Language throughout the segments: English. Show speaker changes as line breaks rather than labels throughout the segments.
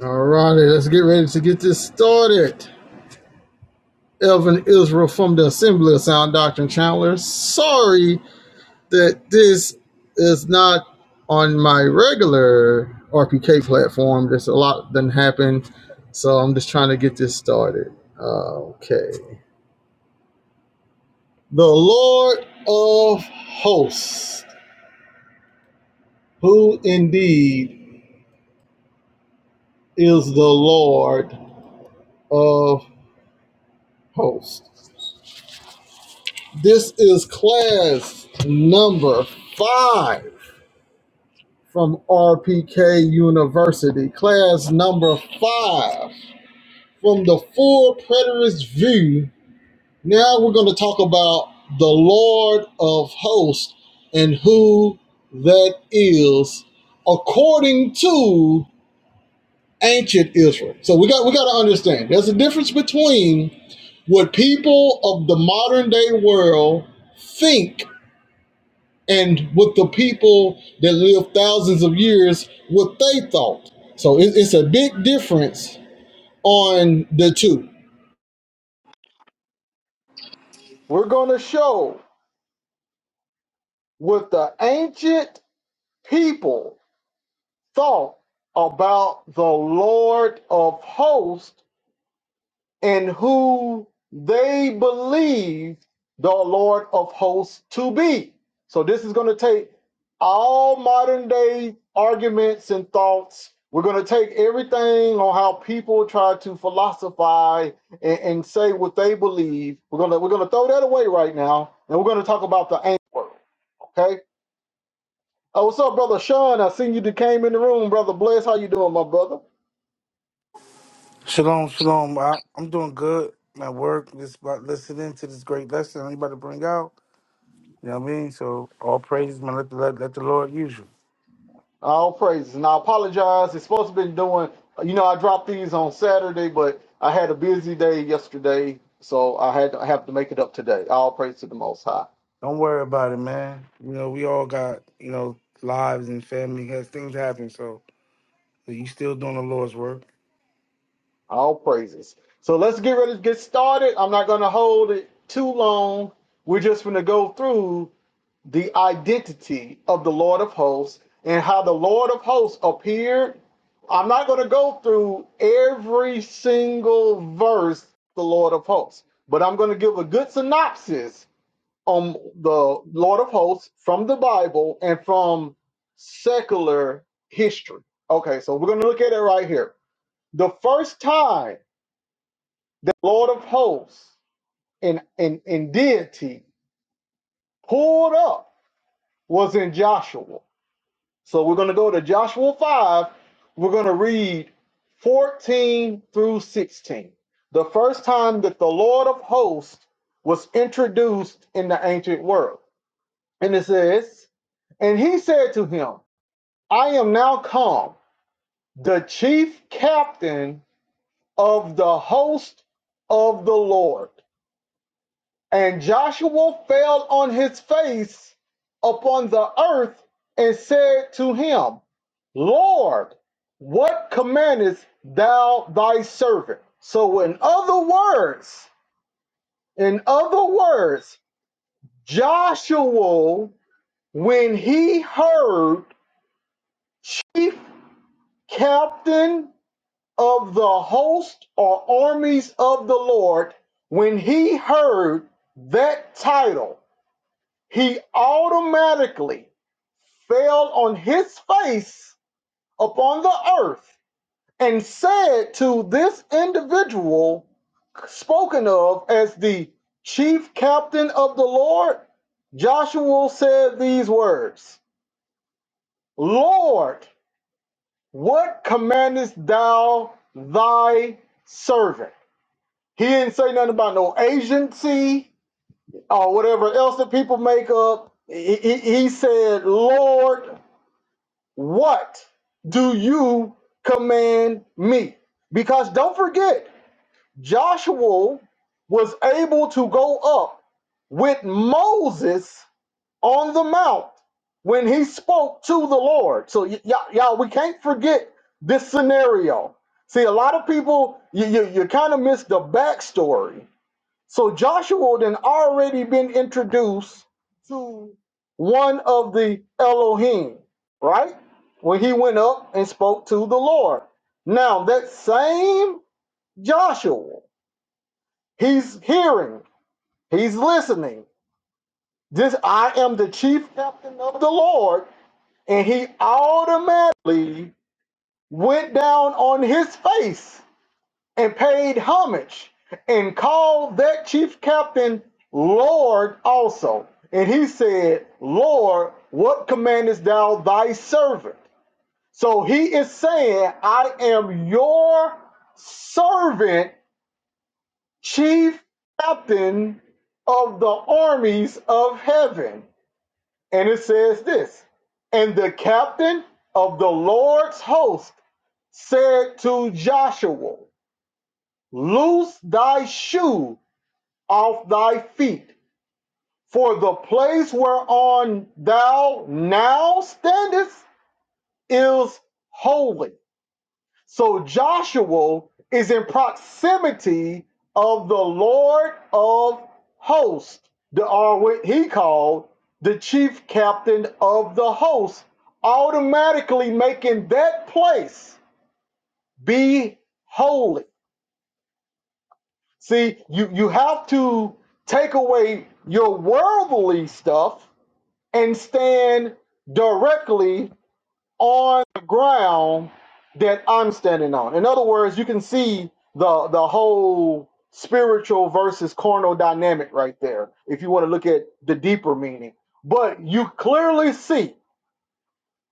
All righty, let's get ready to get this started. Elvin Israel from the Assembly of Sound Doctrine Chandler. Sorry that this is not on my regular RPK platform. There's a lot that happened, so I'm just trying to get this started. Okay. The Lord of hosts, who indeed is the Lord of hosts. This is class number five from RPK University. Class number five from the full preterist view. Now we're going to talk about the Lord of hosts and who that is according to ancient Israel. So we got we got to understand there's a difference between what people of the modern day world think and what the people that lived thousands of years what they thought. So it, it's a big difference on the two. We're going to show what the ancient people thought about the Lord of hosts and who they believe the Lord of hosts to be. So this is going to take all modern day arguments and thoughts. We're going to take everything on how people try to philosophize and, and say what they believe. We're gonna we're gonna throw that away right now, and we're gonna talk about the ancient world. Okay. Oh, what's up, brother Sean? I seen you came in the room, brother. Bless, how you doing, my brother?
Shalom, shalom. I, I'm doing good at work. Just about listening to this great lesson I'm about to bring out. You know what I mean? So all praises, man. Let the, let, let the Lord use you.
All praises. And I apologize. It's supposed to be doing, you know, I dropped these on Saturday, but I had a busy day yesterday, so I had to I have to make it up today. All praise to the Most High.
Don't worry about it, man. You know we all got you know lives and family. Has things happen, so you still doing the Lord's work.
All praises. So let's get ready to get started. I'm not going to hold it too long. We're just going to go through the identity of the Lord of hosts and how the Lord of hosts appeared. I'm not going to go through every single verse, the Lord of hosts, but I'm going to give a good synopsis on the Lord of hosts from the Bible and from secular history. Okay, so we're going to look at it right here. The first time the Lord of hosts in in in deity pulled up was in Joshua So we're going to go to Joshua 5. We're going to read 14 through 16. The first time that the Lord of hosts was introduced in the ancient world. And it says, And he said to him, I am now come, the chief captain of the host of the Lord. And Joshua fell on his face upon the earth and said to him, Lord, what commandest thou thy servant? So, in other words, in other words, Joshua, when he heard chief captain of the host or armies of the Lord, when he heard that title, he automatically fell on his face upon the earth and said to this individual spoken of as the chief captain of the Lord, Joshua said these words Lord, what commandest thou thy servant? He didn't say nothing about no agency or whatever else that people make up. He, he he said, Lord, What do you command me? Because don't forget, Joshua was able to go up with Moses on the mount when he spoke to the Lord. So, y- y'all, y'all, we can't forget this scenario. See, a lot of people, you, you, you kind of miss the backstory so Joshua then already been introduced to one of the Elohim, right? When he went up and spoke to the Lord. Now that same Joshua, he's hearing, he's listening. This I am the chief captain of the Lord, and he automatically went down on his face and paid homage and called that chief captain Lord also. And he said, Lord, what commandest thou thy servant? So he is saying, I am your servant, chief captain of the armies of heaven. And it says this And the captain of the Lord's host said to Joshua, Loose thy shoe off thy feet. For the place whereon thou now standest is holy. So Joshua is in proximity of the Lord of hosts, the, or what he called the chief captain of the host, automatically making that place be holy. See, you, you have to take away your worldly stuff and stand directly on the ground that I'm standing on. In other words, you can see the the whole spiritual versus carnal dynamic right there if you want to look at the deeper meaning. But you clearly see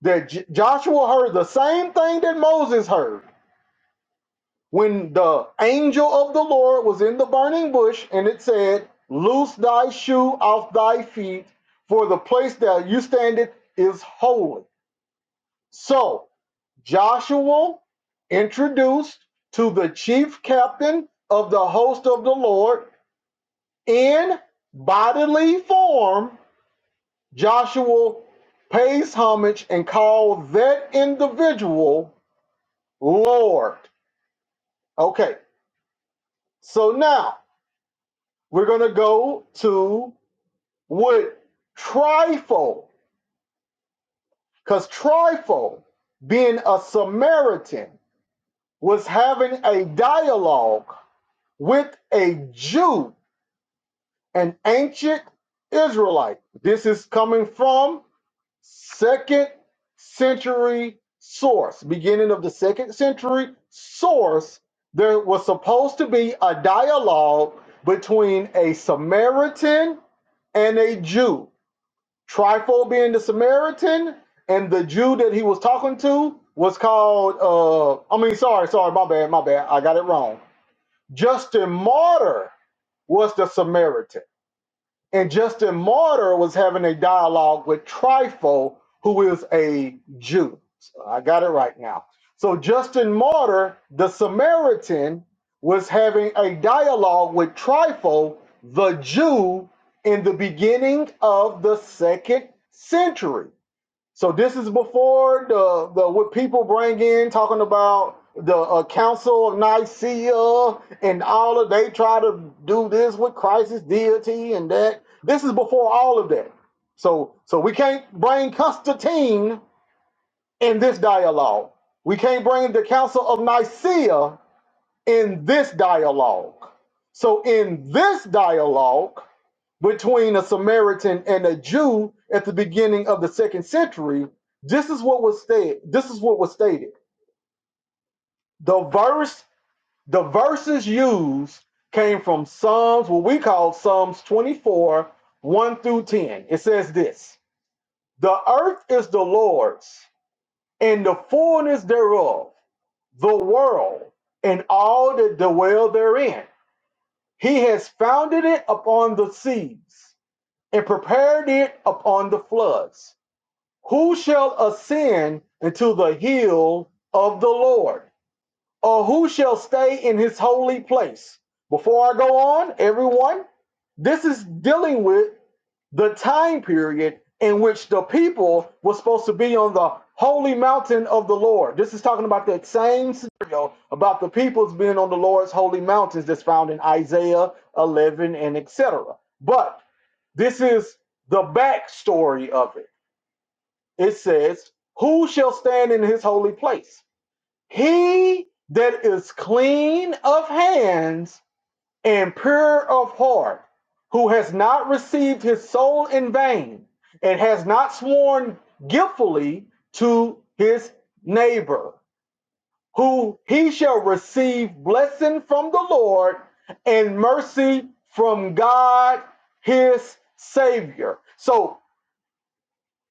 that J- Joshua heard the same thing that Moses heard when the angel of the Lord was in the burning bush and it said, "Loose thy shoe off thy feet, for the place that you standeth is holy." So Joshua introduced to the chief captain of the host of the Lord in bodily form, Joshua pays homage and calls that individual Lord. Okay, so now we're going to go to what Trifle, because Trifle, being a Samaritan, was having a dialogue with a Jew, an ancient Israelite. This is coming from second century source. Beginning of the second century source, there was supposed to be a dialogue between a Samaritan and a Jew. Trifo being the Samaritan, and the Jew that he was talking to was called, uh, I mean, sorry, sorry, my bad, my bad. I got it wrong. Justin Martyr was the Samaritan. And Justin Martyr was having a dialogue with Trypho, who is a Jew. So I got it right now. So Justin Martyr, the Samaritan, was having a dialogue with Trypho, the Jew, in the beginning of the second century. So this is before the the what people bring in talking about the uh, Council of Nicaea and all of they try to do this with Christ's deity and that. This is before all of that. So so we can't bring Constantine in this dialogue. We can't bring the Council of Nicaea in this dialogue. So in this dialogue, between a Samaritan and a Jew at the beginning of the second century, this is what was stated. This is what was stated. The verse, the verses used came from Psalms, what we call Psalms 24, 1 through 10. It says this: The earth is the Lord's, and the fullness thereof, the world, and all that dwell therein. He has founded it upon the seas and prepared it upon the floods. Who shall ascend into the hill of the Lord? Or who shall stay in his holy place? Before I go on, everyone, this is dealing with the time period in which the people were supposed to be on the holy mountain of the Lord. This is talking about that same scenario about the people's being on the Lord's holy mountains that's found in Isaiah 11 and etc. But this is the backstory of it it says, Who shall stand in his holy place? He that is clean of hands and pure of heart, who has not received his soul in vain and has not sworn guiltfully to his neighbor, who he shall receive blessing from the Lord and mercy from God his Savior. So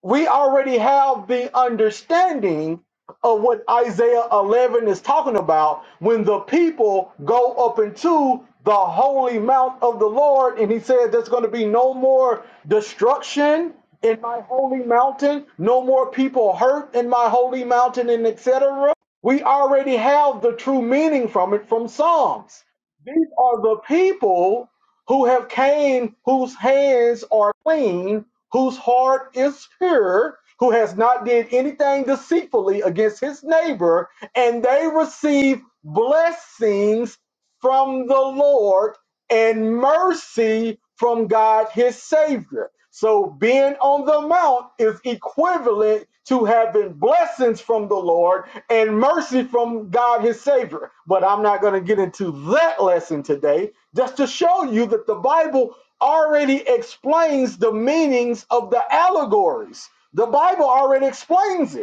we already have the understanding of what Isaiah 11 is talking about when the people go up into the holy mount of the Lord, and he said, There's going to be no more destruction in my holy mountain, no more people hurt in my holy mountain, and etc. We already have the true meaning from it from Psalms. These are the people who have came, whose hands are clean, whose heart is pure, who has not did anything deceitfully against his neighbor, and they receive blessings from the Lord and mercy from God his Savior. So being on the mount is equivalent to having blessings from the Lord and mercy from God his Savior. But I'm not going to get into that lesson today, just to show you that the Bible already explains the meanings of the allegories. The Bible already explains it.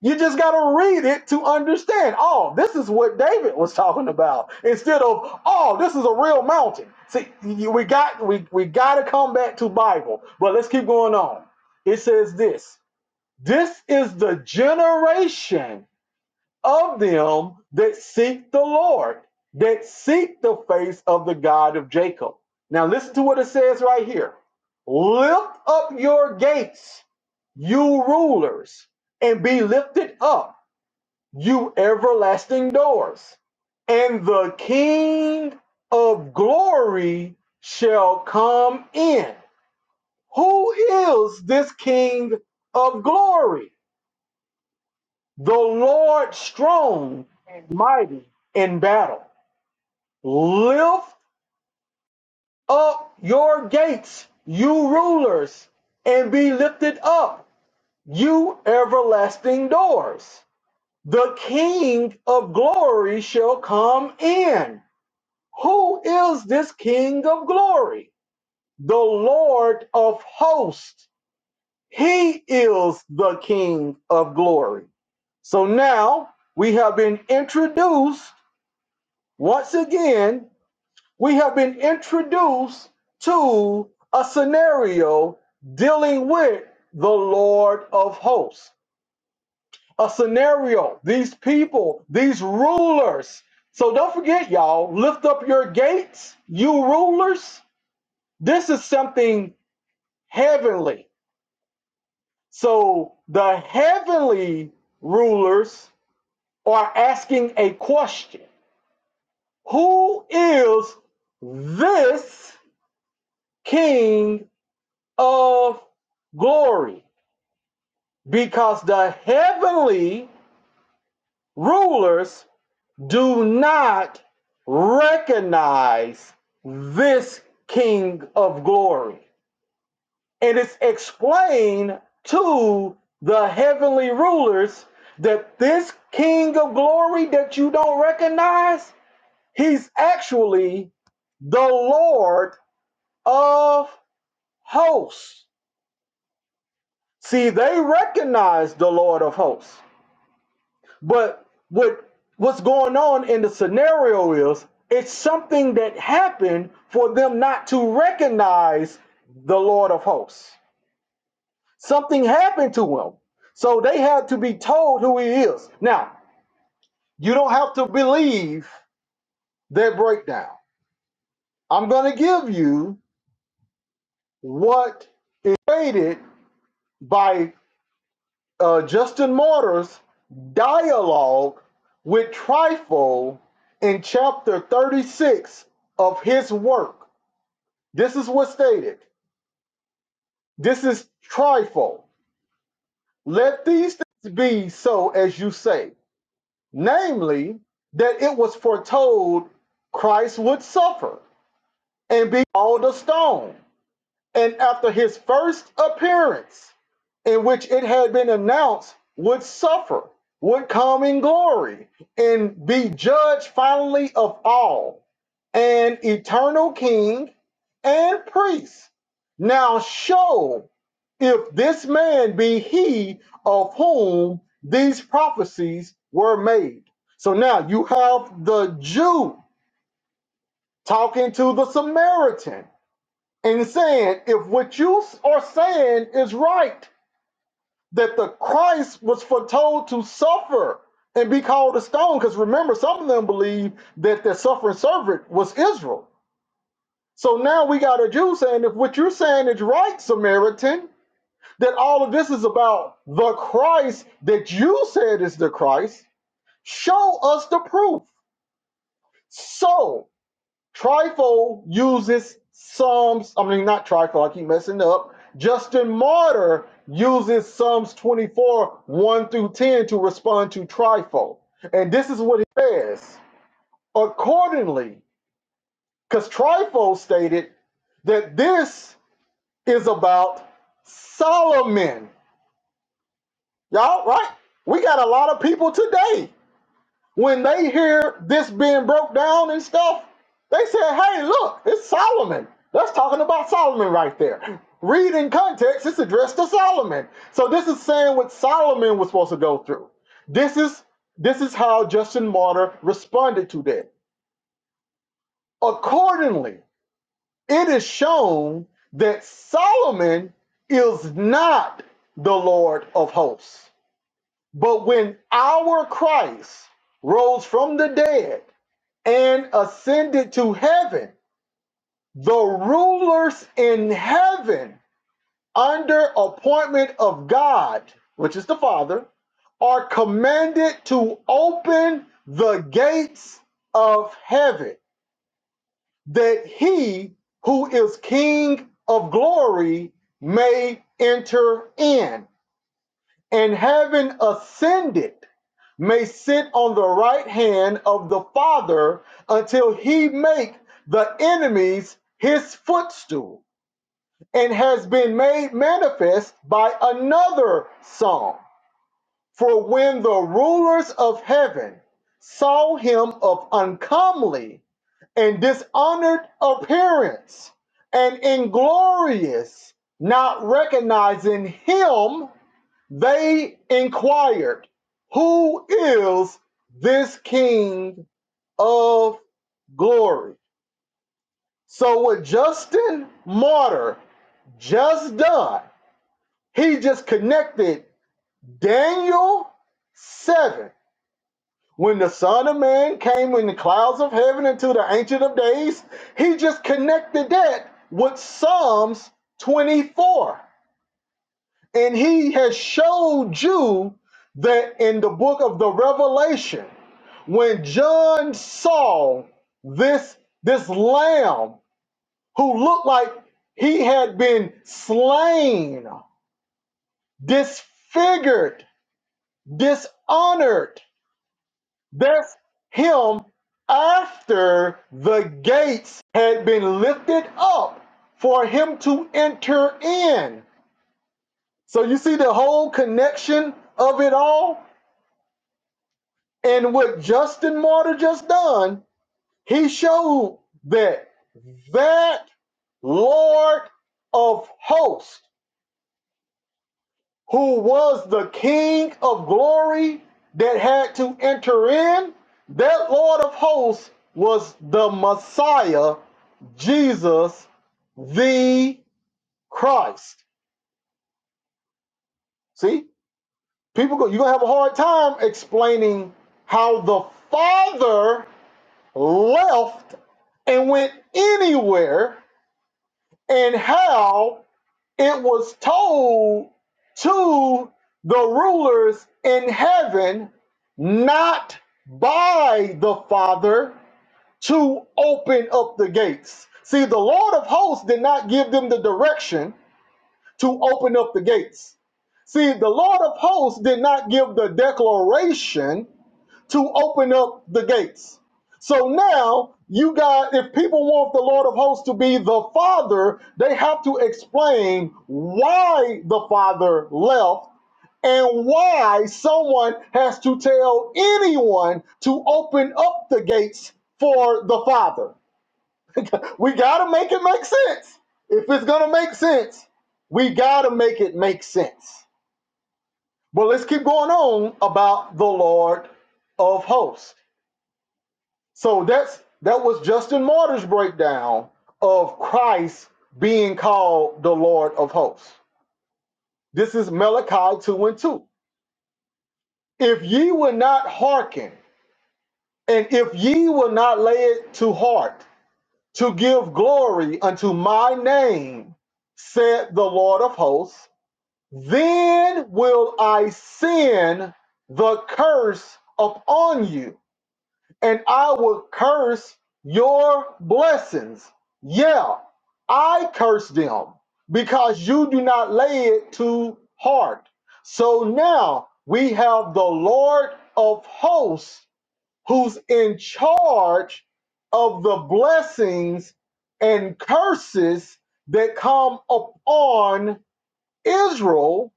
You just got to read it to understand. Oh, this is what David was talking about. Instead of, oh, this is a real mountain. See, we got we we got to come back to Bible, but let's keep going on. It says this. This is the generation of them that seek the Lord, that seek the face of the God of Jacob. Now listen to what it says right here. Lift up your gates, you rulers, and be lifted up you everlasting doors, and the King of glory shall come in. Who is this King of glory? The Lord strong and mighty in battle. Lift up your gates, you rulers, and be lifted up, you everlasting doors. The King of glory shall come in. Who is this King of glory? The Lord of hosts. He is the King of glory. So now we have been introduced, once again, we have been introduced to a scenario dealing with the Lord of hosts. A scenario, these people, these rulers. So don't forget, y'all, lift up your gates, you rulers This is something heavenly. So the heavenly rulers are asking a question Who is this King of glory? Because the heavenly rulers do not recognize this King of glory. And it's explained to the heavenly rulers that this king of glory that you don't recognize, he's actually the Lord of hosts. See, they recognize the Lord of hosts. But what what's going on in the scenario is it's something that happened for them not to recognize the Lord of hosts. Something happened to him. So they had to be told who he is. Now, you don't have to believe their breakdown. I'm going to give you what is created by uh, Justin Martyr's dialogue with Trifle in chapter 36 of his work. This is what's stated. This is Trifle. Let these things be so as you say. namely, that it was foretold Christ would suffer and be called a stone and after his first appearance, in which it had been announced, would suffer, would come in glory, and be judged finally of all, an eternal king and priest. Now show if this man be he of whom these prophecies were made. So now you have the Jew talking to the Samaritan and saying if what you are saying is right that the christ was foretold to suffer and be called a stone because remember some of them believe that the suffering servant was israel so now we got a jew saying if what you're saying is right samaritan that all of this is about the christ that you said is the christ show us the proof so Trifo uses Psalms, I mean, not Trifo, I keep messing up. Justin Martyr uses Psalms 24, 1 through 10 to respond to Trifo. And this is what it says. Accordingly, because Trifo stated that this is about Solomon. Y'all, right? We got a lot of people today When they hear this being broke down and stuff, they said, hey, look, it's Solomon. That's talking about Solomon right there. Read in context, it's addressed to Solomon. So this is saying what Solomon was supposed to go through. This is this is how Justin Martyr responded to that. Accordingly, it is shown that Solomon is not the Lord of hosts. But when our Christ rose from the dead and ascended to heaven, the rulers in heaven, under appointment of God, which is the Father, are commanded to open the gates of heaven, that he who is King of glory may enter in. and having ascended, may sit on the right hand of the Father until he make the enemies his footstool, and has been made manifest by another song. For when the rulers of heaven saw him of uncomely and dishonored appearance and inglorious, not recognizing him, they inquired, Who is this King of glory? So, what Justin Martyr just done, he just connected Daniel 7. When the Son of Man came in the clouds of heaven into the Ancient of Days, he just connected that with Psalms 24. And he has showed you that in the book of the Revelation, when John saw this, this lamb who looked like he had been slain, disfigured, dishonored, that's him after the gates had been lifted up for him to enter in. So you see the whole connection of it all? And what Justin Martyr just done, he showed that that Lord of hosts, who was the King of glory that had to enter in, that Lord of hosts was the Messiah, Jesus the Christ. See, people go, you're gonna have a hard time explaining how the Father left and went anywhere and how it was told to the rulers in heaven not by the Father to open up the gates. See, the Lord of hosts did not give them the direction to open up the gates. See, the Lord of hosts did not give the declaration to open up the gates. So now you got if people want the Lord of hosts to be the Father, they have to explain why the Father left and why someone has to tell anyone to open up the gates for the Father. We got to make it make sense. If it's going to make sense, we got to make it make sense. But let's keep going on about the Lord of hosts. So that's that was Justin Martyr's breakdown of Christ being called the Lord of hosts. This is Malachi 2 and 2. If ye will not hearken, and if ye will not lay it to heart to give glory unto my name, said the Lord of hosts, then will I send the curse upon you and I will curse your blessings. Yeah, I curse them because you do not lay it to heart. So now we have the Lord of hosts who's in charge of the blessings and curses that come upon Israel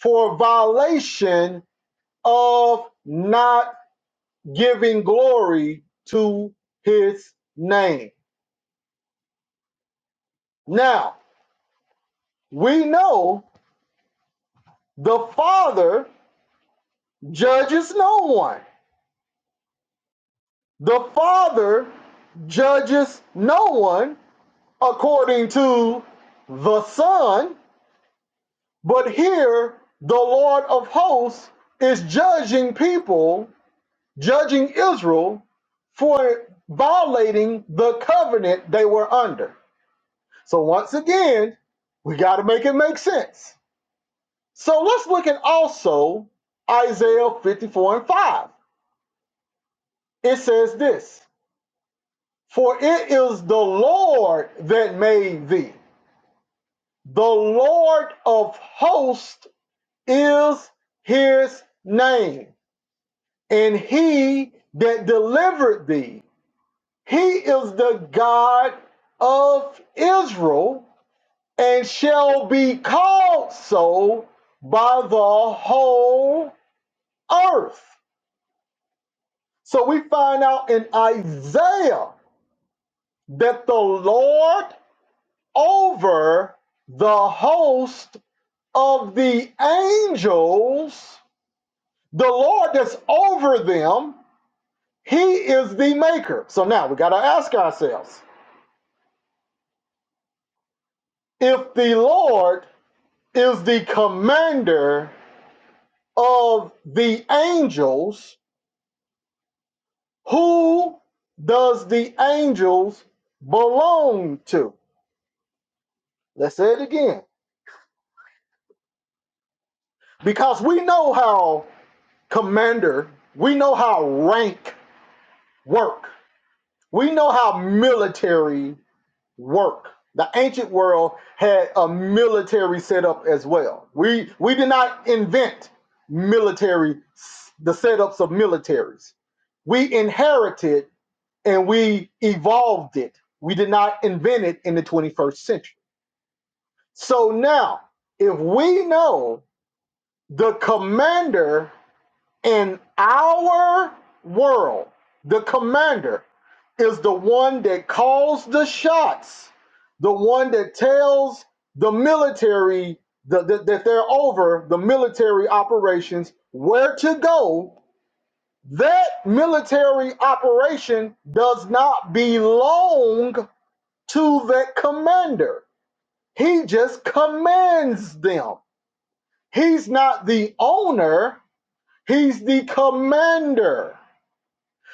for violation of not giving glory to his name. Now, we know the Father judges no one. The Father judges no one according to the Son, but here the Lord of hosts is judging people, judging Israel for violating the covenant they were under. So once again, we got to make it make sense. So let's look at also Isaiah 54 and 5. It says this For it is the Lord that made thee, the Lord of hosts is his name, and he that delivered thee. He is the God of Israel and shall be called so by the whole earth. So we find out in Isaiah that the Lord over the host of the angels, the Lord that's over them, he is the maker. So now we got to ask ourselves if the Lord is the commander of the angels, who does the angels belong to? Let's say it again because we know how commander. We know how rank work. We know how military work. The ancient world had a military setup as well. We we did not invent military the setups of militaries. We inherited and we evolved it. We did not invent it in the 21st century. So now, if we know the commander In our world, the commander is the one that calls the shots, the one that tells the military the, the- that they're over the military operations where to go. That military operation does not belong to that commander. He just commands them. He's not the owner, he's the commander.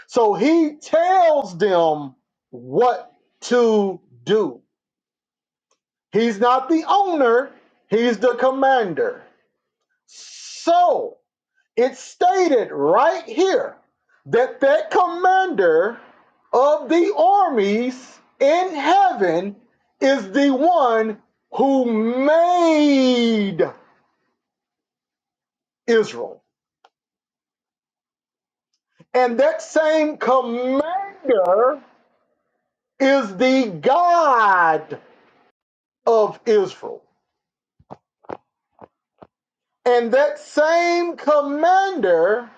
So he tells them what to do. He's not the owner, he's the commander. So it's stated right here that that commander of the armies in heaven is the one who made Israel. And that same commander is the God of Israel. And that same commander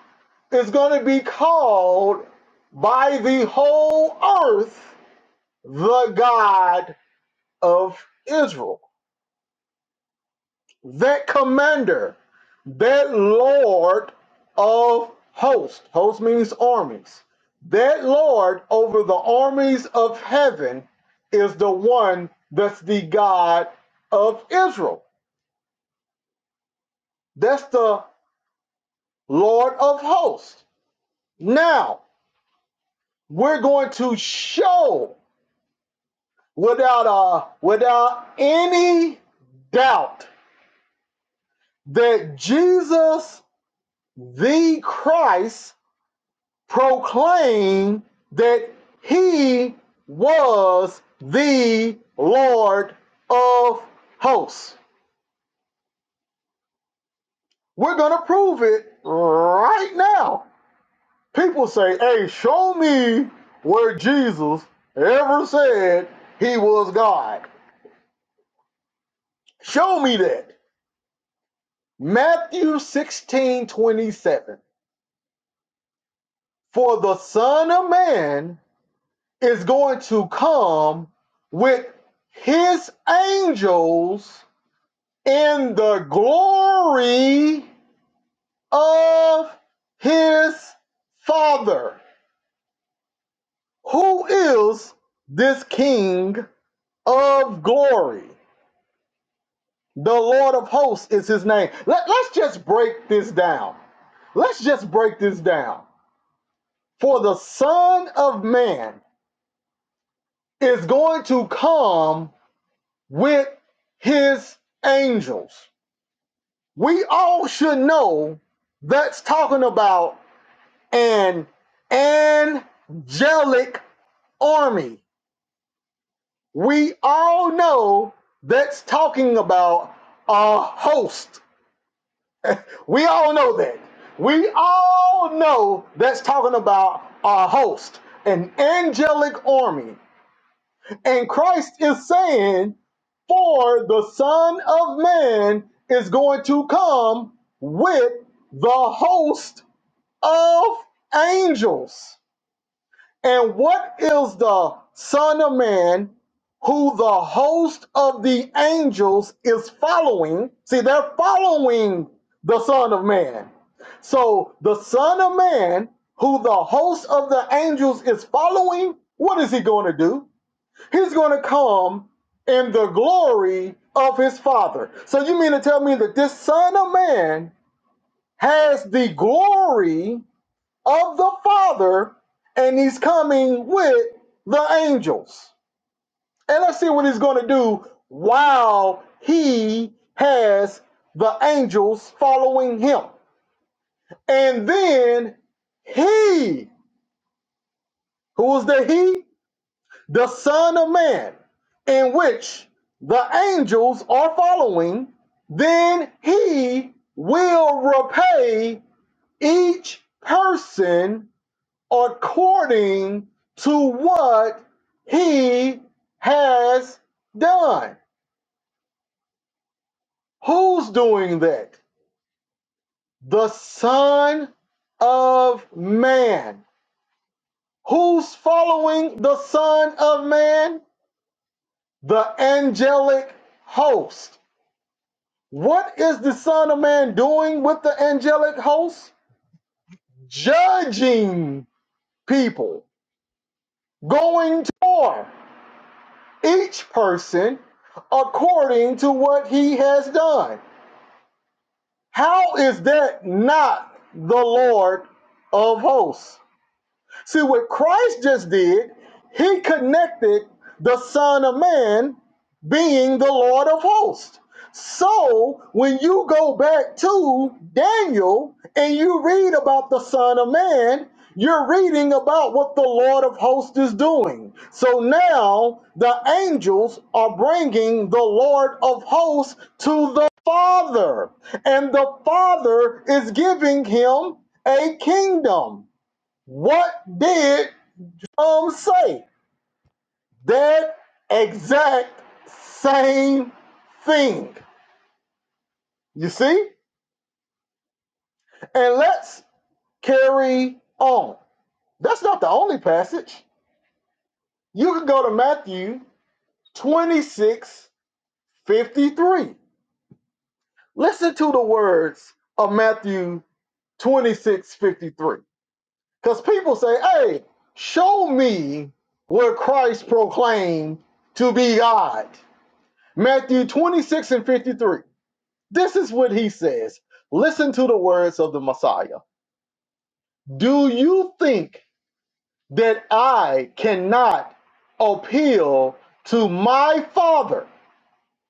is going to be called by the whole earth the God of Israel. That commander, that Lord of hosts, hosts means armies, that Lord over the armies of heaven is the one that's the God of Israel. That's the Lord of hosts. Now, we're going to show without uh, without any doubt that Jesus the Christ proclaimed that he was the Lord of hosts. We're going to prove it right now. People say, "Hey, show me where Jesus ever said he was God." Show me that. Matthew 16 27. For the Son of Man is going to come with his angels in the glory of his Father. Who is this King of glory? The Lord of hosts is his name. Let, let's just break this down. Let's just break this down. For the Son of Man is going to come with his angels. We all should know that's talking about an angelic army. We all know that's talking about a host. We all know that. We all know that's talking about a host, an angelic army. And Christ is saying, For the Son of Man is going to come with the host of angels. And what is the Son of Man who the host of the angels is following? See, they're following the Son of Man. So the Son of Man, who the host of the angels is following, what is he going to do? he's going to come in the glory of his father. So you mean to tell me that this son of man has the glory of the father and he's coming with the angels. And let's see what he's going to do while he has the angels following him. And then he, who is the he? the Son of Man, in which the angels are following, then he will repay each person according to what he has done. Who's doing that? The Son of Man. Who's following the Son of Man? The angelic host What is the Son of Man doing with the angelic host? Judging people, going to each person according to what he has done. How is that not the Lord of hosts? See what Christ just did, he connected the Son of Man being the Lord of hosts. So when you go back to Daniel and you read about the Son of Man, you're reading about what the Lord of hosts is doing. So now the angels are bringing the Lord of hosts to the Father, and the Father is giving him a kingdom. What did Psalm say? That exact same thing. You see? And let's carry on. That's not the only passage. You can go to Matthew 26 53. Listen to the words of Matthew 26 53, Because people say, hey, show me where Christ proclaimed to be God. Matthew 26 and 53. This is what he says. Listen to the words of the Messiah. Do you think that I cannot appeal to my father?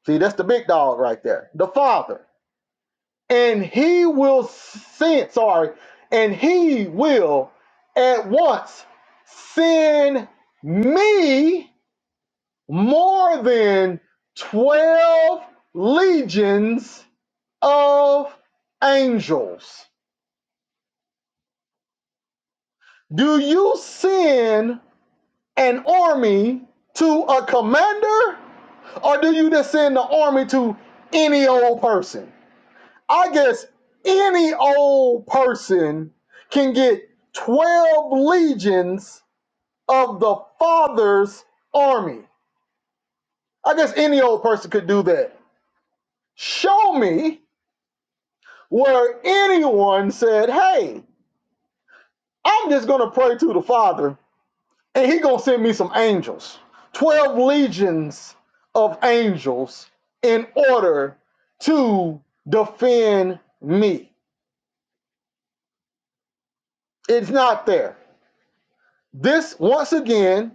See, that's the big dog right there, the father. And he will send, sorry, and he will at once send me more than 12 legions of angels. Do you send an army to a commander or do you just send the army to any old person? I guess any old person can get 12 legions of the Father's army. I guess any old person could do that. Show me where anyone said, hey, I'm just going to pray to the Father and he gonna send me some angels 12 legions of angels in order to defend me it's not there this once again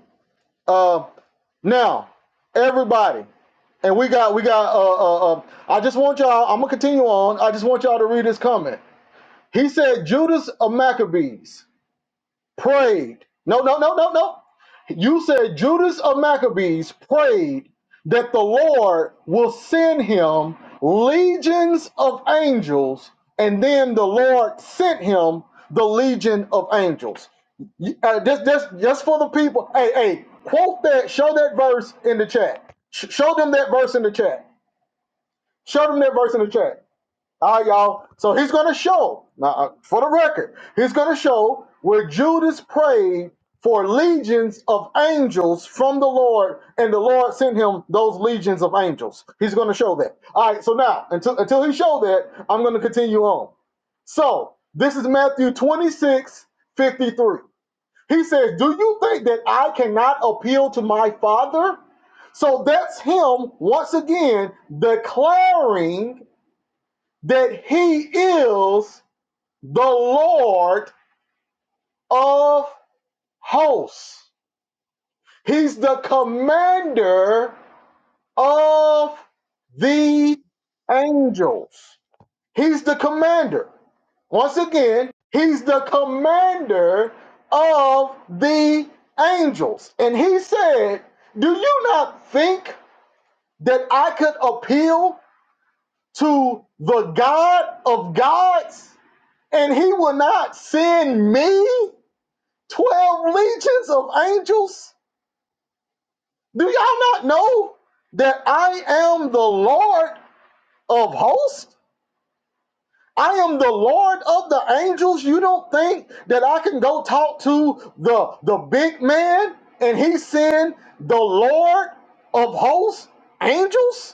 uh now everybody and we got we got uh, uh uh i just want y'all i'm gonna continue on i just want y'all to read this comment he said judas of maccabees prayed. No, no, no, no, no. You said Judas of Maccabees prayed that the Lord will send him legions of angels, and then the Lord sent him the legion of angels. You- Uh, just, just, just for the people. Hey, hey, quote that. Show that verse in the chat. Sh- show them that verse in the chat. Show them that verse in the chat. All right, y'all. So he's going to show, now, uh, for the record, he's going to show where Judas prayed for legions of angels from the Lord, and the Lord sent him those legions of angels. He's going to show that. All right, so now, until, until he showed that, I'm going to continue on. So this is Matthew 26:53. He says, Do you think that I cannot appeal to my Father? So that's him once again declaring that he is the Lord of hosts. He's the commander of the angels. He's the commander. Once again, he's the commander of the angels. And he said, Do you not think that I could appeal to the God of gods and he will not send me 12 legions of angels? Do y'all not know that I am the Lord of hosts? I am the Lord of the angels. You don't think that I can go talk to the, the big man and he send the Lord of hosts angels?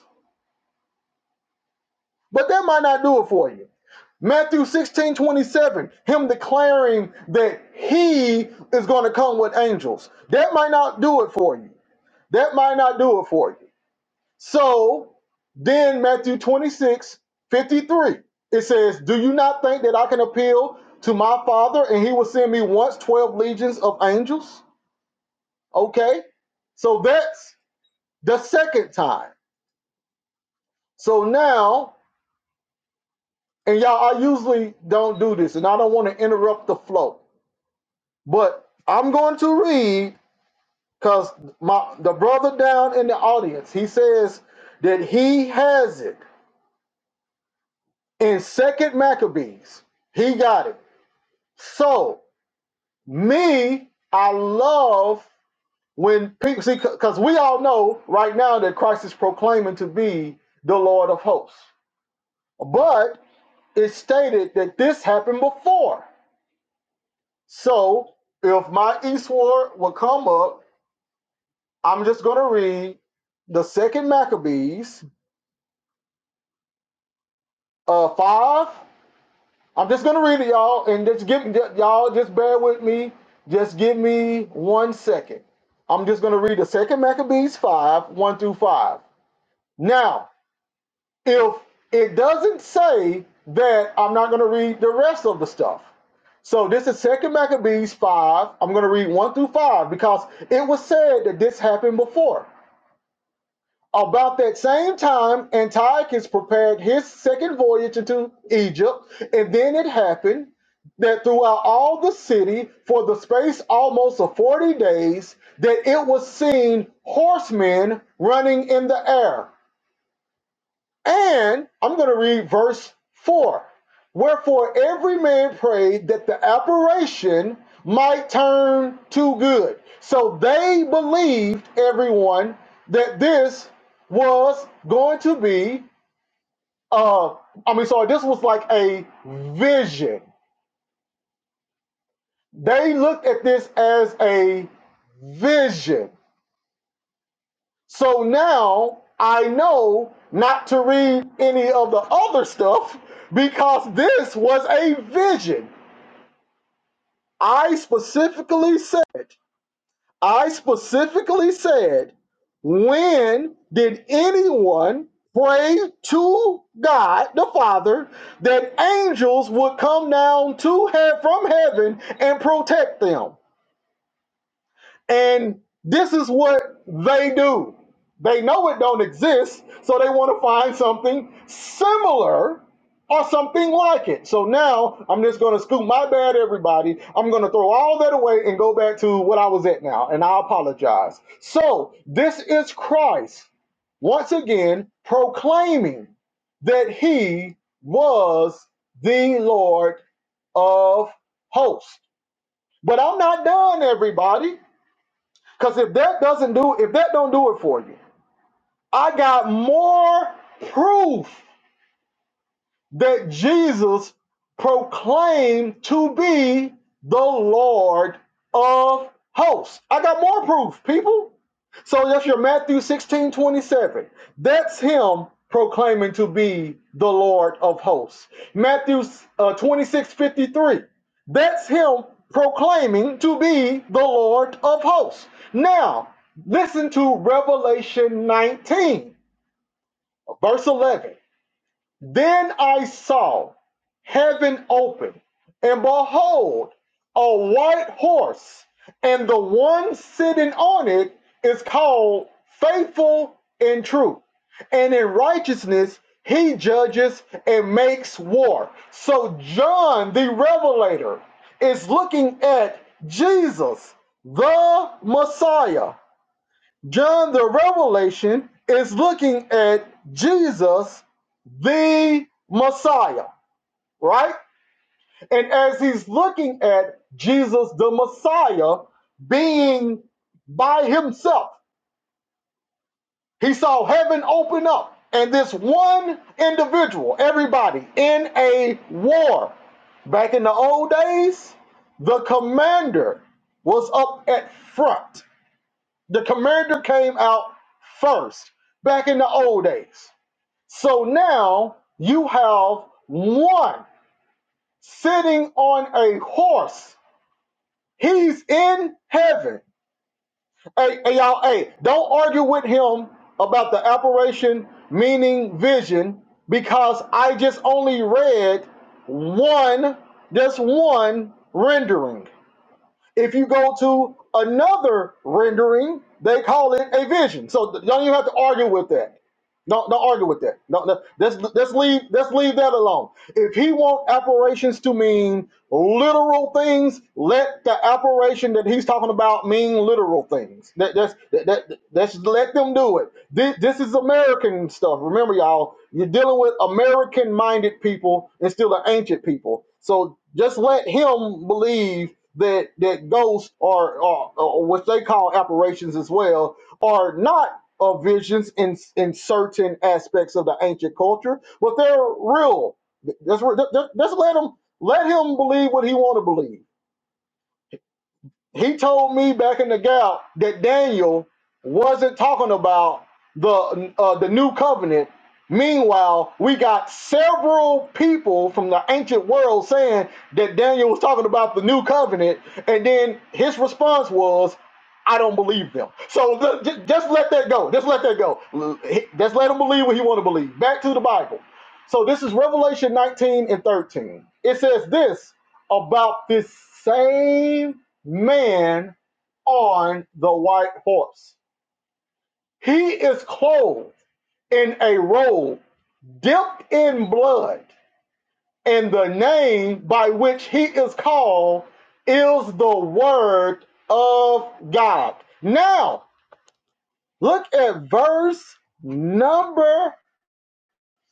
But that might not do it for you. Matthew 16 27, him declaring that he is going to come with angels. That might not do it for you. That might not do it for you. So then, Matthew 26 53, it says, Do you not think that I can appeal to my father and he will send me once 12 legions of angels? Okay, so that's the second time. So now And y'all, I usually don't do this, and I don't want to interrupt the flow. But I'm going to read because my the brother down in the audience, he says that he has it in Second Maccabees. He got it. So me, I love when people see because we all know right now that Christ is proclaiming to be the Lord of hosts. But it's stated that this happened before. So if my eastward will come up, I'm just going to read the second Maccabees uh, five. I'm just going to read it, y'all, and just give y'all just bear with me. Just give me one second. I'm just going to read the second Maccabees five one through five. Now, if it doesn't say that, I'm not going to read the rest of the stuff. So this is Second Maccabees five. I'm going to read one through five because it was said that this happened before. About that same time, Antiochus prepared his second voyage into Egypt, and then it happened that throughout all the city, for the space almost of forty days, that it was seen horsemen running in the air. And I'm going to read verse 4. Wherefore every man prayed that the apparition might turn to good. So they believed, everyone, that this was going to be, uh, I mean, sorry, this was like a vision. They looked at this as a vision. So now I know not to read any of the other stuff because this was a vision. I specifically said, I specifically said, when did anyone pray to God the Father that angels would come down to heaven from heaven and protect them? And this is what they do. They know it don't exist, so they want to find something similar or something like it. So now I'm just going to scoop my bad, everybody. I'm going to throw all that away and go back to what I was at now, and I apologize. So this is Christ once again proclaiming that he was the Lord of hosts. But I'm not done, everybody. Because if that doesn't do, if that don't do it for you, I got more proof that Jesus proclaimed to be the Lord of hosts. I got more proof, people. So that's your Matthew 16 27. That's him proclaiming to be the Lord of hosts. Matthew uh, 26 53. That's him proclaiming to be the Lord of hosts. Now, listen to Revelation 19, verse 11. Then I saw heaven open, and behold, a white horse, and the one sitting on it is called Faithful and True. And in righteousness he judges and makes war. So John the Revelator is looking at Jesus, the Messiah, John the Revelation is looking at Jesus, the Messiah, right? And as he's looking at Jesus, the Messiah, being by himself, he saw heaven open up and this one individual, everybody in a war. Back in the old days, the commander was up at front The commander came out first back in the old days. So now you have one sitting on a horse. He's in heaven. Hey, hey, y'all, hey, don't argue with him about the apparition, meaning vision, because I just only read one, just one rendering. If you go to another rendering, they call it a vision. So th- don't even have to argue with that. Don't don't argue with that. No, no, let's let's leave let's leave that alone. If he wants apparitions to mean literal things, let the apparition that he's talking about mean literal things. That that's that, that that's let them do it. This, this is American stuff. Remember, y'all, you're dealing with American-minded people and still the ancient people. So just let him believe that that ghosts are, are, or what they call apparitions as well are not uh, visions in in certain aspects of the ancient culture, but they're real. That's where that's let him let him believe what he want to believe he told me back in the gap that Daniel wasn't talking about the uh, the new covenant. Meanwhile, we got several people from the ancient world saying that Daniel was talking about the new covenant, and then his response was, "I don't believe them." So ju- ju- just let that go. Just let that go. L- he- Just let him believe what he want to believe. Back to the Bible. So this is Revelation 19 and 13. It says this about this same man on the white horse. He is clothed in a robe dipped in blood, and the name by which he is called is the Word of God. Now, look at verse number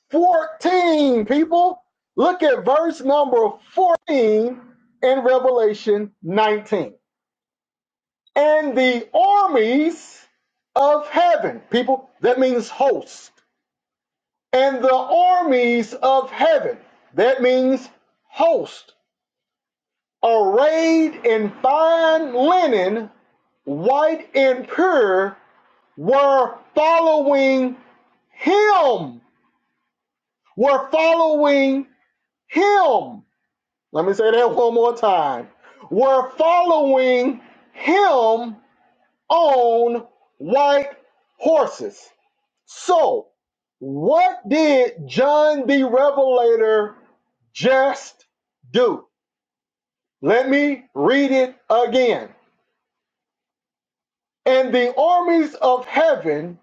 14, people. Look at verse number 14 in Revelation 19. and the armies of heaven. People, that means host. And the armies of heaven, that means host, arrayed in fine linen, white and pure, were following him. Were following him. Let me say that one more time. Were following him on white horses. So, what did John the Revelator just do? Let me read it again. And the armies of heaven,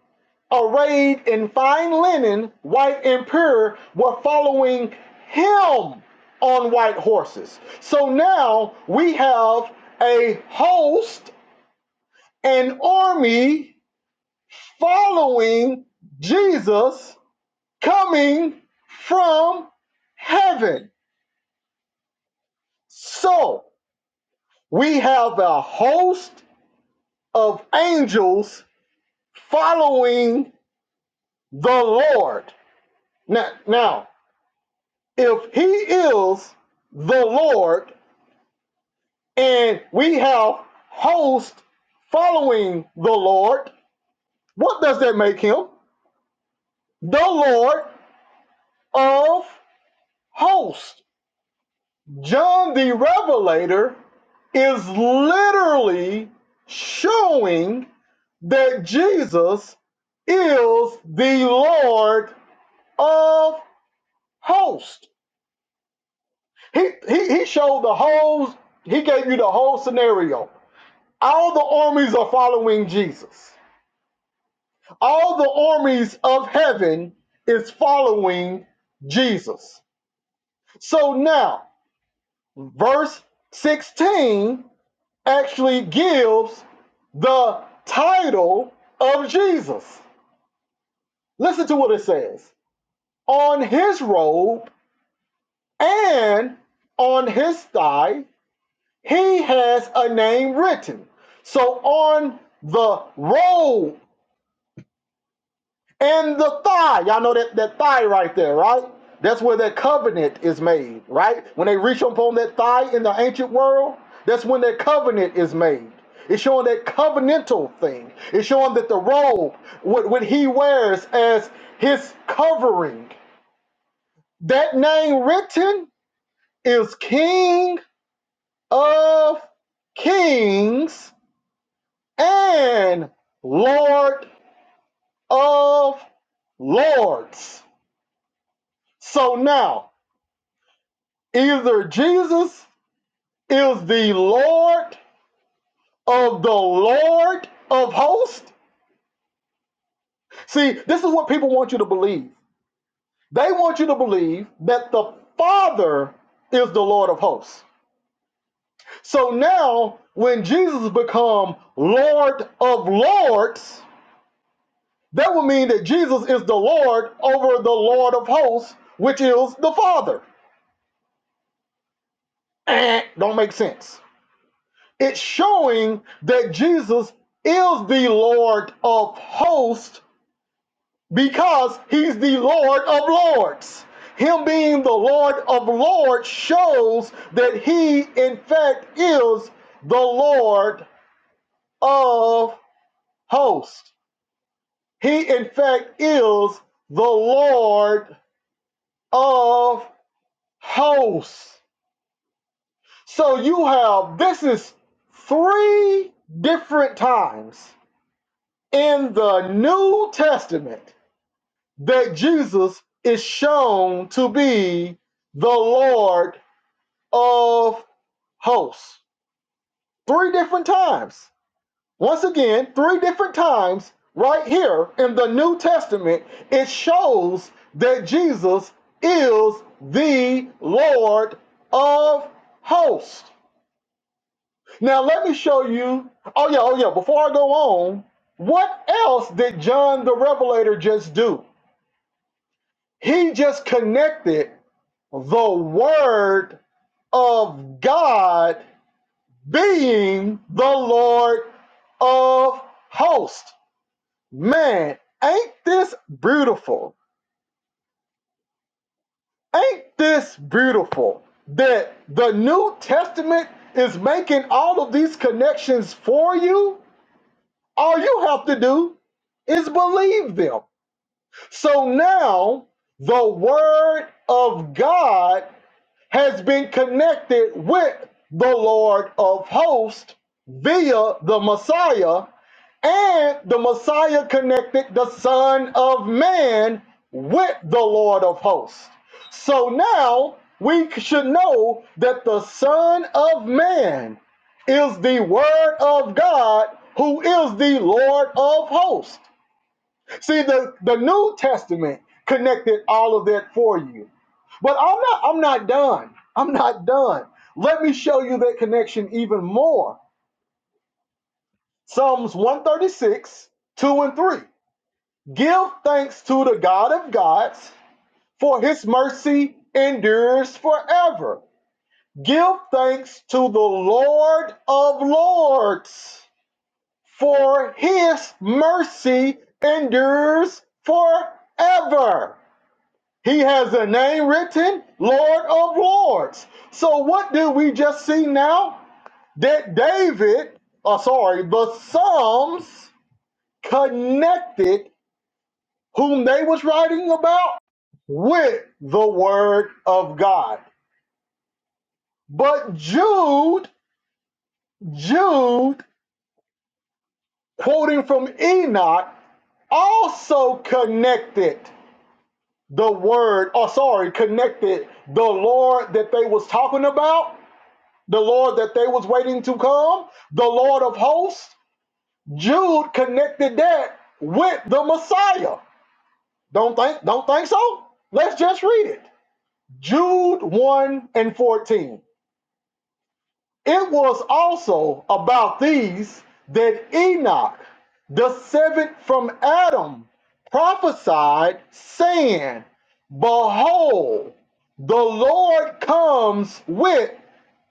arrayed in fine linen, white and pure, were following him on white horses. So now we have a host, an army following Jesus coming from heaven. So we have a host of angels following the Lord. Now, now if he is the Lord and we have host following the Lord, what does that make him? The Lord of hosts. John the Revelator is literally showing that Jesus is the Lord of hosts. He, he, he showed the whole, he gave you the whole scenario. All the armies are following Jesus. All the armies of heaven is following Jesus. So now, verse 16 actually gives the title of Jesus. Listen to what it says. On his robe and on his thigh, he has a name written. So on the robe and the thigh. Y'all know that, that thigh right there, right? That's where that covenant is made, right? When they reach upon that thigh in the ancient world, that's when that covenant is made. It's showing that covenantal thing. It's showing that the robe, what, what he wears as his covering, that name written is King of Kings and Lord of Lords. So now, Either Jesus is the Lord of the Lord of hosts. See, this is what people want you to believe. They want you to believe that the Father is the Lord of hosts. So now, when Jesus becomes Lord of Lords, that would mean that Jesus is the Lord over the Lord of hosts, which is the Father. Don't make sense. It's showing that Jesus is the Lord of hosts because he's the Lord of Lords. Him being the Lord of Lords shows that he, in fact, is the Lord of hosts. He, in fact, is the Lord of hosts. So you have, this is three different times in the New Testament that Jesus is shown to be the Lord of hosts. Three different times. Once again, three different times right here in the New Testament, it shows that Jesus is the Lord of hosts. Now, let me show you. Oh, yeah, oh, yeah. Before I go on, what else did John the Revelator just do? He just connected the word of God being the Lord of hosts. Man, ain't this beautiful? Ain't this beautiful that the New Testament is making all of these connections for you? All you have to do is believe them. So now the word of God has been connected with the Lord of hosts via the Messiah, and the Messiah connected the Son of Man with the Lord of hosts. So now we should know that the Son of Man is the Word of God, who is the Lord of hosts. See, the, the New Testament connected all of that for you. But I'm not I'm not done. I'm not done. Let me show you that connection even more. Psalms 136, 2 and 3. Give thanks to the God of gods, for his mercy endures forever. Give thanks to the Lord of lords, for his mercy endures forever. He has a name written, Lord of Lords. So what did we just see now? That David, oh sorry, the Psalms connected whom they was writing about with the word of God. But Jude, Jude, quoting from Enoch, also connected the word, oh sorry, connected the Lord that they was talking about the Lord that they was waiting to come, the Lord of hosts. Jude connected that with the Messiah. Don't think don't think so? Let's just read it. Jude 1 and 14. It was also about these that Enoch, the seventh from Adam, prophesied, saying, Behold, the Lord comes with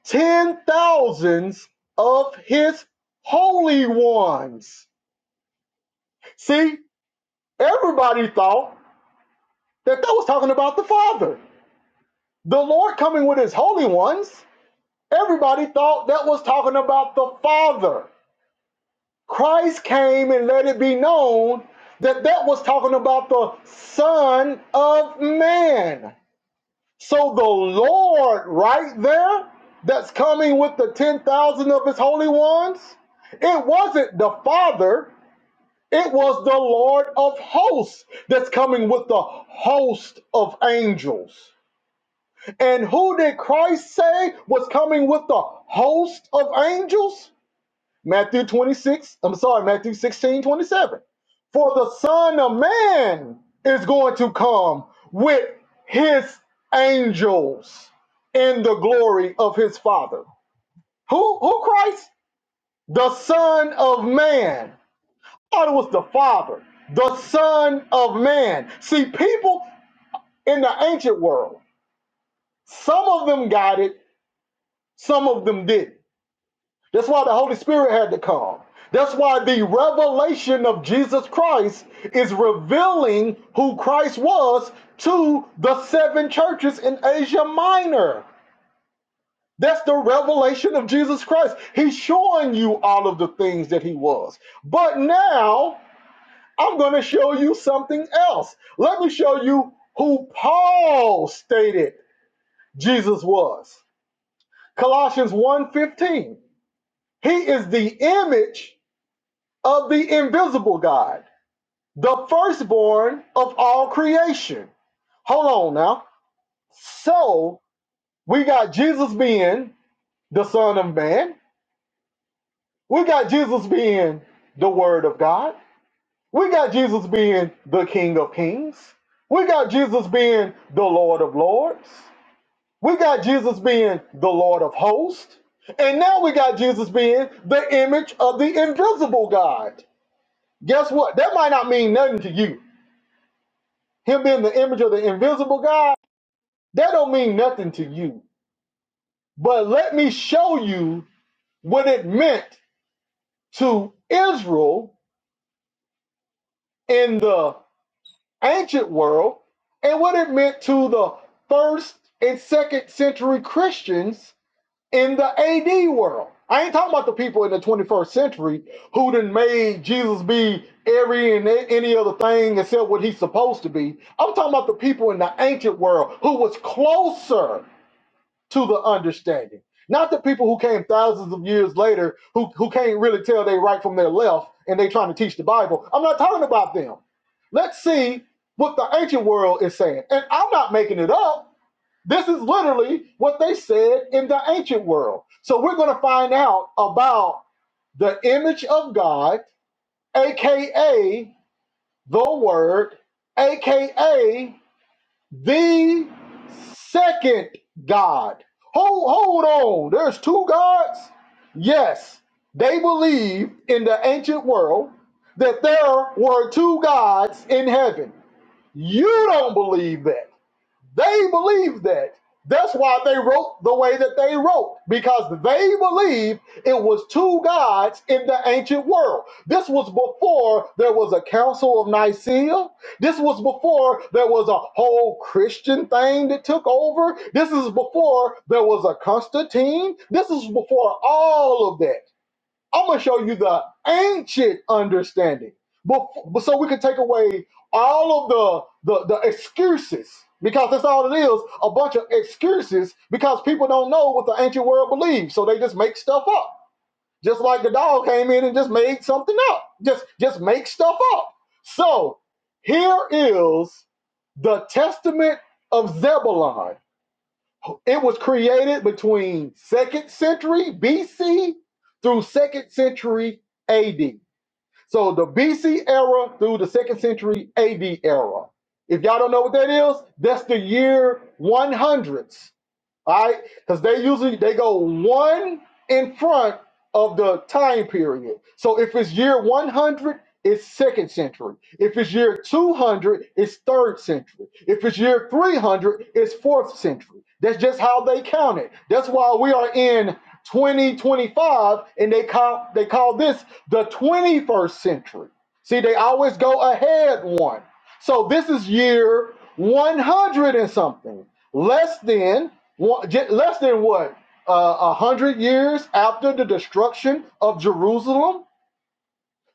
ten thousands of his holy ones. See, everybody thought that that was talking about the Father. The Lord coming with his holy ones, everybody thought that was talking about the Father. Christ came and let it be known that that was talking about the Son of Man. So the Lord, right there, that's coming with the 10,000 of his holy ones, it wasn't the Father, it was the Lord of hosts that's coming with the host of angels. And who did Christ say was coming with the host of angels? Matthew 26, I'm sorry, Matthew 16 27. For the Son of Man is going to come with his angels in the glory of his Father. Who, who Christ? The Son of Man. Thought it was the Father. The Son of Man. See, people in the ancient world, some of them got it, some of them didn't. That's why the Holy Spirit had to come. That's why the revelation of Jesus Christ is revealing who Christ was to the seven churches in Asia Minor. That's the revelation of Jesus Christ. He's showing you all of the things that he was. But now I'm going to show you something else. Let me show you who Paul stated Jesus was. Colossians one fifteen. He is the image of the invisible God, the firstborn of all creation. Hold on now. So we got Jesus being the Son of Man. We got Jesus being the Word of God. We got Jesus being the King of Kings. We got Jesus being the Lord of Lords. We got Jesus being the Lord of Hosts. And now we got Jesus being the image of the invisible God. Guess what? That might not mean nothing to you him being the image of the invisible God, that don't mean nothing to you. But let me show you what it meant to Israel in the ancient world and what it meant to the first and second century Christians in the AD world. I ain't talking about the people in the 21st century who done made Jesus be every and a- any other thing except what he's supposed to be. I'm talking about the people in the ancient world who was closer to the understanding. Not the people who came thousands of years later who, who can't really tell their right from their left and they trying to teach the Bible. I'm not talking about them. Let's see what the ancient world is saying. And I'm not making it up. This is literally what they said in the ancient world. So we're going to find out about the image of God, aka the word, aka the second God. Hold, hold on. There's two gods? Yes. They believe in the ancient world that there were two gods in heaven. You don't believe that. They believe that. That's why they wrote the way that they wrote, because they believed it was two gods in the ancient world. This was before there was a Council of Nicaea. This was before there was a whole Christian thing that took over. This is before there was a Constantine. This is before all of that. I'm gonna show you the ancient understanding, but, but so we can take away all of the, the the excuses because that's all it is a bunch of excuses because people don't know what the ancient world believes, so they just make stuff up. Just like the dog came in and just made something up, just just make stuff up. So here is the Testament of Zebulon it was created between 2nd century BC through 2nd century AD. So the BC era through the 2nd century AD era. If y'all don't know what that is, that's the year 100. All right, because they usually they go one in front of the time period. So if it's year 100, it's second century. If it's year 200, it's third century. If it's year 300, it's fourth century. That's just how they count it. That's why we are in 2025, and they call they call this the 21st century. See, they always go ahead one. So this is year 100 and something less than. One, ju- less than what a uh, hundred years after the destruction of Jerusalem.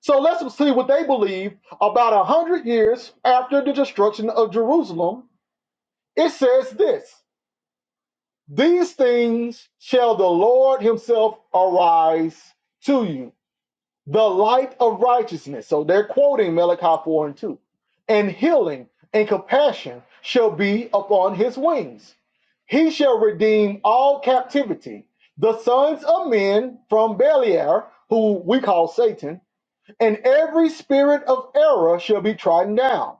So let's see what they believe. About a hundred years after the destruction of Jerusalem, it says this: These things shall the Lord Himself arise to you. the light of righteousness. So they're quoting Malachi 4 and 2. And healing and compassion shall be upon his wings. He shall redeem all captivity, the sons of men from Beliar, who we call Satan, and every spirit of error shall be trodden down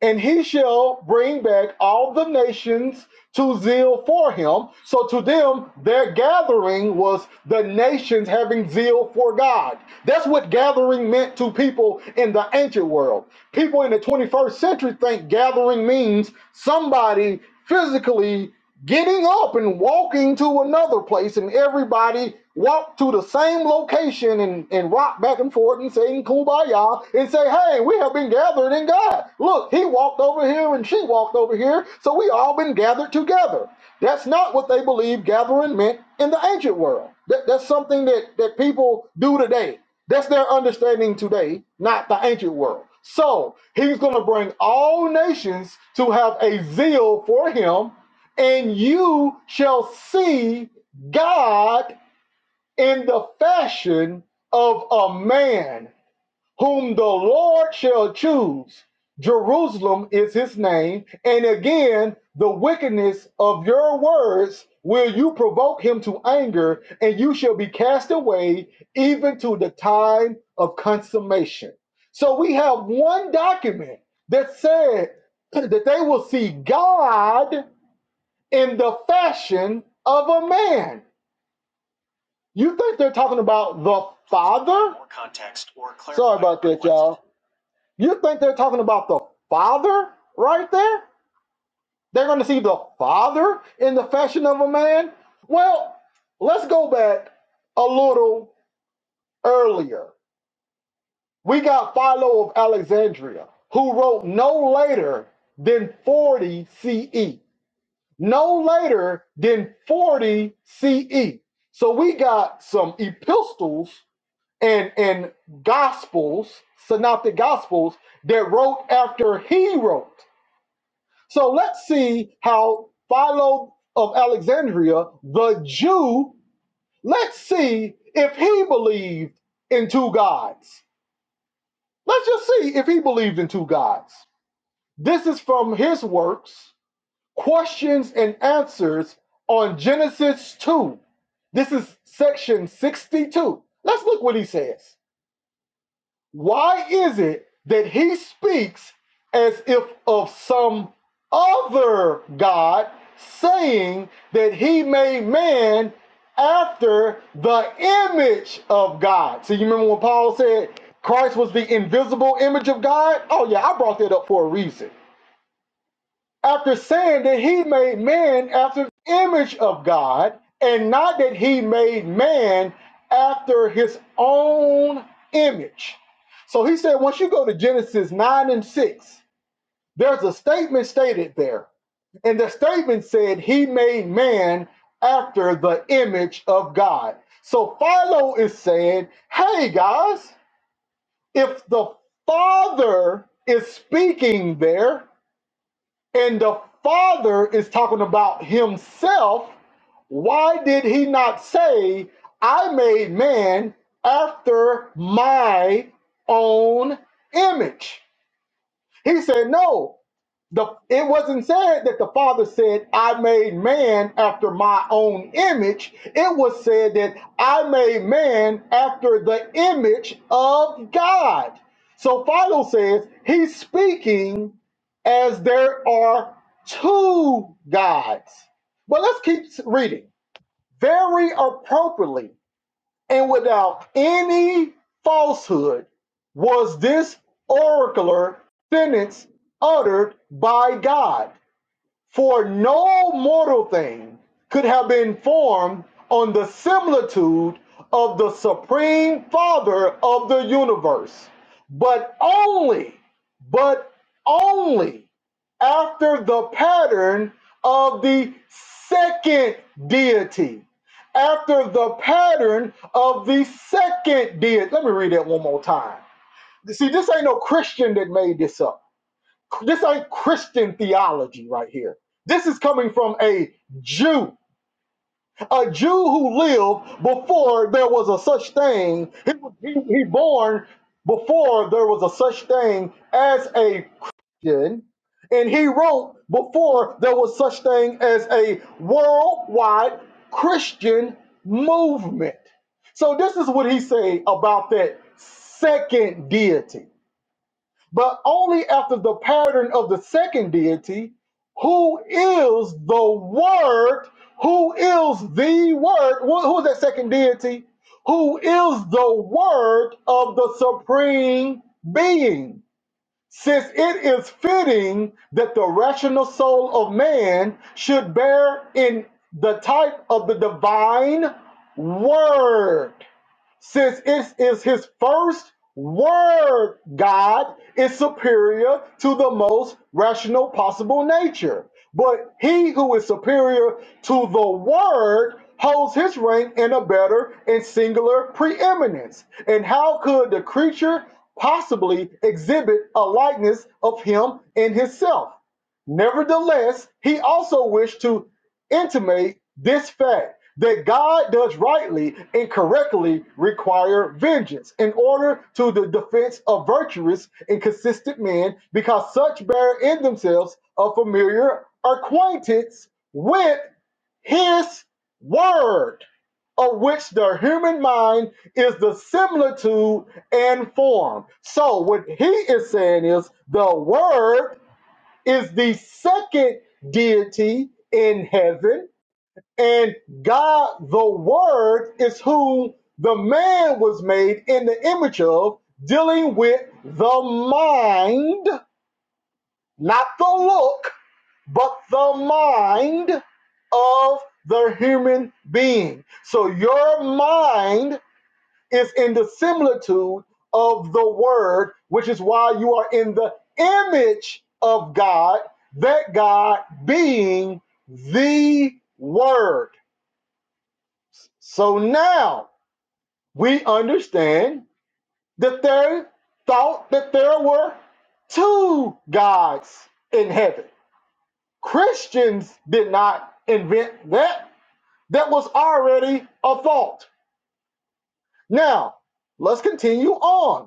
and he shall bring back all the nations to zeal for him. So to them, their gathering was the nations having zeal for God. That's what gathering meant to people in the ancient world. People in the 21st century think gathering means somebody physically getting up and walking to another place, and everybody walked to the same location and, and rocked back and forth and saying kumbaya and say, Hey, we have been gathered in God. Look, he walked over here and she walked over here, so we all been gathered together. That's not what they believe gathering meant in the ancient world. That, that's something that, that people do today. That's their understanding today, not the ancient world. So he's going to bring all nations to have a zeal for him and you shall see God in the fashion of a man whom the Lord shall choose. Jerusalem is his name. And again, the wickedness of your words will you provoke him to anger, and you shall be cast away even to the time of consummation. So we have one document that said that they will see God in the fashion of a man. You think they're talking about the father? More context or clarify. Sorry about that, y'all. You think they're talking about the father right there? They're going to see the father in the fashion of a man? Well, let's go back a little earlier. We got Philo of Alexandria, who wrote no later than 40 CE. no later than 40 CE. So we got some epistles and, and gospels, synoptic gospels, that wrote after he wrote. So let's see how Philo of Alexandria, the Jew, let's see if he believed in two gods. Let's just see if he believed in two gods. This is from his works questions and answers on Genesis 2. This is section 62. Let's look what he says. Why is it that he speaks as if of some other God, saying that he made man after the image of God? So you remember when Paul said Christ was the invisible image of God? Oh, yeah, I brought that up for a reason after saying that he made man after the image of God, and not that he made man after his own image. So he said, once you go to Genesis 9 and 6, there's a statement stated there. And the statement said, He made man after the image of God. So Philo is saying, Hey guys, if the Father is speaking there, and the Father is talking about Himself, why did He not say, I made man after my own image? He said, No, the, it wasn't said that the Father said, I made man after my own image. It was said that I made man after the image of God. So Philo says he's speaking as there are two gods. But let's keep reading very appropriately and without any falsehood was this oracular sentence uttered by God. For no mortal thing could have been formed on the similitude of the supreme father of the universe, but only, but only after the pattern of the second deity. After the pattern of the second deity. Let me read that one more time. See, this ain't no Christian that made this up. This ain't Christian theology right here. This is coming from a Jew, a Jew who lived before there was a such thing. He was he, he born before there was a such thing as a Christian, and he wrote before there was such thing as a worldwide Christian movement. So this is what he say about that second deity but only after the pattern of the second deity, who is the Word, who is the Word, wh- who is that second deity? Who is the Word of the Supreme Being? Since it is fitting that the rational soul of man should bear in the type of the divine Word since it is his first word, God is superior to the most rational possible nature. But he who is superior to the word holds his rank in a better and singular preeminence. And how could the creature possibly exhibit a likeness of him in himself? Nevertheless, he also wished to intimate this fact that God does rightly and correctly require vengeance in order to the defense of virtuous and consistent men, because such bear in themselves a familiar acquaintance with his word, of which the human mind is the similitude and form. So, what he is saying is the word is the second deity in heaven and God, the Word, is who the man was made in the image of, dealing with the mind, not the look, but the mind of the human being. So your mind is in the similitude of the Word, which is why you are in the image of God, that God being the Word. So now we understand that they thought that there were two gods in heaven. Christians did not invent that. That was already a thought. Now, let's continue on.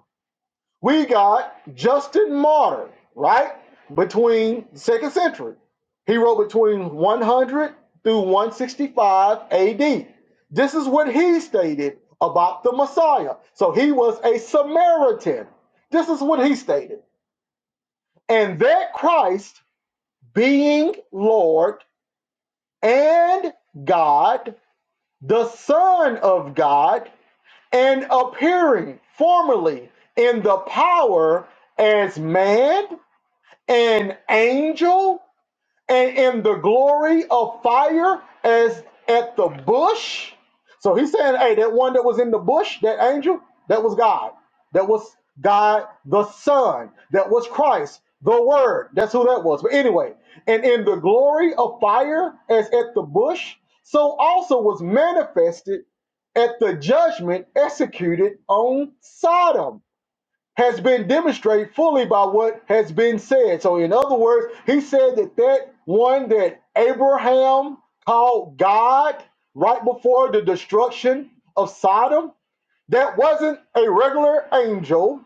We got Justin Martyr, right? Between the second century. He wrote between 100 through 165 AD. This is what he stated about the Messiah. So he was a Samaritan. This is what he stated. And that Christ, being Lord and God, the Son of God, and appearing formerly in the power as man an angel and in the glory of fire as at the bush. So he's saying, hey, that one that was in the bush, that angel, that was God. That was God the Son. That was Christ, the Word. That's who that was. But anyway, and in the glory of fire as at the bush, so also was manifested at the judgment executed on Sodom has been demonstrated fully by what has been said. So, in other words, he said that that one that Abraham called God right before the destruction of Sodom that wasn't a regular angel.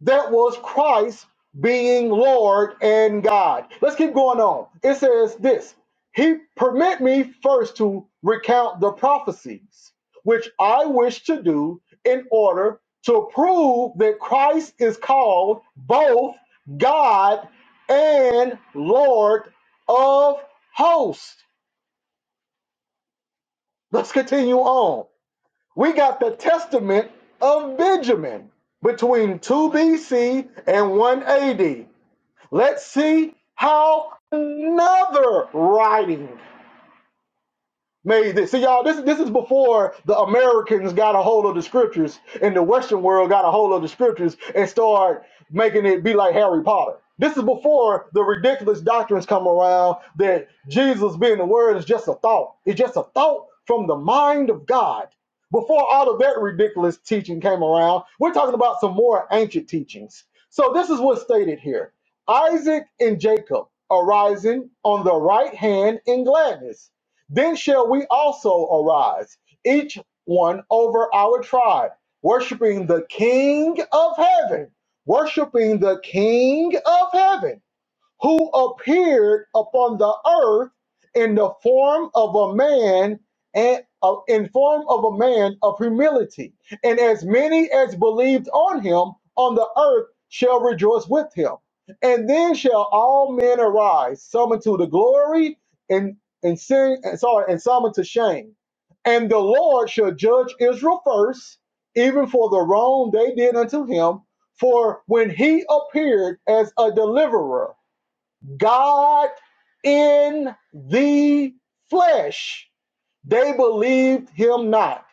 That was Christ being Lord and God. Let's keep going on. It says this He permit me first to recount the prophecies, which I wish to do in order to prove that Christ is called both God and Lord of hosts. Let's continue on. We got the testament of Benjamin between 2 BC and 1 AD. Let's see how another writing made this. See, y'all, this this is before the Americans got a hold of the scriptures and the Western world got a hold of the scriptures and start making it be like Harry Potter. This is before the ridiculous doctrines come around that Jesus being the Word is just a thought. It's just a thought from the mind of God. Before all of that ridiculous teaching came around, we're talking about some more ancient teachings. So this is what's stated here: Isaac and Jacob arising on the right hand in gladness then shall we also arise, each one over our tribe, worshiping the King of heaven, worshiping the King of heaven who appeared upon the earth in the form of a man and uh, in form of a man of humility and as many as believed on him on the earth shall rejoice with him and then shall all men arise some unto the glory and and sin and sorry and some unto shame and the lord shall judge israel first even for the wrong they did unto him for when he appeared as a deliverer God in the flesh, they believed him not.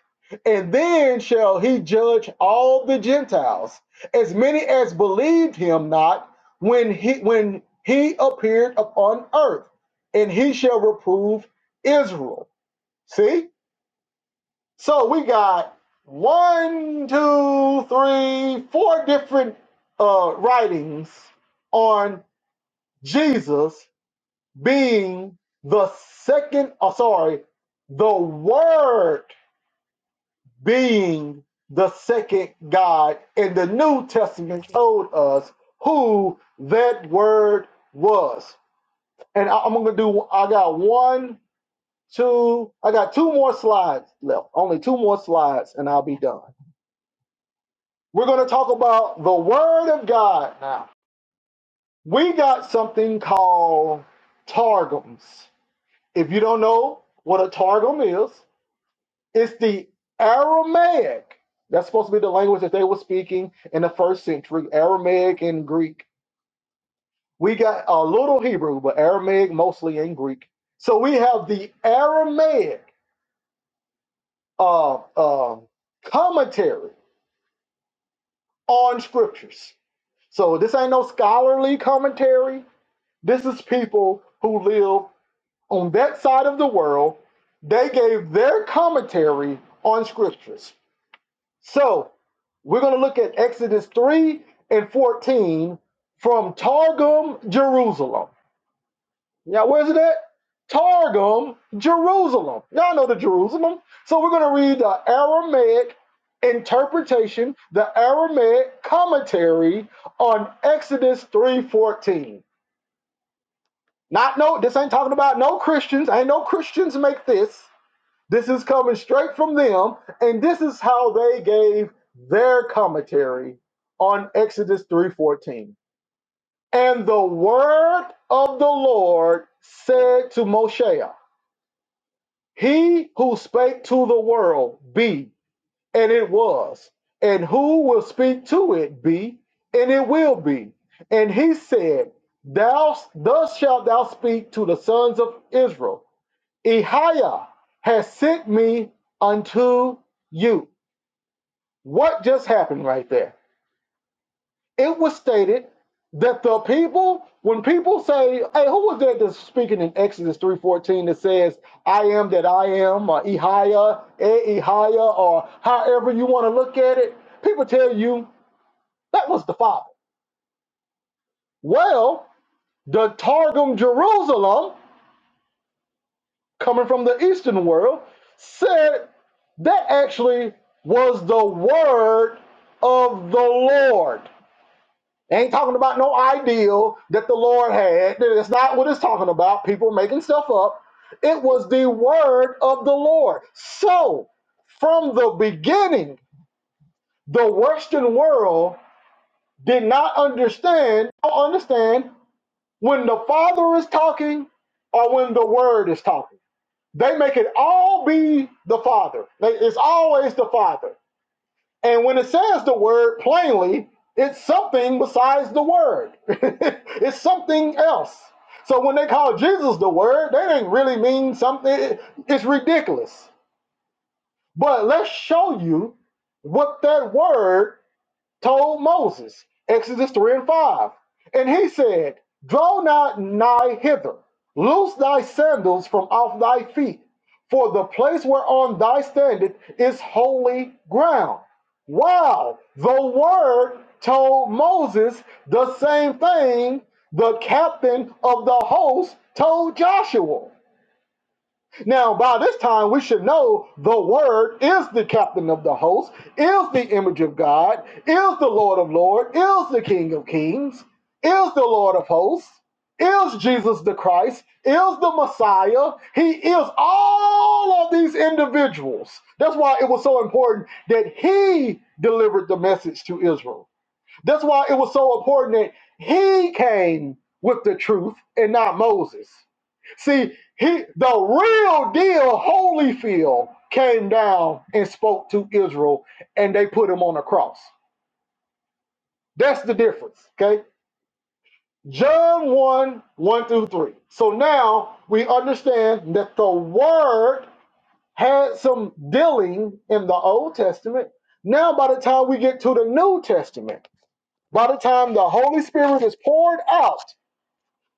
And then shall he judge all the Gentiles, as many as believed him not, when he when he appeared upon earth, and he shall reprove Israel. See? So we got one, two, three, four different uh, writings on Jesus being the second, oh, sorry, the Word being the second God. And the New Testament told us who that Word was. And I, I'm going to do, I got one, two, I got two more slides left, only two more slides, and I'll be done. We're going to talk about the Word of God now. We got something called targums. If you don't know what a targum is, It's the Aramaic. That's supposed to be the language that they were speaking in the first century Aramaic and Greek. We got a little Hebrew, but Aramaic mostly and Greek. So we have the Aramaic uh, uh, commentary on scriptures. So this ain't no scholarly commentary. This is people who live on that side of the world. They gave their commentary on scriptures. So we're going to look at Exodus 3 and 14 from Targum, Jerusalem. Now, where's it at? Targum, Jerusalem. Y'all know the Jerusalem. So we're going to read the Aramaic interpretation, the Aramaic commentary on Exodus 3:14. Not no, this ain't talking about no Christians. Ain't no Christians make this. This is coming straight from them, and this is how they gave their commentary on Exodus 3:14. And the word of the Lord said to Moshe, He who spake to the world, be, and it was, and who will speak to it, be, and it will be. And he said, Thou thus shalt thou speak to the sons of Israel. Ehiah has sent me unto you. What just happened right there? It was stated that the people, when people say, hey, who was that that's speaking in Exodus 3.14 that says, I am that I am, or Ehiah, eh, Ehiah, or however you want to look at it, people tell you that was the Father. Well, the Targum Jerusalem coming from the Eastern world, said that actually was the word of the Lord. Ain't talking about no ideal that the Lord had. That's not what it's talking about. People making stuff up. It was the word of the Lord. So, from the beginning, the Western world did not understand, don't understand when the Father is talking or when the Word is talking. They make it all be the Father. it's always the Father. And when it says the word plainly, it's something besides the word. it's something else. So when they call Jesus the word, they didn't really mean something. It's ridiculous. But let's show you what that word told Moses, Exodus 3 and 5. And he said, Draw not nigh hither, loose thy sandals from off thy feet, for the place whereon thou standest is holy ground. Wow, the word told Moses the same thing the captain of the host told Joshua. Now, by this time, we should know the Word is the captain of the host, is the image of God, is the Lord of Lords, is the King of Kings, is the Lord of hosts, is Jesus the Christ, is the Messiah. He is all of these individuals. That's why it was so important that He delivered the message to Israel that's why it was so important that he came with the truth and not Moses. See, he the real deal Holyfield came down and spoke to Israel and they put him on a cross. That's the difference. Okay. John 1, 1 through 3. So now we understand that the word had some dealing in the Old Testament. Now, by the time we get to the New Testament, by the time the Holy Spirit is poured out,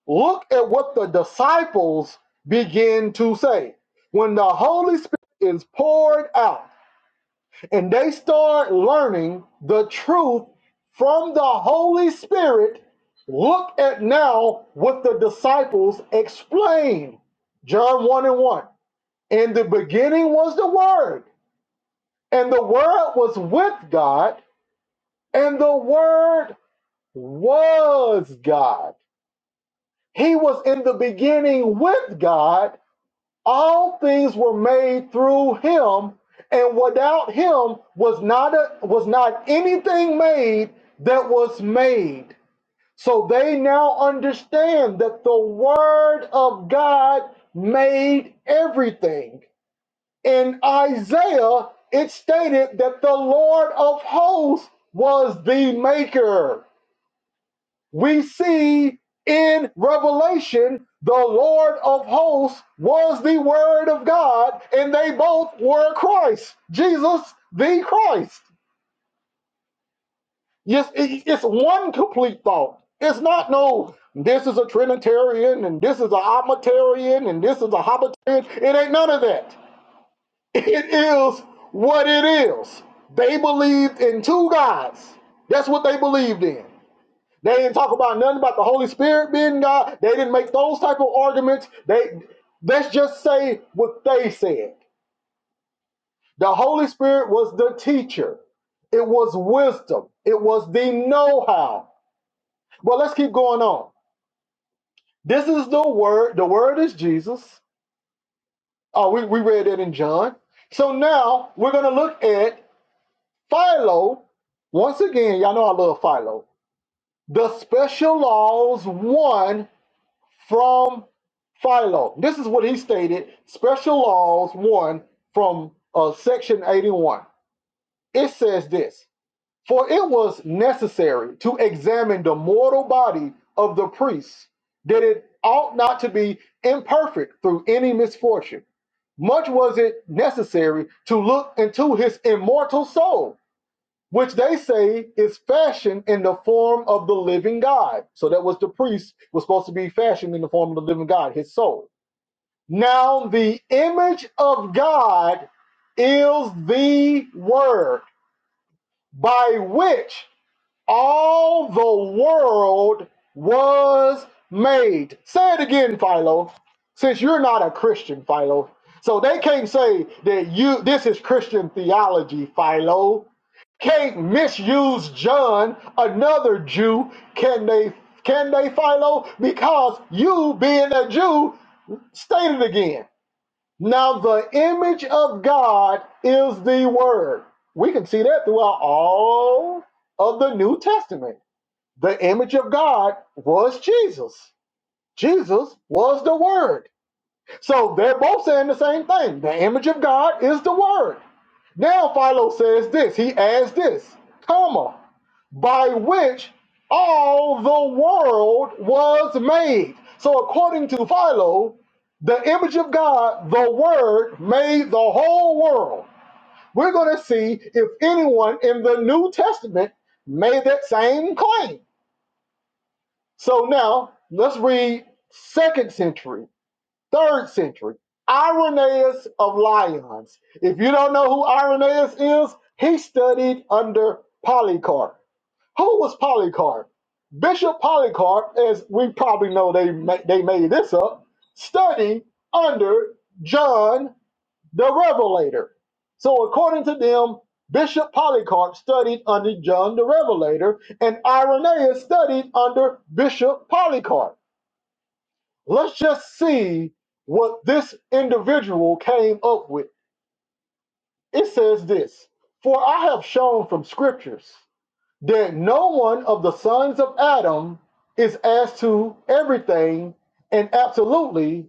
Look at what the disciples begin to say. When the Holy Spirit is poured out and they start learning the truth from the Holy Spirit, look at now what the disciples explain. John 1 and 1. In the beginning was the Word, and the Word was with God, and the Word was God. He was in the beginning with God all things were made through him and without him was not a, was not anything made that was made so they now understand that the word of god made everything in isaiah it stated that the lord of hosts was the maker we see in Revelation the Lord of hosts was the Word of God, and they both were Christ, Jesus the Christ. Yes, it's one complete thought. It's not no, this is a Trinitarian, and this is a Omitarian, and this is a Hobbitarian. It ain't none of that. It is what it is. They believed in two gods. That's what they believed in. They didn't talk about nothing about the Holy Spirit being God. They didn't make those type of arguments. They let's just say what they said. The Holy Spirit was the teacher. It was wisdom. It was the know-how. But let's keep going on. This is the word. The word is Jesus. Oh, we, we read it in John. So now we're gonna look at Philo. Once again, y'all know I love Philo. The special laws one from Philo. This is what he stated Special Laws 1 from uh, Section 81. It says this For it was necessary to examine the mortal body of the priest, that it ought not to be imperfect through any misfortune. Much was it necessary to look into his immortal soul which they say is fashioned in the form of the living God. So that was the priest was supposed to be fashioned in the form of the living God, his soul. Now the image of God is the word by which all the world was made. Say it again, Philo. Since you're not a Christian, Philo. So they can't say that you this is Christian theology, Philo. Can't misuse John, another Jew, can they can they Philo? Because you being a Jew, state it again. Now, the image of God is the Word. We can see that throughout all of the New Testament. The image of God was Jesus. Jesus was the Word. So they're both saying the same thing. The image of God is the Word. Now Philo says this. He adds this, comma, by which all the world was made. So according to Philo, the image of God, the Word, made the whole world. We're going to see if anyone in the New Testament made that same claim. So now let's read second century Third century, Irenaeus of Lyons. If you don't know who Irenaeus is, he studied under Polycarp. Who was Polycarp? Bishop Polycarp, as we probably know, they ma- they made this up. Studied under John the Revelator. So according to them, Bishop Polycarp studied under John the Revelator, and Irenaeus studied under Bishop Polycarp. Let's just see what this individual came up with. It says this For I have shown from scriptures that no one of the sons of Adam is as to everything and absolutely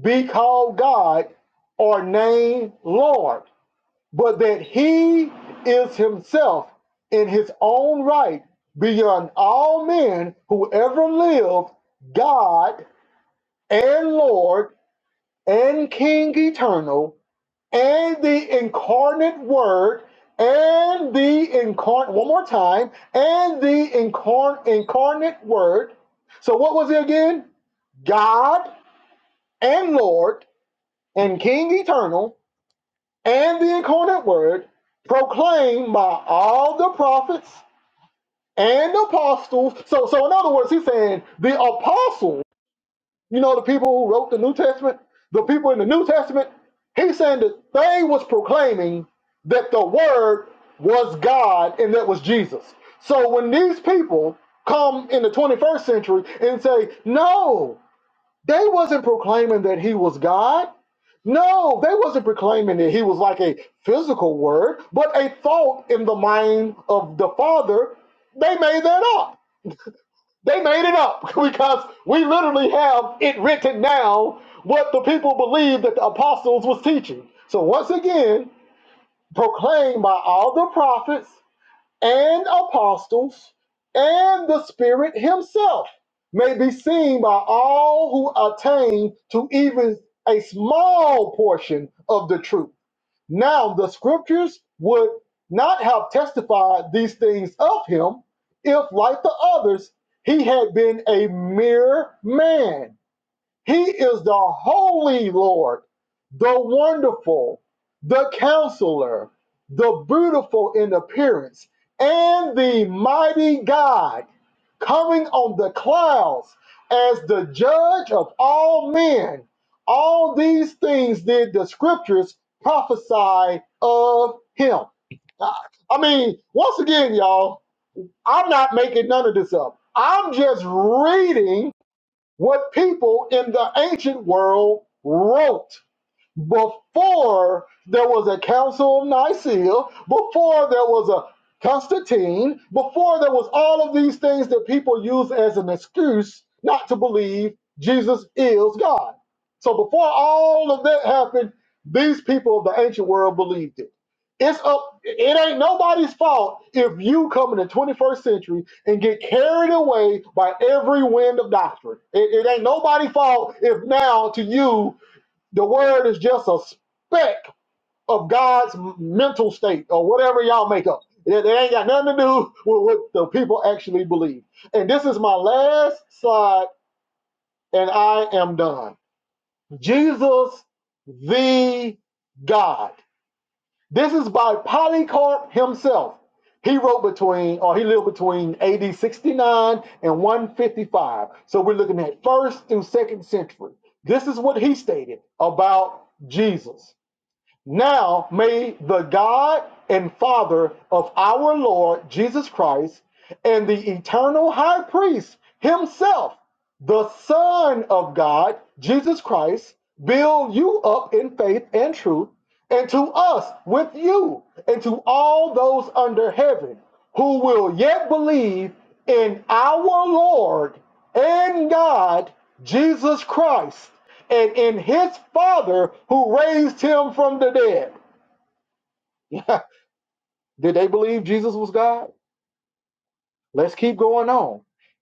be called God or named Lord, but that he is himself in his own right beyond all men who ever lived, God and Lord and King Eternal and the incarnate Word and the incarnate, one more time, and the incarn- incarnate Word. So, what was it again? God and Lord and King Eternal and the incarnate Word proclaimed by all the prophets and apostles. So, so in other words, he's saying the apostles You know the people who wrote the New Testament? The people in the New Testament? He's saying that they was proclaiming that the word was God and that was Jesus. So when these people come in the 21st century and say, no, they wasn't proclaiming that he was God. No, they wasn't proclaiming that he was like a physical word, but a thought in the mind of the Father. They made that up they made it up because we literally have it written down what the people believed that the apostles was teaching. So once again, proclaimed by all the prophets and apostles and the Spirit himself may be seen by all who attain to even a small portion of the truth. Now, the scriptures would not have testified these things of him if, like the others, he had been a mere man. He is the Holy Lord, the Wonderful, the Counselor, the Beautiful in appearance, and the Mighty God, coming on the clouds as the Judge of all men. All these things did the Scriptures prophesy of Him. I I mean, once again, y'all, I'm not making none of this up. I'm just reading what people in the ancient world wrote before there was a Council of Nicaea, before there was a Constantine, before there was all of these things that people use as an excuse not to believe Jesus is God. So before all of that happened, these people of the ancient world believed it. It's up. It ain't nobody's fault if you come in the 21st century and get carried away by every wind of doctrine. It, it ain't nobody's fault if now to you the word is just a speck of God's mental state or whatever y'all make up. It, it ain't got nothing to do with what the people actually believe. And this is my last slide, and I am done. Jesus the God. This is by Polycarp himself. He wrote between, or he lived between AD 69 and 155. So we're looking at first through second century. This is what he stated about Jesus. Now may the God and Father of our Lord Jesus Christ and the eternal high priest himself, the Son of God, Jesus Christ, build you up in faith and truth and to us with you, and to all those under heaven who will yet believe in our Lord and God, Jesus Christ, and in his Father who raised him from the dead. Did they believe Jesus was God? Let's keep going on.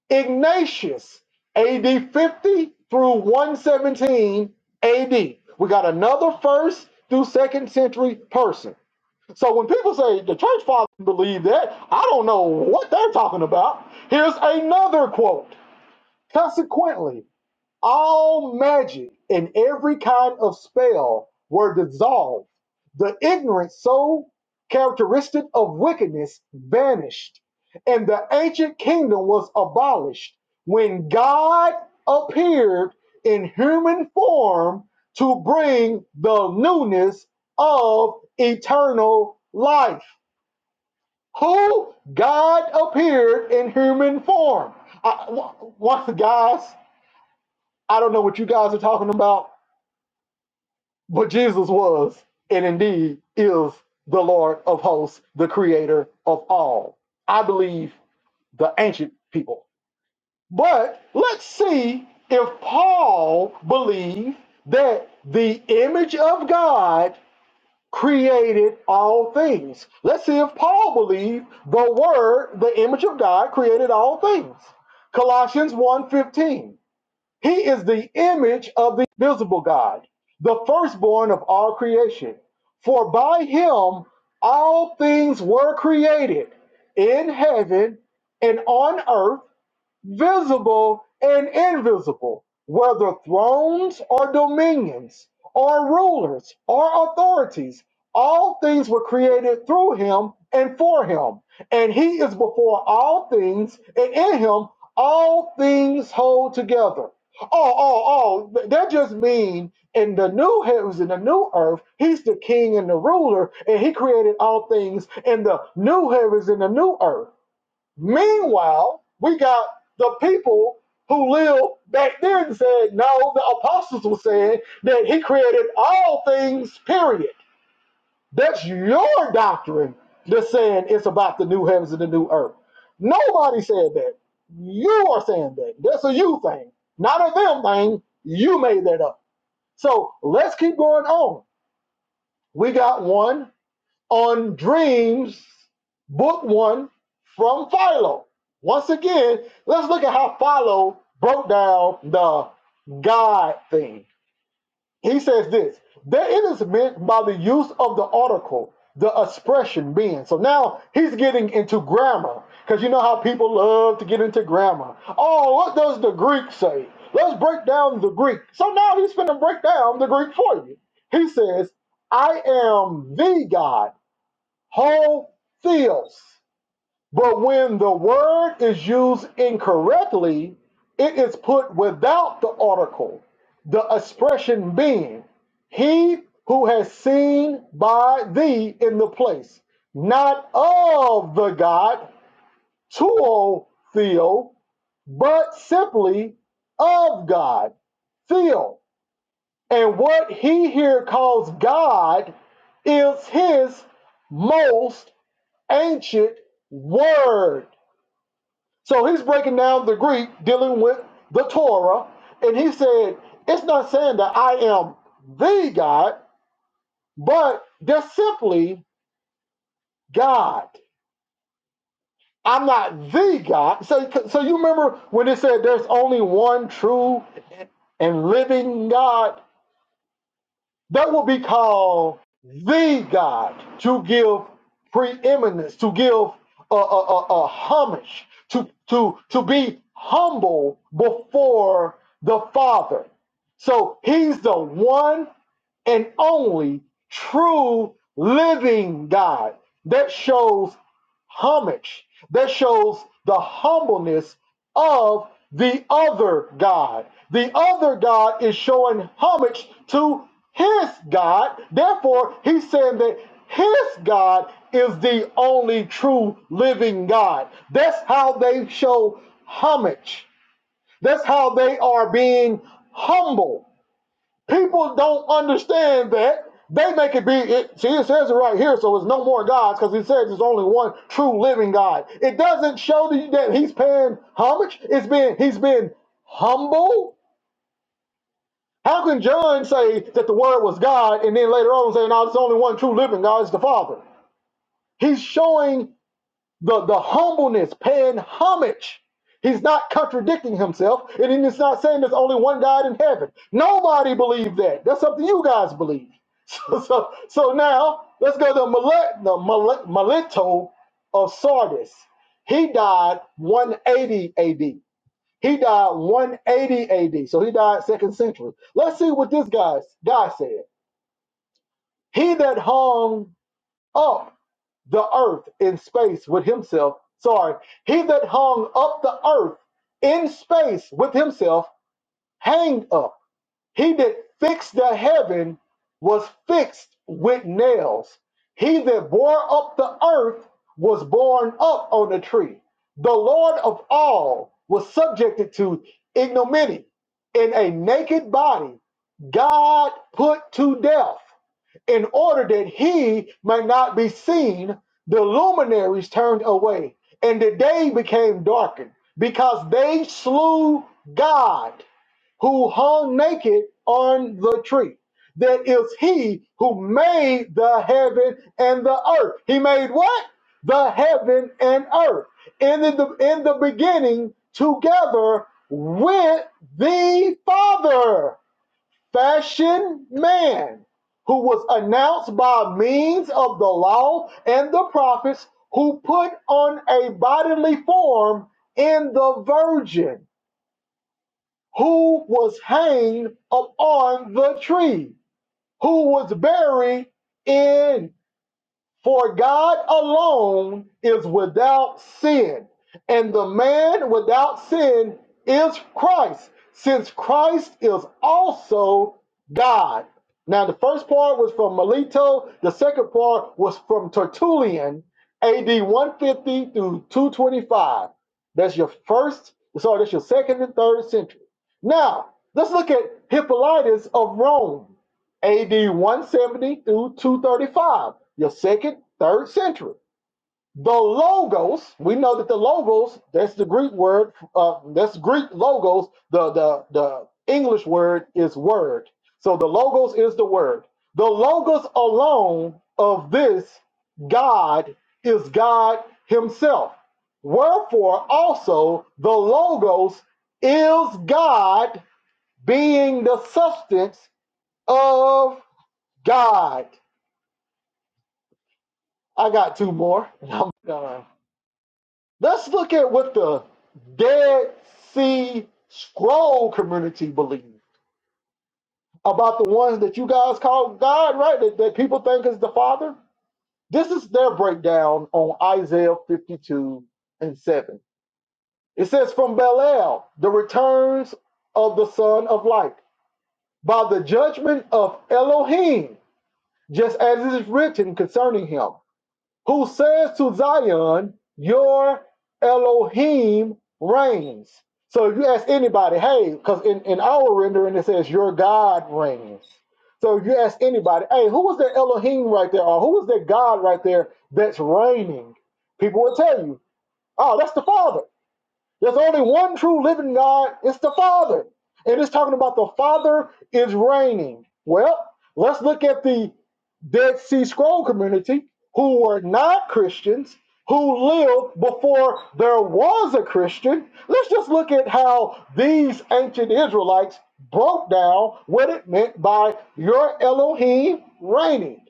Ignatius, AD 50 through 117 AD. We got another first through second century person. So when people say the church fathers believe that, I don't know what they're talking about. Here's another quote. Consequently, all magic and every kind of spell were dissolved. The ignorance so characteristic of wickedness vanished, and the ancient kingdom was abolished when God appeared in human form to bring the newness of eternal life. Who? God appeared in human form. I, one, guys, I don't know what you guys are talking about But Jesus was, and indeed is, the Lord of hosts, the creator of all. I believe the ancient people. But let's see if Paul believed that the image of God created all things. Let's see if Paul believed the word, the image of God created all things. Colossians one fifteen. He is the image of the visible God, the firstborn of all creation. For by him all things were created in heaven and on earth visible and invisible, whether thrones or dominions or rulers or authorities. All things were created through him and for him. And he is before all things, and in him all things hold together. Oh, oh, oh, that just mean in the new heavens and the new earth, he's the king and the ruler, and he created all things in the new heavens and the new earth. Meanwhile, we got the people who lived back then said, no, the apostles were saying that he created all things, period. That's your doctrine that's saying it's about the new heavens and the new earth. Nobody said that. You are saying that. That's a you thing, not a them thing. You made that up. So let's keep going on. We got one on Dreams, Book One from Philo. Once again, let's look at how Philo broke down the God thing. He says this that it is meant by the use of the article, the expression being. So now he's getting into grammar because you know how people love to get into grammar. Oh, what does the Greek say? Let's break down the Greek. So now he's going to break down the Greek for you. He says, I am the God whole theos. But when the word is used incorrectly, it is put without the article, the expression being, He who has seen by thee in the place, not of the God, tuo theo, but simply of God, theo. And what he here calls God is his most ancient word. So he's breaking down the Greek dealing with the Torah, and he said it's not saying that I am the God, but they're simply God. I'm not the God. So, so you remember when it said there's only one true and living God? That will be called the God to give preeminence, to give a, a, a, a homage, to, to, to be humble before the Father. So he's the one and only true living God. That shows homage, that shows the humbleness of the other God. The other God is showing homage to his God. Therefore, he's saying that his God is the only true living God. That's how they show homage. That's how they are being humble People don't understand that. They make it be, it, see, it says it right here, so it's no more gods because he says there's only one true living God. It doesn't show that that he's paying homage. It's been, he's been humble. How can John say that the word was God and then later on say, no, there's only one true living God, it's the Father? He's showing the, the humbleness, paying homage. He's not contradicting himself, and he's not saying there's only one God in heaven. Nobody believed that. That's something you guys believe. So, so, so now let's go to Milet, the Milet, Mileto of Sardis. He died 180 AD. He died 180 AD. So he died second century. Let's see what this guy's guy said. He that hung up the earth in space with himself. Sorry, he that hung up the earth in space with himself hanged up. He that fixed the heaven was fixed with nails. He that bore up the earth was borne up on a tree. The Lord of all was subjected to ignominy in a naked body. God put to death in order that he might not be seen, the luminaries turned away, and the day became darkened, because they slew God, who hung naked on the tree. That is he who made the heaven and the earth. He made what? The heaven and earth. And in the in the beginning, together with the Father fashion man, who was announced by means of the law and the prophets, who put on a bodily form in the virgin, who was hanged upon the tree, who was buried in for God alone is without sin, and the man without sin is Christ, since Christ is also God. Now, the first part was from Melito, the second part was from Tertullian, AD 150 through 225. That's your first, sorry, that's your second and third century. Now, let's look at Hippolytus of Rome. AD 170 through 235, your second, third century. The logos, we know that the logos, that's the Greek word, uh, that's Greek logos, the, the, the English word is word. So the logos is the word. The logos alone of this God is God Himself. Wherefore also the logos is God being the substance of God, I got two more. and I'm done. Let's look at what the Dead Sea Scroll community believes about the ones that you guys call God, right? That, that people think is the Father. This is their breakdown on Isaiah 52 and 7. It says, From Belial, the returns of the Son of Light, by the judgment of Elohim, just as it is written concerning him. who says to Zion, Your Elohim reigns. So if you ask anybody, hey, because in, in our rendering it says, Your God reigns. So if you ask anybody, hey, who was that Elohim right there? Or who was that God right there that's reigning? People will tell you, Oh, that's the Father. There's only one true living God. It's the Father. And it's talking about the Father is reigning. Well, let's look at the Dead Sea Scroll community who were not Christians, who lived before there was a Christian. Let's just look at how these ancient Israelites broke down what it meant by your Elohim reigning.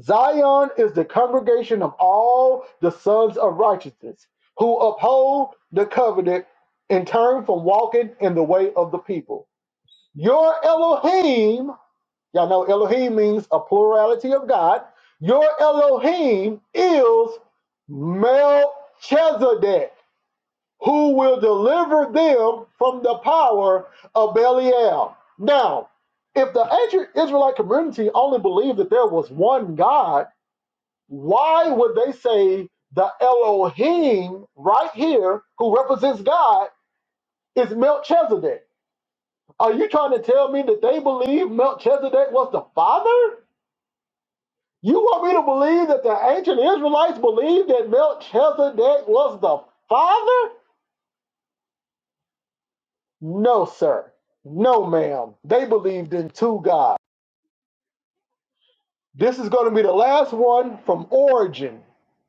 Zion is the congregation of all the sons of righteousness who uphold the covenant and turn from walking in the way of the people. Your Elohim, y'all know Elohim means a plurality of God. Your Elohim is Melchizedek, who will deliver them from the power of Belial. Now, if the ancient Israelite community only believed that there was one God, why would they say the Elohim right here, who represents God, is Melchizedek? Are you trying to tell me that they believe Melchizedek was the father? You want me to believe that the ancient Israelites believed that Melchizedek was the father? No, sir. No, ma'am. They believed in two gods. This is going to be the last one from Origin,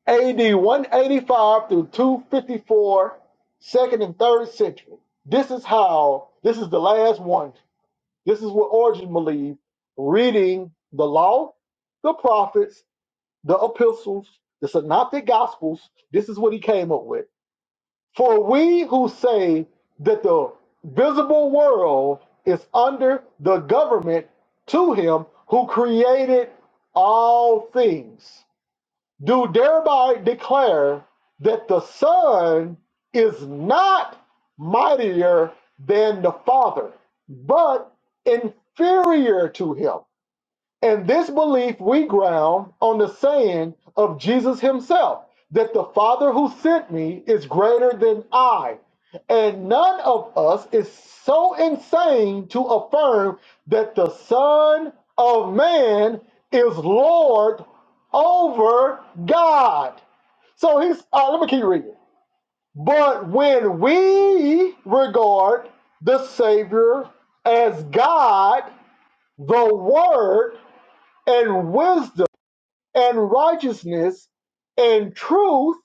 AD 185 through 254, second and third century. This is how, this is the last one. This is what Origin believed reading the law, the prophets, the epistles, the synoptic gospels. This is what he came up with. For we who say that the visible world is under the government to him who created all things do thereby declare that the Son is not mightier than the Father, but inferior to him. And this belief we ground on the saying of Jesus himself that the Father who sent me is greater than I. And none of us is so insane to affirm that the Son of Man is Lord over God. So he's, uh, let me keep reading. But when we regard the Savior as God, the Word, and wisdom and righteousness and truth,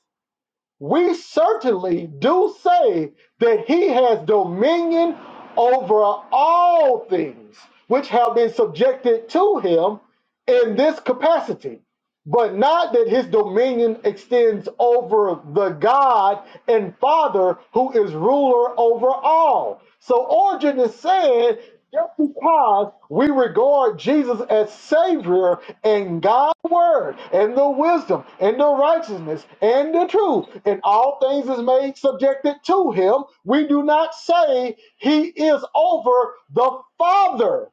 we certainly do say that he has dominion over all things which have been subjected to him in this capacity. But not that his dominion extends over the God and Father who is ruler over all. So Origen is saying just because we regard Jesus as Savior and God's Word and the wisdom and the righteousness and the truth, and all things is made subjected to Him, we do not say He is over the Father.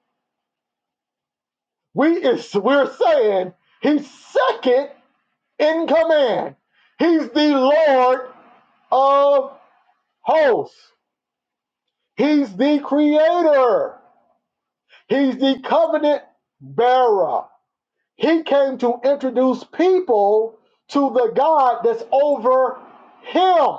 We is we're saying He's second in command. He's the Lord of hosts. He's the Creator. He's the covenant bearer. He came to introduce people to the God that's over him.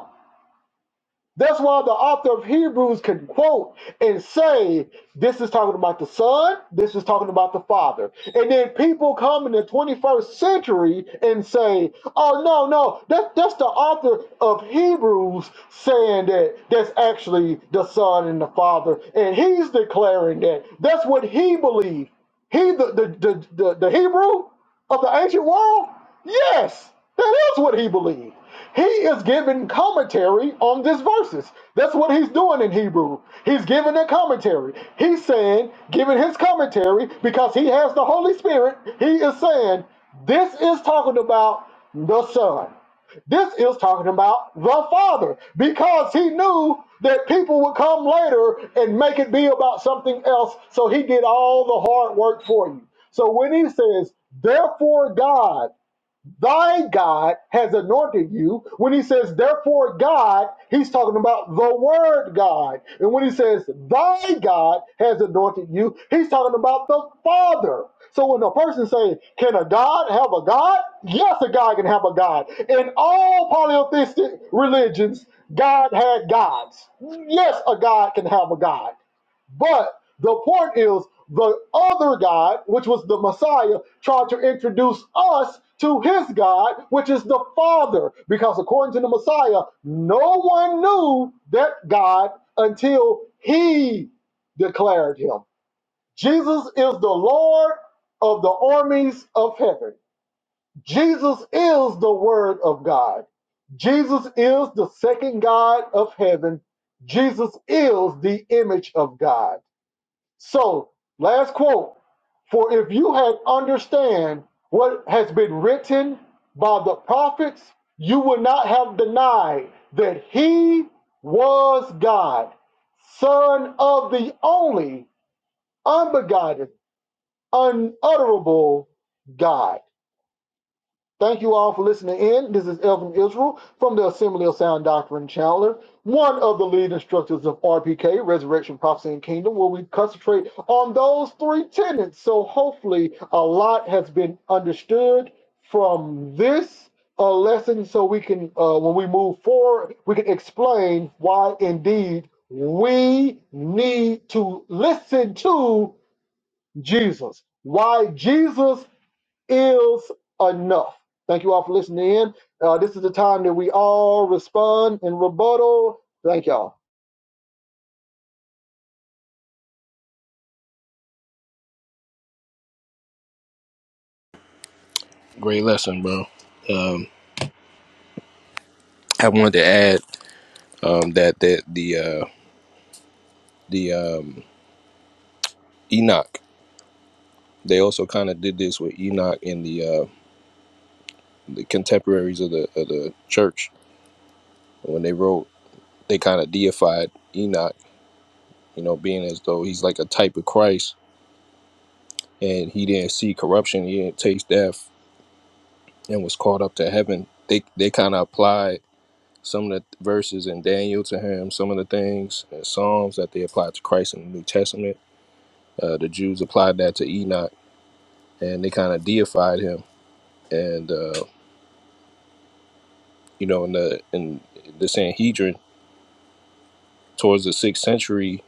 That's why the author of Hebrews can quote and say, This is talking about the Son, this is talking about the Father. And then people come in the 21st century and say, Oh, no, no, that, that's the author of Hebrews saying that that's actually the Son and the Father. And he's declaring that that's what he believed. He, the, the, the, the, the Hebrew of the ancient world? Yes, that is what he believed. He is giving commentary on these verses. That's what he's doing in Hebrew. He's giving a commentary. He's saying, giving his commentary because he has the Holy Spirit. He is saying, this is talking about the Son. This is talking about the Father because he knew that people would come later and make it be about something else. So he did all the hard work for you. So when he says, therefore, God, Thy God has anointed you. When he says, therefore, God, he's talking about the Word God. And when he says, thy God has anointed you, he's talking about the Father. So when a person says, can a God have a God? Yes, a God can have a God. In all polytheistic religions, God had gods. Yes, a God can have a God. But the point is, the other God, which was the Messiah, tried to introduce us to his God, which is the Father. Because according to the Messiah, no one knew that God until he declared him. Jesus is the Lord of the armies of heaven. Jesus is the Word of God. Jesus is the second God of heaven. Jesus is the image of God. So, last quote For if you had understand what has been written by the prophets, you would not have denied that he was God, son of the only unbegotten, unutterable God. Thank you all for listening in. This is Elvin Israel from the Assembly of Sound Doctrine Chandler, one of the lead instructors of RPK, Resurrection, Prophecy, and Kingdom, where we concentrate on those three tenets. So hopefully a lot has been understood from this uh, lesson so we can, uh, when we move forward, we can explain why indeed we need to listen to Jesus. Why Jesus is enough. Thank you all for listening in. Uh, this is the time that we all respond and rebuttal. Thank y'all.
Great lesson, bro. I wanted to add um, that that the uh, the um, Enoch they also kind of did this with Enoch and the uh, the contemporaries of the of the church when they wrote they kind of deified Enoch, you know, being as though he's like a type of Christ and he didn't see corruption, he didn't taste death, and was caught up to heaven. They they kind of applied some of the verses in Daniel to him, some of the things in Psalms that they applied to Christ in the New Testament. Uh, the Jews applied that to Enoch and they kind of deified him. And uh, you know, in the in the Sanhedrin towards the sixth century,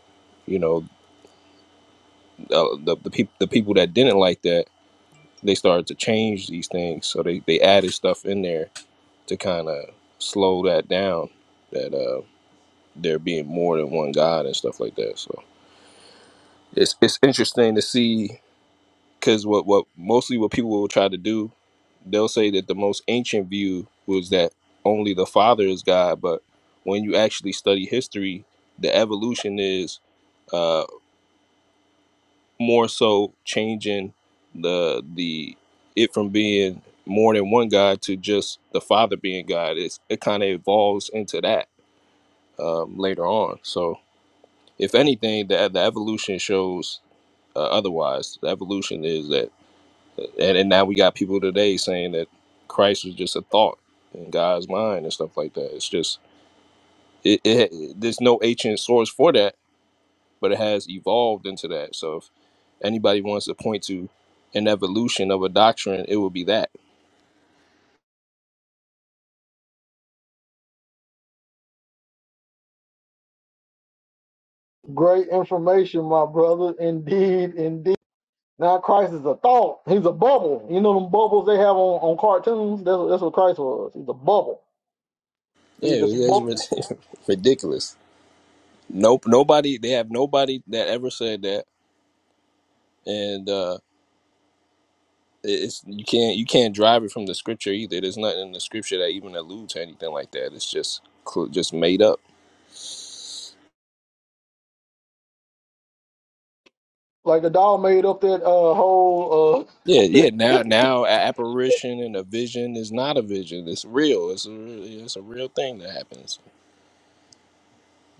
you know, uh, the the people the people that didn't like that they started to change these things. So they they added stuff in there to kind of slow that down. That uh, there being more than one God and stuff like that. So it's it's interesting to see because what what mostly what people will try to do they'll say that the most ancient view was that only the father is god but when you actually study history the evolution is uh more so changing the the it from being more than one god to just the father being god it's, it kind of evolves into that um, later on so if anything the, the evolution shows uh, otherwise the evolution is that and, and now we got people today saying that Christ was just a thought in God's mind and stuff like that. It's just it, it it- there's no ancient source for that, but it has evolved into that. So if anybody wants to point to an evolution of a doctrine, it would be that.
Great information, my brother. Indeed, indeed. Now Christ is a thought. He's a bubble. You know them bubbles they have on, on cartoons? That's, that's what Christ was. He's a bubble. He
Yeah,
was
it
just a
was, it
bubble.
was ridiculous. Nope, nobody. They have nobody that ever said that, and uh, it- it's you can't you can't drive it from the scripture either. There's nothing in the scripture that even alludes to anything like that. It's just cl- just made up.
Like the doll made up that uh, whole uh,
Yeah, yeah. Now, now, a- apparition and a vision is not a vision. It's real. It's a real, it's a real thing that happens.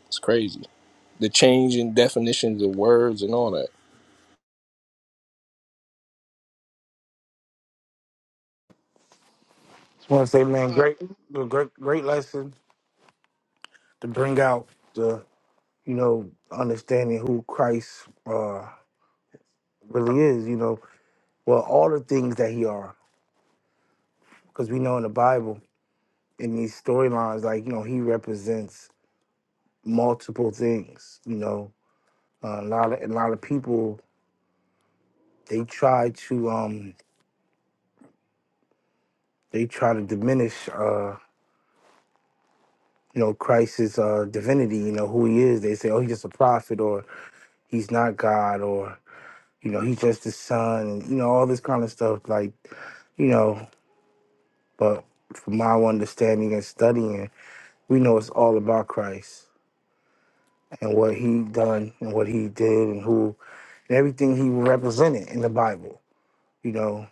It's crazy. The change in definitions of words and all that.
Just want to say, man, great, great, great lesson to bring out the you know understanding who Christ uh, really is. You know, well, all the things that He are, because we know in the Bible. in these storylines, like you know, he represents multiple things. You know, uh, a lot of a lot of people they try to um they try to diminish uh you know Christ's uh divinity. You know who he is. They say, oh, he's just a prophet, or he's not God, or you know, he's just the son, and you know all this kind of stuff. Like you know, but from my understanding and studying, we know it's all about Christ and what he done and what he did and who and everything he represented in the Bible. You know,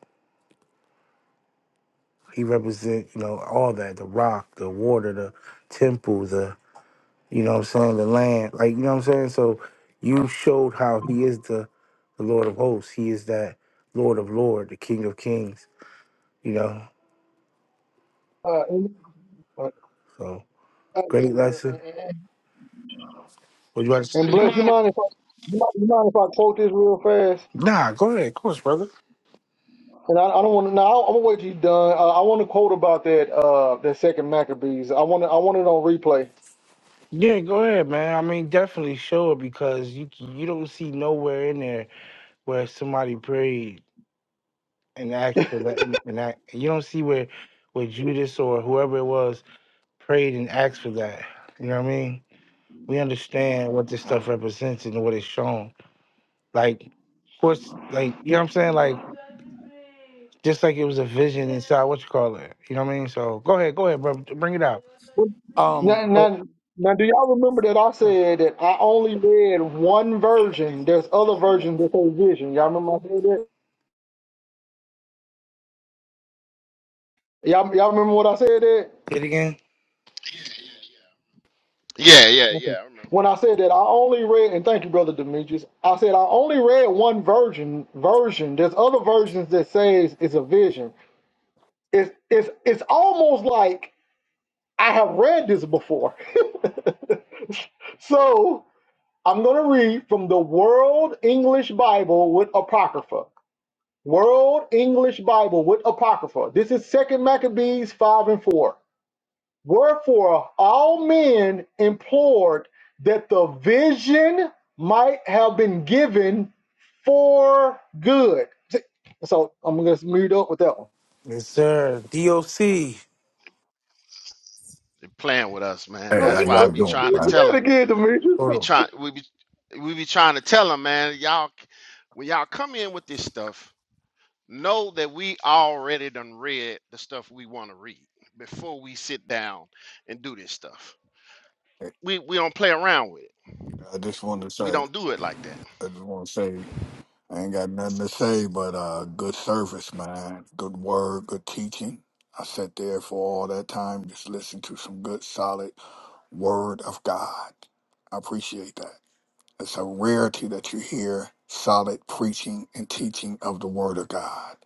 he represent you know all that the rock, the water, the temple, the you know what I'm saying the land. Like you know what I'm saying. So you showed how he is the the Lord of hosts. He is that Lord of Lord, the King of Kings. You know.
uh, and,
So great lesson. Would you like? To- say?
bless you mind if I, you mind if I quote this real fast?
nah, go ahead. Of course, brother.
And I, I don't want to. Now I'm gonna wait till you are done. Uh, I want to quote about that. Uh, that second Maccabees. I want. to. I want it on replay.
Yeah, go ahead, man. I mean, definitely show it because you you don't see nowhere in there where somebody prayed and asked for that. And, and I, you don't see where where Judas or whoever it was prayed and asked for that. You know what I mean? We understand what this stuff represents and what it's shown. Like, of course, like you know what I'm saying? Like, just like it was a vision inside what you call it. You know what I mean? So go ahead, go ahead, bro. Bring it out.
Uh,
Um,
Now,
it
now, now, do y'all remember that I said that I only read one version? There's other versions that say vision. Y'all remember I said that? Y'all, y'all remember what I said that?
again.
Yeah, yeah, yeah.
Okay.
I remember.
When I said that I only read, and thank you, brother Demetrius. I said I only read one version. Version. There's other versions that says it's a vision. It's it's it's almost like I have read this before. so I'm going to read from the World English Bible with Apocrypha. World English Bible with Apocrypha. This is Second Maccabees 5 and 4. Wherefore all men implored that the vision might have been given for good. So I'm going to mute up with that one.
Yes, sir. DOC.
They playing with us, man.
Hey, how
That's why I
y'all
be
doing,
trying to
Do
man?
tell
that
them.
again, Demetrius.
Hold
Be
on.
trying. We be we be trying to tell them, man. Y'all, c- when y'all come in with this stuff, know that we already done read the stuff we want to read before we sit down and do this stuff. We we don't play around with it.
I just
W-
wanted to
We
say,
don't do it like that.
I just want to say, I ain't got nothing to say but uh, good service, man. Good word, good teaching. I sat there for all that time, just listened to some good, solid word of God. I appreciate that. It's a rarity that you hear solid preaching and teaching of the word of God.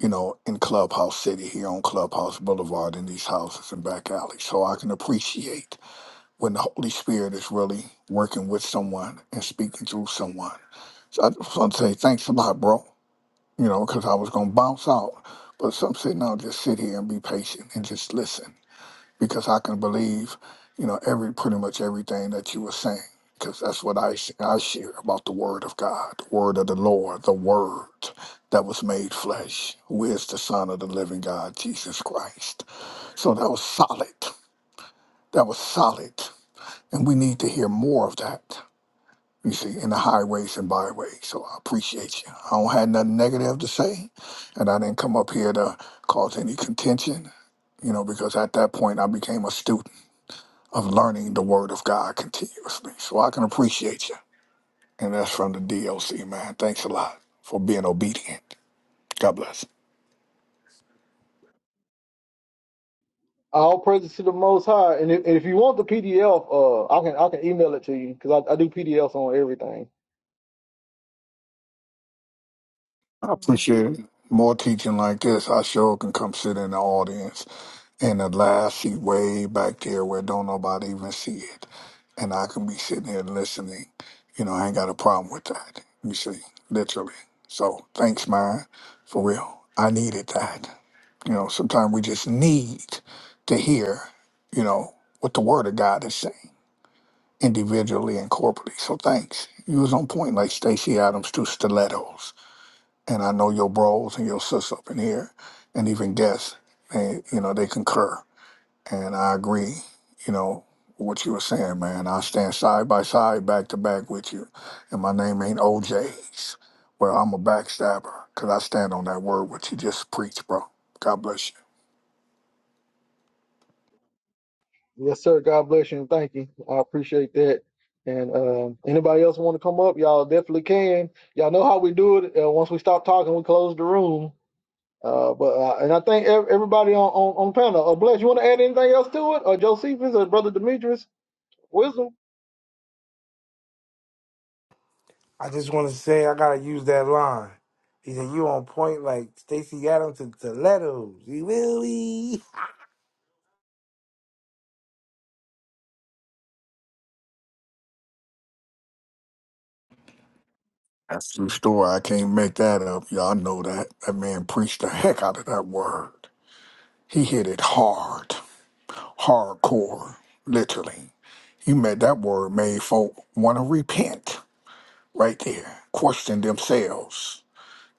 You know, in Clubhouse City, here on Clubhouse Boulevard, in these houses and back alleys. So I can appreciate when the Holy Spirit is really working with someone and speaking through someone. So I just want to say thanks a lot, bro. You know, because I was gonna bounce out, but some say no, just sit here and be patient and just listen because I can believe, you know, every pretty much everything that you were saying because that's what I sh- I share about the Word of God, the Word of the Lord, the Word that was made flesh, who is the Son of the Living God, Jesus Christ. So that was solid. That was solid. And we need to hear more of that, you see, in the highways and byways. So I appreciate you. I don't have nothing negative to say, and I didn't come up here to cause any contention, you know, because at that point I became a student of learning the Word of God continuously. So I can appreciate you. And that's from the DLC man. Thanks a lot for being obedient. God bless.
All praises to the Most High. And if, and if you want the PDF, uh, I can I can email it to you because I, I do PDFs on everything.
I appreciate more teaching like this. I sure can come sit in the audience in the last seat way back there where don't nobody even see it. And I can be sitting here listening. You know, I ain't got a problem with that. You see, literally. So thanks, man, for real. I needed that. You know, sometimes we just need to hear, you know, what the word of God is saying individually and corporately. So thanks. You was on point like Stacey Adams to stilettos and I know your bros and your sis up in here, and even guests, they you know they concur, and I agree. You know with what you were saying, man. I stand side by side, back to back with you, and my name ain't OJ's. Well, I'm a backstabber because I stand on that word what you just preached, bro. God bless you.
Yes, sir. God bless you and thank you. I appreciate that. And um, anybody else want to come up, y'all definitely can. Y'all know how we do it. Uh, once we stop talking, we close the room. Uh, but uh, and I think ev- everybody on on, on panel. Uh, bless. You want to add anything else to it, or Josephus, or Brother Demetrius? Wisdom.
I just want to say I gotta use that line. He said, "You on point like Stacy Adams and Stilettos." You will be.
That's true story. I can't make that up. Y'all know that. That man preached the heck out of that word. He hit it hard, hardcore, literally. You met that word made folk want to repent right there, question themselves,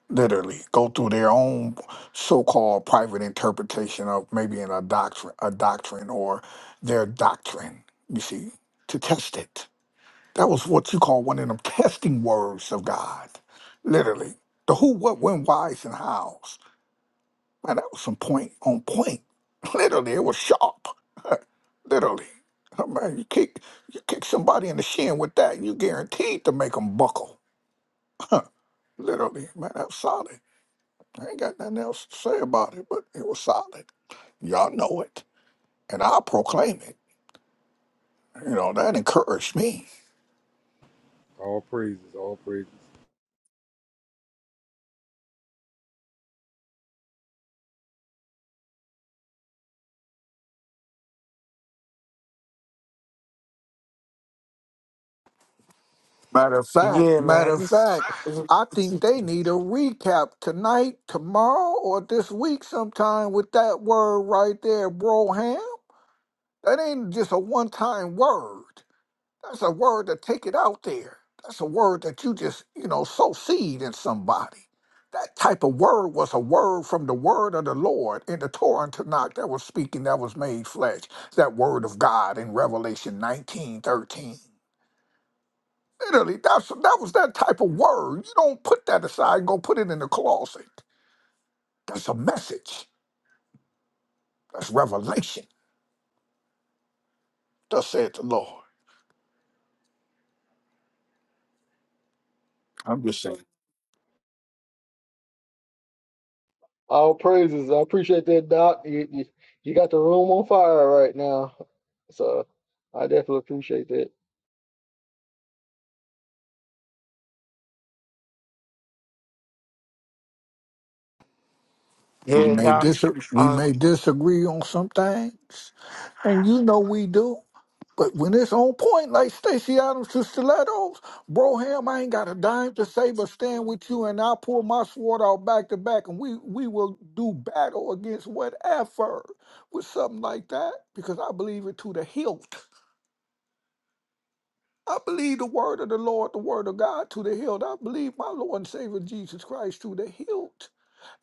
literally, go through their own so-called private interpretation of maybe in a doctrine, a doctrine or their doctrine. You see, to test it. That was what you call one of them testing words of God, literally. The who, what, when, whys, and hows. Man, that was some point on point. Literally, it was sharp. Literally. Oh, man, you kick you kick somebody in the shin with that, you guaranteed to make them buckle. Literally, man, that was solid. I ain't got nothing else to say about it, but it was solid. Y'all know it, and I proclaim it. You know that encouraged me.
All praises, all praises.
Matter of fact,
Yeah,
matter
man.
of
Just,
fact, I think they need a recap tonight, tomorrow, or this week sometime with that word right there, bro. Ham. That ain't just a one-time word. That's a word to take it out there. That's a word that you just, you know, sow seed in somebody. That type of word was a word from the word of the Lord in the Torah and Tanakh that was speaking, that was made flesh. That word of God in Revelation 19 13. Literally, that's, that was that type of word. You don't put that aside and go put it in the closet. That's a message. That's revelation. Thus said the Lord. I'm just saying.
All praises. I appreciate that, Doc. You, you, you got the room on fire right now. So I definitely appreciate that.
We
yeah,
may
Doc.
dis we
Um,
may disagree on some things, and you know we do. But when it's on point, like Stacey Adams to Stilettos, Broham, I ain't got a dime to say but stand with you, and I'll pull my sword out back to back, and we we will do battle against whatever with something like that, because I believe it to the hilt. I believe the word of the Lord, the word of God to the hilt. I believe my Lord and Savior Jesus Christ to the hilt.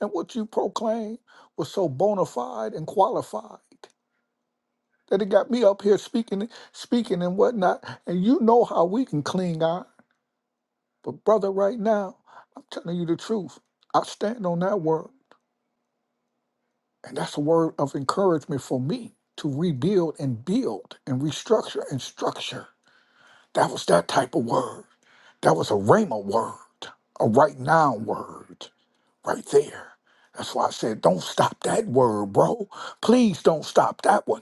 And what you proclaimed was so bona fide and qualified that it got me up here speaking, speaking and whatnot. And you know how we can cling iron. But brother, right now, I'm telling you the truth. I stand on that word. And that's a word of encouragement for me to rebuild and build and restructure and structure. That was that type of word. That was a Rhema word, a right now word. right there. That's why I said, don't stop that word, bro. Please don't stop that one.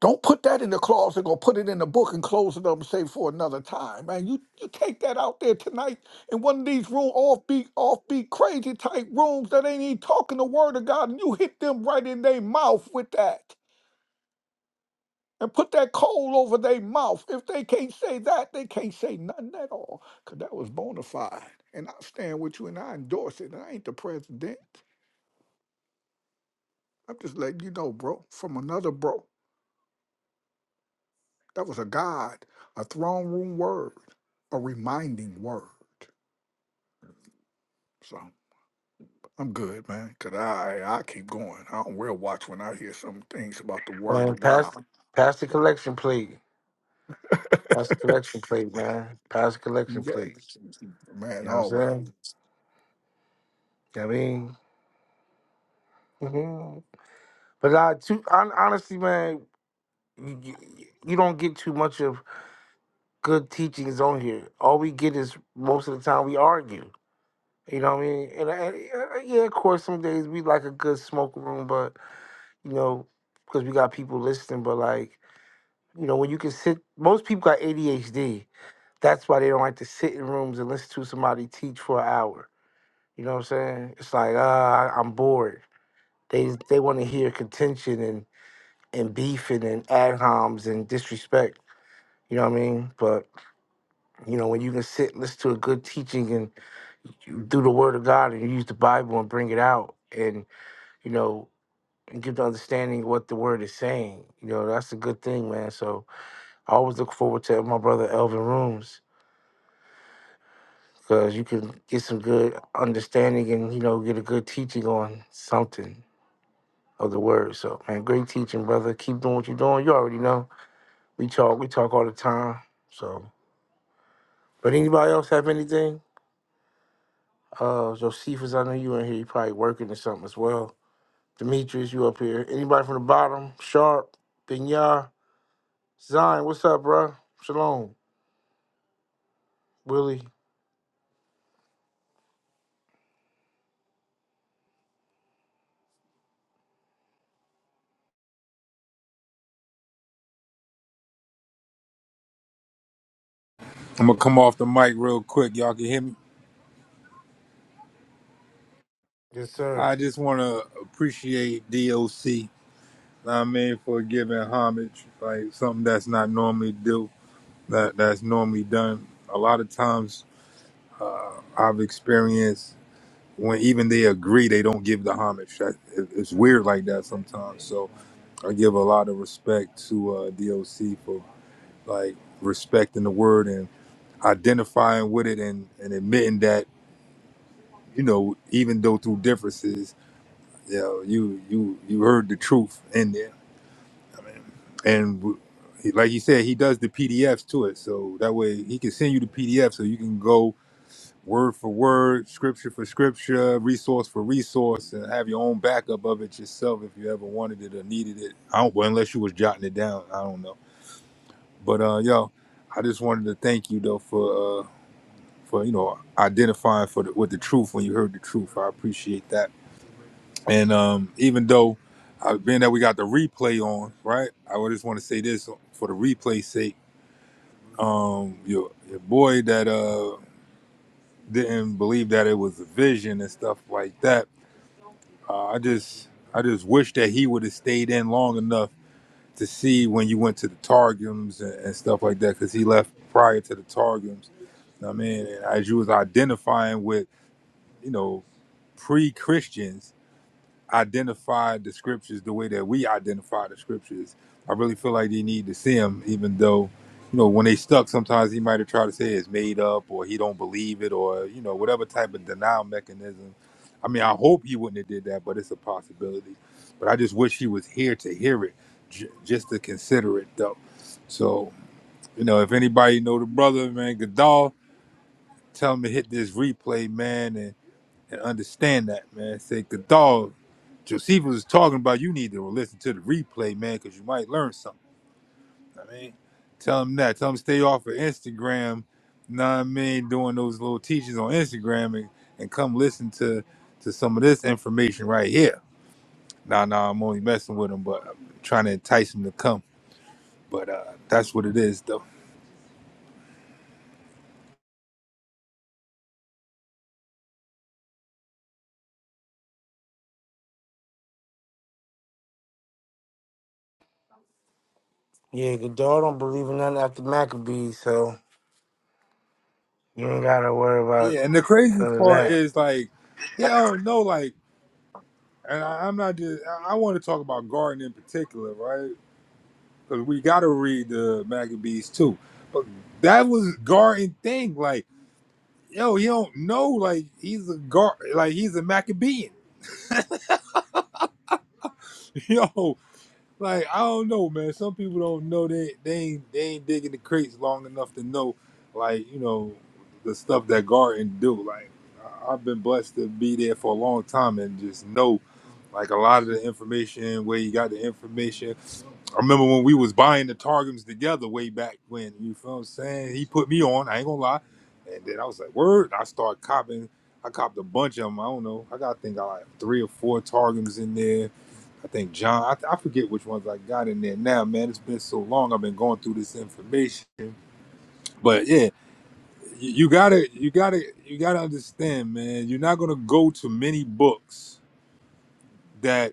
Don't put that in the closet or put it in the book and close it up and say for another time, man. You you take that out there tonight in one of these room offbeat, offbeat, crazy type rooms that ain't even talking the word of God, and you hit them right in their mouth with that. And put that coal over their mouth. If they can't say that, they can't say nothing at all. Cause that was bona fide. And I stand with you and I endorse it. And I ain't the president. I'm just letting you know, bro, from another bro. That was a God, a throne room word, a reminding word. So I'm good, man, because I, I keep going. I don't wear a watch when I hear some things about the word
man,
of
pass,
God.
pass the collection plate. Pass the collection plate, man. Pass the collection
Yeah,
plate. You
man,
know what I'm
always.
saying? You know what I mean, hmm but I too hon- honestly, man, you, you you don't get too much of good teachings on here. All we get is most of the time we argue. You know what I mean? And, and uh, yeah, of course, some days we like a good smoke room, but you know, because we got people listening. But like. You know, when you can sit, most people got ADHD. That's why they don't like to sit in rooms and listen to somebody teach for an hour. You know what I'm saying? It's like, uh, I- I'm bored. They they want to hear contention and and beefing and ad homs and disrespect. You know what I mean? But you know, when you can sit, and listen to a good teaching and you do the Word of God and you use the Bible and bring it out and you know and give the understanding what the Word is saying. You know, that's a good thing, man. So I always look forward to my brother Elvin Rooms because you can get some good understanding and you know get a good teaching on something of the word. So man, great teaching, brother. Keep doing what you're doing. You already know. We talk, we talk all the time. So, but anybody else have anything? Uh, Josephus, I know you in here. You probably working or something as well. Demetrius, you up here? Anybody from the bottom? Sharp, Binyar, Zion. What's up, bro? Shalom, Willie.
I'm gonna come off the mic real quick. Y'all can hear me.
Yes, sir.
I just wanna appreciate DOC. I mean, for giving homage, like something that's not normally do that that's normally done. A lot of times I've experienced when even they agree, they don't give the homage. That, it- it's weird like that sometimes. So I give a lot of respect to uh, DOC for like respecting the word and identifying with it and, and admitting that you know, even though through differences, you know, you you you heard the truth in there, and w- like you said, he does the PDFs to it, so that way he can send you the PDF, so you can go word for word, scripture for scripture, resource for resource, and have your own backup of it yourself if you ever wanted it or needed it. I don't, well, unless you was jotting it down, I don't know. But uh, yo, I just wanted to thank you though for uh, for you know identifying for the, with the truth when you heard the truth. I appreciate that And um, even though, uh, being that we got the replay on, right? I would just want to say this for the replay sake. Um, your, your boy that uh didn't believe that it was a vision and stuff like that. Uh, I just I just wish that he would have stayed in long enough to see when you went to the Targums and, and stuff like that, because he left prior to the Targums. I mean, as you was identifying with, you know, pre-Christians identify the scriptures the way that we identify the scriptures. I really feel like they need to see him, even though, you know, when they stuck, sometimes he might have tried to say it's made up or he don't believe it or, you know, whatever type of denial mechanism. I mean, I hope he wouldn't have did that, but it's a possibility. But I just wish he was here to hear it, j- just to consider it though. So, you know, if anybody know the brother, man, Gadal, tell him to hit this replay, man, and, and understand that, man. Say Gadal Josephus was talking about you need to listen to the replay, man, because you might learn something. I mean, tell him that. Tell him stay off of Instagram. Know what I mean? Doing those little teachings on Instagram and, and come listen to to some of this information right here. Nah, nah, I'm only messing with him, but I'm trying to entice him to come. But uh that's what it is, though.
Yeah, Godard don't believe in nothing after Maccabees, so you ain't gotta worry
Yeah,
about
and the crazy
none of
part
that.
is like, you don't know, like, and I, I'm not just. I, I want to talk about gardening in particular, right? 'Cause we got to read the Maccabees too. But that was Garden thing. Like, yo, he don't know. Like, he's a Gar. Like, he's a Maccabean. Yo, like I don't know, man. Some people don't know they they ain't they ain't digging the crates long enough to know, like you know, the stuff that Garden do. Like, I- I've been blessed to be there for a long time and just know, like a lot of the information where you got the information I remember when we was buying the Targums together way back when, you feel what I'm saying? He put me on, I ain't gonna lie. And then I was like, word, I started copping. I copped a bunch of them. I don't know. I got, I think I like three or four Targums in there. I think John, I, I forget which ones I got in there now, man. It's been so long. I've been going through this information. But yeah, you, you gotta, you gotta, you gotta understand, man. You're not gonna go to many books that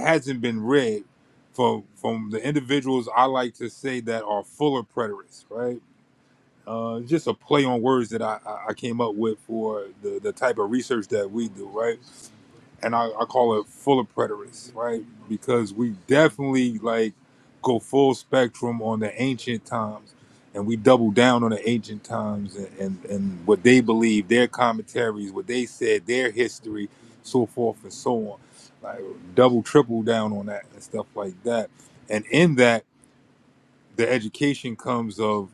hasn't been read from from the individuals I like to say that are fuller preterists, right? Uh, just a play on words that I, I I came up with for the, the type of research that we do, right? and I, I call it full of preterists, right? Because we definitely like go full spectrum on the ancient times, and we double down on the ancient times and, and, and what they believe, their commentaries, what they said, their history, so forth and so on. Like double, triple down on that and stuff like that. And in that, the education comes of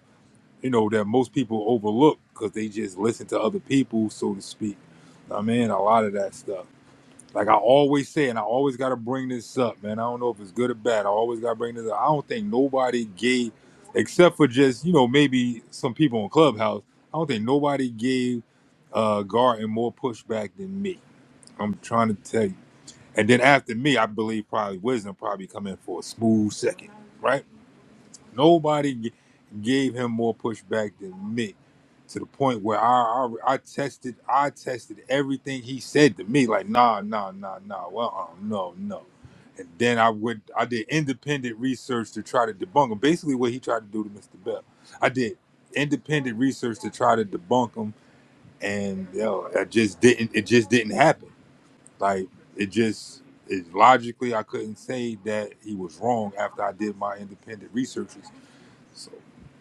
you know that most people overlook because they just listen to other people, so to speak. I mean, a lot of that stuff. Like I always say, and I always gotta bring this up, man. I don't know if it's good or bad. I always gotta bring this up. I don't think nobody gave, except for just you know maybe some people on Clubhouse. I don't think nobody gave uh Garden more pushback than me. I'm trying to tell you. And then after me, I believe probably Wisdom probably come in for a smooth second, right? Nobody g- gave him more pushback than me, to the point where I, I I tested I tested everything he said to me. Like nah nah nah nah. Well uh, no no. And then I would I did independent research to try to debunk him. Basically, what he tried to do to Mr. Bell, I did independent research to try to debunk him, and yo, it just didn't it just didn't happen. Like it just it, logically I couldn't say that he was wrong after I did my independent research so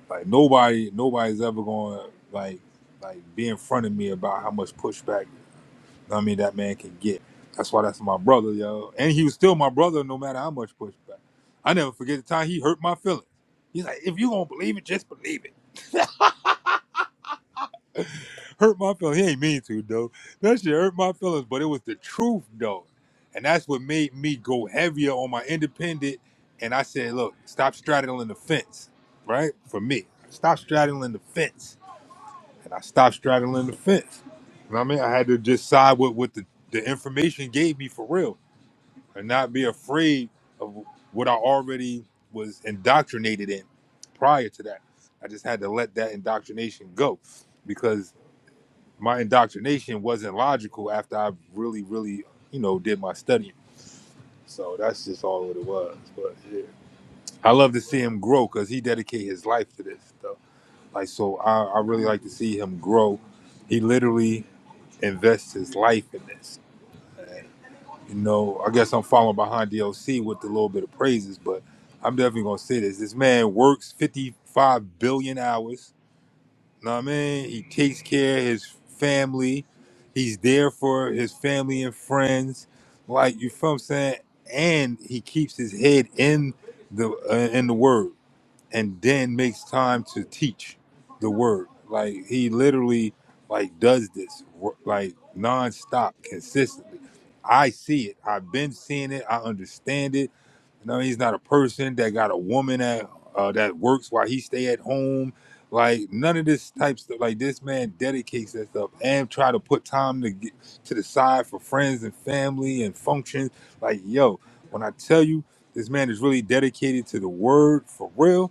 like nobody nobody's ever gonna like like be in front of me about how much pushback I mean that man can get. That's why that's my brother, yo. And he was still my brother no matter how much pushback. I never forget the time he hurt my feelings. He's like, if you gonna believe it, just believe it. Hurt my feelings. He ain't mean to, though. That shit hurt my feelings, but it was the truth, though. And that's what made me go heavier on my independent. And I said, look, stop straddling the fence, right? For me, stop straddling the fence and I stopped straddling the fence. You know what I mean? I had to just side with what the, the information gave me for real and not be afraid of what I already was indoctrinated in prior to that. I just had to let that indoctrination go because my indoctrination wasn't logical after I really, really, you know, did my studying. So that's just all what it was. But yeah. I love to see him grow because he dedicated his life to this stuff. Like so I, I really like to see him grow. He literally invest his life in this. You know, I guess I'm following behind DLC with a little bit of praises, but I'm definitely gonna say this. This man works 55 billion hours. Know what I mean? He takes care of his family. He's there for his family and friends. Like you feel what I'm saying? And he keeps his head in the uh, in the word and then makes time to teach the word. Like he literally like does this wor- like nonstop, consistently. I see it. I've been seeing it. I understand it. You know, he's not a person that got a woman that uh, that works while he stay at home. Like none of this type stuff. Like this man dedicates that stuff and try to put time to get to the side for friends and family and functions. Like yo, when I tell you this man is really dedicated to the word for real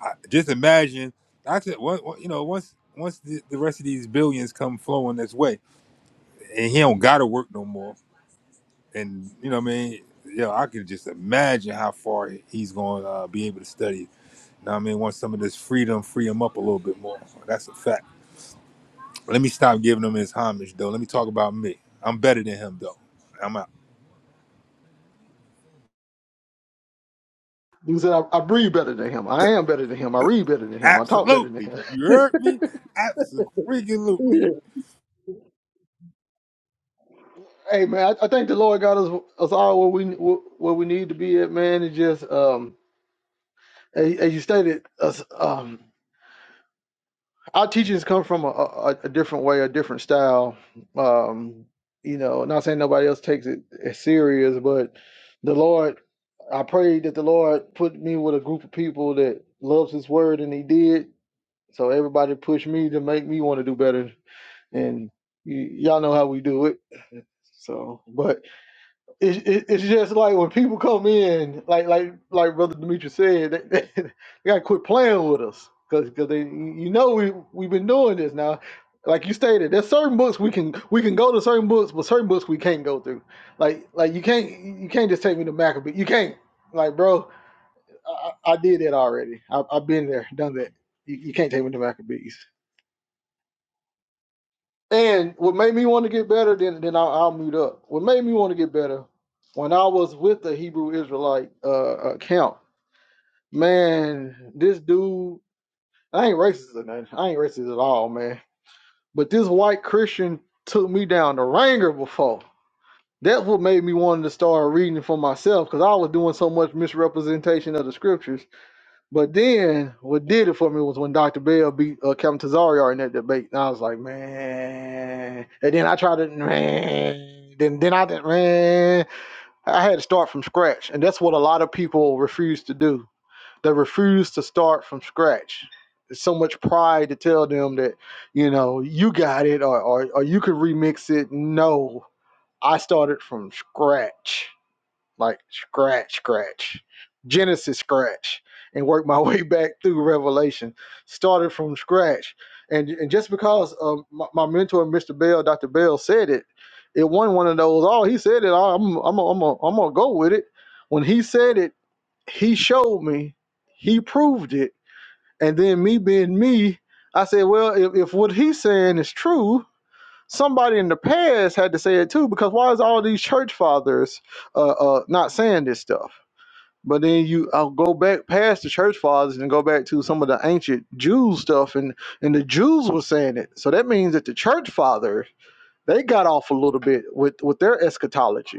I, just imagine. I said, what, what, you know, once once the, the rest of these billions come flowing this way, and he don't gotta work no more, and you know, what I mean, yo, I can just imagine how far he's gonna uh, be able to study. Now, I mean, once some of this freedom free him up a little bit more, that's a fact. Let me stop giving him his homage, though. Let me talk about me. I'm better than him, though. I'm out.
You said I, I breathe better than him. I am better than him. I read better than him. I talk better than
Absolutely,
him.
you heard me. Absolutely.
Hey man, I, I think the Lord got us us all where we where we need to be at, man. And just um, as, as you stated, us um, our teachings come from a, a, a different way, a different style. Um, you know, not saying nobody else takes it as serious, but the Lord, I pray that the Lord put me with a group of people that loves His Word, and He did. So everybody pushed me to make me want to do better, and y- y'all know how we do it. So, but it, it, it's just like when people come in, like like like Brother Demetrius said, they, they, they gotta quit playing with us because they you know we we've been doing this now. Like you stated, there's certain books we can we can go to certain books, but certain books we can't go through. Like like you can't you can't just take me to Maccabee. You can't like bro, I, I I did that already. I, I've been there, done that. You, you can't take me to Maccabees. And what made me want to get better, then then I'll, I'll mute up. What made me want to get better, when I was with the Hebrew Israelite uh, account, man, this dude, I ain't racist or nothing. I ain't racist at all, man. But this white Christian took me down the ringer before. That's what made me want to start reading for myself, because I was doing so much misrepresentation of the scriptures but then what did it for me was when Dr. Bell beat uh, Kevin Tazarian in that debate. And I was like, man. And then I tried to, man. Then, then I didn't, man. I had to start from scratch. And that's what a lot of people refuse to do. They refuse to start from scratch. There's so much pride to tell them that, you know, you got it or, or, or you could remix it. No, I started from scratch like scratch, scratch, Genesis scratch, and work my way back through Revelation. Started from scratch, and and just because um, my, my mentor, Mr. Bell, Dr. Bell, said it, it won one of those. Oh, he said it. I- I'm I'm am i I'm i am I'm gonna go with it. When he said it, he showed me, he proved it, and then me being me, I said, well, if, if what he's saying is true somebody in the past had to say it too because why is all these church fathers uh, uh not saying this stuff but then you i'll go back past the church fathers and go back to some of the ancient jews stuff and and the jews were saying it so that means that the church fathers they got off a little bit with with their eschatology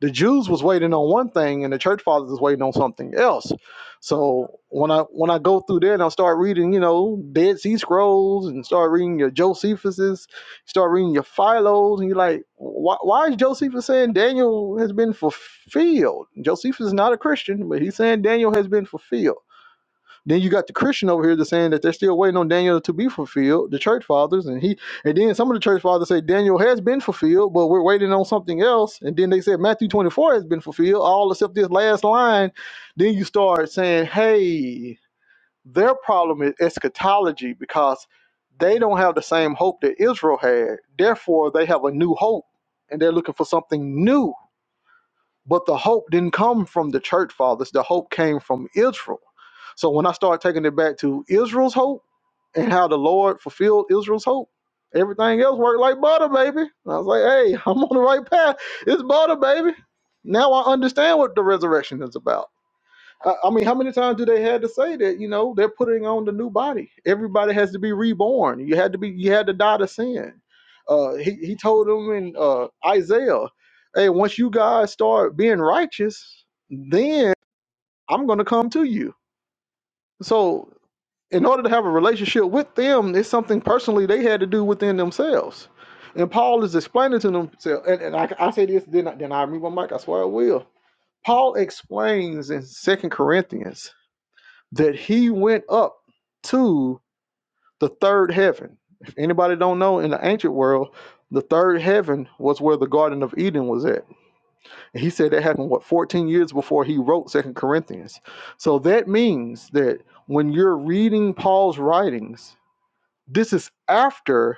the Jews was waiting on one thing and the church fathers was waiting on something else. So when I when I go through there and I start reading, you know, Dead Sea Scrolls and start reading your Josephus's, start reading your Philos, and you're like, why, why is Josephus saying Daniel has been fulfilled? Josephus is not a Christian, but he's saying Daniel has been fulfilled. Then you got the Christian over here that's saying that they're still waiting on Daniel to be fulfilled, the church fathers, and he and then some of the church fathers say Daniel has been fulfilled, but we're waiting on something else. And then they said Matthew 24 has been fulfilled, all except this last line. Then you start saying, hey, their problem is eschatology because they don't have the same hope that Israel had. Therefore, they have a new hope and they're looking for something new but the hope didn't come from the church fathers. The hope came from Israel. So when I start taking it back to Israel's hope and how the Lord fulfilled Israel's hope, everything else worked like butter, baby. And I was like, hey, I'm on the right path. It's butter, baby. Now I understand what the resurrection is about. I, I mean, how many times do they had to say that? You know, they're putting on the new body. Everybody has to be reborn. You had to be. You had to die to sin. Uh, he he told them in uh, Isaiah, "Hey, once you guys start being righteous, then I'm going to come to you." So, in order to have a relationship with them, it's something personally they had to do within themselves. And Paul is explaining to themselves, and, and I, I say this, then I, then I remove my mic. I swear I will. Paul explains in Second Corinthians that he went up to the third heaven. If anybody don't know, in the ancient world, the third heaven was where the Garden of Eden was at. And he said that happened what 14 years before he wrote Second Corinthians. So that means that when you're reading Paul's writings, this is after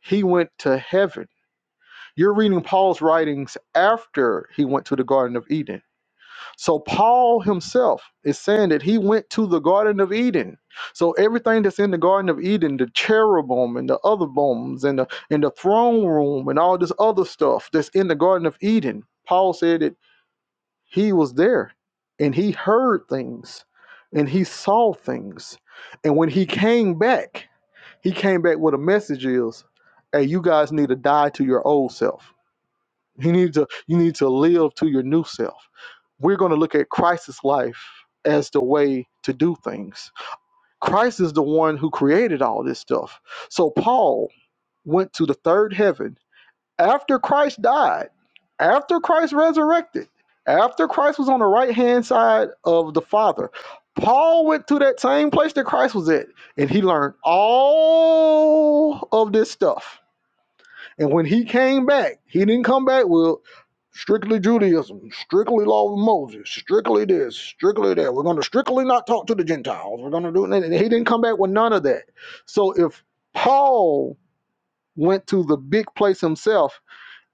he went to heaven. You're reading Paul's writings after he went to the Garden of Eden. So Paul himself is saying that he went to the Garden of Eden. So everything that's in the Garden of Eden, the cherubim and the other bones and the and the throne room and all this other stuff that's in the Garden of Eden, Paul said that he was there and he heard things and he saw things. And when he came back, he came back with a message is, hey, you guys need to die to your old self you need to you need to live to your new self. We're going to look at Christ's life as the way to do things. Christ is the one who created all this stuff. So Paul went to the third heaven after Christ died, after Christ resurrected, after Christ was on the right hand side of the Father. Paul went to that same place that Christ was at, and he learned all of this stuff and when he came back, he didn't come back with strictly Judaism, strictly law of Moses, strictly this, strictly that. We're going to strictly not talk to the Gentiles. We're going to do it. and he didn't come back with none of that. So if Paul went to the big place himself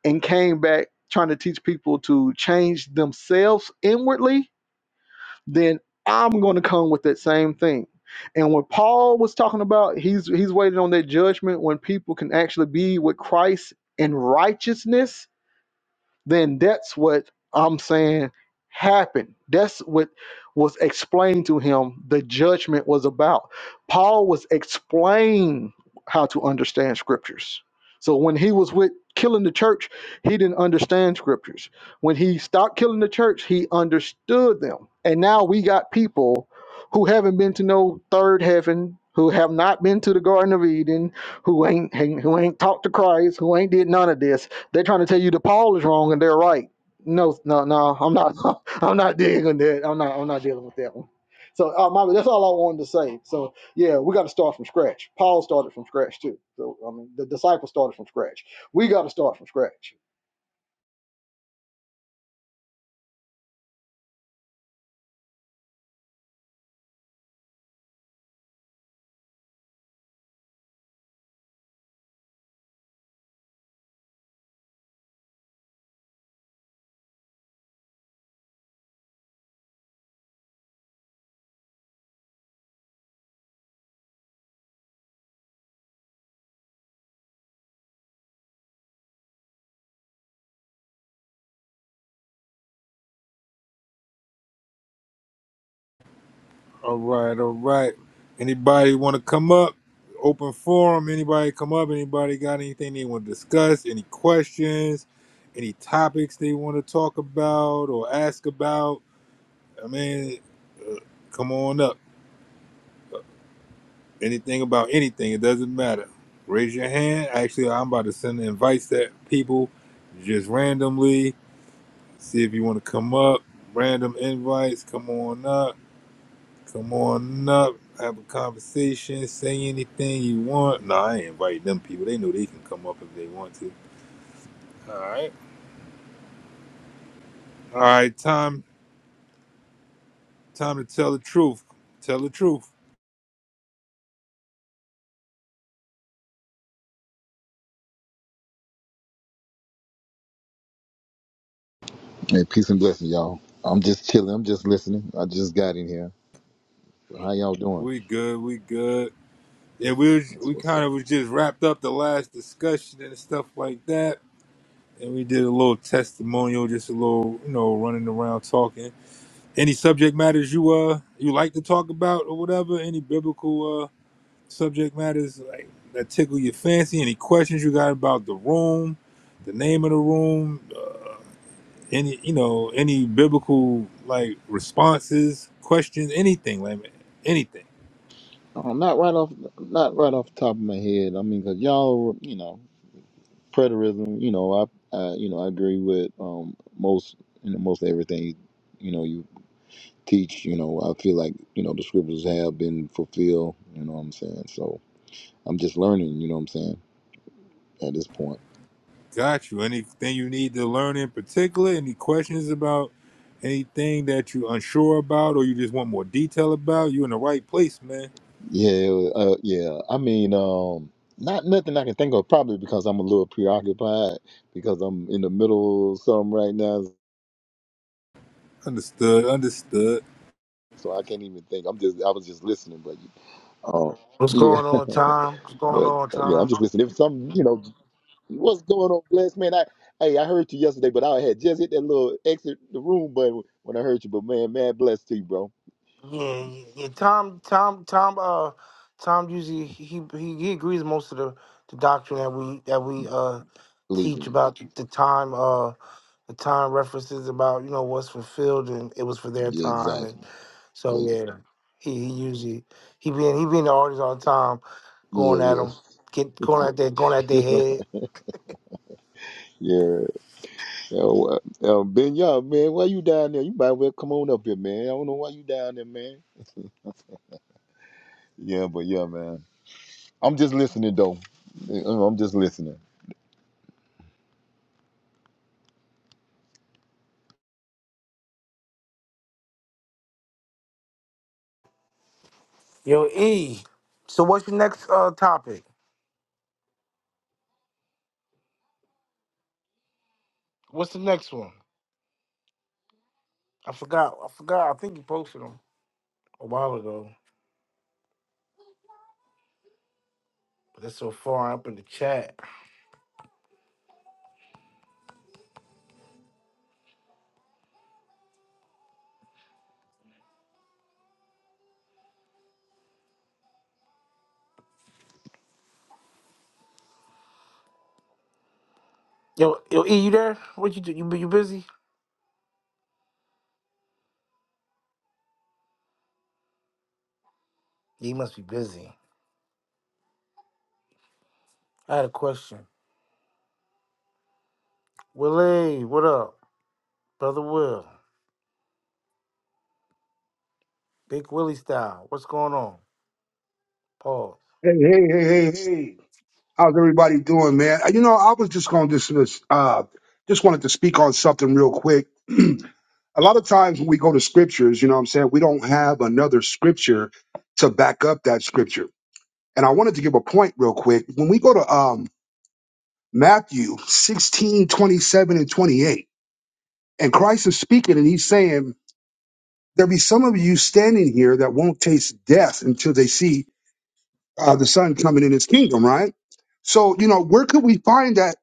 and came back trying to teach people to change themselves inwardly, then I'm going to come with that same thing. And what Paul was talking about, he's he's waiting on that judgment when people can actually be with Christ in righteousness then that's what I'm saying happened. That's what was explained to him the judgment was about. Paul was explaining how to understand scriptures. So when he was with killing the church, he didn't understand scriptures. When he stopped killing the church, he understood them. And now we got people who haven't been to no third heaven, who have not been to the Garden of Eden, who ain't, ain't- who ain't talked to Christ, who ain't did none of this they're trying to tell you that Paul is wrong and they're right. No, no, no. I'm not. I'm not digging that. I'm not. I'm not dealing with that one. So, uh, Mama, that's all I wanted to say. So, yeah, we got to start from scratch. Paul started from scratch too. So, I mean, the disciples started from scratch. We got to start from scratch.
All right, all right. Anybody want to come up? Open forum. Anybody come up? Anybody got anything they want to discuss? Any questions? Any topics they want to talk about or ask about? I mean, uh, come on up. Anything about anything, it doesn't matter. Raise your hand. Actually, I'm about to send invites to people just randomly. See if you want to come up. Random invites. Come on up. Come on up, have a conversation, say anything you want. No, I ain't invite them people. They know they can come up if they want to. All right. All right, time time to tell the truth. Tell the truth.
Hey, peace and blessing, y'all. I'm just chilling. I'm just listening. I just got in here. How y'all doing?
We good, we good. Yeah, we was,
That's
we
what's up.
kind of was just wrapped up the last discussion and stuff like that. And we did a little testimonial, just a little, you know, running around talking. Any subject matters you uh you like to talk about or whatever? Any biblical uh, subject matters like that tickle your fancy any questions you got about the room the name of the room uh, any you know any biblical like responses questions anything like anything
Oh, not right off, not right off the top of my head. I mean, 'cause y'all, you know, preterism. You know, I, I, you know, I agree with um most, you know, most everything. You, know, you teach. You know, I feel like you know the scriptures have been fulfilled. You know what I'm saying? So I'm just learning. You know what I'm saying? At this point.
got you anything you need to learn in particular any questions about anything that you unsure about or you just want more detail about you in the right place man
Yeah, uh, yeah. I mean, um, not nothing I can think of. Probably because I'm a little preoccupied because I'm in the middle of something right now,
understood understood
so I can't even think. I'm just, I was just listening, but um,
What's
yeah,
going on, Tom? What's going
but
on,
uh, yeah, I'm
Tom?
just listening. If some, you know, what's going on, bless man? I, hey, I heard you yesterday, but I had just hit that little exit the room button when I heard you. But man, man, bless to you, bro.
Yeah, yeah, yeah, Tom, Tom, Tom. Uh, Tom usually he he, he agrees most of the, the doctrine that we that we uh
Believe
teach
me.
about the time uh the time references about you know what's fulfilled and it was for their
Yeah,
time and
exactly.
so
Yeah,
yeah he, he usually he being he being the audience all the time
yeah,
going at
yeah,
them get going at their going at their
yeah.
head
Yeah, Yo, uh, uh, Ben, yeah, man, why you down there? You might well come on up here, man. I don't know why you down there, man. Yeah, but yeah, man. I'm just listening though. Uh, I'm just listening.
yo E so what's your next uh topic what's the next one I forgot. I forgot. I think you posted them a while ago, but they're so far up in the chat. Yo, yo, E, you there? What you do? You you busy? Yeah, you must be busy. I had a question. Willie, what up, brother? Will, Big Willie style. What's going on? Pause.
Hey, hey, hey, hey, hey. How's everybody doing, man? Uh, You know, I was just going to dismiss, uh, just wanted to speak on something real quick. a lot of times when we go to scriptures, you know what I'm saying, we don't have another scripture to back up that scripture. And I wanted to give a point real quick. When we go to um, Matthew 16:27 and 28, and Christ is speaking and he's saying, There be some of you standing here that won't taste death until they see uh, the son coming in his kingdom, right? So, you know, where could we find that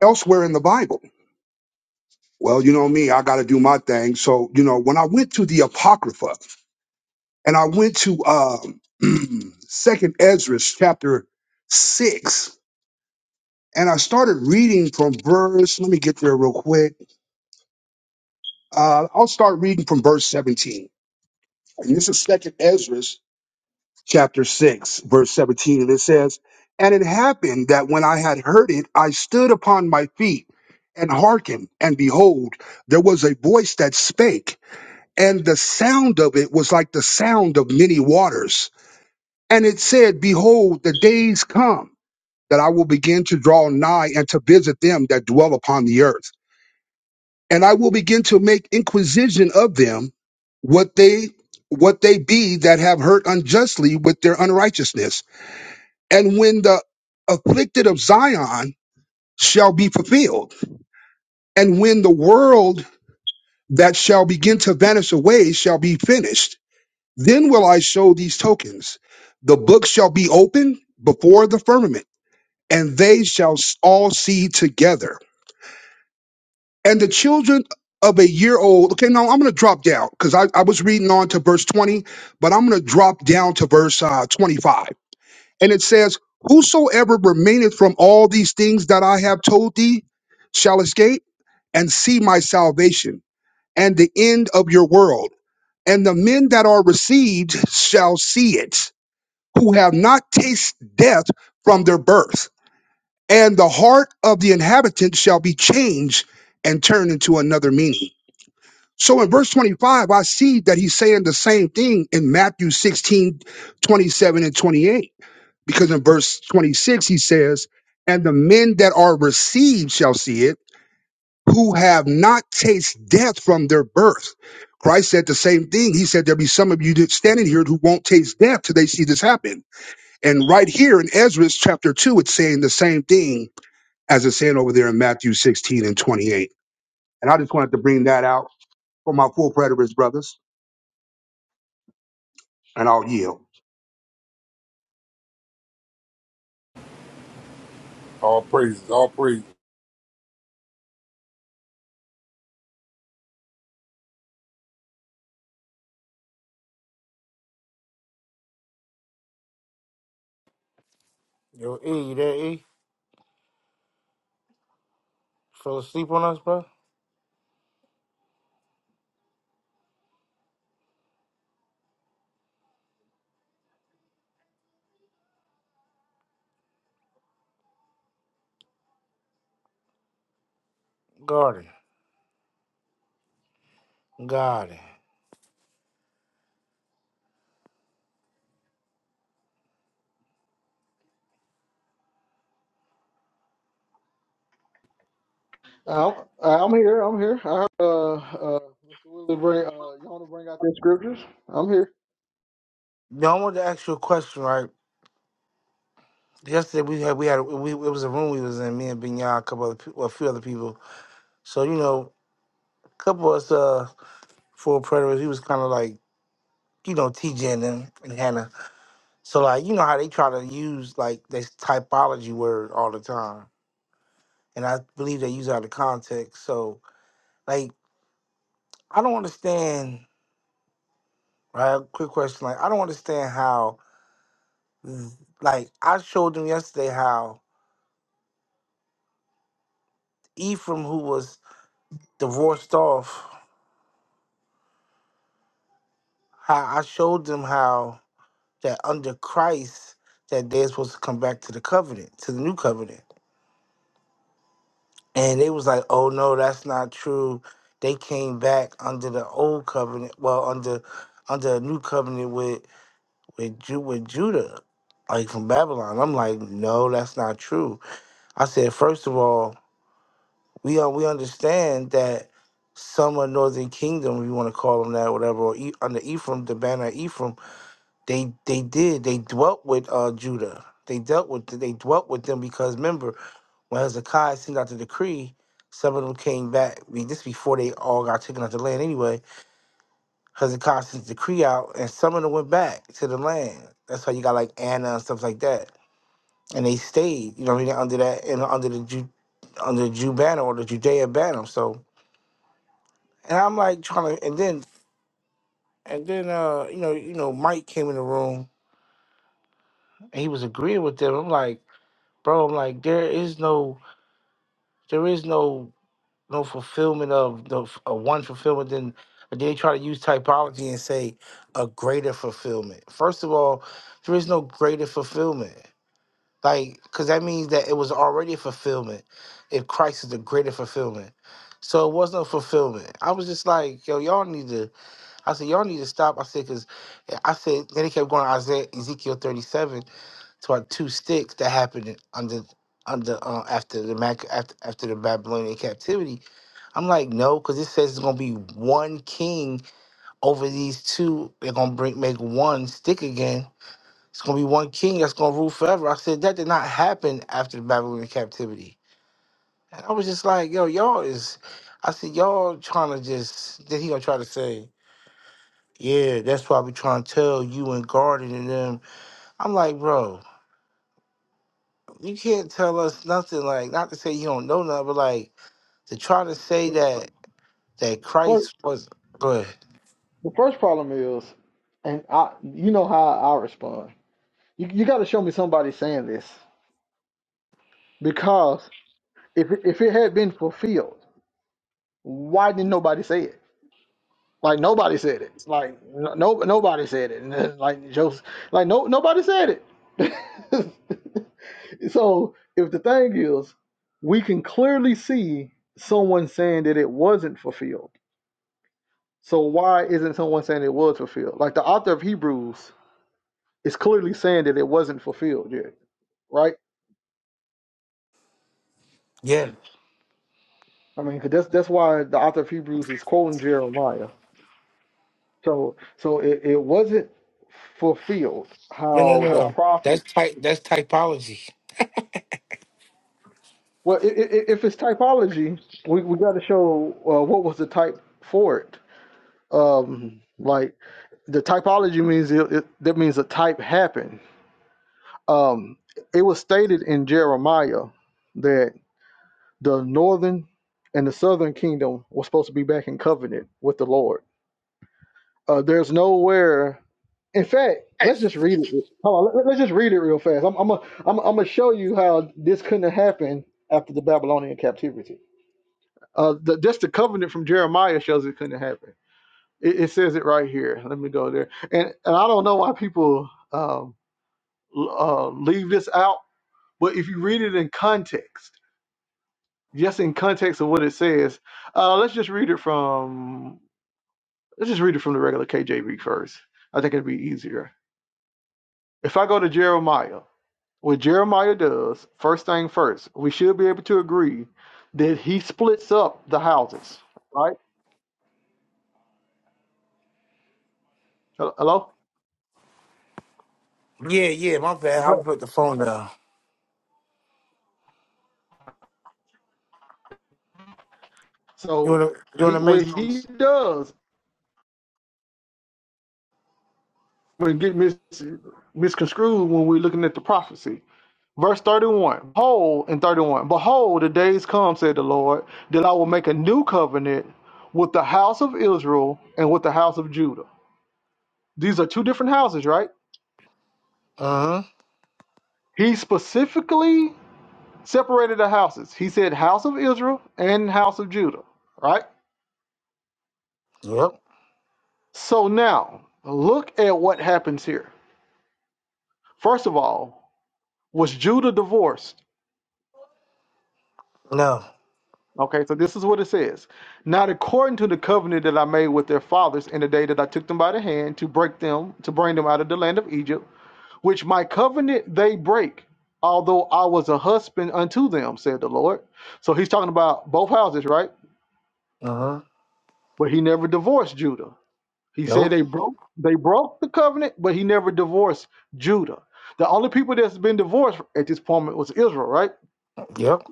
elsewhere in the Bible? Well, you know me, I got to do my thing. So, you know, when I went to the Apocrypha and I went to um, Second Ezra chapter six, and I started reading from verse. Let me get there real quick. Uh, I'll start reading from verse seventeen. And this is Second Ezra. chapter 6, verse 17, and it says, And it happened that when I had heard it, I stood upon my feet and hearkened, and behold, there was a voice that spake, and the sound of it was like the sound of many waters. And it said, Behold, the days come that I will begin to draw nigh and to visit them that dwell upon the earth. And I will begin to make inquisition of them what they what they be that have hurt unjustly with their unrighteousness and when the afflicted of Zion shall be fulfilled, and when the world that shall begin to vanish away shall be finished, then will I show these tokens. The book shall be open before the firmament, and they shall s- all see together. And the children of a year old, okay, now I'm going to drop down because I, I was reading on to verse 20, but I'm going to drop down to verse uh, 25 And it says, Whosoever remaineth from all these things that I have told thee shall escape and see my salvation and the end of your world. And the men that are received shall see it, who have not tasted death from their birth. And the heart of the inhabitants shall be changed and turned into another meaning. So in verse 25, I see that he's saying the same thing in Matthew 16:27 and 28 because in verse 26 he says and the men that are received shall see it who have not tasted death from their birth christ said the same thing he said there'll be some of you that standing here who won't taste death till they see this happen and right here in ezra's chapter 2 it's saying the same thing as it's saying over there in matthew 16 and 28 and i just wanted to bring that out for my full preterist brothers and i'll yield
all praises all praises
Yo, E, you there? E, fell asleep on us, bro? Garden, garden.
Uh, I'm, uh, I'm here. I'm here. I heard, uh, uh, Mr. Willie bring, uh, you want to bring out the scriptures? I'm
No, I wanted to ask you a question, right? Yesterday we had we had we it was a room we was in. Me and Binyah, a couple other people, well, a few other people. So you know, a couple of us. Uh, for predators. He was kind of like, you know, TJ and, them and Hannah. So, like, you know how they try to use, like, this typology word all the time. And I believe they use it out of context. So, like, I don't understand, right? Quick question. Like, I don't understand how, th- like, I showed them yesterday how Ephraim, who was divorced off, how I showed them how that under Christ, that they're supposed to come back to the covenant, to the new covenant And they was like, "Oh no, that's not true." They came back under the old covenant, well, under under a new covenant with with Ju- with Judah, like from Babylon. I'm like, "No, that's not true." I said, first of all, we uh, we understand that some of Northern Kingdom, if you want to call them that, whatever, or e- under Ephraim, the banner of Ephraim, they they did they dwelt with uh Judah. They dealt with they dwelt with them because remember when Hezekiah sent out the decree, some of them came back. I mean, this before they all got taken out the land anyway. Hezekiah sent the decree out, and some of them went back to the land. That's how you got like Anna and stuff like that. And they stayed, you know what I mean, under that and under the Jew under the Jew banner or the Judea banner. So and I'm like trying to and then and then uh, you know, you know, Mike came in the room and he was agreeing with them. I'm like, bro, I'm like, there is no there is no no fulfillment of the f- of one fulfillment then they try to use typology and say a greater fulfillment first of all there is no greater fulfillment like because that means that it was already a fulfillment if christ is the greater fulfillment so it was no fulfillment i was just like yo y'all need to i said y'all need to stop i said because i said then he kept going to isaiah ezekiel 37 to our two sticks that happened under under uh, after the Mac after after the Babylonian captivity. I'm like, no, because it says it's gonna be one king over these two. They're gonna bring make one stick again. It's gonna be one king that's gonna rule forever. I said that did not happen after the Babylonian captivity. And I was just like, yo, y'all is. I said, y'all trying to just. Then he gonna try to say, yeah, that's why we trying to tell you and Garden and them. I'm like, bro. you can't tell us nothing like not to say you don't know nothing, but like to try to say that that
here.
Christ was good.
The first problem is, and I, you know how I respond. You, you got to show me somebody saying this because if if it had been fulfilled, why didn't nobody say it? Like nobody said it. Like no, no nobody said it. And then, like Joseph, like no nobody said it. so if the thing is, we can clearly see someone saying that it wasn't fulfilled. So why isn't someone saying it was fulfilled? Like the author of Hebrews it's clearly saying that it wasn't fulfilled yet, right?
Yeah.
I mean, 'cause that's that's why the author of Hebrews is quoting Jeremiah. So so it, it wasn't fulfilled
No no
how
no.
the
no.
prophet.
That's type that's typology.
Well, i i- if it's typology, we we got to show uh, what was the type for it. Um, like the typology means it, it, that means a type happened. Um, it was stated in Jeremiah that the northern and the southern kingdom was supposed to be back in covenant with the Lord Uh, there's nowhere. In fact, let's just read it. Hold on, let, let's just read it real fast. I'm, I'm gonna I'm, I'm gonna show you how this couldn't have happened after the Babylonian captivity. Uh, the, just the covenant from Jeremiah shows it couldn't have happened. It, it says it right here. Let me go there. And and I don't know why people um, l- uh, leave this out, but if you read it in context, just in context of what it says, uh, let's just read it from let's just read it from the regular KJV first. I think it'd be easier If I go to Jeremiah, what Jeremiah does, first thing first, we should be able to agree that he splits up the houses, right? Hel- Hello?
Yeah, yeah, my bad. I'll
Right.
put the phone down. You
So
wanna you
he
wanna make
what he
those?
does when get mis, misconstrued when we're looking at the prophecy. Verse 31, behold, in 31, behold, the days come, said the Lord, that I will make a new covenant with the house of Israel and with the house of Judah. These are two different houses, right?
Uh-huh.
He specifically separated the houses. He said house of Israel and house of Judah, right?
Yep.
So now look at what happens here. First of all, was Judah divorced?
No.
Okay, so this is what it says. Not according to the covenant that I made with their fathers in the day that I took them by the hand to break them, to bring them out of the land of Egypt, which my covenant they break, although I was a husband unto them, said the Lord. So he's talking about both houses, right?
Uh-huh.
But he never divorced Judah. He said
Nope.
they broke they broke the covenant, but he never divorced Judah. The only people that's been divorced at this point was Israel, right?
Yep.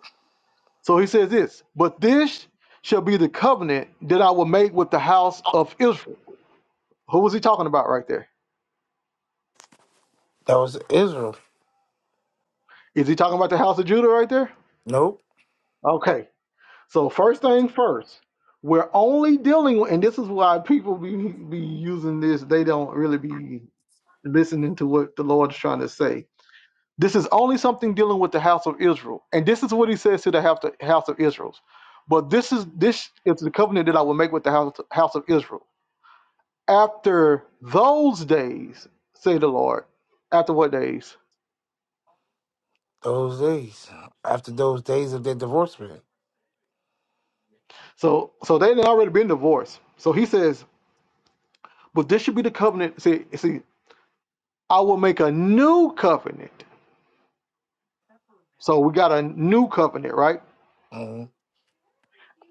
So he says this, but this shall be the covenant that I will make with the house of Israel. Who was he talking about right there?
That was Israel.
Is he talking about the house of Judah right there?
Nope.
Okay. So first thing first, we're only dealing with, and this is why people be, be using this, they don't really be listening to what the Lord is trying to say This is only something dealing with the house of Israel. And this is what he says to the house of, house of Israel. But this is this is the covenant that I will make with the house, house of Israel. After those days, say the Lord. After what days?
Those days. After those days of their divorcement.
So so they had already been divorced. So he says, but this should be the covenant. See, see, I will make a new covenant. So we got a new covenant, right?
Mhm.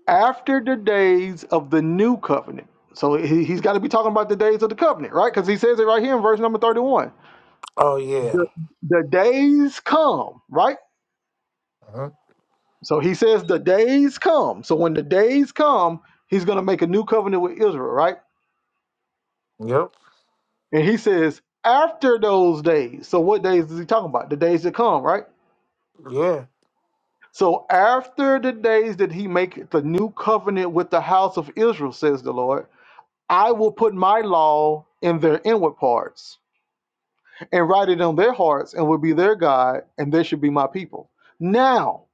after the days of the new covenant. So he, he's got to be talking about the days of the covenant, right? Because he says it right here in verse number 31.
Oh yeah.
The, the days come, right?
Uh-huh.
So he says the days come. So when the days come, he's going to make a new covenant with Israel, right?
Yep.
And he says after those days. So what days is he talking about? The days that come, right?
Yeah.
So after the days that he make the new covenant with the house of Israel, says the Lord, I will put my law in their inward parts and write it on their hearts and will be their God, and they should be my people. Now,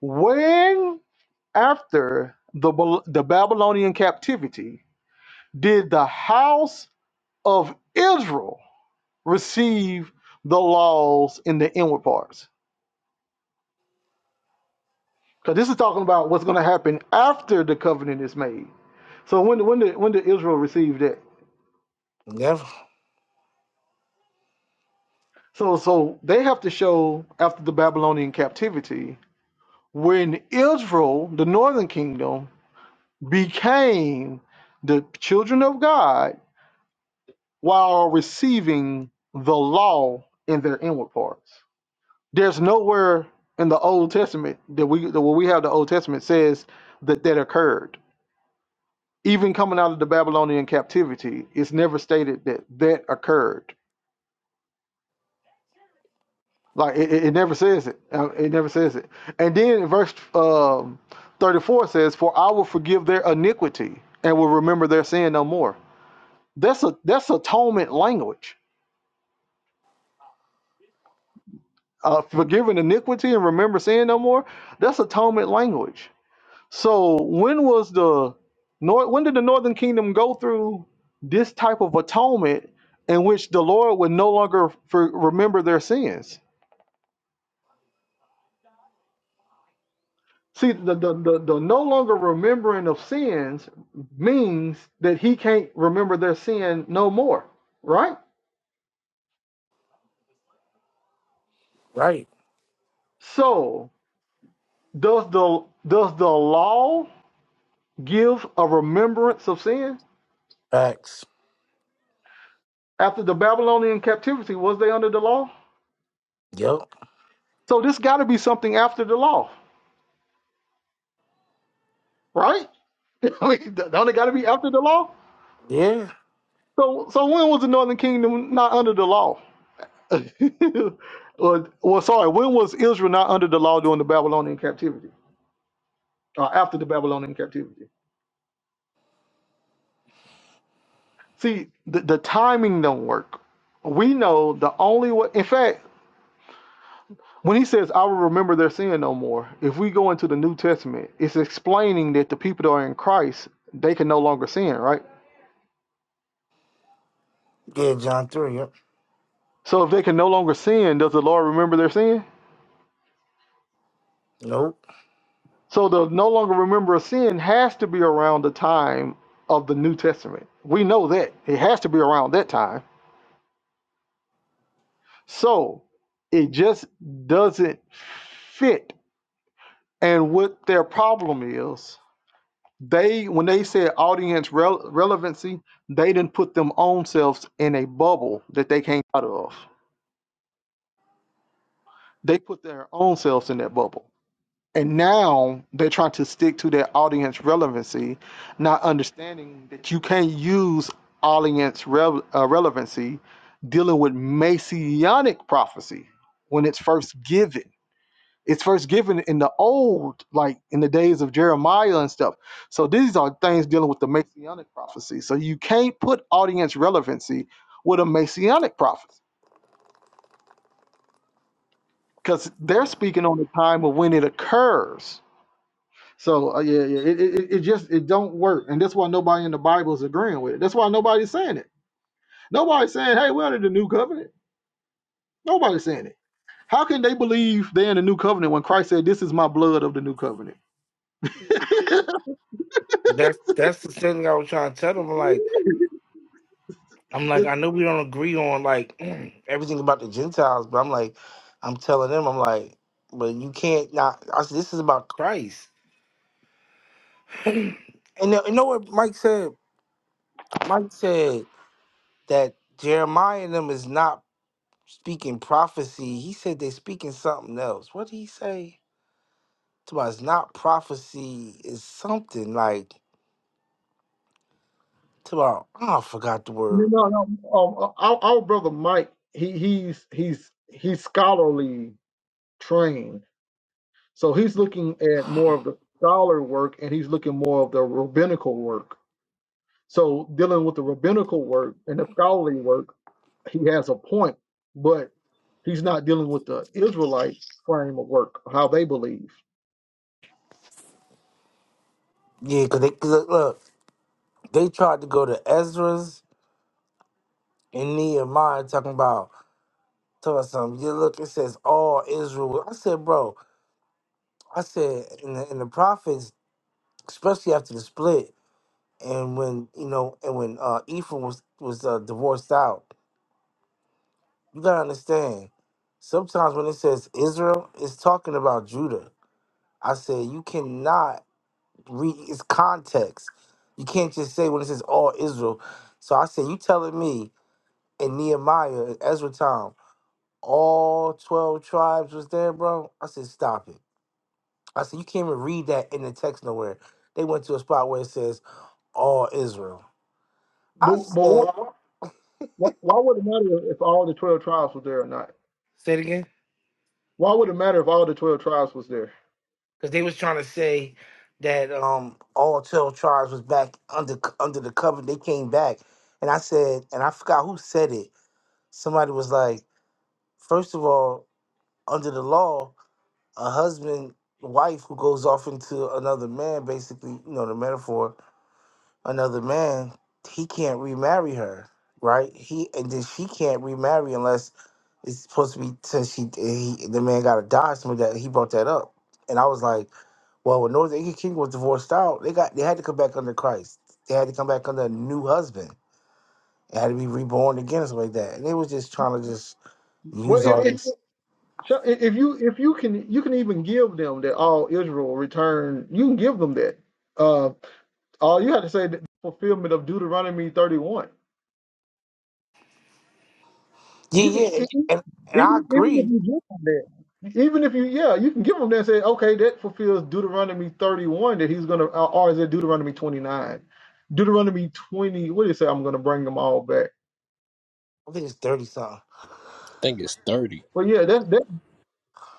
when after the, the Babylonian captivity did the house of Israel receive the laws in the inward parts? Because this is talking about what's going to happen after the covenant is made. So when when did when did Israel receive that?
Never.
So so they have to show after the Babylonian captivity when Israel, the northern kingdom, became the children of God while receiving the law in their inward parts. There's nowhere in the Old Testament that we that where we have the Old Testament says that that occurred. Even coming out of the Babylonian captivity, it's never stated that that occurred. Like it, it it never says it. Uh, It never says it. And then verse um, 34 says, "For I will forgive their iniquity and will remember their sin no more." That's a that's atonement language uh, forgiving iniquity and remember sin no more. That's atonement language. So when was the nor- when did the Northern Kingdom go through this type of atonement in which the Lord would no longer for, remember their sins? See, the, the, the, the no longer remembering of sins means that he can't remember their sin no more, right?
Right.
So does the does the law give a remembrance of sin?
Facts.
After the Babylonian captivity, was they under the law?
Yep.
So this got to be something after the law, right? I mean, don't it got to be after the law?
Yeah,
So, so when was the Northern Kingdom not under the law? well, well, sorry, when was Israel not under the law during the Babylonian captivity? Or after the Babylonian captivity? See, the, the timing don't work. We know the only way. In fact, When he says, I will remember their sin no more, if we go into the New Testament, it's explaining that the people that are in Christ, they can no longer sin, right?
yeah, John three. Yep.
So if they can no longer sin, does the Lord remember their sin?
Nope.
So the no longer remember of sin has to be around the time of the New Testament. We know that. It has to be around that time. So it just doesn't fit. And what their problem is They when they said audience rel- relevancy, they didn't put them own selves in a bubble that they came out of. They put their own selves in that bubble. And now they're trying to stick to their audience relevancy, not understanding that you can't use audience rel- uh, relevancy dealing with messianic prophecy when it's first given. it's first given in the old, like in the days of Jeremiah and stuff. So these are things dealing with the Messianic prophecy. So you can't put audience relevancy with a Messianic prophecy because they're speaking on the time of when it occurs. So uh, yeah, yeah, it, it, it it just it don't work, and that's why nobody in the Bible is agreeing with it. That's why nobody's saying it. Nobody's saying, "Hey, we're under the new covenant." Nobody's saying it. How can they believe they're in the new covenant when Christ said, "This is my blood of the new covenant"?
That's that's the thing I was trying to tell them. Like, I'm like, I know we don't agree on like everything about the Gentiles, but I'm like, I'm telling them, I'm like, but you can't not. I said, this is about Christ. and you know what Mike said? Mike said that Jeremiah and them is not speaking prophecy. He said they're speaking something else. What did he say? It's about it's not prophecy. It's something like. It's about Oh, I forgot the
No,
word.
no, no. Um, uh, our, our brother Mike, he, he's he's he's scholarly trained, so he's looking at more of the scholar work, and he's looking more of the rabbinical work. So dealing with the rabbinical work and the scholarly work, he has a point, but he's not dealing with the Israelite frame of work, how they believe.
Yeah, cause they cause look, look, they tried to go to Ezra's and Nehemiah talking about tell us something. Yeah, look, it says all Israel. I said, bro, I said in the in the prophets, especially after the split, and when you know, and when uh Ephraim was was uh, divorced out, you gotta understand. Sometimes when it says Israel, it's talking about Judah. I said you cannot read its context. You can't just say when it says all Israel. So I said, you telling me. and Nehemiah and Ezra time, all twelve tribes was there, bro. I said, stop it. I said, you can't even read that in the text nowhere. They went to a spot where it says all Israel. I
But, but
said,
what, why why would it matter if all the twelve tribes were there or not?
say it again,
Why would it matter if all the twelve tribes was there?
because they was trying to say that um all twelve tribes was back under under the covenant. They came back, and I said, and I forgot who said it. Somebody was like, first of all, under the law, a husband wife who goes off into another man, basically, you know, the metaphor another man, he can't remarry her, right? He and then she can't remarry unless it's supposed to be since she he the man got to die. Somebody that he brought that up, and I was like, well, when Northern Indian King was divorced out, they got they had to come back under Christ. They had to come back under a new husband. It had to be reborn again, or something like that. And they was just trying to just
Well,
use
if,
all
if
this.
So i- if you if you can you can even give them that all Israel return, you can give them that. Uh, all you have to say that fulfillment of Deuteronomy thirty one.
Yeah,
You can
yeah, and
even,
and, and
even
I
even if
agree.
you give them that. Even if you, yeah, you can give them that and say, okay, that fulfills Deuteronomy 31 that he's going to, or is it Deuteronomy 29? Deuteronomy 20, what do you say? I'm going to bring them all back.
I think it's thirty something.
I think it's thirty.
But yeah, that's that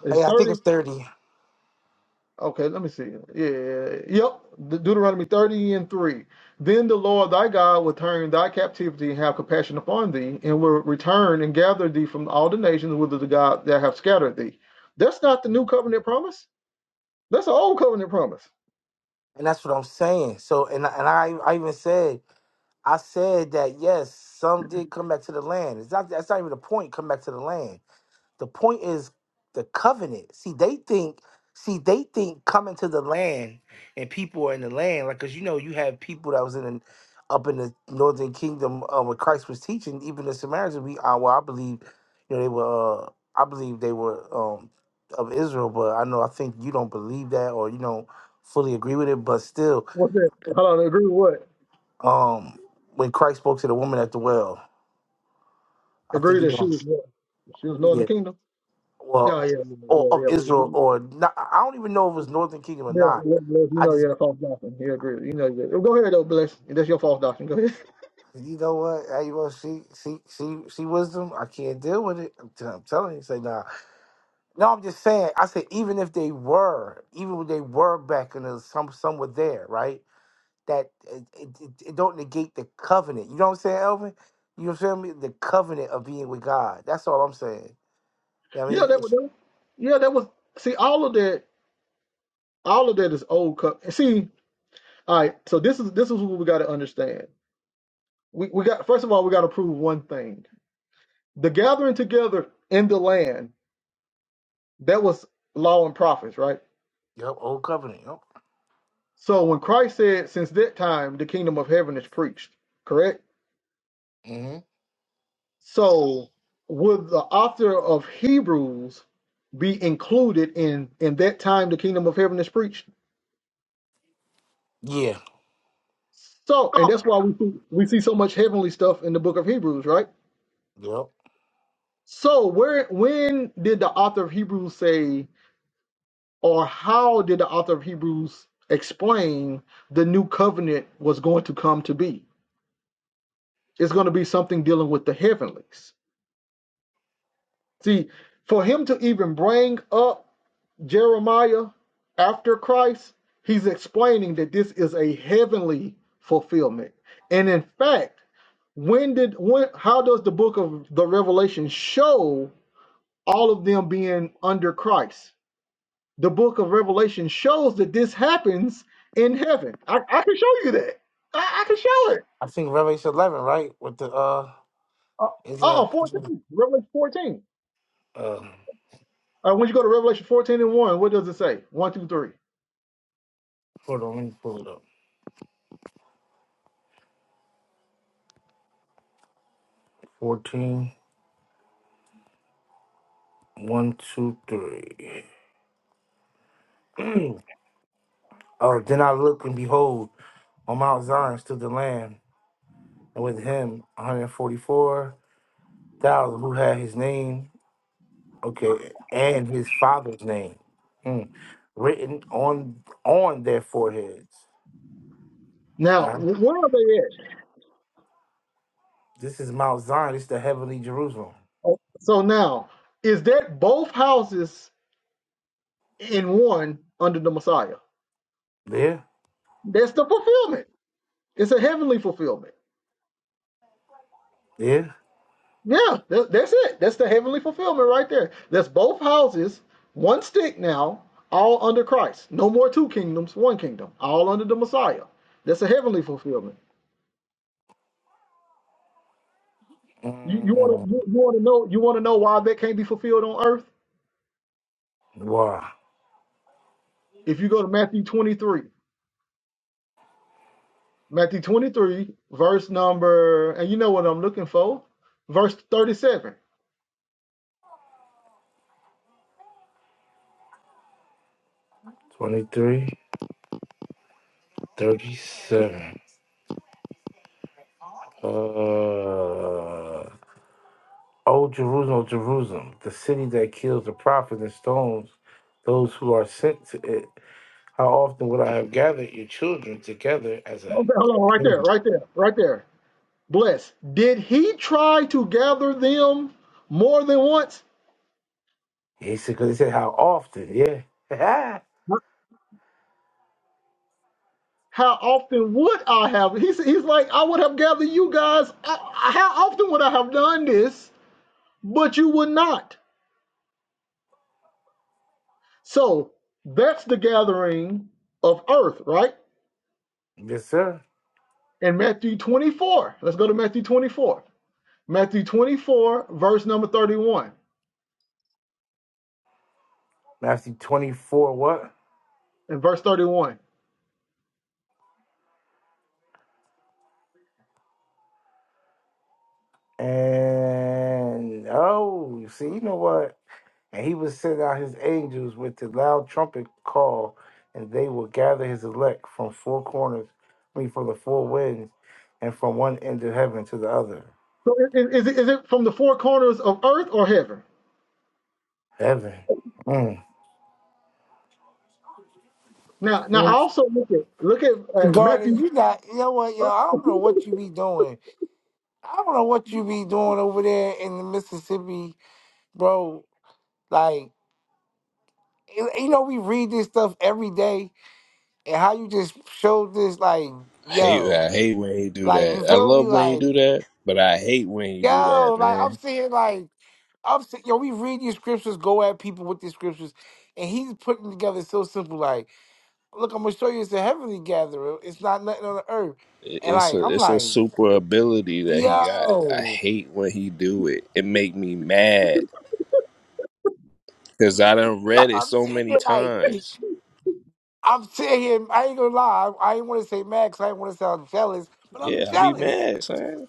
is
Hey, I think
30.
it's thirty,
Okay, let me see. Yeah, yep. De- Deuteronomy 30 and 3. Then the Lord thy God will turn thy captivity and have compassion upon thee, and will return and gather thee from all the nations whither the God that have scattered thee. That's not the new covenant promise. That's an old covenant promise.
and that's what I'm saying. So, and I- and I I even said. I said that yes, some did come back to the land. It's not that's not even the point. Come back to the land. The point is the covenant. See, they think, see, they think coming to the land and people are in the land, like because you know you have people that was in the, up in the northern kingdom uh, when Christ was teaching. Even the Samaritans, we uh, well, I believe, you know, they were. Uh, I believe they were um, of Israel, but I know I think you don't believe that or you don't fully agree with it. But still,
What's that? Hold on, agree with what?
um, when Christ spoke to the woman at the well. I think
Agree
you
that she
know,
was what? She was Lord of
yeah,
the kingdom?
well,
Yeah, yeah, yeah,
or
yeah,
of
yeah.
Israel,
you.
or not, I don't even know if it was Northern Kingdom or
Yeah,
not.
yeah, bless you
I
know
just,
you're a false doctrine. Yeah, agree. You know, you go ahead though, bless. That's your false doctrine. Go ahead.
you know what? Hey, you want to see, see, see, see wisdom? I can't deal with it. I'm, t- I'm telling you, say nah. No, I'm just saying. I said even if they were, even when they were back in the some, some were there, right? That it, it, it it don't negate the covenant. You know what I'm saying, Elvin? You feel me? The covenant of being with God. That's all I'm saying. You know what I
Yeah,
mean,
that was.
it's
that was- Yeah, that was. See, all of that, all of that is old cup. See, all right. So this is this is what we got to understand. We we got first of all we got to prove one thing: the gathering together in the land that was law and prophets, right?
yep, old covenant. Yep.
So when Christ said, "Since that time, the kingdom of heaven is preached," correct?
hmm
So would the author of Hebrews be included in in that time the kingdom of heaven is preached?
Yeah.
So, and
Go.
that's why we see, we see so much heavenly stuff in the book of Hebrews, right?
Yep.
So, where when did the author of Hebrews say, or how did the author of Hebrews explain the new covenant was going to come to be? It's going to be something dealing with the heavenlies. See, for him to even bring up Jeremiah after Christ, he's explaining that this is a heavenly fulfillment. And in fact, when did when how does the book of the revelation show all of them being under christ the book of revelation shows that this happens in heaven i, I can show you that i, I can show it
I think Revelation 11, right? With the, uh,
uh,
is
oh
a,
fourteen, revelation 14
uh,
uh, when you go to revelation 14 and 1 what does it say One, two, three.
hold on, let me pull it up. Fourteen, one, two, three. Oh, then I looked and behold, on Mount Zion stood the Lamb, and with him 144,000 who had his name, okay, and his father's name mm, written on on their foreheads. And
now
I,
where are they at
this is Mount Zion, this is the heavenly Jerusalem.
Oh, so now is that both houses in one under the messiah
There,
that's the fulfillment it's a heavenly fulfillment
there.
Yeah, tha- that's it. That's the heavenly fulfillment right there. That's both houses, one stick now, all under Christ. No more two kingdoms, one kingdom, all under the Messiah. That's a heavenly fulfillment. You you want
Mm,
to you, you want to know you want to know why that can't be fulfilled on earth?
wow,
If you go to Matthew 23, Matthew 23, verse number, and you know what I'm looking for, verse 37.
23. 37. Uh, oh, Jerusalem, oh, Jerusalem, the city that kills the prophets and stones those who are sent to it. How often would I have gathered your children together as a.
Okay, hold on, right there, right there, right there. Bless. Did he try to gather them more than once?
He said, because he said, how often, yeah.
how often would I have? He's, he's like, I would have gathered you guys. uh, How often would I have done this? But you would not. So that's the gathering of earth, right?
yes, sir.
In Matthew 24. Let's go to Matthew 24. Matthew 24, verse number 31.
Matthew 24, what?
And verse 31.
And, oh, see, you know what? And he would send out his angels with the loud trumpet call, and they will gather his elect from four corners, I mean, from the four winds, and from one end of heaven to the other.
So is is, it from the four corners of earth or heaven?
Heaven. Mm.
Now, now I
Man,
also look at look at uh,
Garden,
Matthew.
you not, you know what, yo, I don't know what you be doing. I don't know what you be doing over there in the Mississippi, bro. Like, you you know, we read this stuff every day, and how you just showed this, like,
I hate,
yo,
I hate when he do
like, you
that. I
feel me?
love when he
Like,
do that, but I hate when he do that,
yo, like, I'm
man.
seeing, like, I'm saying, yo, we read these scriptures, go at people with these scriptures, and he's putting together so simple. Like, look, I'm gonna show you it's a heavenly gathering. It's not nothing on the earth.
It-
And
It's
like,
a,
I'm
it's a
like,
super ability that he got. I
yo,
hate when he do it. It make me mad because I done
yo,
read it
I'm
so
sitting
many
there like,
times.
I'm sitting here. I ain't gonna lie. I, I ain't want to say mad, cause I ain't want to sound jealous, but I'm
Yeah, i be
jealous.
mad, son.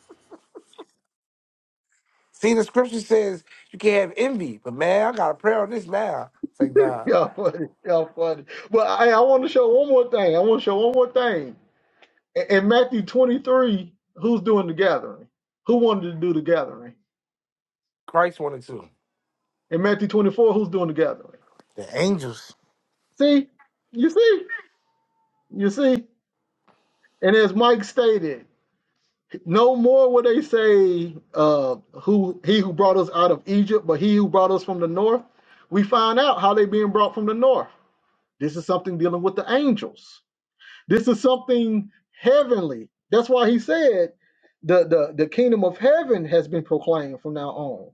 See, the scripture says you can't have envy, but man, I got a prayer on this now. It's like, nah,
Y'all funny, y'all funny. But I, I want to show one more thing. I want to show one more thing In in Matthew 23, who's doing the gathering? Who wanted to do the gathering?
Christ wanted to.
In Matthew 24, who's doing the gathering?
The angels,
See, you see, you see. And as Mike stated, no more will they say, uh, "Who he who brought us out of Egypt," but he who brought us from the north. We find out how they being brought from the north. This is something dealing with the angels. This is something heavenly. That's why he said, "the the the kingdom of heaven has been proclaimed from now on."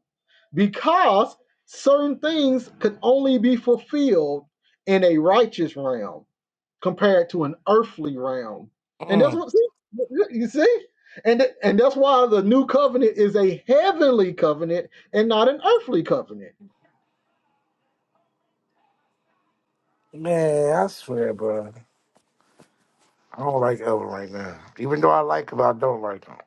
because certain things could only be fulfilled in a righteous realm compared to an earthly realm. And that's
Mm,
what see, you see? And th- and that's why the new covenant is a heavenly covenant and not an earthly covenant.
man, I swear, bro. I don't like Ellen right now. Even though I like him, I don't like him.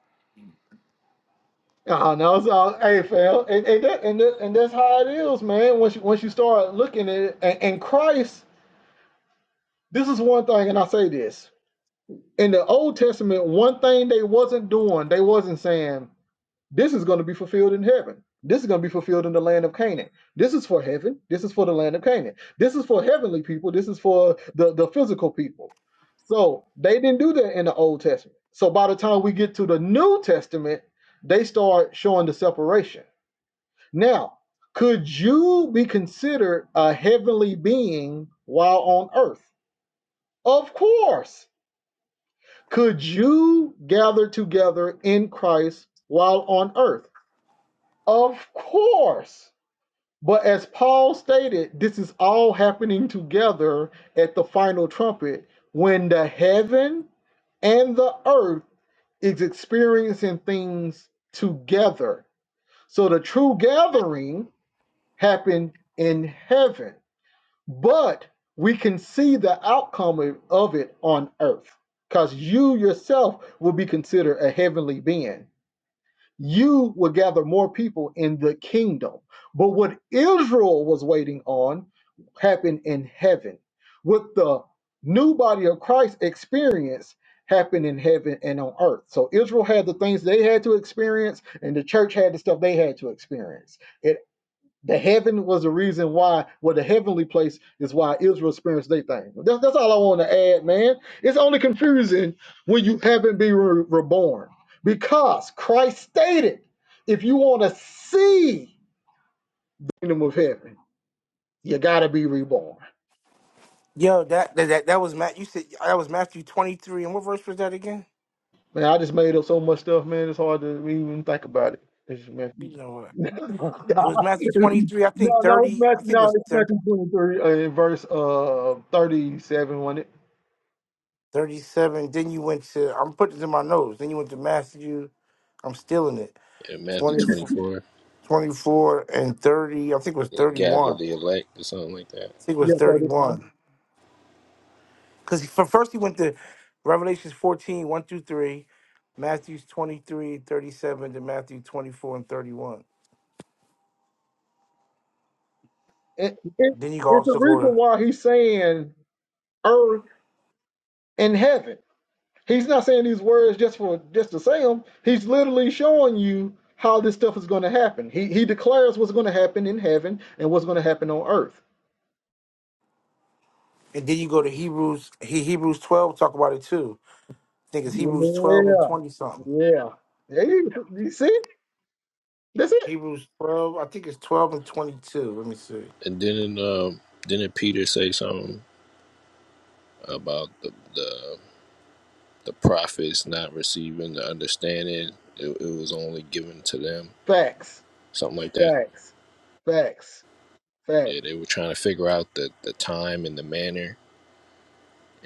Oh no, it's all hey fam. And and, that, and, that, and that's how it is, man. Once you once you start looking at it and, and Christ, this is one thing, and I say this. In the Old Testament, one thing they wasn't doing, they wasn't saying, This is going to be fulfilled in heaven. This is going to be fulfilled in the land of Canaan. This is for heaven. This is for the land of Canaan. This is for heavenly people. This is for the, the physical people. So they didn't do that in the Old Testament. So by the time we get to the New Testament, they start showing the separation. Now, could you be considered a heavenly being while on earth? Of course. Could you gather together in Christ while on earth? Of course. But as Paul stated, this is all happening together at the final trumpet when the heaven and the earth is experiencing things together. So the true gathering happened in heaven, but we can see the outcome of it on earth because you yourself will be considered a heavenly being you will gather more people in the kingdom. But what Israel was waiting on happened in heaven. What the new body of Christ experienced happened in heaven and on earth. So Israel had the things they had to experience, and the church had the stuff they had to experience. It. The heaven was the reason why, well, the heavenly place is why Israel experienced their thing. That's, that's all I want to add, man. It's only confusing when you haven't been re- reborn because Christ stated if you want to see the kingdom of heaven, you got to be reborn.
Yo, that that that, that was Matt. You said that was Matthew twenty three, and what verse was that again?
Man, I just made up so much stuff, man. It's hard to even think about it. It's, just, man.
You know what?
no, no,
It was Matthew twenty three. I think
it's
thirty. I
Matthew,
think it
no,
was
it's
thir-
Matthew 23, uh, verse uh, 37, wasn't it?
thirty seven. Then you went to. I'm putting it in my notes. Then you went to Matthew. I'm stealing it.
Yeah, Matthew
20,
twenty
four
four.
twenty-four and thirty. I think it was
They
thirty
gather
one.
the
I
elect or something like that.
think it was
Yeah,
thirty
31.
one. Because for first he went to Revelations fourteen one through three, Matthew's 23 37 to Matthew twenty four and thirty one.
It, it,
Then you can
it's the
also go
reason
to
why he's saying earth and heaven. He's not saying these words just for just to say them. He's literally showing you how this stuff is going to happen. He he declares what's going to happen in heaven and what's going to happen on earth.
and then you go to Hebrews He- Hebrews twelve talk about it too. I think it's Hebrews twelve and
Yeah,
twenty something.
yeah. Hey, you you see, that's it.
Hebrews twelve, I think it's twelve and twenty two. Let me see.
And didn't um didn't Peter say something about the the the prophets not receiving the understanding? It, it was only given to them,
Facts,
something like that.
facts, facts, facts.
Yeah, they were trying to figure out the the time and the manner,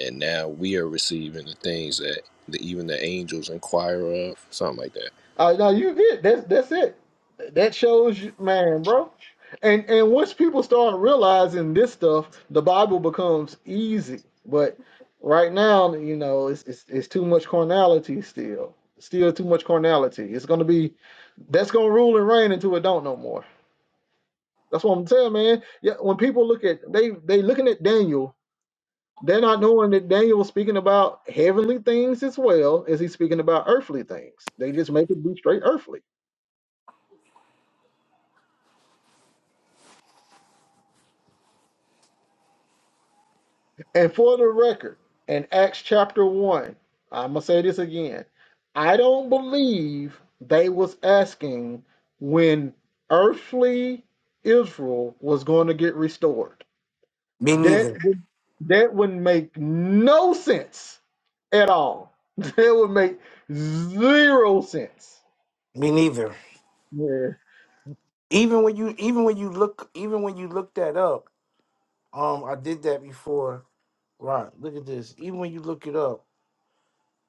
and now we are receiving the things that the, even the angels inquire of, something like that.
Uh, no, you good. That's that's it. That shows you, man, bro. And and once people start realizing this stuff, the Bible becomes easy. But right now, you know, it's it's, it's too much carnality still. Still too much carnality. It's gonna be that's gonna rule and reign until it don't no more. That's what I'm saying, man. Yeah, when people look at they they looking at Daniel, they're not knowing that Daniel was speaking about heavenly things as well as he's speaking about earthly things. They just make it be straight earthly. And for the record, in Acts chapter 1, I'm going to say this again. I don't believe they was asking when earthly Israel was going to get restored.
Me neither.
That would that would make no sense at all. That would make zero sense.
Me neither.
Yeah.
Even when you even when you look even when you look that up, um I did that before. Right, look at this. Even when you look it up,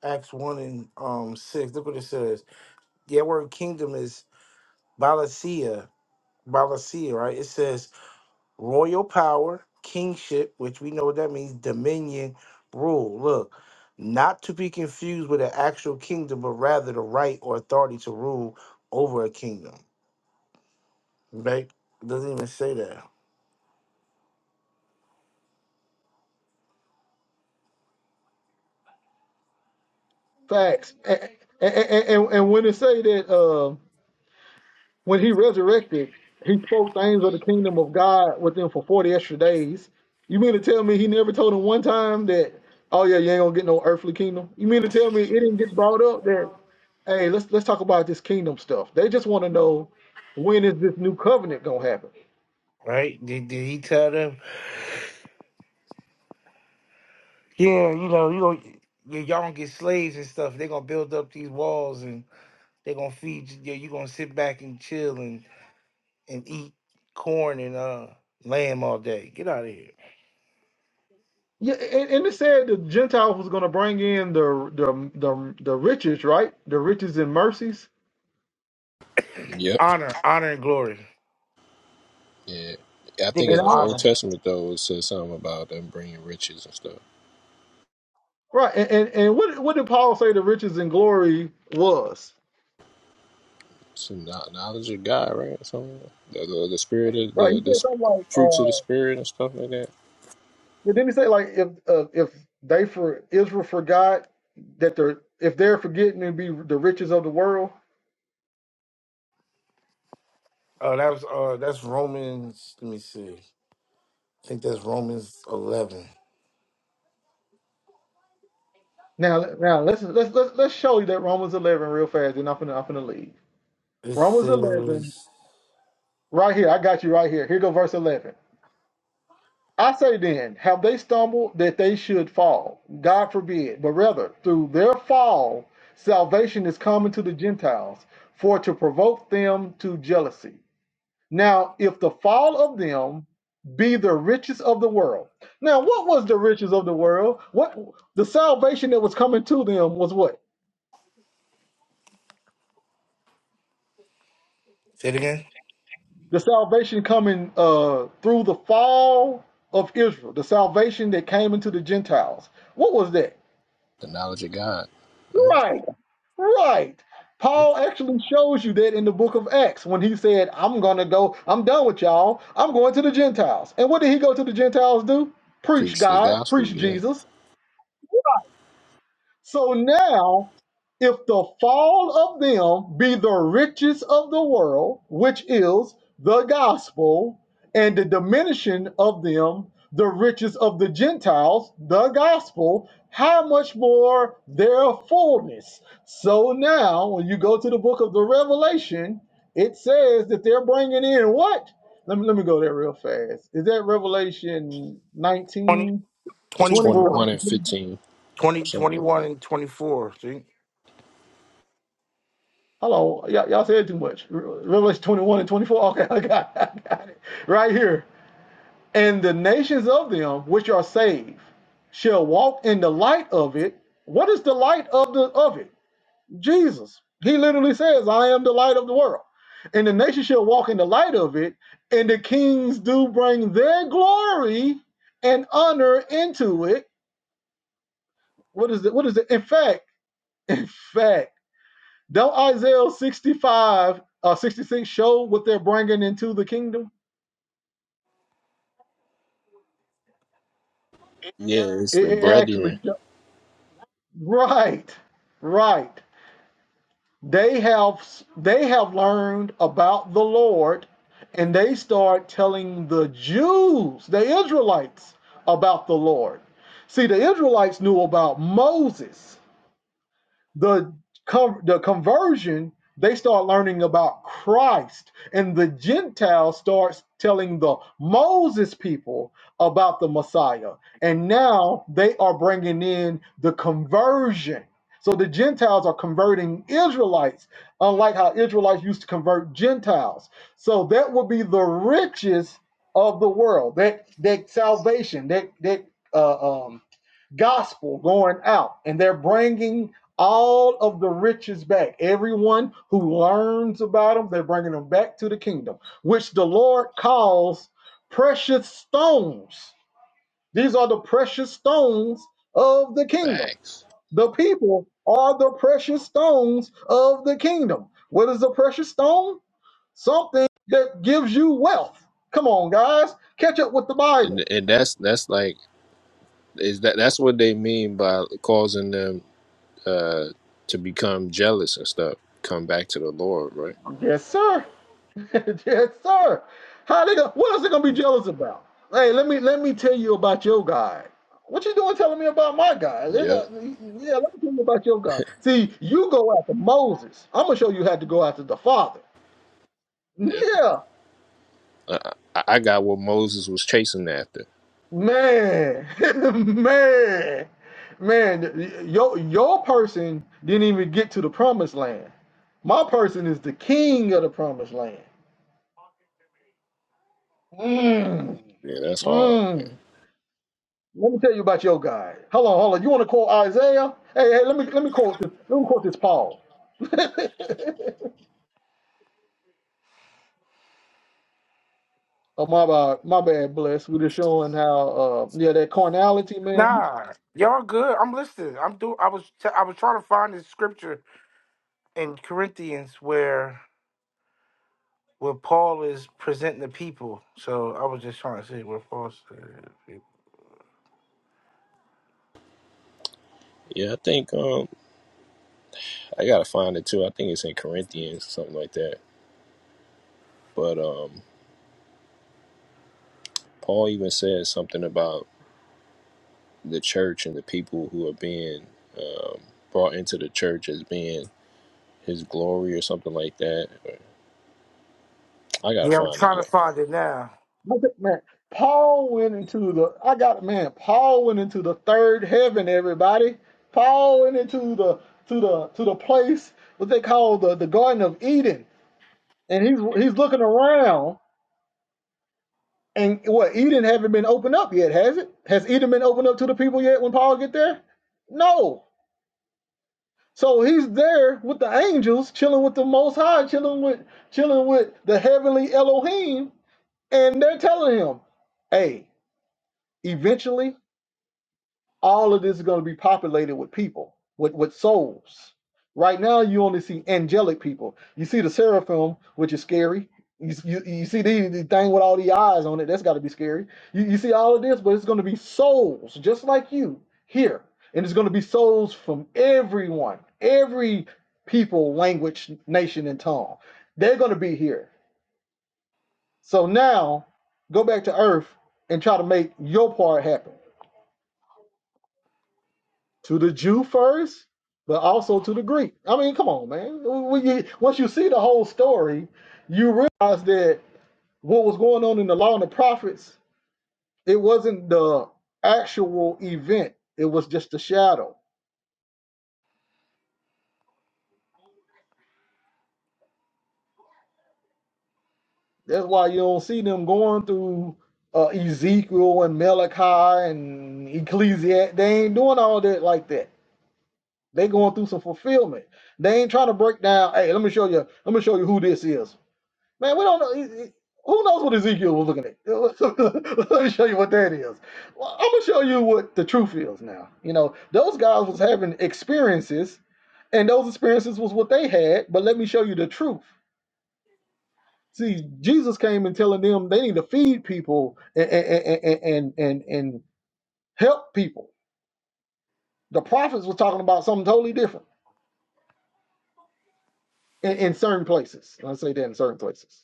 Acts one and um six, look what it says. The word kingdom is Balasia. Balasia, right? It says royal power, kingship, which we know what that means, dominion, rule. Look, not to be confused with an actual kingdom, but rather the right or authority to rule over a kingdom. Right? doesn't even say that.
Facts. And, and, and, and when they say that uh, When he resurrected, he spoke things of the kingdom of God with them for 40 extra days. You mean to tell me he never told him one time that, oh yeah, you ain't gonna get no earthly kingdom? You mean to tell me it didn't get brought up that, hey, let's let's talk about this kingdom stuff. They just want to know when is this new covenant gonna happen?
Right? Did, did he tell them? Yeah, you know, you know, not y- Y'all gonna get slaves and stuff. They're gonna build up these walls and they're gonna feed you. You're gonna sit back and chill and, and eat corn and uh lamb all day. Get out of here.
Yeah, and, and it said the Gentiles was gonna bring in the the the, the riches, right? The riches and mercies.
Yep.
Honor, honor and glory.
Yeah.
I
I
think
think
And
in
it's
the
all
honor.
Old Testament though, it says something about them bringing riches and stuff.
right, and, and, and what what did Paul say the riches and glory was?
So kno- knowledge of God, right? So the, the, the spirit of
Right.
the,
He
the
said something
sp-
like,
fruits of the
uh,
spirit and stuff like that.
but then he say like if uh, if they for Israel forgot that they're if they're forgetting to be the riches of the world.
Oh, that was uh, that's Romans. Let me see. I think that's Romans eleven.
Now now let's let's let's let's show you that Romans eleven real fast. and I'm finna I'm finna leave.
This
Romans
is
eleven right here. I got you right here. Here go verse eleven. I say then, have they stumbled that they should fall? God forbid. But rather, through their fall, salvation is common to the Gentiles, for to provoke them to jealousy. Now, if the fall of them be the riches of the world. Now, what was the riches of the world? What the salvation that was coming to them was what?
say it again.
The salvation coming uh through the fall of Israel, the salvation that came into the Gentiles. What was that?
The knowledge of God, right?
Right, right. Paul actually shows you that in the book of Acts when he said, I'm gonna go, I'm done with y'all, I'm going to the Gentiles. And what did he go to the Gentiles do? Preach
Preach the
God,
gospel,
preach
yeah.
Jesus So now, if the fall of them be the riches of the world, which is the gospel, and the diminishing of them the riches of the Gentiles, the gospel, how much more their fullness? So now, when you go to the book of the Revelation, it says that they're bringing in what? Let me, let me go there real fast. Is that Revelation
Twenty,
19
It's
twenty
20?
twenty one
four,
and fifteen or
twenty,
something.
twenty
like-
one, and twenty four. See,
Hello, y'all, y'all said too much. Revelation 21 and 24. Okay, I got, I got it. Right here. And the nations of them which are saved shall walk in the light of it. What is the light of the of it? Jesus. He literally says, I am the light of the world. And the nations shall walk in the light of it, and the kings do bring their glory and honor into it. What is it? What is it? In fact, in fact. Don't Isaiah 65, uh, 66 show what they're bringing into the kingdom?
Yeah, it's
It,
the
it actually,
brethren
right, right. They have they have learned about the Lord, and they start telling the Jews, the Israelites, about the Lord. See, the Israelites knew about Moses. the con- the conversion they start learning about Christ and the Gentiles starts telling the Moses people about the Messiah and now they are bringing in the conversion so the Gentiles are converting Israelites unlike how Israelites used to convert Gentiles so that would be the riches of the world that that salvation that that uh, um gospel going out and they're bringing all of the riches back. Everyone who learns about them, they're bringing them back to the kingdom, which the Lord calls precious stones. These are the precious stones of the kingdom.
facts,
The people are the precious stones of the kingdom. What is a precious stone? Something that gives you wealth. Come on, guys, catch up with the Bible.
and and that's that's like is that that's what they mean by causing them uh to become jealous and stuff. Come back to the Lord, right?
Yes, sir. yes, sir. How they gonna, what else they gonna be jealous about? Hey, let me let me tell you about your guy. What you doing telling me about my guy? Let-
Yeah,
uh, Yeah, let me tell you about your guy. See, you go after Moses. I'm gonna show you how to go after the Father.
yeah.
Yeah,
I, I I got what Moses was chasing after.
man, man, man. Your your person didn't even get to the promised land. My person is the king of the promised land. Mm.
Yeah, that's hard. Man.
Mm. Let me tell you about your guy. Hold on, hold on. You want to quote Isaiah? Hey, hey, let me let me quote this. Let me quote this Paul. oh my bad, my bad. Bless. We are just showing how uh yeah that carnality, man.
nah, y'all good. I'm listening. I'm do. I was t- I was trying to find this scripture in Corinthians where where Paul is presenting the people. So I was just trying to see where Paul said.
Yeah, I think. um. I gotta find it too. I think it's in Corinthians, something like that. But um, Paul even says something about the church and the people who are being um, brought into the church as being his glory or something like that. I gotta
Yeah, I'm
find
trying to find it now.
Look at- Man, Paul went into the. I got man. Paul went into the third heaven. Everybody. Paul went into the to the to the place what they call the the Garden of Eden, and he's he's looking around And what Eden haven't been opened up yet, has it? Has Eden been opened up to the people yet when Paul get there? No. So he's there with the angels, chilling with the Most High, chilling with chilling with the heavenly Elohim, and they're telling him, "Hey, eventually." all of this is going to be populated with people, with, with souls. Right now, you only see angelic people. You see the seraphim, which is scary. You, you, you see the, the thing with all the eyes on it. That's got to be scary. You, you see all of this, but it's going to be souls just like you here. And it's going to be souls from everyone, every people, language, nation, and tongue. They're going to be here. So now, go back to earth and try to make your part happen to the Jew first, but also to the Greek. I mean, come on, man. When you, once you see the whole story, you realize that what was going on in the law and the prophets, it wasn't the actual event, it was just a shadow. That's why you don't see them going through uh, Ezekiel and Malachi and Ecclesiastes. They ain't doing all that like that. They going through some fulfillment. They ain't trying to break down. Hey, let me show you. Let me show you who this is. Man, we don't know. Who knows what Ezekiel was looking at? Let me show you what that is. Well, I'm gonna show you what the truth is now. You know, those guys was having experiences, and those experiences was what they had. But let me show you the truth. See, Jesus came and telling them they need to feed people and and and and, and, help people. The prophets was talking about something totally different in, in certain places. I say that in certain places.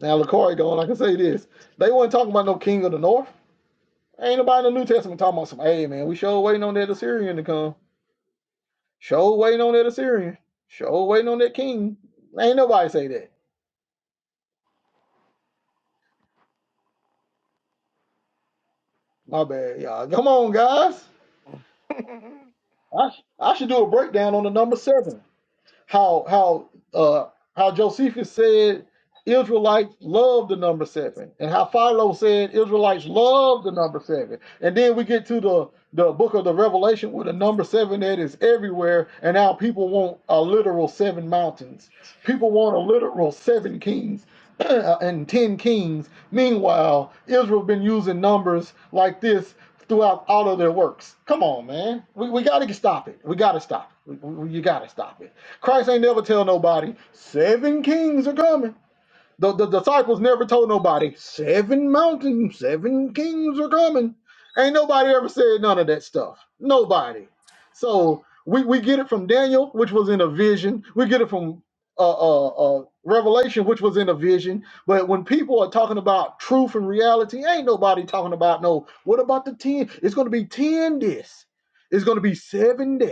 Now, LaCory going, I can say this. They weren't talking about no king of the north. Ain't nobody in the New Testament talking about some, hey man, we sure waiting on that Assyrian to come. Sure waiting on that Assyrian. Sure waiting on that king. Ain't nobody say that. My bad, y'all. Come on, guys. I, I should do a breakdown on the number seven. how how uh how Josephus said Israelites love the number seven, and how Philo said Israelites love the number seven, and then we get to the the book of the Revelation with the number seven that is everywhere, and now people want a literal seven mountains. People want a literal seven kings and ten kings. Meanwhile, Israel been using numbers like this throughout all of their works. Come on, man. We, we got to stop it. We got to stop it. We, we- you got to stop it. Christ ain't never tell nobody, seven kings are coming. The, the disciples never told nobody, seven mountains, seven kings are coming. Ain't nobody ever said none of that stuff. Nobody. So we, we get it from Daniel, which was in a vision. We get it from uh, uh, uh, Revelation, which was in a vision. But when people are talking about truth and reality, ain't nobody talking about no, what about the 10? It's going to be 10 this. It's going to be seven that.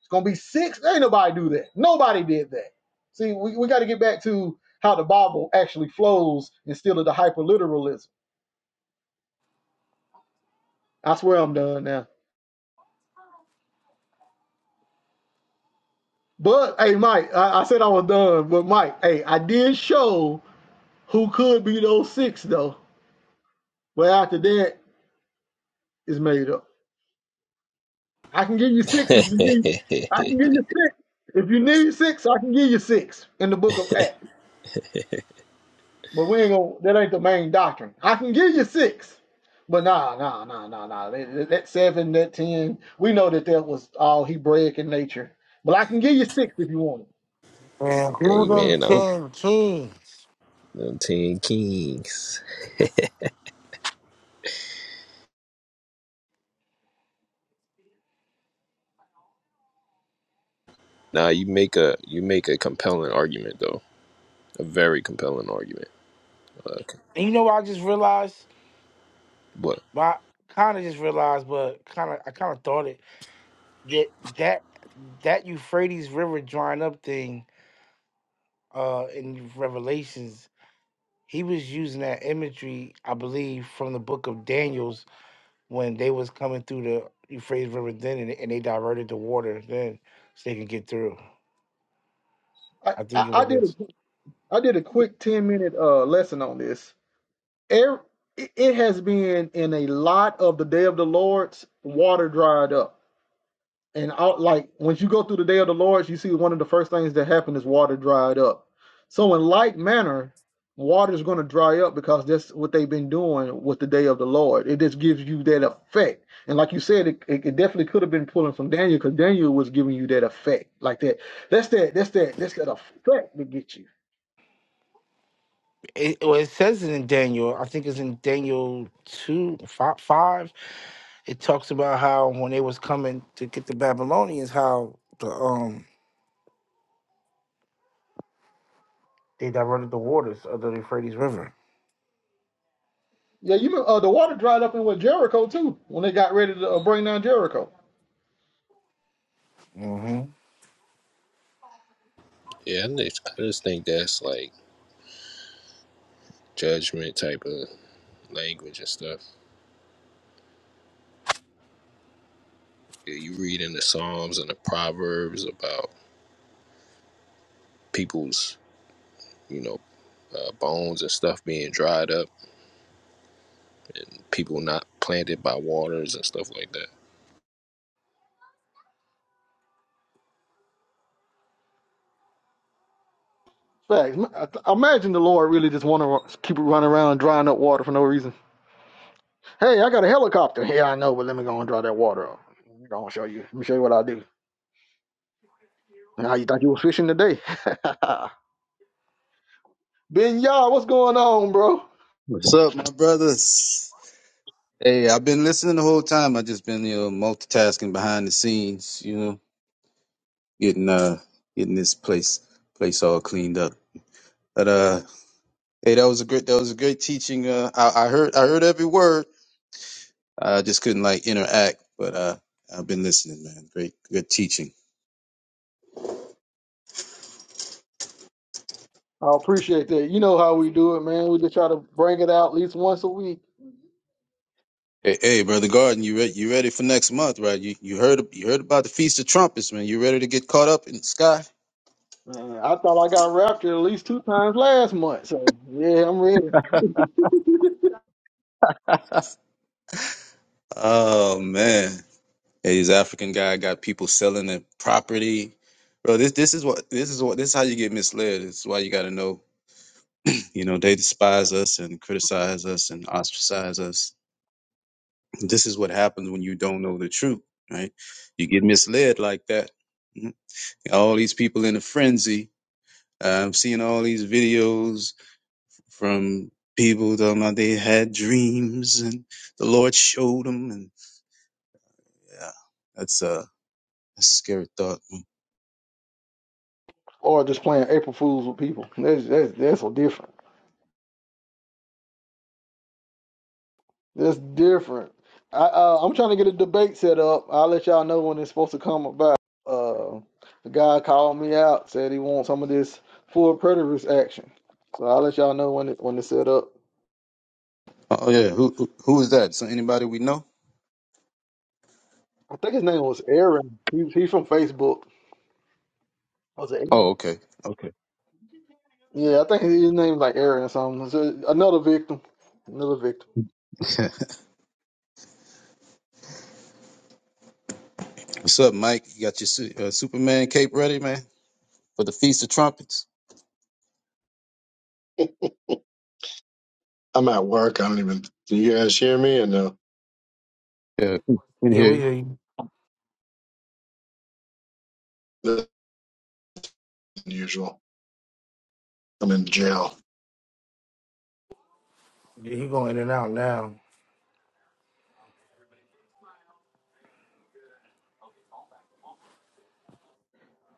It's going to be six. Ain't nobody do that. Nobody did that. See, we, we got to get back to how the Bible actually flows instead of the hyperliteralism. I swear I'm done now. But hey, Mike, I, I said I was done, but Mike, hey, I did show who could be those six though. But after that, it's made up. I can give you six if you need. I
it.
can give you six if you need six. I can give you six in the Book of Acts. But we ain't gonna. That ain't the main doctrine. I can give you six, but nah, nah, nah, nah, nah. That, that seven, that ten. We know that that was all Hebraic in nature. But I can give you six if you want it.
and who them
Amen. I'm,
ten kings?
I'm ten kings. Now you make a you make a compelling argument though, a very compelling argument. Uh,
And you know what I just realized?
but
But I kind of just realized, but kind of I kind of thought it that that that Euphrates River drying up thing uh in Revelations, he was using that imagery, I believe, from the book of Daniel's when they was coming through the Euphrates River then, and, and they diverted the water then so they could get through.
I,
I think
I,
it
I did a,
was.
I did a quick ten minute uh lesson on this. Every, it has been in a lot of the day of the Lord's water dried up. and out like once you go through the day of the Lord, you see one of the first things that happen is water dried up. So in like manner, water is going to dry up because that's what they've been doing with the day of the Lord. It just gives you that effect. And like you said, it, it, definitely could have been pulling from Daniel because Daniel was giving you that effect like that. That's that. That's that. That's that effect that gets you.
It, well, it says in Daniel, I think it's in Daniel 2, 5, five. it talks about how when they was coming to get the Babylonians, how the um they diverted the waters of the Euphrates River.
Yeah, you uh, the water dried up in with Jericho too when they got ready to uh, bring down Jericho.
hmm
yeah, I just, I just think that's like judgment type of language and stuff. Yeah, you read in the Psalms and the Proverbs about people's, you know, uh, bones and stuff being dried up, people not planted by waters and stuff like that.
Facts. I- I Imagine the Lord really just want to keep it running around drying up water for no reason. Hey, I got a helicopter. Yeah, I know, but let me go and draw that water up. I'm gonna show you. Let me show you what I do. Now you thought you was fishing today. ben Yah, what's going on, bro?
What's up, my brothers? Hey, I've been listening the whole time. I just been you know multitasking behind the scenes, you know, getting uh getting this place place all cleaned up. But uh, hey, that was a great that was a great teaching. Uh, I, I heard I heard every word. I just couldn't like interact, but uh, I've been listening, man. Great good teaching.
I appreciate that. You know how we do it, man. We just try to bring it out at least once a week.
Hey, hey, brother Garden, you ready? you ready for next month, right? You you heard you heard about the Feast of Trumpets, man. You ready to get caught up in the sky?
Man, I thought I got raptured at least two times last month. So yeah, I'm ready.
Oh man. Yeah, he's an African guy. Got people selling the property, bro. This this is what this is what this is how you get misled. It's why you got to know. You know they despise us and criticize us and ostracize us. This is what happens when you don't know the truth, right? You get misled like that. Mhm. All these people in a frenzy. I'm seeing all these videos from people talking about they had dreams and the Lord showed them, and yeah, that's a, a scary thought.
Or just playing April Fools with people. That's that's that's so different. That's different. I uh, I'm trying to get a debate set up. I'll let y'all know when it's supposed to come about. Uh, the guy called me out, said he wants some of this full preterist action. So I'll let y'all know when it when it's set up.
Oh oh, yeah, yeah. who who who is that? So anybody we know?
I think his name was Aaron. He he's from Facebook. Was it?
Oh
Aaron?
okay, okay.
Yeah, I think his name like Aaron or something. So another victim, another victim.
What's up, Mike? You got your su- uh, Superman cape ready, man, for the Feast of Trumpets?
I'm at work. I don't even. Can you guys hear me? And no,
Yeah, we can
Yeah,
hear
we
you.
hear you.
that's unusual. I'm in jail.
Yeah, he going in and out now.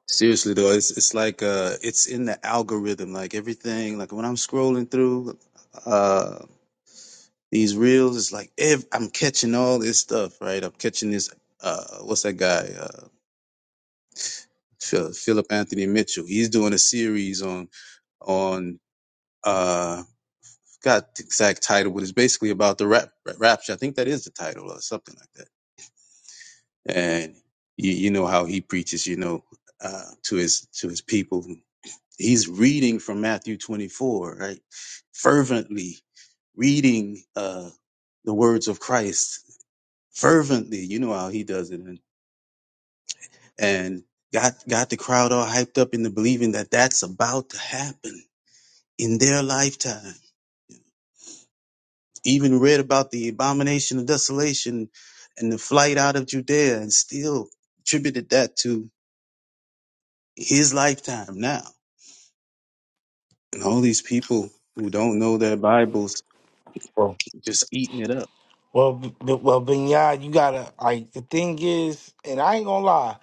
Seriously though, it's it's like uh, it's in the algorithm. Like everything, like when I'm scrolling through uh these reels, it's like ev- I'm catching all this stuff. Right, I'm catching this. Uh, what's that guy? Uh, Phil- Philip Anthony Mitchell. He's doing a series on on. uh, got the exact title, but it's basically about the rap, rapture. I think that is the title or something like that. And you, you know how he preaches, you know, uh, to his to his people. He's reading from Matthew 24, right? Fervently reading uh, the words of Christ fervently. You know how he does it, and, and got got the crowd all hyped up into believing that that's about to happen in their lifetime Even read about the abomination of desolation and the flight out of Judea and still attributed that to his lifetime now. And all these people who don't know their Bibles
Well,
just eating it up.
well, B- B- well, Binyad, you gotta like the thing is, and I ain't gonna lie.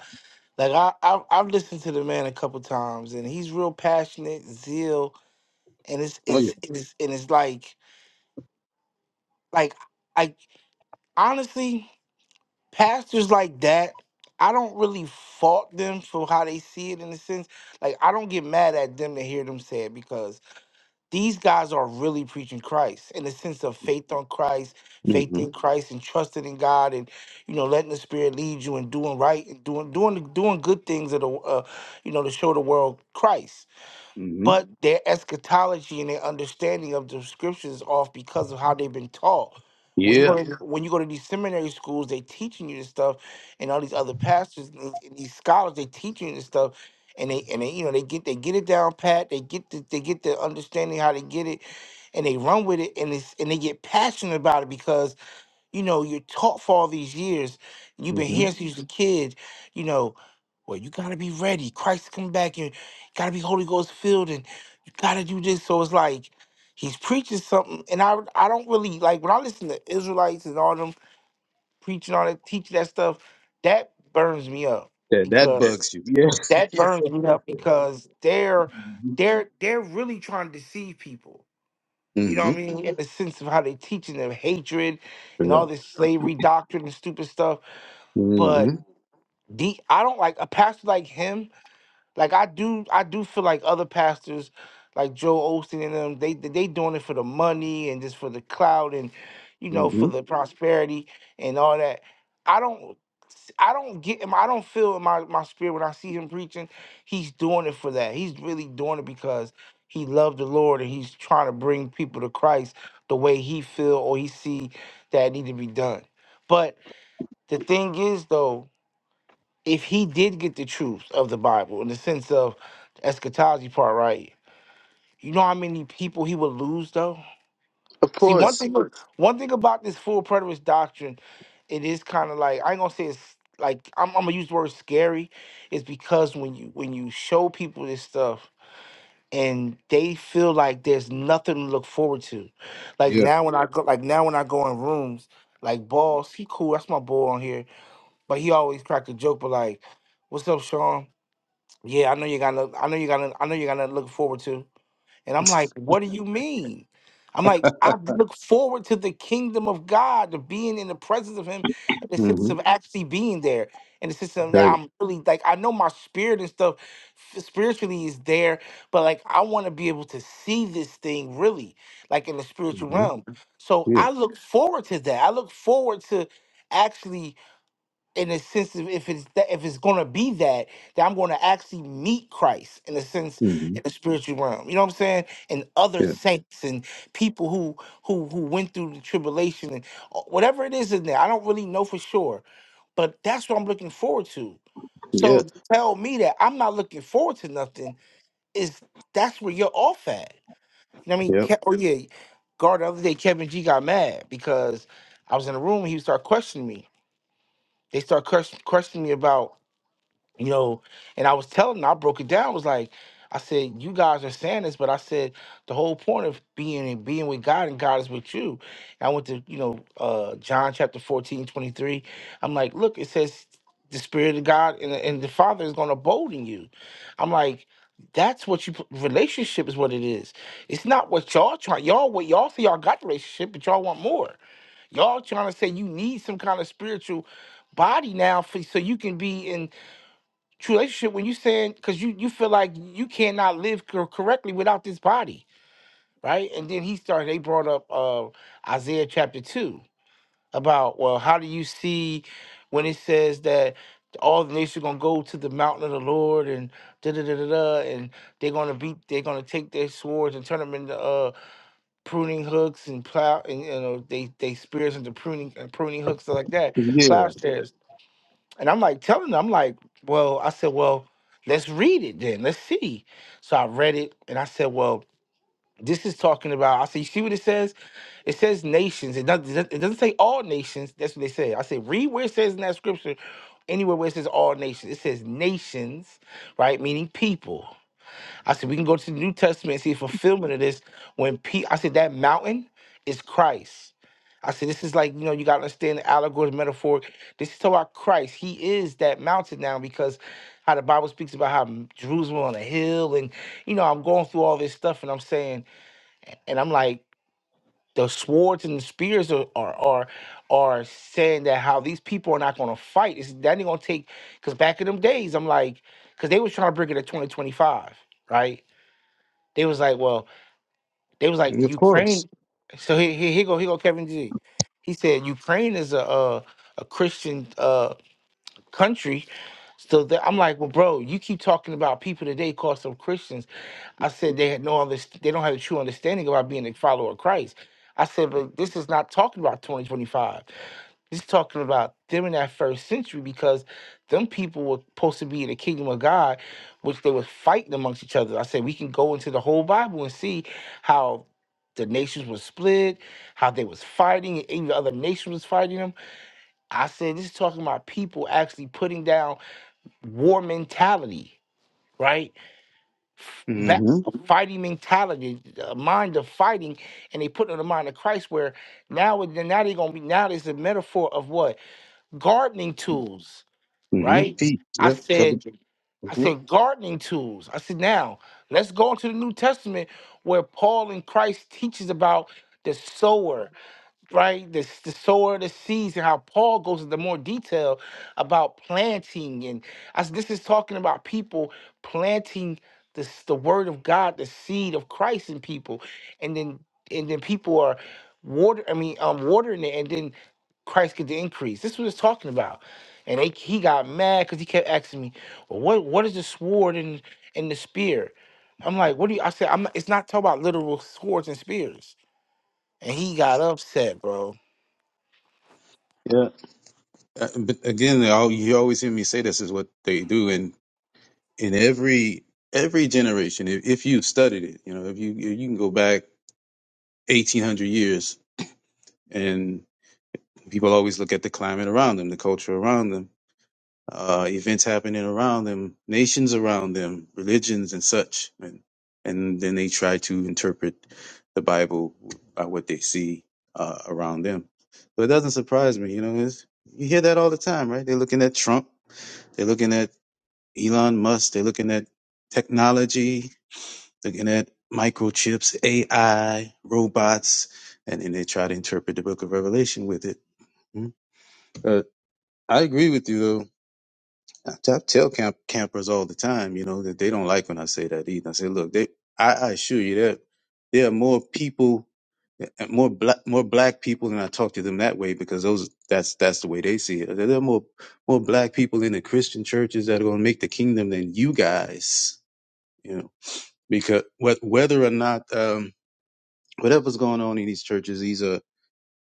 Like I, I I've listened to the man a couple times, and he's real passionate, zeal, and it's
Oh,
it's it's and it's like like. honestly, pastors like that, I don't really fault them for how they see it in a sense. Like, I don't get mad at them to hear them say it because these guys are really preaching Christ in the sense of faith on Christ,
yeah.
faith
hmm
in Christ, and trusting in God, and you know, letting the Spirit lead you and doing right and doing doing doing good things of the uh, you know to show the world Christ
hmm
but their eschatology and their understanding of the scriptures is off because of how they've been taught. When you go
Yeah.
to Yeah. when you go to these seminary schools, they teaching you this stuff, and all these other pastors, and these and these scholars, they teaching you this stuff, and they and they you know they get they get it down pat, they get the, they get the understanding how to get it, and they run with it, and it's and they get passionate about it because you know, you're taught for all these years, and you've been
hmm
here since you was a kid, you know, well, you gotta be ready. Christ come back and you gotta be Holy Ghost filled and you gotta do this. So it's like he's preaching something and I I don't really like when I listen to Israelites and all them preaching all that teaching that stuff, that burns me up
That, that
because Yes.
bugs you. Yeah.
that
yeah.
burns me up because they're they're they're really trying to deceive people you know
hmm
what I mean? In the sense of how they teaching them hatred and
Yeah.
all this slavery doctrine and stupid stuff. But
hmm
the I don't like a pastor like him. Like I do, I do feel like other pastors, like Joe Osteen and them, they they doing it for the money and just for the clout and, you know, for
hmm
the prosperity and all that. I don't, I don't get him. I don't feel in my my spirit when I see him preaching. He's doing it for that. He's really doing it because he loved the Lord and he's trying to bring people to Christ the way he feel or he see that need to be done. But the thing is though if he did get the truth of the Bible in the sense of the eschatology part right, you know how many people he would lose though?
Of
See, one
course.
thing Sure. one thing about this full preterist doctrine, it is kind of like I ain't gonna say it's like I'm, I'm gonna use the word scary, is because when you when you show people this stuff and they feel like there's nothing to look forward to. Like
Yeah.
now when I go like now when I go in rooms, like boss, he cool, that's my boy on here. But he always crack a joke, but like, what's up, Sean? Yeah, I know you got. no- I know you got. no- I know you got nothing to look forward to. And I'm like, what do you mean? I'm like, I look forward to the kingdom of God, to being in the presence of Him, in the sense
hmm
of actually being there, in the sense of that
Right.
I'm really like, I know my spirit and stuff f- spiritually is there, but like, I want to be able to see this thing really, like in the spiritual
hmm
realm. So
Yeah.
I look forward to that. I look forward to actually in a sense of if it's that if it's gonna be that that I'm gonna actually meet Christ in a sense
hmm
in the spiritual realm. You know what I'm saying? And other
Yeah.
saints and people who who who went through the tribulation and uh, whatever it is in there. I don't really know for sure, but that's what I'm looking forward to.
Yeah.
So to tell me that I'm not looking forward to nothing is that's where you're off at. You know what I mean?
Yep.
Ke- Oh yeah, guard the other day Kevin G got mad because I was in a room and he started questioning me. They start ques- questioning me about you know and i was telling them, i broke it down was like i said you guys are saying this but i said the whole point of being and being with god and god is with you And i went to you know uh john chapter fourteen twenty-three. i'm like look it says the spirit of god and, the- and the father is going to abode in you i'm like that's what you put- relationship is what it is it's not what y'all try y'all what y'all see y'all got the relationship but y'all want more y'all trying to say you need some kind of spiritual body now for, so you can be in true relationship when you saying because you you feel like you cannot live cor- correctly without this body right and then he started they brought up uh isaiah chapter 2 about well how do you see when it says that all the nations are gonna go to the mountain of the lord and da da da da da and they're gonna beat they're gonna take their swords and turn them into uh pruning hooks and plow and you know they they spears into pruning and pruning hooks stuff like that
Yeah.
plowshares and I'm like telling them, I'm like, well, I said, well, let's read it then. Let's see. So I read it and I said, well, this is talking about. I said, you see what it says? It says nations. It doesn't. It doesn't say all nations. That's what they say. I said, read where it says in that scripture, anywhere where it says all nations. It says nations, right? Meaning people I said, we can go to the New Testament and see a fulfillment of this. When Pete, I said, that mountain is Christ. I said, this is like, you know, you got to understand the allegory, the metaphor. This is talking about Christ. He is that mountain now because how the Bible speaks about how m- Jerusalem on a hill. And, you know, I'm going through all this stuff and I'm saying, and I'm like, the swords and the spears are are are, are saying that how these people are not going to fight. It's, that ain't going to take, because back in them days, I'm like, because they was trying to bring it to 2025, right? They was like, well, they was like
Of course.
Ukraine. So he he he go he go Kevin G. He said Ukraine is a a, a Christian uh country. So that, I'm like, well, bro, you keep talking about people today call some Christians. I said they had no other they don't have a true understanding about being a follower of Christ. I said, but this is not talking about 2025. He's talking about them in that first century because them people were supposed to be in the kingdom of God, which they were fighting amongst each other. I said we can go into the whole Bible and see how the nations were split, how they was fighting, and even other nations was fighting them. I said this is talking about people actually putting down war mentality, right? F- Back
Mm-hmm.
fighting mentality, a mind of fighting, and they put it in the mind of Christ. Where now, it- now they're gonna be now there's a metaphor of what gardening tools,
hmm
right?
Feet.
I
Yep. Covered.
said, I
hmm
said gardening tools. I said, now let's go into the New Testament where Paul and Christ teaches about the sower right? The, the sower, the seeds, and how Paul goes into more detail about planting. And as this is talking about people planting the, the word of God, the seed of Christ in people. And then and then people are water, I mean, um, watering it, and then Christ get the increase. This is what it's talking about. And they, he got mad because he kept asking me, well, what, what is the sword and, and the spear? I'm like, what do you? I said, I'm. Not, it's not talking about literal swords and spears. And he got upset, bro.
Yeah. Uh, But again, they all, you always hear me say this is what they do, and in every every generation, if, if you studied it, you know, if you you can go back eighteen hundred years, and people always look at the climate around them, the culture around them. uh, events happening around them, nations around them, religions and such, and and then they try to interpret the Bible by what they see uh, around them. So it doesn't surprise me, you know. It's, you hear that all the time, right? They're looking at Trump, they're looking at Elon Musk, they're looking at technology, looking at microchips, AI, robots, and then they try to interpret the Book of Revelation with it. Mm. Uh, I agree with you though I tell, tell camp, campers all the time, you know, that they don't like when I say that either. I say, look, they, I, I assure you that there are more people, uh, more black, more black people than I talk to them that way because those, that's, that's the way they see it. There are more, more black people in the Christian churches that are going to make the kingdom than you guys, you know, because whe- whether or not, um, whatever's going on in these churches, these are,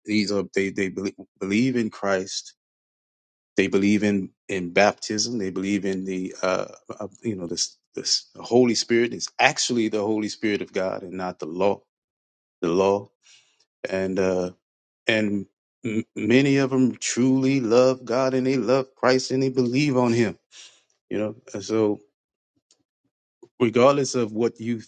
these are, they, they believe, believe in Christ they believe in in baptism. They believe in the uh, uh, you know this this Holy Spirit is actually the Holy Spirit of God and not the law the law and uh, and m- many of them truly love God and they love Christ and they believe on Him. You know, And so regardless of what you,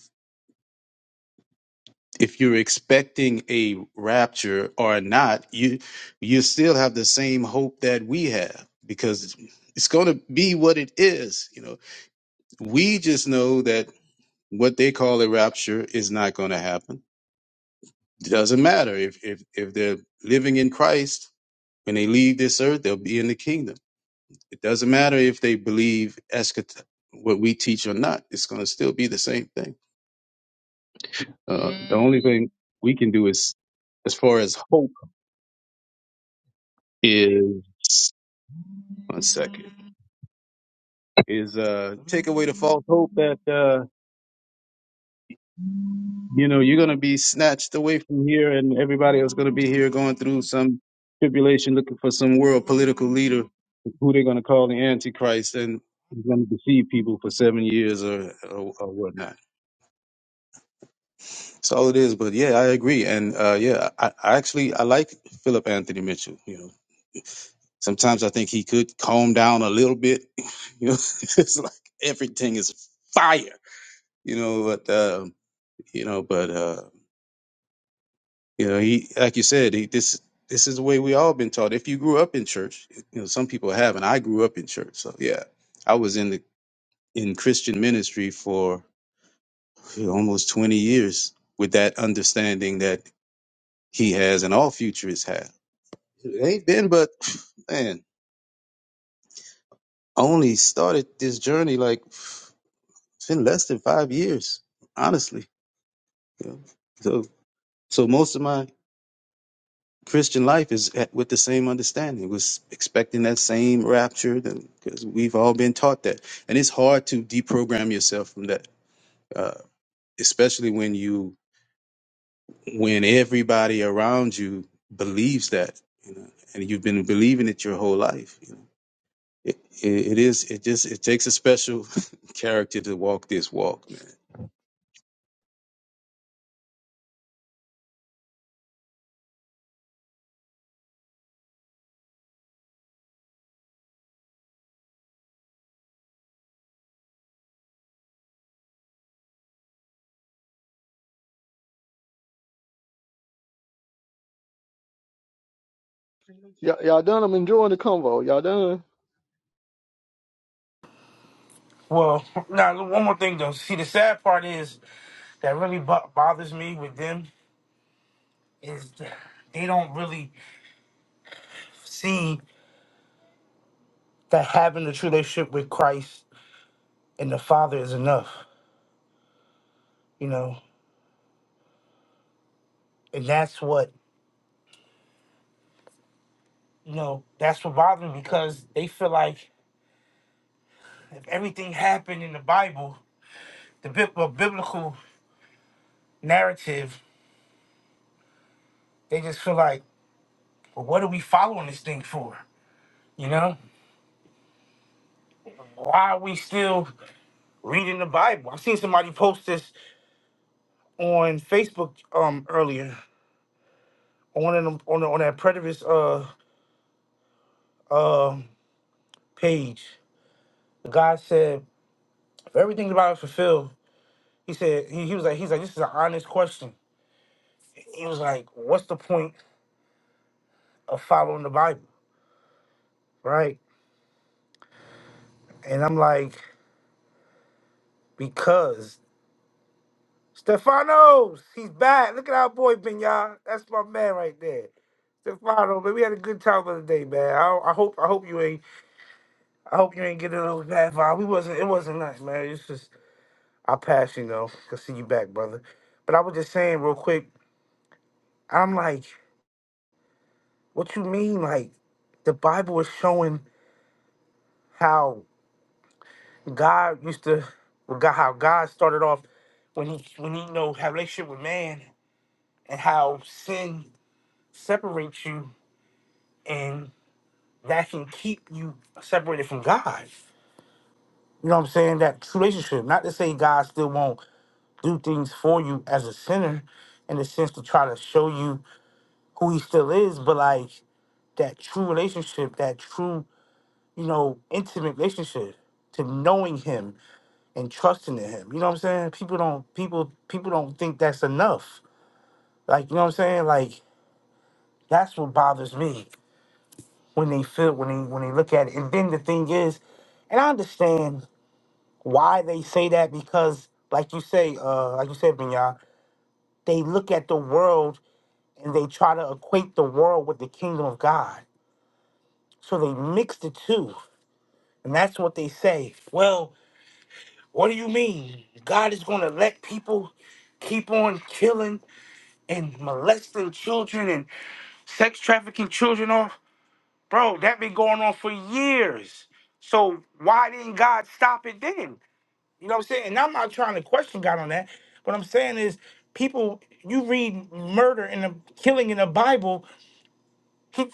if you're expecting a rapture or not, you you still have the same hope that we have because it's going to be what it is. You know, We just know that what they call a rapture is not going to happen. It doesn't matter if, if, if they're living in Christ, when they leave this earth, they'll be in the kingdom. It doesn't matter if they believe eschat- what we teach or not. It's going to still be the same thing. Uh, the only thing we can do is, as far as hope is, one second, is uh, take away the false hope that uh, you know you're going to be snatched away from here and everybody else going to be here going through some tribulation looking for some world political leader who they're going to call the antichrist and he's going to deceive people for seven years or, or, or whatnot that's all it is but yeah i agree and uh, yeah I, I actually i like philip anthony mitchell you know sometimes i think he could calm down a little bit you know it's like everything is fire you know but uh, you know but uh You know, he like you said, he, this this is the way we all been taught. If you grew up in church, you know, some people have, and I grew up in church. So yeah, I was in the in Christian ministry for you know, almost twenty years with that understanding that he has and all futurists have. It ain't been, but man, only started this journey like it's been less than five years, honestly. You know? So so most of my Christian life is at, with the same understanding, was expecting that same rapture, because we've all been taught that, and it's hard to deprogram yourself from that, uh, especially when you when everybody around you believes that, you know, and you've been believing it your whole life. It, it, it is. It just. It takes a special character to walk this walk, man.
Y'all, y'all done? I'm enjoying the convo. Y'all done?
Well, now look, one more thing though. See, the sad part is that really bo- bothers me with them is that they don't really see that having the true relationship with Christ and the Father is enough, you know. And that's what you know. That's what bothers me because they feel like if everything happened in the Bible, the bib- uh, biblical narrative, they just feel like, well, what are we following this thing for? You know, why are we still reading the Bible? I've seen somebody post this on Facebook um earlier on one of them on the, on that predator's uh uh page. The guy said if everything about is fulfilled, he said he, he was like he's like this is an honest question. He was like, what's the point of following the Bible, right? And I'm like, because Stefanos, he's back. Look at our boy Benya. That's my man right there. Stefano, man, we had a good time the other day, man. I, I hope I hope you ain't I hope you ain't getting those bad vibes. We wasn't it wasn't us, man. It's just I pass you though. Good see you back, brother. But I was just saying real quick, I'm like, what you mean? Like the Bible is showing how God used to well, God how God started off when he when he you know had a relationship with man and how sin separates you and that can keep you separated from God. You know what I'm saying? That true relationship. Not to say God still won't do things for you as a sinner in the sense to try to show you who he still is, but like that true relationship, that true, you know, intimate relationship to knowing him and trusting in him. You know what I'm saying? People don't people people don't think that's enough. Like, you know what I'm saying? Like that's what bothers me when they feel when they when they look at it. And then the thing is, and I understand why they say that because like you say, uh like you said, Binya, they look at the world and they try to equate the world with the kingdom of God. So they mix the two. And that's what they say. Well, What do you mean? God is going to let people keep on killing and molesting children and sex trafficking children off? Bro, that been going on for years. So why didn't God stop it then? You know what I'm saying? And I'm not trying to question God on that. What I'm saying is people you read murder and the killing in the Bible with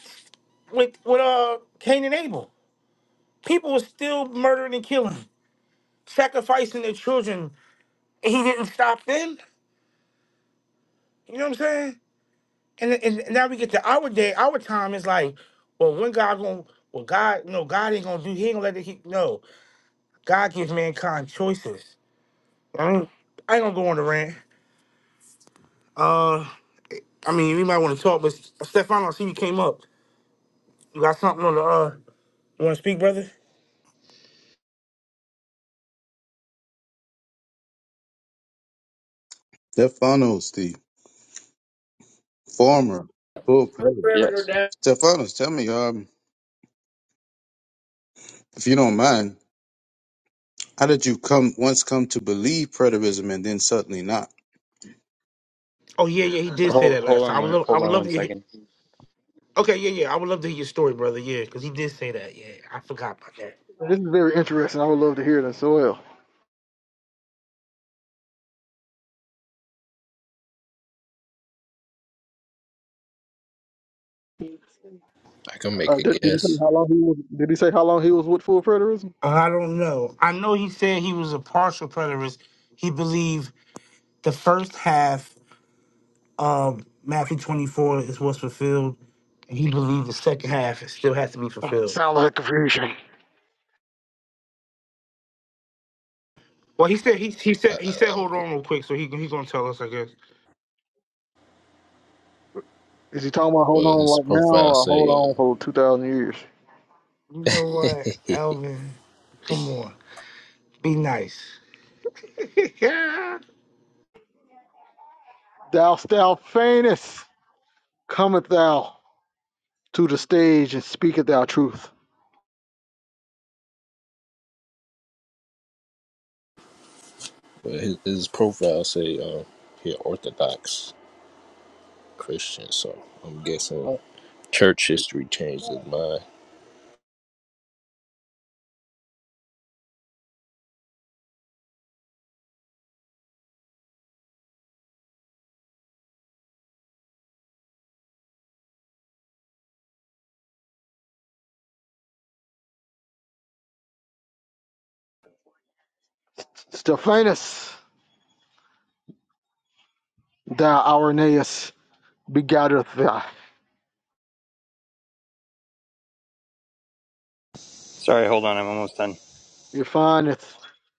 with uh Cain and Abel. People were still murdering and killing, sacrificing their children. He didn't stop them. You know what I'm saying? and, and and now we get to our day, our time is like, well, when God gonna, well, God, no, God ain't gonna do, He ain't gonna let it. He, no, God gives mankind choices. I ain't, I ain't gonna go on the rant. Uh, I mean, we might want to talk, but Stefan, I see you came up. You got something on the uh? You want to speak, brother?
Stefanos, the former full president.
Yes.
Stefanos, tell me, um, if you don't mind, how did you come once come to believe preterism and then suddenly not?
Oh yeah, yeah, he did say
Hold
that
hold
last time.
on
I would
one-
love, I
hold
would
on
love
one
you.
second.
Okay, yeah, yeah, I would love to hear your story, brother. Yeah, because he did say that. Yeah, I forgot about that.
This is very interesting. I would love to hear it as well.
I can
Uh,
make a
did, did he say
guess.
how long he was? Did he say how long he was with full preterism?
I don't know. I know he said he was a partial preterist. He believed the first half Um, Matthew 24 is what's fulfilled. And he believed the second half still has to be fulfilled.
Sound like confusion.
Well, he said he he
I,
said he said
I, I'm,
hold on real quick, so he he's gonna tell us, I guess.
Is he talking about hold
well,
on
his
like now
profile
or hold
say,
on
uh,
for 2,000 years?
You know what, Alvin? Come on, be nice.
Thou thou faintest, cometh thou to the stage and speaketh thou truth.
well, his, his profile say, uh, he Orthodox Christian, so I'm guessing
Uh,
church history changed his mind.
Stephanus, thou Irenaeus, begotteth thou.
Sorry, hold on. I'm almost done.
You findest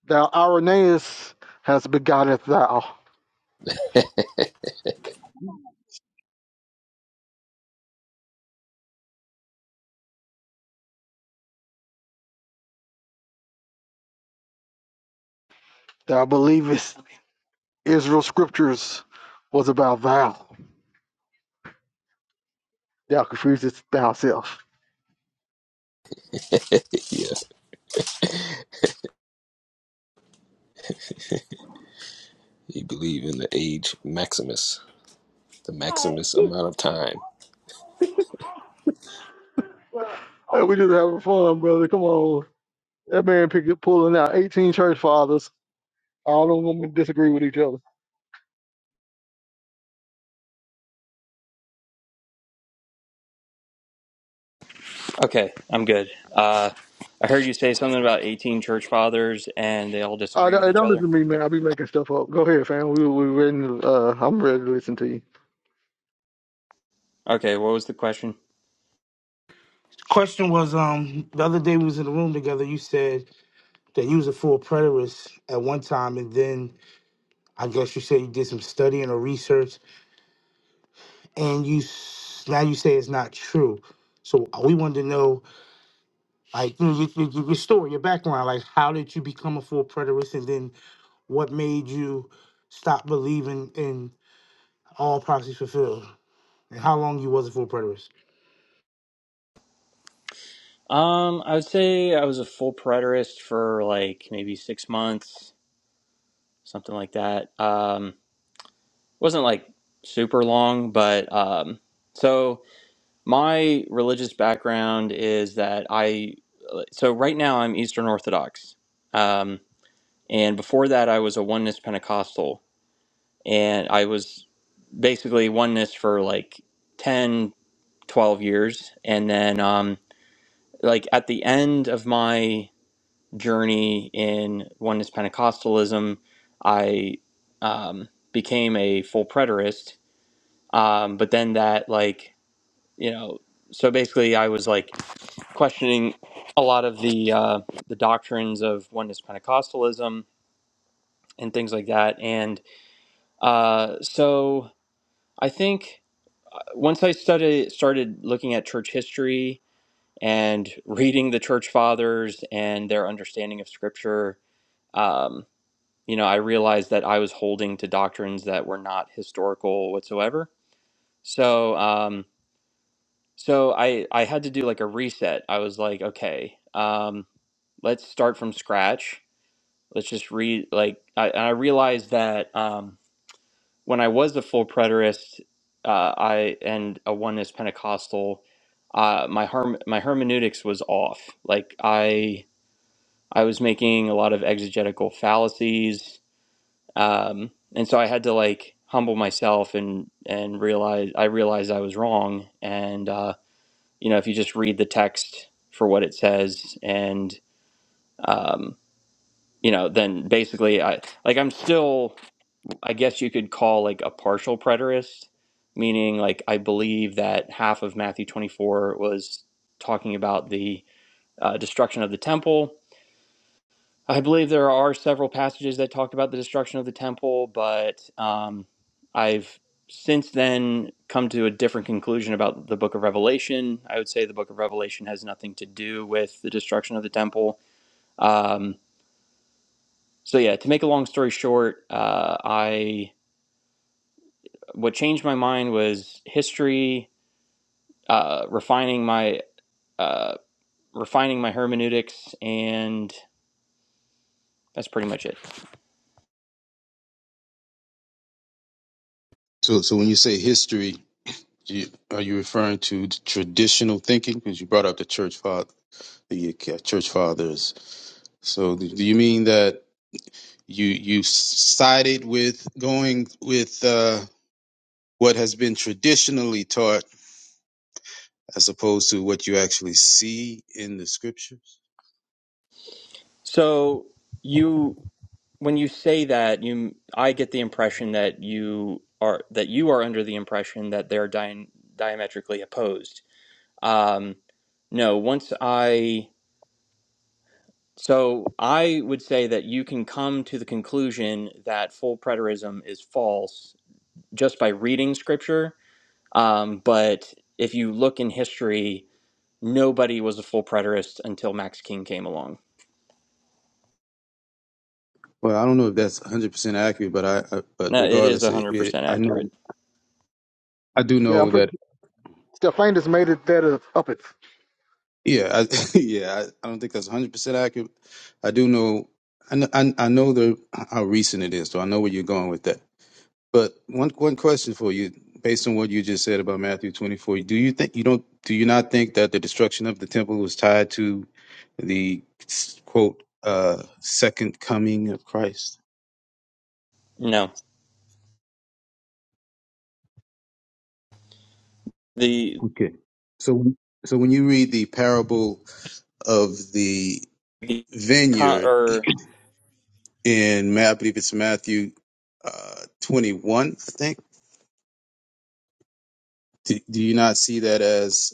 thou Irenaeus has begotteth thou. Thou believest Israel's scriptures was about thou. Thou confusest thyself.
Yeah, he believe in the age Maximus, the Maximus amount of time.
Hey, we just having fun, brother. Come on. That man Pickett pulling out 18 church fathers. All of them disagree with each other.
Okay, I'm good. Uh, I heard you say something about 18 church fathers and they all
I
disagree
don't,
with
hey,
each
don't
other.
listen to me, man. I'll be making stuff up. Go ahead, fam. We we ready. To, uh, I'm ready to listen to you.
Okay, what was the question?
Question was um the other day we was in the room together. You said that you was a full preterist at one time, and then I guess you said you did some studying or research, and you s- now you say it's not true. So we wanted to know Like you, know, you, you, you- your story, your background, like how did you become a full preterist, and then what made you stop believing in all prophecies fulfilled, and how long you was a full preterist?
Um, I would say I was a full preterist for like maybe six months, something like that. Um, wasn't like super long, but um, so my religious background is that I so right now I'm Eastern Orthodox. Um, And before that, I was a oneness Pentecostal. And I was basically oneness for like 10, 12 years. And then, um, like, at the end of my journey in oneness Pentecostalism, I um, became a full preterist. Um, but then that, like, you know, so basically I was like questioning a lot of the uh, the doctrines of oneness Pentecostalism and things like that. And Uh, so I think uh, once I started started looking at church history and reading the church fathers and their understanding of scripture, um, you know, I realized that I was holding to doctrines that were not historical whatsoever. So, um, so I, I had to do like a reset. I was like, okay, um, let's start from scratch. Let's just read like, I, and I realized that, um, when I was a full preterist, uh, I and a oneness Pentecostal, uh, my herm my hermeneutics was off. Like I I was making a lot of exegetical fallacies, um, and so I had to like humble myself and and realize I realized I was wrong. And uh, you know, if you just read the text for what it says, and um, you know, then basically I like I'm still. I guess you could call like a partial preterist, meaning like I believe that half of Matthew 24 was talking about the uh, destruction of the temple. I believe there are several passages that talk about the destruction of the temple, but um, I've since then come to a different conclusion about the book of Revelation. I would say the book of Revelation has nothing to do with the destruction of the temple. Um, so, yeah, to make a long story short, uh, I what changed my mind was history, uh, refining my uh, refining my hermeneutics, and that's pretty much it.
So, so when you say history. You- Are you referring to the traditional thinking? Because you brought up the church father, the uh, church fathers. So do do you mean that you you sided with going with uh, what has been traditionally taught as opposed to what you actually see in the scriptures?
So you, when you say that, you, I get the impression that you are that you are under the impression that they're dia- diametrically opposed. Um, no, once I. So I would say that you can come to the conclusion that full preterism is false just by reading scripture Um, but if you look in history, nobody was a full preterist until Max King came along.
Well, I don't know if that's 100% accurate, but I, I but
No, it is
regardless, it,
100%
it, I know
accurate.
I do
Yeah, I'm
know that
pretty. Stephanus made it that is up it.
Yeah, I, yeah. I, I don't think that's one hundred percent accurate. I do know. I know, I, I know the how recent it is, so I know where you're going with that. But one one question for you, based on what you just said about Matthew 24, do you think you don't do you not think that the destruction of the temple was tied to the quote uh, second coming of Christ?
No. The,
Okay. So so when you read the parable of the
the, con-
vineyard
or
in Ma- I believe it's Matthew uh, 21. I think. Do, do you not see that as?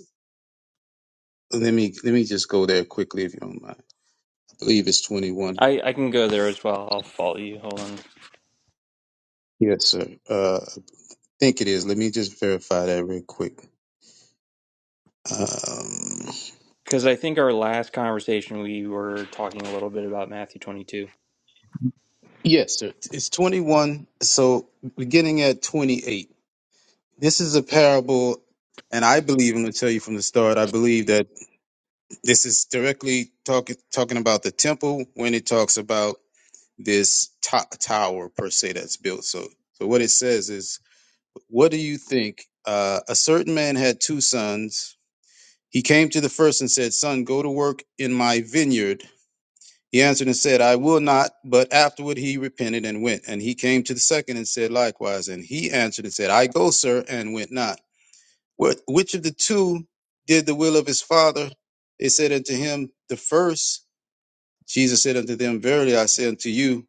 Let me let me just go there quickly if you don't mind. I believe it's 21.
I, I can go there as well. I'll follow you. Hold on.
Yes, sir. Uh, I think it is. Let me just verify that real quick. Um,
Because I think our last conversation, we were talking a little bit about Matthew twenty two
yes, sir. It's 21. So beginning at 28. This is a parable, and I believe I'm going to tell you from the start. I believe that this is directly talking talking about the temple when it talks about this to- tower per se that's built. So, so what it says is, what do you think? Uh, a certain man had two sons. He came to the first and said, "Son, go to work in my vineyard." He answered and said, "I will not." But afterward he repented and went. And he came to the second and said likewise. And he answered and said, "I go, sir, and went not." What? Which of the two did the will of his father? They said unto him, "The first." Jesus said unto them, Verily I say unto you,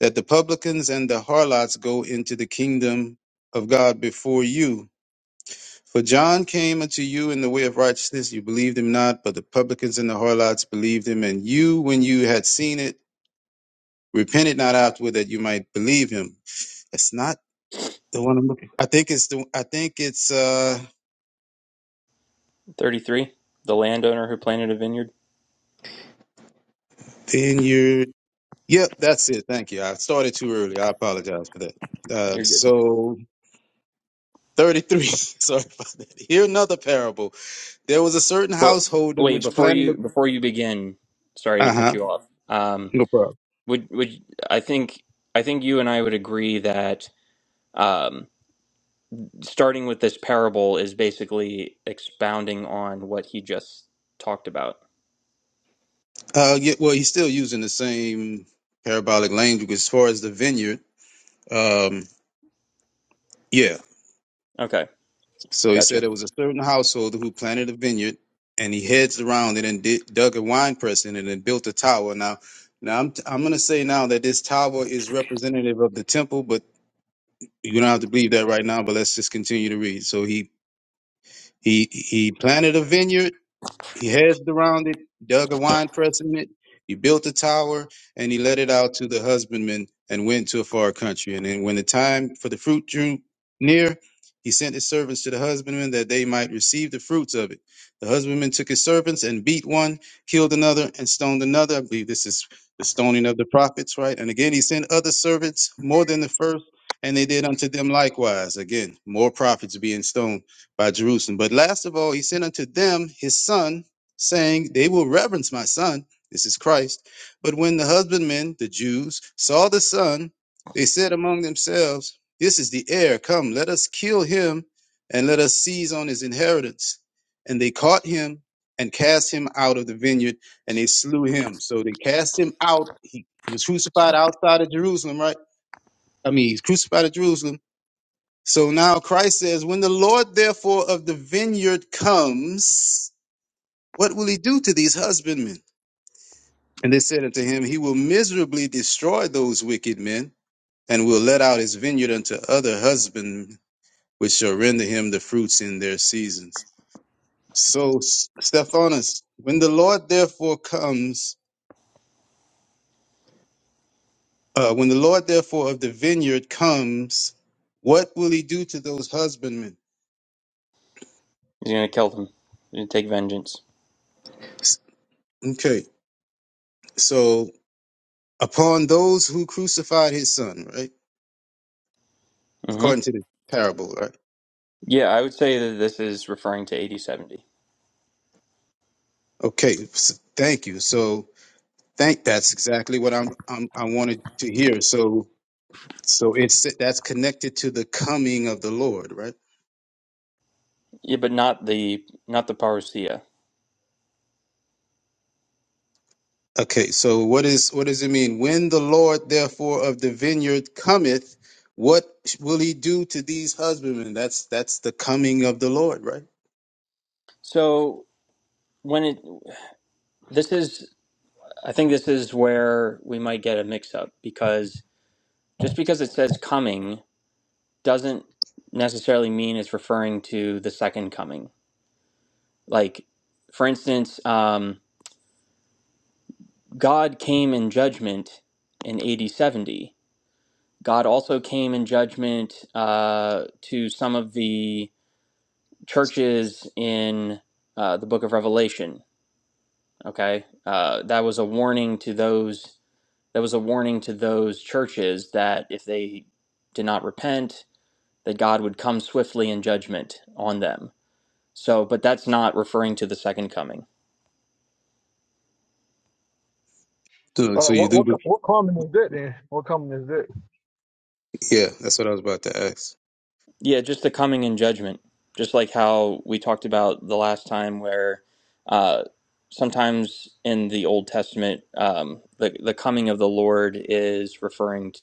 that the publicans and the harlots go into the kingdom of God before you. For John came unto you in the way of righteousness, you believed him not, but the publicans and the harlots believed him. And you, when you had seen it, repented not afterward that you might believe him. That's not the one I'm looking. for. I think it's the. I think it's uh.
thirty three, the landowner who planted a vineyard.
Then Yep, that's it. Thank you. I started too early. I apologize for that. Uh,
You're good.
so 33. Sorry about that. Hear another parable. There was a certain
Well,
household in
wait,
which
before
planning a
you, before you begin, sorry to
uh
cut
huh.
you off. Um,
No problem.
would, would, I think I think you and I would agree that um, starting with this parable is basically expounding on what he just talked about.
Uh, yeah, well, he's still using the same parabolic language as far as the vineyard. Um, yeah.
Okay,
So he said
gotcha.
there was a certain household who planted a vineyard, and he hedged around it and did, dug a wine press in it and built a tower. Now, now I'm I'm gonna say now that this tower is representative of the temple, but you don't have to believe that right now. But let's just continue to read. So he he he planted a vineyard He hedged around it, dug a wine press in it, he built a tower, and he let it out to the husbandmen and went to a far country. And then when the time for the fruit drew near, he sent his servants to the husbandmen that they might receive the fruits of it. The husbandmen took his servants and beat one, killed another, and stoned another. I believe this is the stoning of the prophets, right? And again, he sent other servants more than the first, and they did unto them likewise. Again, more prophets being stoned by Jerusalem. But last of all, he sent unto them his son saying, They will reverence my son. This is Christ. But when the husbandmen, the Jews, saw the son, they said among themselves, This is the heir. Come, let us kill him and let us seize on his inheritance. And they caught him and cast him out of the vineyard and they slew him. So they cast him out. He, he was crucified outside of Jerusalem, right? I mean, he's crucified at Jerusalem. So now Christ says, When the Lord therefore of the vineyard comes, what will he do to these husbandmen? And they said unto him, He will miserably destroy those wicked men, and will let out his vineyard unto other husbandmen, which shall render him the fruits in their seasons. So, S- Stephanus, when the Lord therefore comes, uh, when the Lord therefore of the vineyard comes, what will he do to those husbandmen?
He's gonna kill them. He's gonna take vengeance.
S- Okay, so upon those who crucified his son, right?
mm hmm
According to the parable, right?
Yeah, I would say that this is referring to eighty seventy.
Okay, s- thank you. So, Thank. That's exactly what I'm, I'm. I wanted to hear. So, so it's that's connected to the coming of the Lord, right?
Yeah, but not the not the parousia.
Okay. So, what is what does it mean? When the Lord, therefore, of the vineyard cometh, what will He do to these husbandmen? That's that's the coming of the Lord, right?
So when it this is, I think this is where we might get a mix up because just because it says coming doesn't necessarily mean it's referring to the second coming. Like, for instance, um. God came in judgment in AD 70. God also came in judgment uh, to some of the churches in uh, the book of Revelation. Okay. Uh, that was a warning to those, that was a warning to those churches that if they did not repent, that God would come swiftly in judgment on them. So, but that's not referring to the second coming.
So,
Uh,
so you
what
do.
what
be-
co- what common is that then? What common is that?
Yeah, that's what I was about to ask.
Yeah, just the coming in judgment. Just like how we talked about the last time, where uh, sometimes in the Old Testament, um, the, the coming of the Lord is referring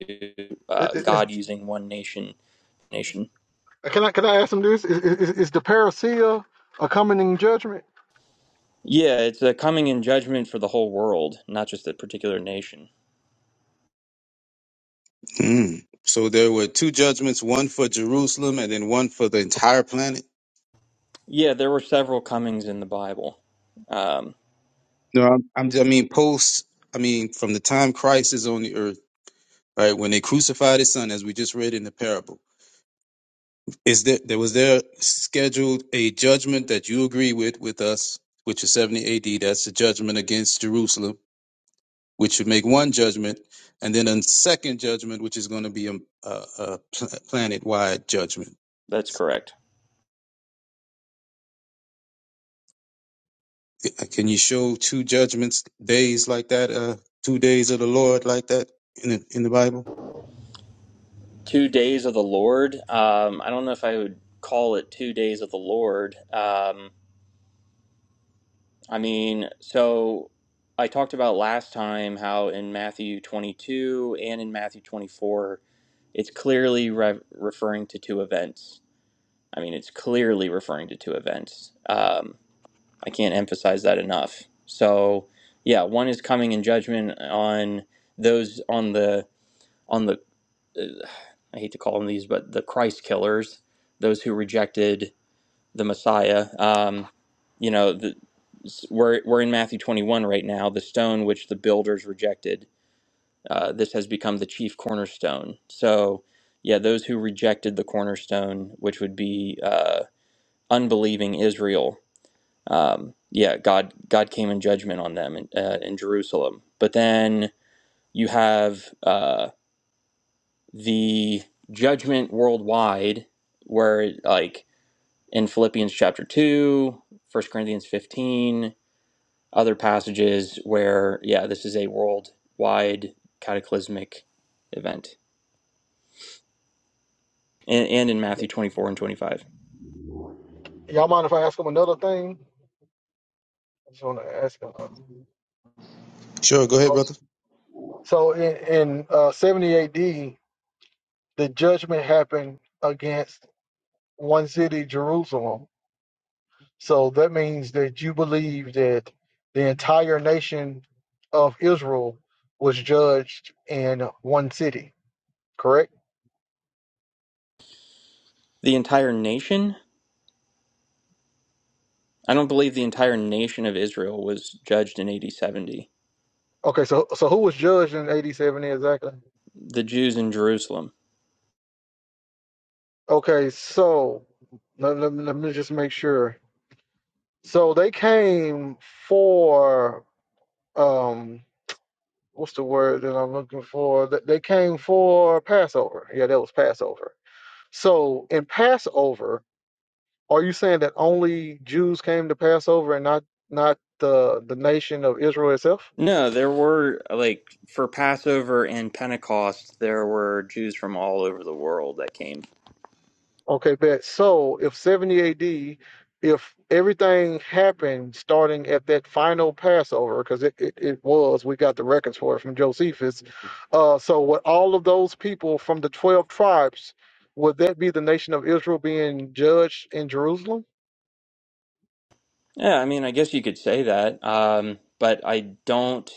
to
It,
uh,
it, it's,
God using one nation. Nation.
can I can I ask him this? Is, is, is the parousia a coming judgment?
Yeah, it's a coming in judgment for the whole world, not just a particular nation.
Mm. So there were two judgments: one for Jerusalem, and then one for the entire planet.
Yeah, there were several comings in the Bible. Um,
No, I'm, I'm. I mean, post. I mean, from the time Christ is on the earth right? When they crucified his son, as we just read in the parable, is there, there was there scheduled a judgment that you agree with with us, which is 70 AD. That's the judgment against Jerusalem, which should make one judgment, and then a second judgment, which is going to be a, a, a pl- planet-wide judgment.
that's correct.
Can you show two judgments days like that? Uh, two days of the Lord like that in the, in the Bible?
Two days of the Lord. Um, I don't know if I would call it two days of the Lord. Um, I mean, so I talked about last time how in Matthew 22 and in Matthew 24, it's clearly re- referring to two events. I mean, it's clearly referring to two events. Um, I can't emphasize that enough. So, yeah, one is coming in judgment on those on the on the uh, I hate to call them these, but the Christ killers, those who rejected the Messiah. Um, you know, the, we're we're in Matthew 21 right now. The stone which the builders rejected, uh, this has become the chief cornerstone. So, yeah, those who rejected the cornerstone, which would be uh, unbelieving Israel, um, yeah, God God came in judgment on them in, uh, in Jerusalem. But then you have uh, the judgment worldwide, where like in Philippians chapter 2, First Corinthians 15, other passages where, yeah, this is a worldwide cataclysmic event, and, and in Matthew 24 and 25.
Y'all mind if I ask him another thing? I just want to ask him.
Sure, go ahead,
uh,
brother.
So in, in uh, 70 AD, the judgment happened against one city, Jerusalem. So that means that you believe that the entire nation of Israel was judged in one city, correct?
The entire nation, I don't believe the entire nation of Israel was judged in AD 70.
Okay, so so who was judged in 87 exactly?
The Jews in Jerusalem.
Okay, so let, let, me- let me just make sure. So they came for um what's the word that I'm looking for? They they came for Passover. Yeah, that was Passover So in Passover, are you saying that only Jews came to Passover and not not the the nation of Israel itself?
No, there were, like, for Passover and Pentecost, there were Jews from all over the world that came.
Okay, bet. So if 70 AD, if everything happened starting at that final Passover, because it, it, it was, we got the records for it from Josephus. Uh, so with all of those people from the 12 tribes, would that be the nation of Israel being judged in Jerusalem?
Yeah, I mean, I guess you could say that, um, but I don't,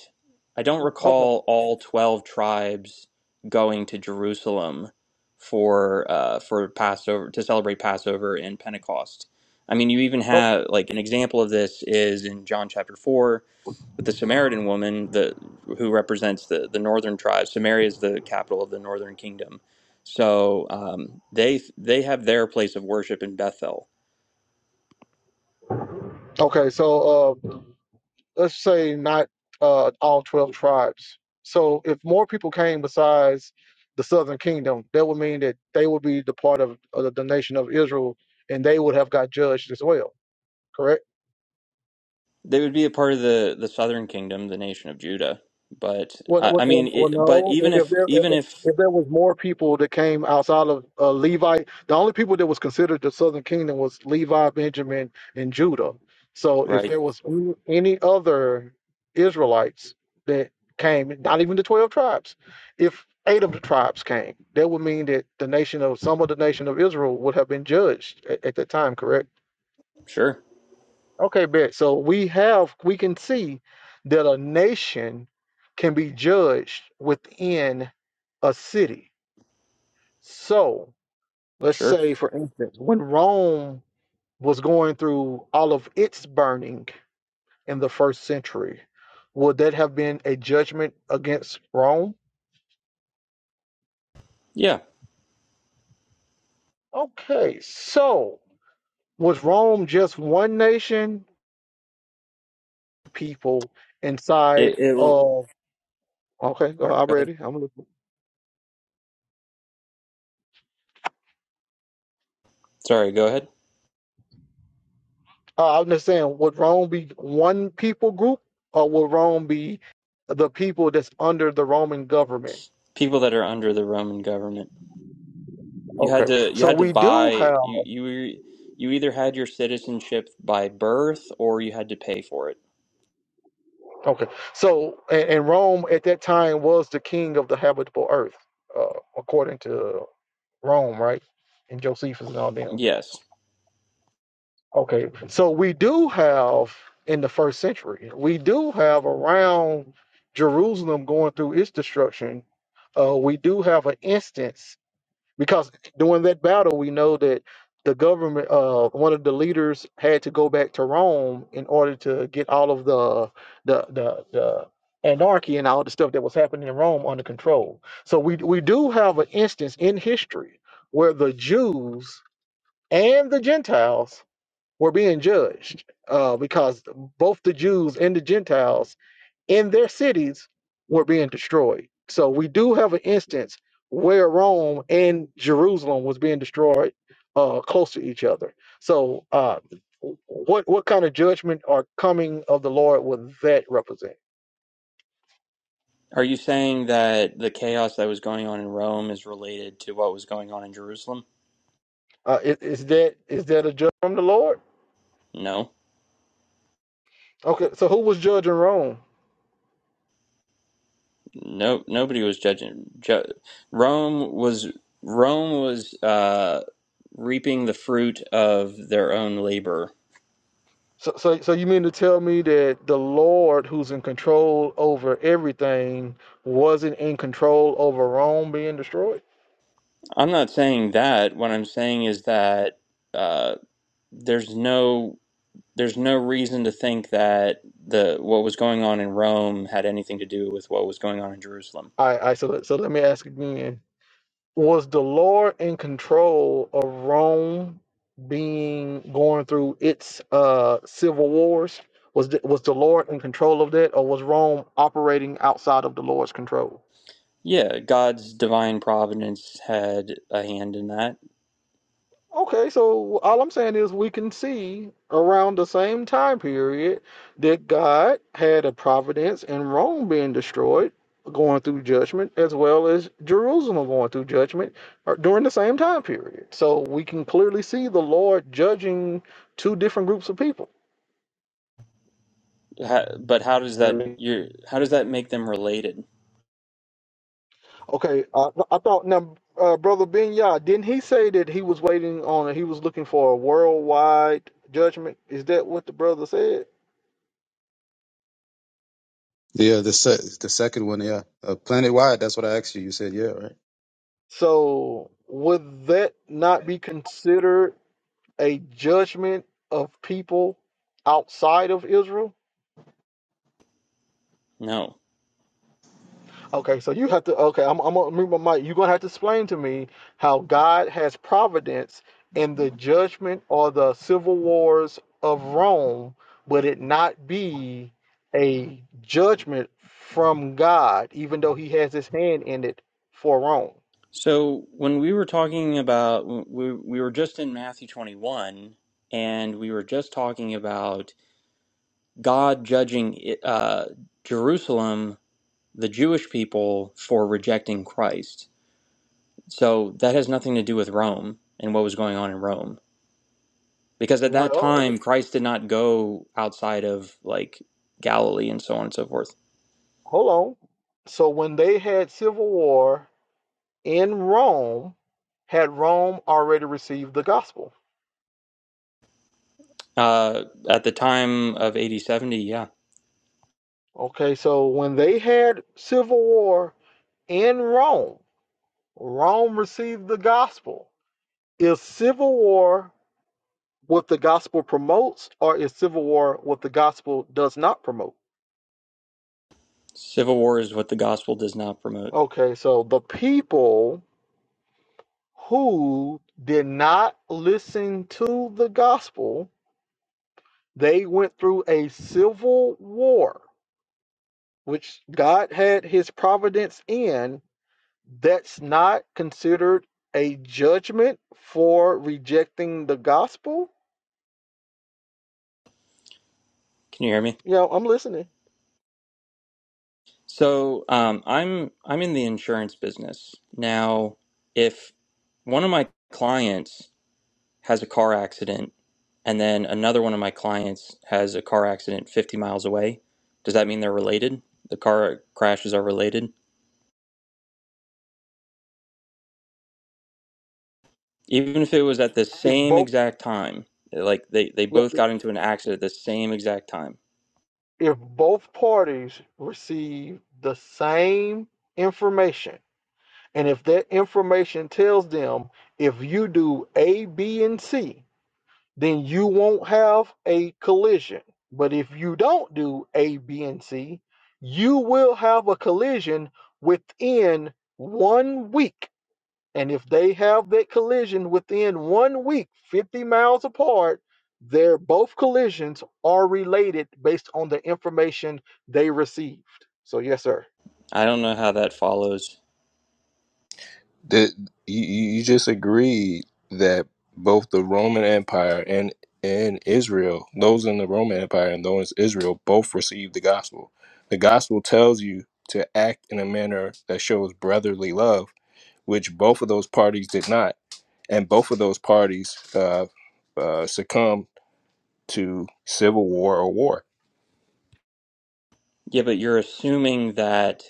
I don't
Okay.
recall all twelve tribes going to Jerusalem for uh, for Passover to celebrate Passover and Pentecost. I mean, you even
Oh,
have like an example of this is in John chapter four with the Samaritan woman, the who represents the the northern tribe. Samaria is the capital of the northern kingdom, so um, they they have their place of worship in Bethel
okay. So uh, let's say not uh, all 12 tribes. So if more people came besides the southern kingdom, that would mean that they would be the part of, of the nation of Israel and they would have got judged as well, correct?
They would be a part of the the southern kingdom, the nation of Judah. But
Well,
I,
well,
I mean,
well, well,
it, but
no.
even
If
if
there if,
even if
if there was more people that came outside of uh, Levi, the only people that was considered the Southern Kingdom was Levi, Benjamin, and Judah. So if
right,
there was any any other Israelites that came, not even the twelve tribes, if eight of the tribes came, that would mean that the nation of some of the nation of Israel would have been judged at, at that time. Correct.
sure,
Okay, bet. So we have we can see that a nation can be judged within a city. So let's
sure,
say, for instance, when Rome was going through all of its burning in the first century, would that have been a judgment against Rome?
yeah,
Okay, so was Rome just one nation people inside
it it will. Go
of? Okay, go ahead, I'm
ahead.
ready. I'm listening.
Sorry, go ahead.
Uh, I'm just saying, would Rome be one people group, or would Rome be the people that's under the Roman government?
People that are under the Roman government, you had
Okay,
to you
so
had to
we do
buy
have.
you you were- you either had your citizenship by birth or you had to pay for it.
Okay, so and, and Rome at that time was the king of the habitable earth, uh, according to Rome, right? And Josephus and all them.
Yes.
Okay, so we do have in the first century, we do have around Jerusalem going through its destruction. Uh, we do have an instance because during that battle we know that the government uh one of the leaders had to go back to Rome in order to get all of the the the, the anarchy and all the stuff that was happening in Rome under control. So we we do have an instance in history where the Jews and the Gentiles were being judged uh, because both the Jews and the Gentiles in their cities were being destroyed. So we do have an instance where Rome and Jerusalem was being destroyed uh, close to each other. So uh, what what kind of judgment or coming of the Lord would that represent?
Are you saying that the chaos that was going on in Rome is related to what was going on in Jerusalem?
Uh, is, is that is that a judgment from the Lord?
No.
Okay, so who was judging Rome?
No, nobody was judging. Ju- Rome was Rome was uh, reaping the fruit of their own labor.
So, so, so you mean to tell me that the Lord, who's in control over everything, wasn't in control over Rome being destroyed?
I'm not saying that. What I'm saying is that uh, there's no there's no reason to think that the what was going on in Rome had anything to do with what was going on in Jerusalem.
All right, all right so, let- so let me ask again was the Lord in control of Rome being going through its uh civil wars? Was the, was the Lord in control of that, or was Rome operating outside of the Lord's control?
Yeah, God's divine providence had a hand in that.
Okay, so all I'm saying is we can see around the same time period that God had a providence in Rome being destroyed, going through judgment, as well as Jerusalem going through judgment uh, during the same time period. So we can clearly see the Lord judging two different groups of people.
How, but how does
I
that
mean,
you how does that make them related?
Okay, uh, I thought now, uh, Brother Ben Yah, didn't he say that he was waiting on, he was looking for a worldwide judgment? Is that what the brother said?
Yeah, the se- the second one, yeah, uh, planet-wide. That's what I asked you. You said yeah, right?
So would that not be considered a judgment of people outside of Israel?
No.
Okay, so you have to okay, I'm I'm gonna move my mic. You're gonna have to explain to me how God has providence in the judgment or the civil wars of Rome, but it not be a judgment from God, even though he has his hand in it for Rome?
So when we were talking about we we were just in Matthew 21 and we were just talking about God judging uh, Jerusalem, the Jewish people for rejecting Christ. So that has nothing to do with Rome and what was going on in Rome because at that
Well,
time Christ did not go outside of like Galilee and so on and so forth.
hold on. So when they had civil war in Rome had Rome already received the gospel.
Uh, at the time of AD 70, yeah,
Okay, so when they had civil war in Rome, Rome received the gospel. Is civil war what the gospel promotes, or is civil war what the gospel does not promote?
civil war is what the gospel does not promote.
Okay, so the people who did not listen to the gospel, they went through a civil war, which God had his providence in that's not considered a judgment for rejecting the gospel?
Can you hear me?
You know, I'm listening.
So um, I'm I'm in the insurance business now. If one of my clients has a car accident, and then another one of my clients has a car accident 50 miles away, does that mean they're related? The car crashes are related, even if it was at the
If
same
both
exact time. Like they they
yeah,
both got into an accident at the same exact time.
if both parties receive the same information, and if that information tells them if you do A, B, and C, then you won't have a collision. But if you don't do A, B, and C, you will have a collision within one week And if they have that collision within one week, 50 miles apart, their both collisions are related based on the information they received. So yes, sir.
I don't know how that follows.
that you, you just agreed that both the Roman Empire and and Israel, those in the Roman Empire and those in Israel, both received the gospel. The gospel tells you to act in a manner that shows brotherly love, which both of those parties did not, and both of those parties uh, uh, succumbed to civil war or war.
Yeah, but you're assuming that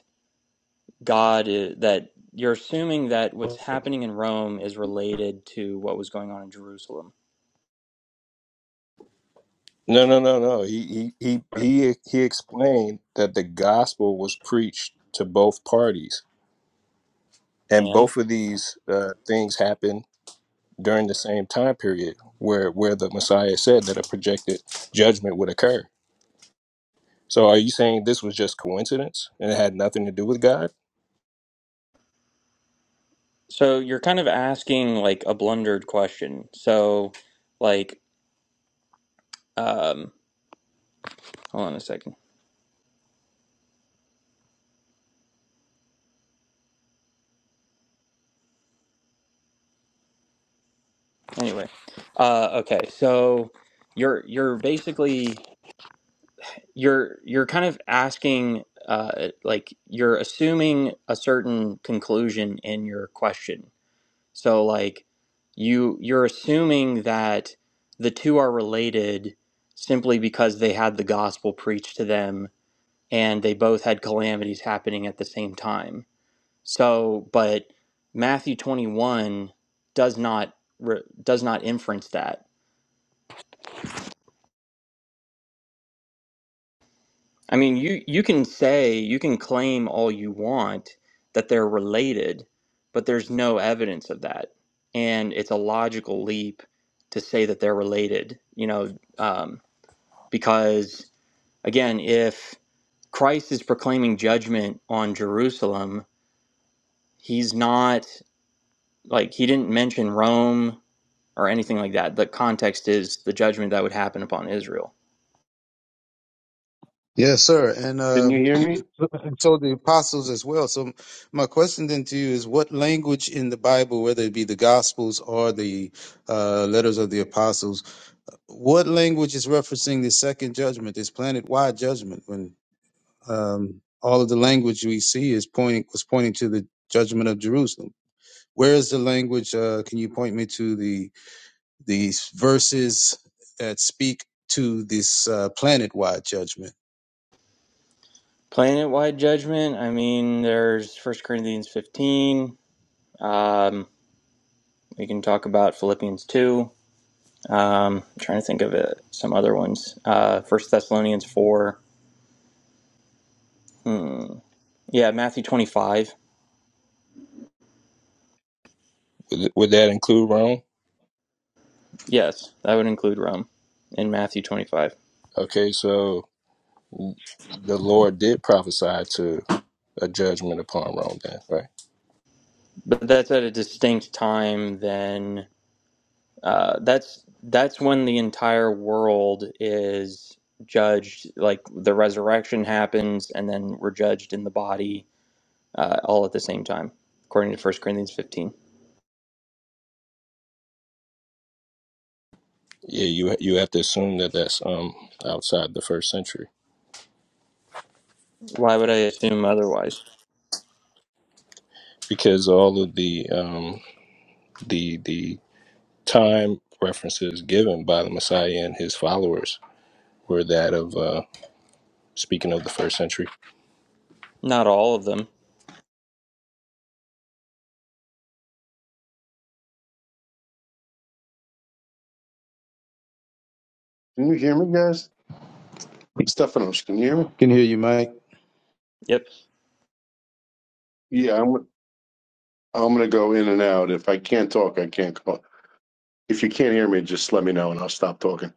God i that you're assuming that what's happening in Rome is related to what was going on in Jerusalem.
No, no, no, no. He he he he he explained that the gospel was preached to both parties and
And
both of these uh, things happen during the same time period where where the messiah said that a projected judgment would occur so are you saying this was just coincidence and it had nothing to do with god
so you're kind of asking like a blundered question. So like um hold on a second. Anyway. Uh okay, so you're you're basically you're you're kind of asking uh like you're assuming a certain conclusion in your question So like you you're assuming that the two are related simply because they had the gospel preached to them and they both had calamities happening at the same time. So but Matthew 21 does not re- does not inference that. I mean, you you can say, you can claim all you want that they're related, but there's no evidence of that. And it's a logical leap to say that they're related. You know, um, Because again, if Christ is proclaiming judgment on Jerusalem, he's not like he didn't mention Rome or anything like that. The context is the judgment that would happen upon Israel.
Yes, sir. And
can
uh,
you hear me?
and so the apostles as well. So my question then to you is what language in the Bible, whether it be the Gospels or the uh, letters of the apostles, what language is referencing the second judgment, this planet-wide judgment, when um, all of the language we see is pointing was pointing to the judgment of Jerusalem? Where is the language? Uh, can you point me to the these verses that speak to this uh, planet wide judgment.
Planet wide judgment, I mean, there's First Corinthians 15. Um, we can talk about Philippians 2. Um, I'm trying to think of it, some other ones. Uh, 1 Thessalonians 4. Hmm. Yeah, Matthew 25.
would, would that include rome
Yes, that would include Rome in Matthew 25.
okay so the lord did prophesy to a judgment upon rome then right
But that's at a distinct time then uh, that's that's when the entire world is judged like the resurrection happens and then we're judged in the body uh, all at the same time according to First Corinthians 15.
yeah you you have to assume that that's um outside the first century
Why would I assume otherwise?
because all of the um the the time references given by the messiah and his followers were that of uh, speaking of the first century.
Not all of them.
Can you hear me, guys? Stephanos, can you hear me?
Can hear you, Mike.
Yep.
Yeah, I'm. I'm gonna go in and out. If I can't talk, I can't call. If you can't hear me, just let me know and I'll stop talking.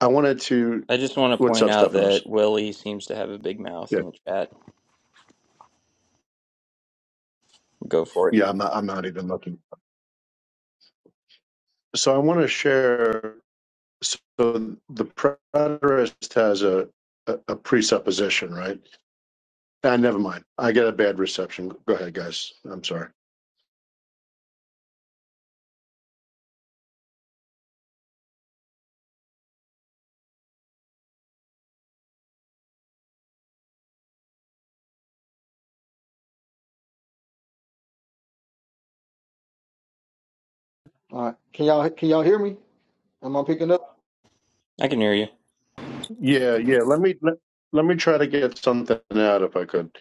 I wanted to.
I just want to
What's
point
up,
out that
Stephanos?
Willie seems to have a big mouth
Yeah,
in the chat. Go for it.
yeah. I'm not. I'm not even looking. So I want to share. So the preterist has a, a a presupposition, right? Ah, never mind. I got a bad reception. Go ahead, guys. I'm sorry.
All right. Am I-
I can hear you.
Yeah, yeah. Let me let, let me try to get something out if I could,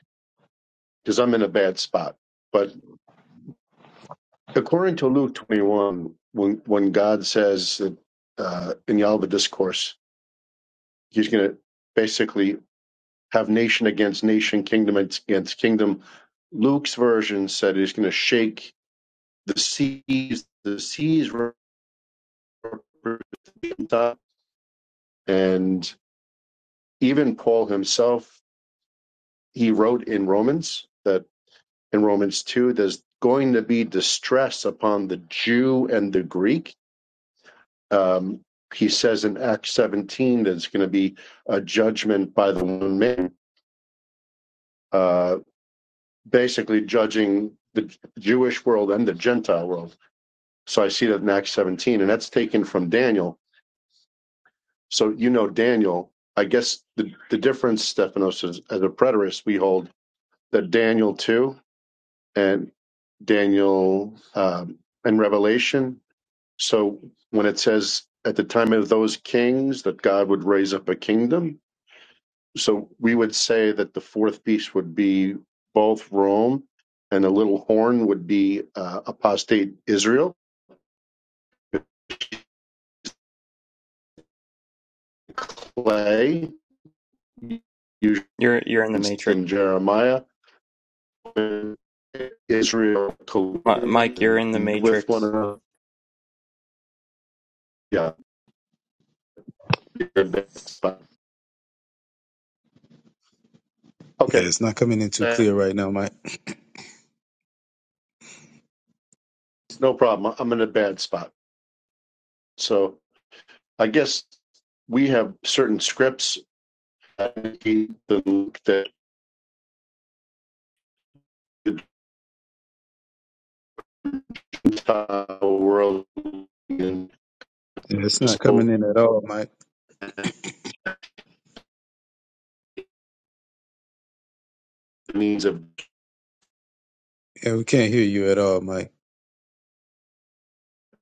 because I'm in a bad spot. But according to Luke 21, when when God says that uh, in Yalva discourse, He's going to basically have nation against nation, kingdom against kingdom. Luke's version said He's going to shake the seas. The seas and even Paul himself he wrote in Romans that in Romans 2, there's going to be distress upon the Jew and the Greek. Um, he says in Acts 17 that it's going to be a judgment by the one man, uh, basically judging the Jewish world and the Gentile world. So I see that in Acts 17, and that's taken from Daniel. So you know Daniel. I guess the, the difference, Stephanos, is as a preterist, we hold that Daniel 2 and Daniel um, and Revelation. So when it says at the time of those kings that God would raise up a kingdom, so we would say that the fourth beast would be both Rome and the little horn would be uh, apostate Israel, clay, used
You're you're in the matrix.
in Jeremiah, when Israel
Mi- Mike, you're
colluded
in the
with one
matrix.
another. Yeah, you're in a bad spot.
Yeah,
Okay,
it's not coming in too
uh,
clear right now, Mike.
no problem. I'm in a bad spot. So I guess we have certain scripts that the Gentile world and
Yeah, it's not
so
coming in at all, Mike.
needs of
Yeah, we can't hear you at all, Mike.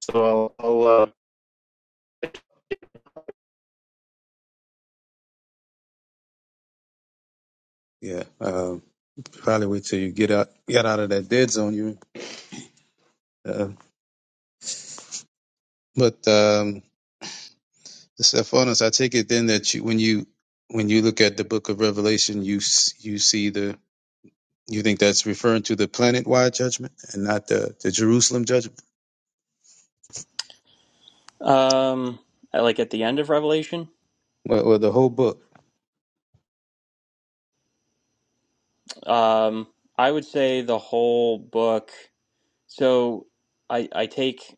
so I'll, I'll, uh,
Yeah. Um, Probably wait till you get out, get out of that dead zone. You, uh, but um, Stephanus, I take it then that you, when you when you look at the Book of Revelation, you s- you see the you think that's referring to the planet wide judgment and not the the Jerusalem judgment
Um like at the end of Revelation?
or, or the whole book.
Um, I would say the whole book. So I I take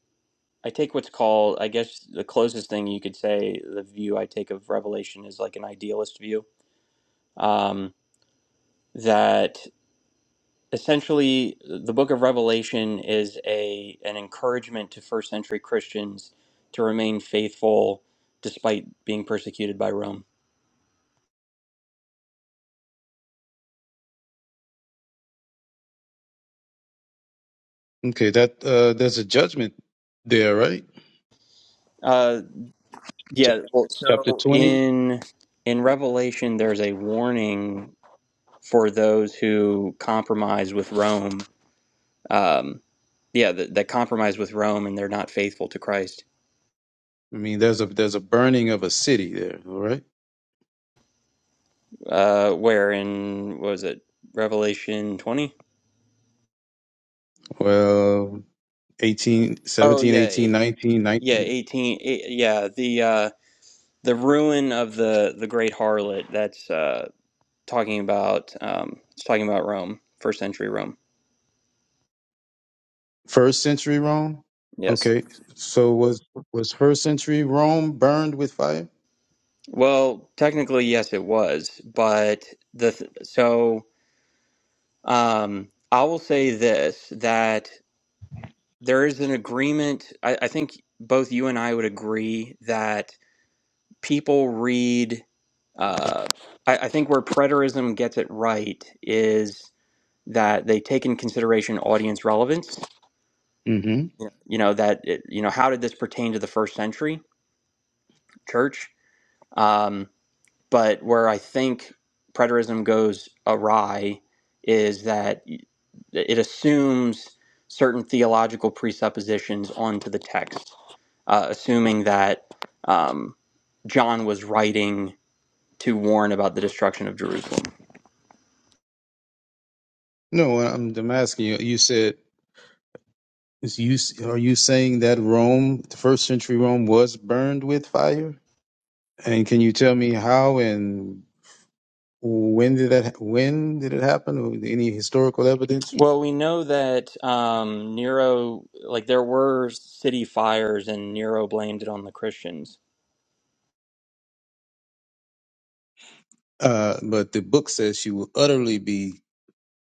I take what's called I guess the closest thing you could say the view I take of Revelation is like an idealist view. Um, that essentially the book of Revelation is a an encouragement to first century Christians to remain faithful despite being persecuted by Rome.
Okay, that uh, there's a judgment there, right?
Uh,
Chap-
yeah. Well,
Chapter
so
twenty.
in in Revelation, there's a warning for those who compromise with Rome. Um, yeah, that, that compromise with Rome and they're not faithful to Christ.
I mean, there's a there's a burning of a city there. All right.
Uh, where in what was it Revelation twenty?
Well, 18,
Oh
17,
yeah,
18,
eight,
19, nineteen.
yeah eighteen. eight, yeah, the uh, the ruin of the the great harlot. That's uh, talking about um, it's talking about Rome, first century Rome.
First century Rome.
Yes.
Okay, so was was first century Rome burned with fire?
Well, technically, yes, it was, but the th- so um, I will say this that. there is an agreement. I, I think both you and I would agree that people read. Uh, I, I think where preterism gets it right is that they take in consideration audience relevance.
hmm
Yeah. You know that it, you know how did this pertain to the first century church? Um, but where I think preterism goes awry is that it assumes certain theological presuppositions onto the text uh, assuming that um, John was writing to warn about the destruction of Jerusalem.
No, I'm, I'm asking you. You said is you are you saying that Rome, the first century Rome, was burned with fire? And can you tell me how and when did that when did it happen? Or any historical evidence?
Well, we know that um, Nero, like there were city fires, and Nero blamed it on the Christians.
Uh, but the book says she will utterly be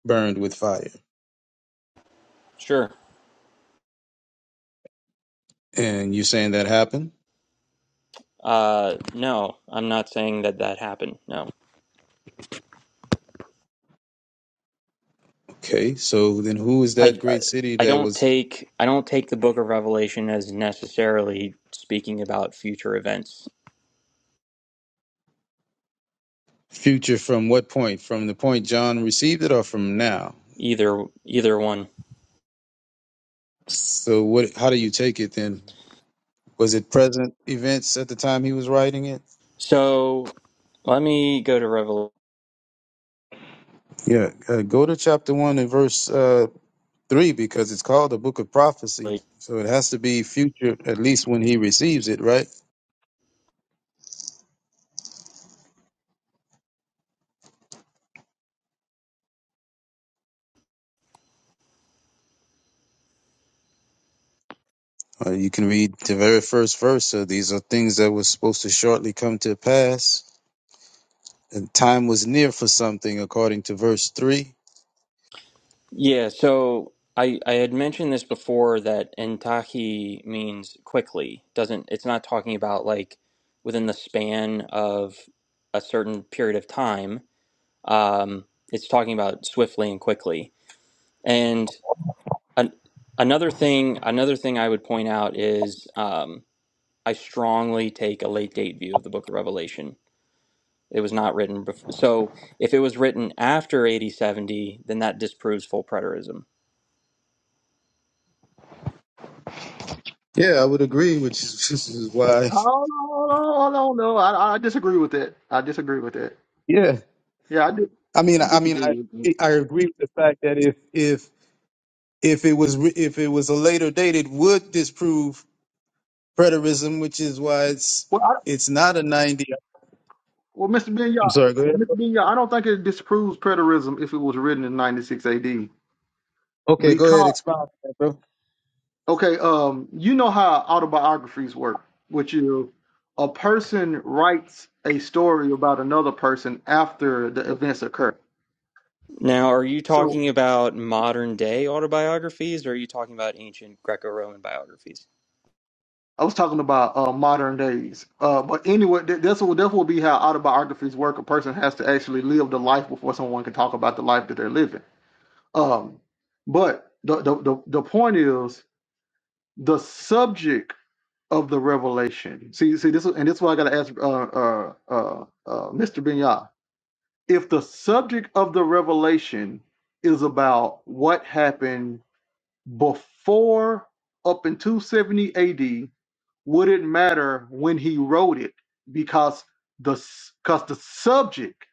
burned with fire,
Sure.
and you're saying that happened.
Uh, no, I'm not saying that that happened. No,
Okay, so then who is that
I, I
great city
I
that
don't
was?
take I don't take the Book of Revelation as necessarily speaking about future events
Future from what point? From the point John received it or from now?
either either one.
So what how do you take it then? Was it present events at the time he was writing it?
So let me go to
Yeah, uh, go to chapter 1 and verse uh, 3 because it's called the book of prophecy.
Revelation.
So it has to be future at least when he receives it, right? Uh, you can read the very first verse. So these are things that were supposed to shortly come to pass. And time was near for something according to verse 3.
Yeah, so I I had mentioned this before that entahi means quickly. Doesn't it's not talking about like within the span of a certain period of time. Um, it's talking about swiftly and quickly. And an, another thing, another thing I would point out is um, I strongly take a late date view of the Book of Revelation. It was not written before. So if it was written after 8070, then that disproves full preterism
Yeah, I would agree, which is, this is why.
Oh, no, no, no, no. I, I disagree with that. I disagree with that.
Yeah.
Yeah, I, do,
I mean,
I
I mean,
disagree
I
with that.
I agree with the fact that if if if it was re- if it was a later date, it would disprove preterism, which is why it's
Well, I,
it's not a ninety.
well, Mr.
I'm
Binyar,
sorry. Go ahead.
Mr. Binyar, I don't think it disproves preterism if it was written in 96 AD.
Okay, go ahead.
Because
Expound, on that, bro.
Okay, um, you know how autobiographies work, which you a person writes a story about another person after the events occur.
Now, are you
So
talking about modern day autobiographies or are you talking about ancient Greco-Roman biographies?
I was talking about uh, modern days, uh, but anyway, th- that's what that will be how autobiographies work. A person has to actually live the life before someone can talk about the life that they're living. Um, but the the the, the point is the subject of the revelation. See, see this, is- and this is why I got to ask uh, uh, uh, uh, Mr. Binyah if the subject of the revelation is about what happened before up in 270 AD, would it matter when he wrote it? Because the because the subject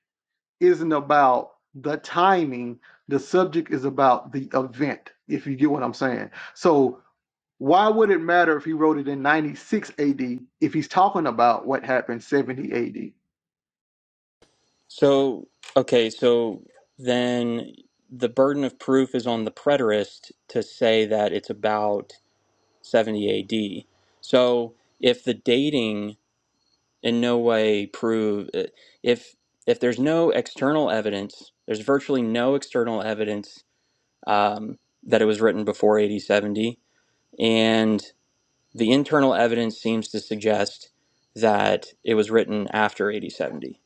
isn't about the timing. The subject is about the event. If you get what I'm saying, so why would it matter if he wrote it in 96 AD if he's talking about what happened 70 AD?
So, okay, so then the burden of proof is on the preterist to say that it's about 70 AD. So, if the dating in no way prove uh, if if there's no external evidence, there's virtually no external evidence um, that it was written before AD 70, and The internal evidence seems to suggest that it was written after 8070.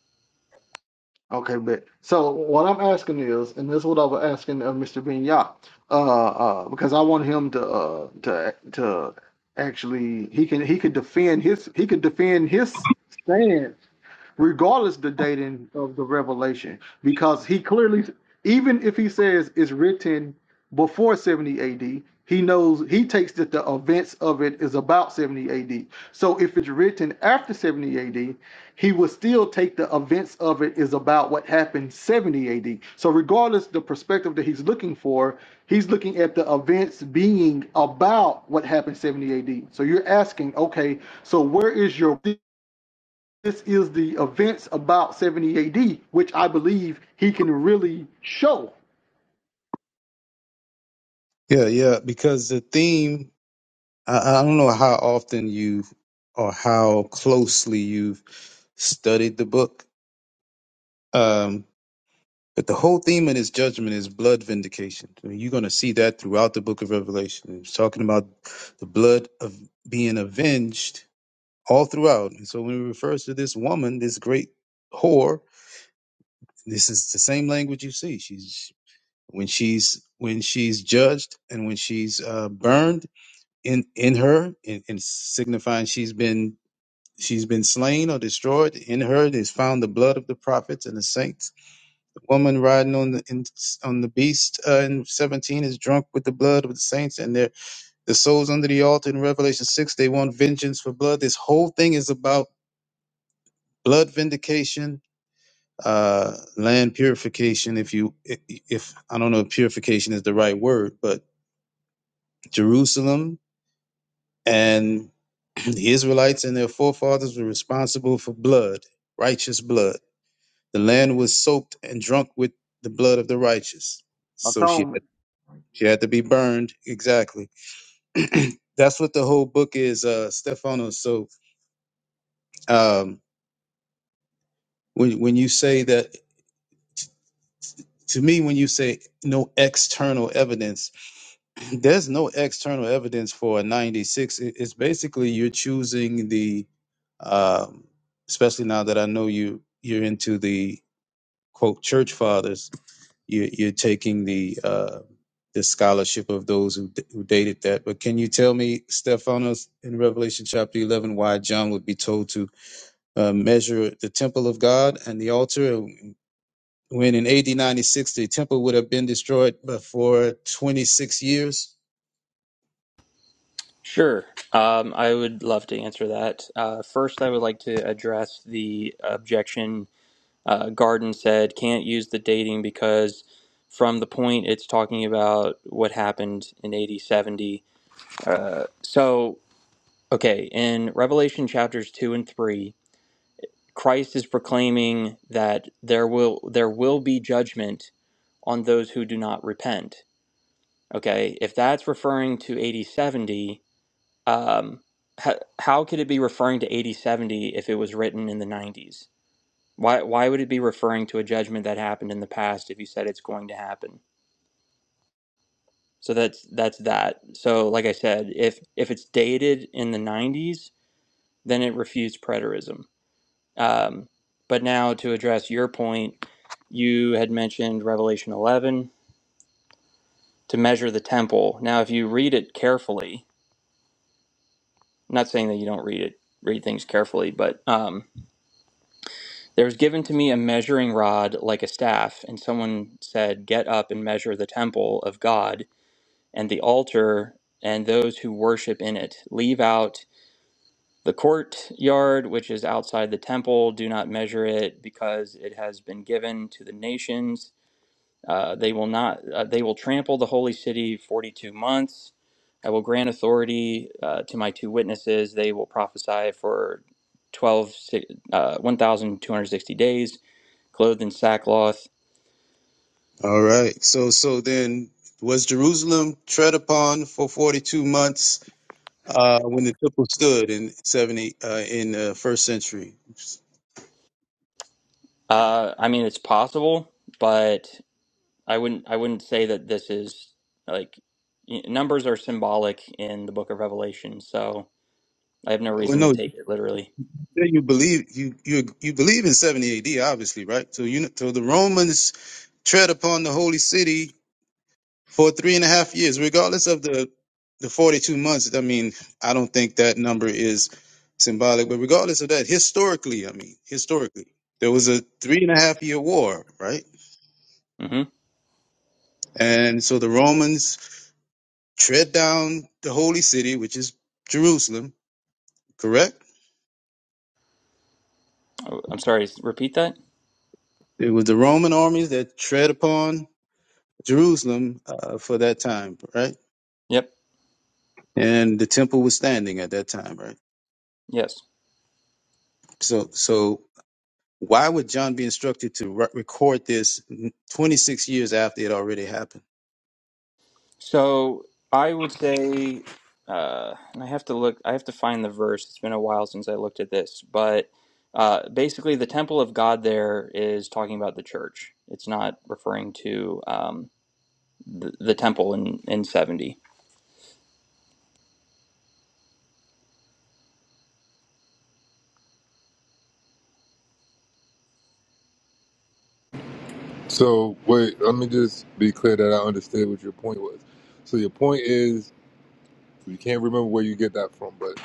Okay, but so what I'm asking is, and this is what I was asking of Mr. Binyat, uh, uh, because I want him to, uh, to, to actually, he can, he could defend his, he could defend his stand regardless the dating of the revelation, because he clearly, even if he says it's written before 70 AD, he knows he takes that the events of it is about 70 AD. So if it's written after 70 AD, he will still take the events of it is about what happened 70 AD. So regardless the perspective that he's looking for, he's looking at the events being about what happened 70 AD. So you're asking, okay, so where is your is the events about 70 AD, which I believe he can really show
Yeah, yeah. Because the theme, I, I don't know how often you or how closely you've studied the book, Um, But the whole theme of this judgment is blood vindication. I mean, you're going to see that throughout the book of Revelation. It's talking about the blood of being avenged all throughout. And so when it refers to this woman, this great whore, this is the same language you see. She's when she's when she's judged and when she's uh, burned in in her, in, in signifying she's been she's been slain or destroyed. In her is found the blood of the prophets and the saints the woman riding on the in, on the beast uh, in 17 is drunk with the blood of the saints and their the souls under the altar in revelation 6 they want vengeance for blood this whole thing is about blood vindication uh land purification if you i- if i don't know if purification is the right word but jerusalem and the israelites and their forefathers were responsible for blood righteous blood the land was soaked and drunk with the blood of the righteous so she
atonement.
She had to be burned. Exactly. That's what the whole book is, uh, Stefano. So um, when when you say that to me, when you say no external evidence, there's no external evidence for a 96. It- It's basically you're choosing the, um, especially now that I know you you're into the quote church fathers you, you're taking the uh, the scholarship of those who, who dated that. But can you tell me, Stephanos, in Revelation chapter 11, why John would be told to uh, measure the temple of God and the altar? When in AD 96, the temple would have been destroyed for 26 years.
Sure, um, I would love to answer that. Uh, first, I would like to address the objection. Uh, Garden said can't use the dating because from the point it's talking about what happened in 8070. Uh, so, okay, in Revelation chapters 2 and 3, Christ is proclaiming that there will there will be judgment on those who do not repent. Okay, if that's referring to 8070, um, h- how could it be referring to 8070 if it was written in the 90s? Why why would it be referring to a judgment that happened in the past if you said it's going to happen? So that's that's that. So like I said, if if it's dated in the 90s, then it refutes preterism. Um, but now to address your point, you had mentioned Revelation 11 to measure the temple. Now if you read it carefully, not saying that you don't read it read things carefully but um, there was given to me a measuring rod like a staff and someone said get up and measure the temple of god and the altar and those who worship in it leave out the courtyard which is outside the temple do not measure it because it has been given to the nations uh, they will not. Uh, they will trample the holy city forty-two months. I will grant authority uh, to my two witnesses. They will prophesy for 12, si- uh, 1,260 days, clothed in sackcloth.
All right. So, so then was Jerusalem tread upon for 42 months uh, when the temple stood in 70 uh, in the first century?
Uh, I mean, it's possible, but I wouldn't. I wouldn't say that this is like y- numbers are symbolic in the Book of Revelation. So I have no
Well,
reason to
no.
take it literally.
Yeah, you believe you you you believe in 70 AD, obviously, right? So you so the Romans tread upon the holy city for three and a half years, regardless of the the 42 months. I mean, I don't think that number is symbolic, but regardless of that, historically, I mean, historically, there was a three and a half year war, right?
hmm
And so the Romans tread down the holy city, which is Jerusalem, correct?
I'm sorry. Repeat that.
It was the Roman armies that tread upon Jerusalem uh, for that time, right?
Yep.
and the temple was standing at that time, right?
Yes.
So, so why would John be instructed to re- record this 26 years after it already happened?
So I would say, uh, and I have to look, I have to find the verse. It's been a while since I looked at this, but uh, basically, the temple of God there is talking about the church. It's not referring to um, the, the temple in, in 70.
So wait, let me just be clear that I understood what your point was. So your point is you can't remember where you get that from, but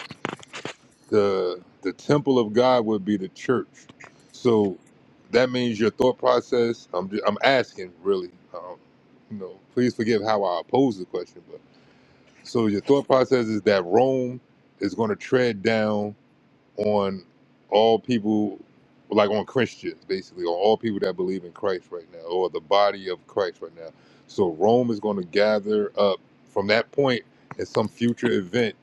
the the temple of God would be the church. So that means your thought process. I'm ju- I'm asking really. Um, you know, please forgive how I pose the question, but so your thought process is that Rome is going to tread down on all people, like on Christians, basically, on all people that believe in Christ right now, or the body of Christ right now. So Rome is going to gather up from that point at some future event.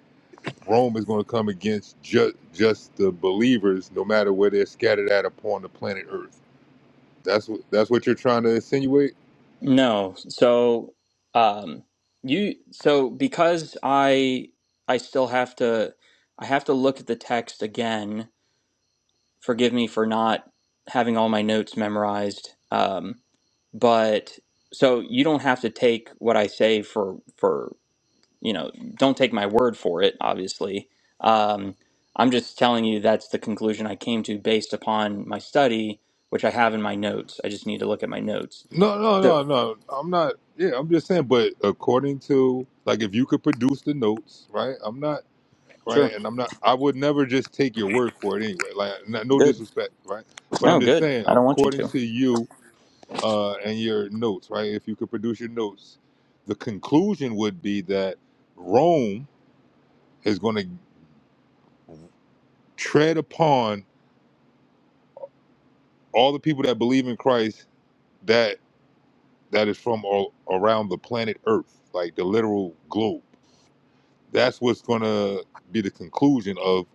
Rome is going to come against just just the believers, no matter where they're scattered at upon the planet Earth. That's what that's what you're trying to insinuate.
No, so um, you, so because I, I still have to, I have to look at the text again forgive me for not having all my notes memorized. Um, but so you don't have to take what I say for for you know don't take my word for it. Obviously, um, I'm just telling you that's the conclusion I came to based upon my study, which I have in my notes. I just need to look at my notes.
No, no,
So
no, no. I'm not. Yeah, I'm just saying. But according to like, if you could produce the notes, right? I'm not. right?
Sure,
And I'm not, I would never just take your word for it anyway. Like, n- no
good.
disrespect, right? But I'm
No,
just
good.
saying,
I don't want you
according
to.
to you uh, and your notes, right? If you could produce your notes, the conclusion would be that Rome is going to tread upon all the people that believe in Christ that that is from all around the planet Earth, like the literal globe. That's what's going to be the conclusion of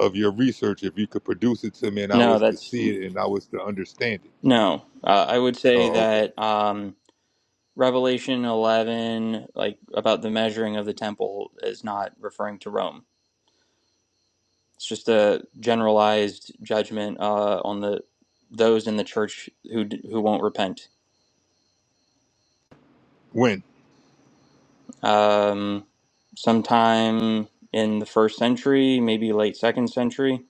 of your research if you could produce it to me and I
No,
was to
that's
see it and I was to understand it.
no. Uh, I would say
Oh, okay.
that. Um, Revelation 11, like about the measuring of the temple, is not referring to Rome. It's just a generalized judgment uh, on the those in the church who who won't repent.
When?
Um, sometime in the first century, maybe late second century,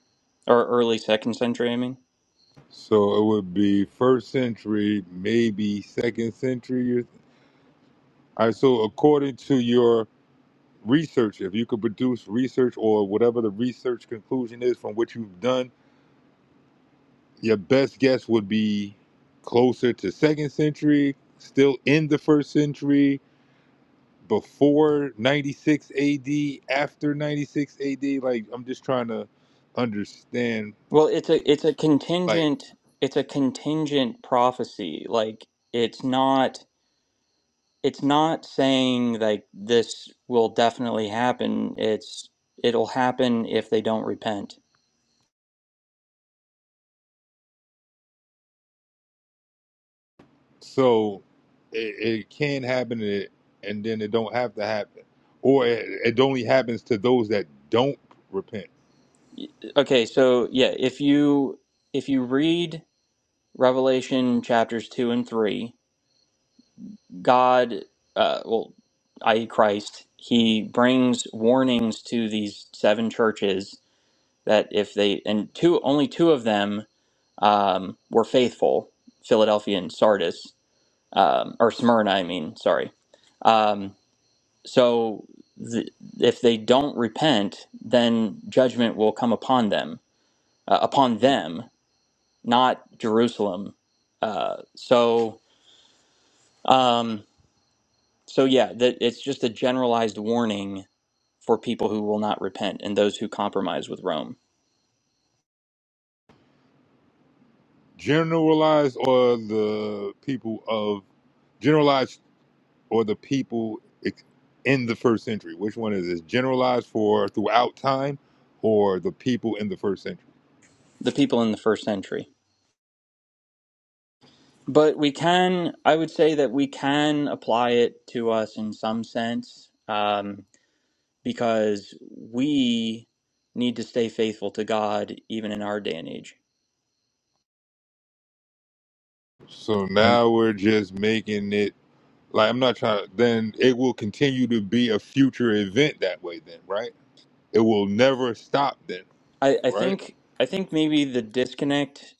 or early second century. I mean,
So it would be first century, maybe second century. you- All right. So according to your research, if you could produce research or whatever the research conclusion is from what you've done, your best guess would be closer to second century, still in the first century, before 96 AD, after 96 AD. Like, I'm just trying to understand.
well, it's a it's a
Like,
contingent it's a contingent prophecy. Like it's not it's not saying like this will definitely happen it's it'll happen if they don't repent
so it, it can happen and it- and then it don't have to happen. Or it, it only happens to those that don't repent.
okay so yeah if you if you read revelation chapters 2 and 3 god uh, well i.e christ he brings warnings to these seven churches that if they and two only two of them um, were faithful philadelphia and sardis um, or smyrna i mean sorry Um, So th- if they don't repent, then judgment will come upon them, uh, upon them, not Jerusalem. Uh, so, um, so yeah, that it's just a generalized warning for people who will not repent and those who compromise with Rome,
Generalized or the people of, generalized or the people ex- in the first century? Which one is this? Generalized for throughout time or the people in the first century?
the people in the first century. But we can, I would say that we can apply it to us in some sense. Um, because we need to stay faithful to God even in our day and age.
So now we're just making it like I'm not trying to then it will continue to be a future event that way then, right? It will never stop then,
I, I
right?
think I think maybe the disconnect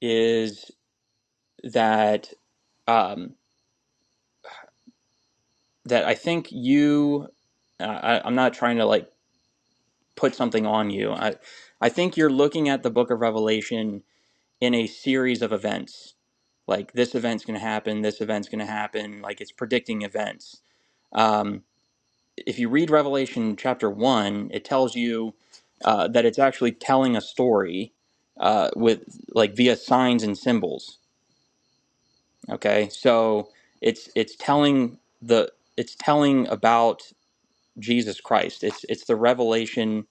is that um, that I think you I, I- I'm not trying to like put something on you. I I think you're looking at the book of Revelation in a series of events. Like this event's going to happen, this event's going to happen, like it's predicting events. Um, if you read Revelation chapter one, it tells you uh, that it's actually telling a story uh, with like via signs and symbols. Okay, so it's it's telling the it's telling about Jesus Christ. It's it's the revelation.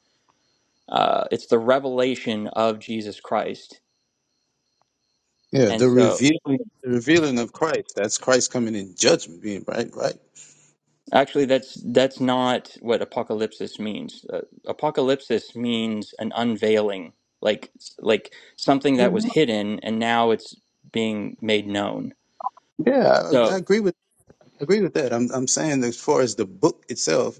Uh, it's the revelation of Jesus Christ,
Yeah,
and
the
so
revealing, the revealing of Christ. That's Christ coming in judgment, being right, right.
Actually, that's that's not what apocalypsis means. Uh, apocalypsis means an unveiling, like like something that was
Mhm.
hidden and now it's being made known.
Yeah, I, I
So
agree with agree with that. I'm I'm saying that as far as the book itself,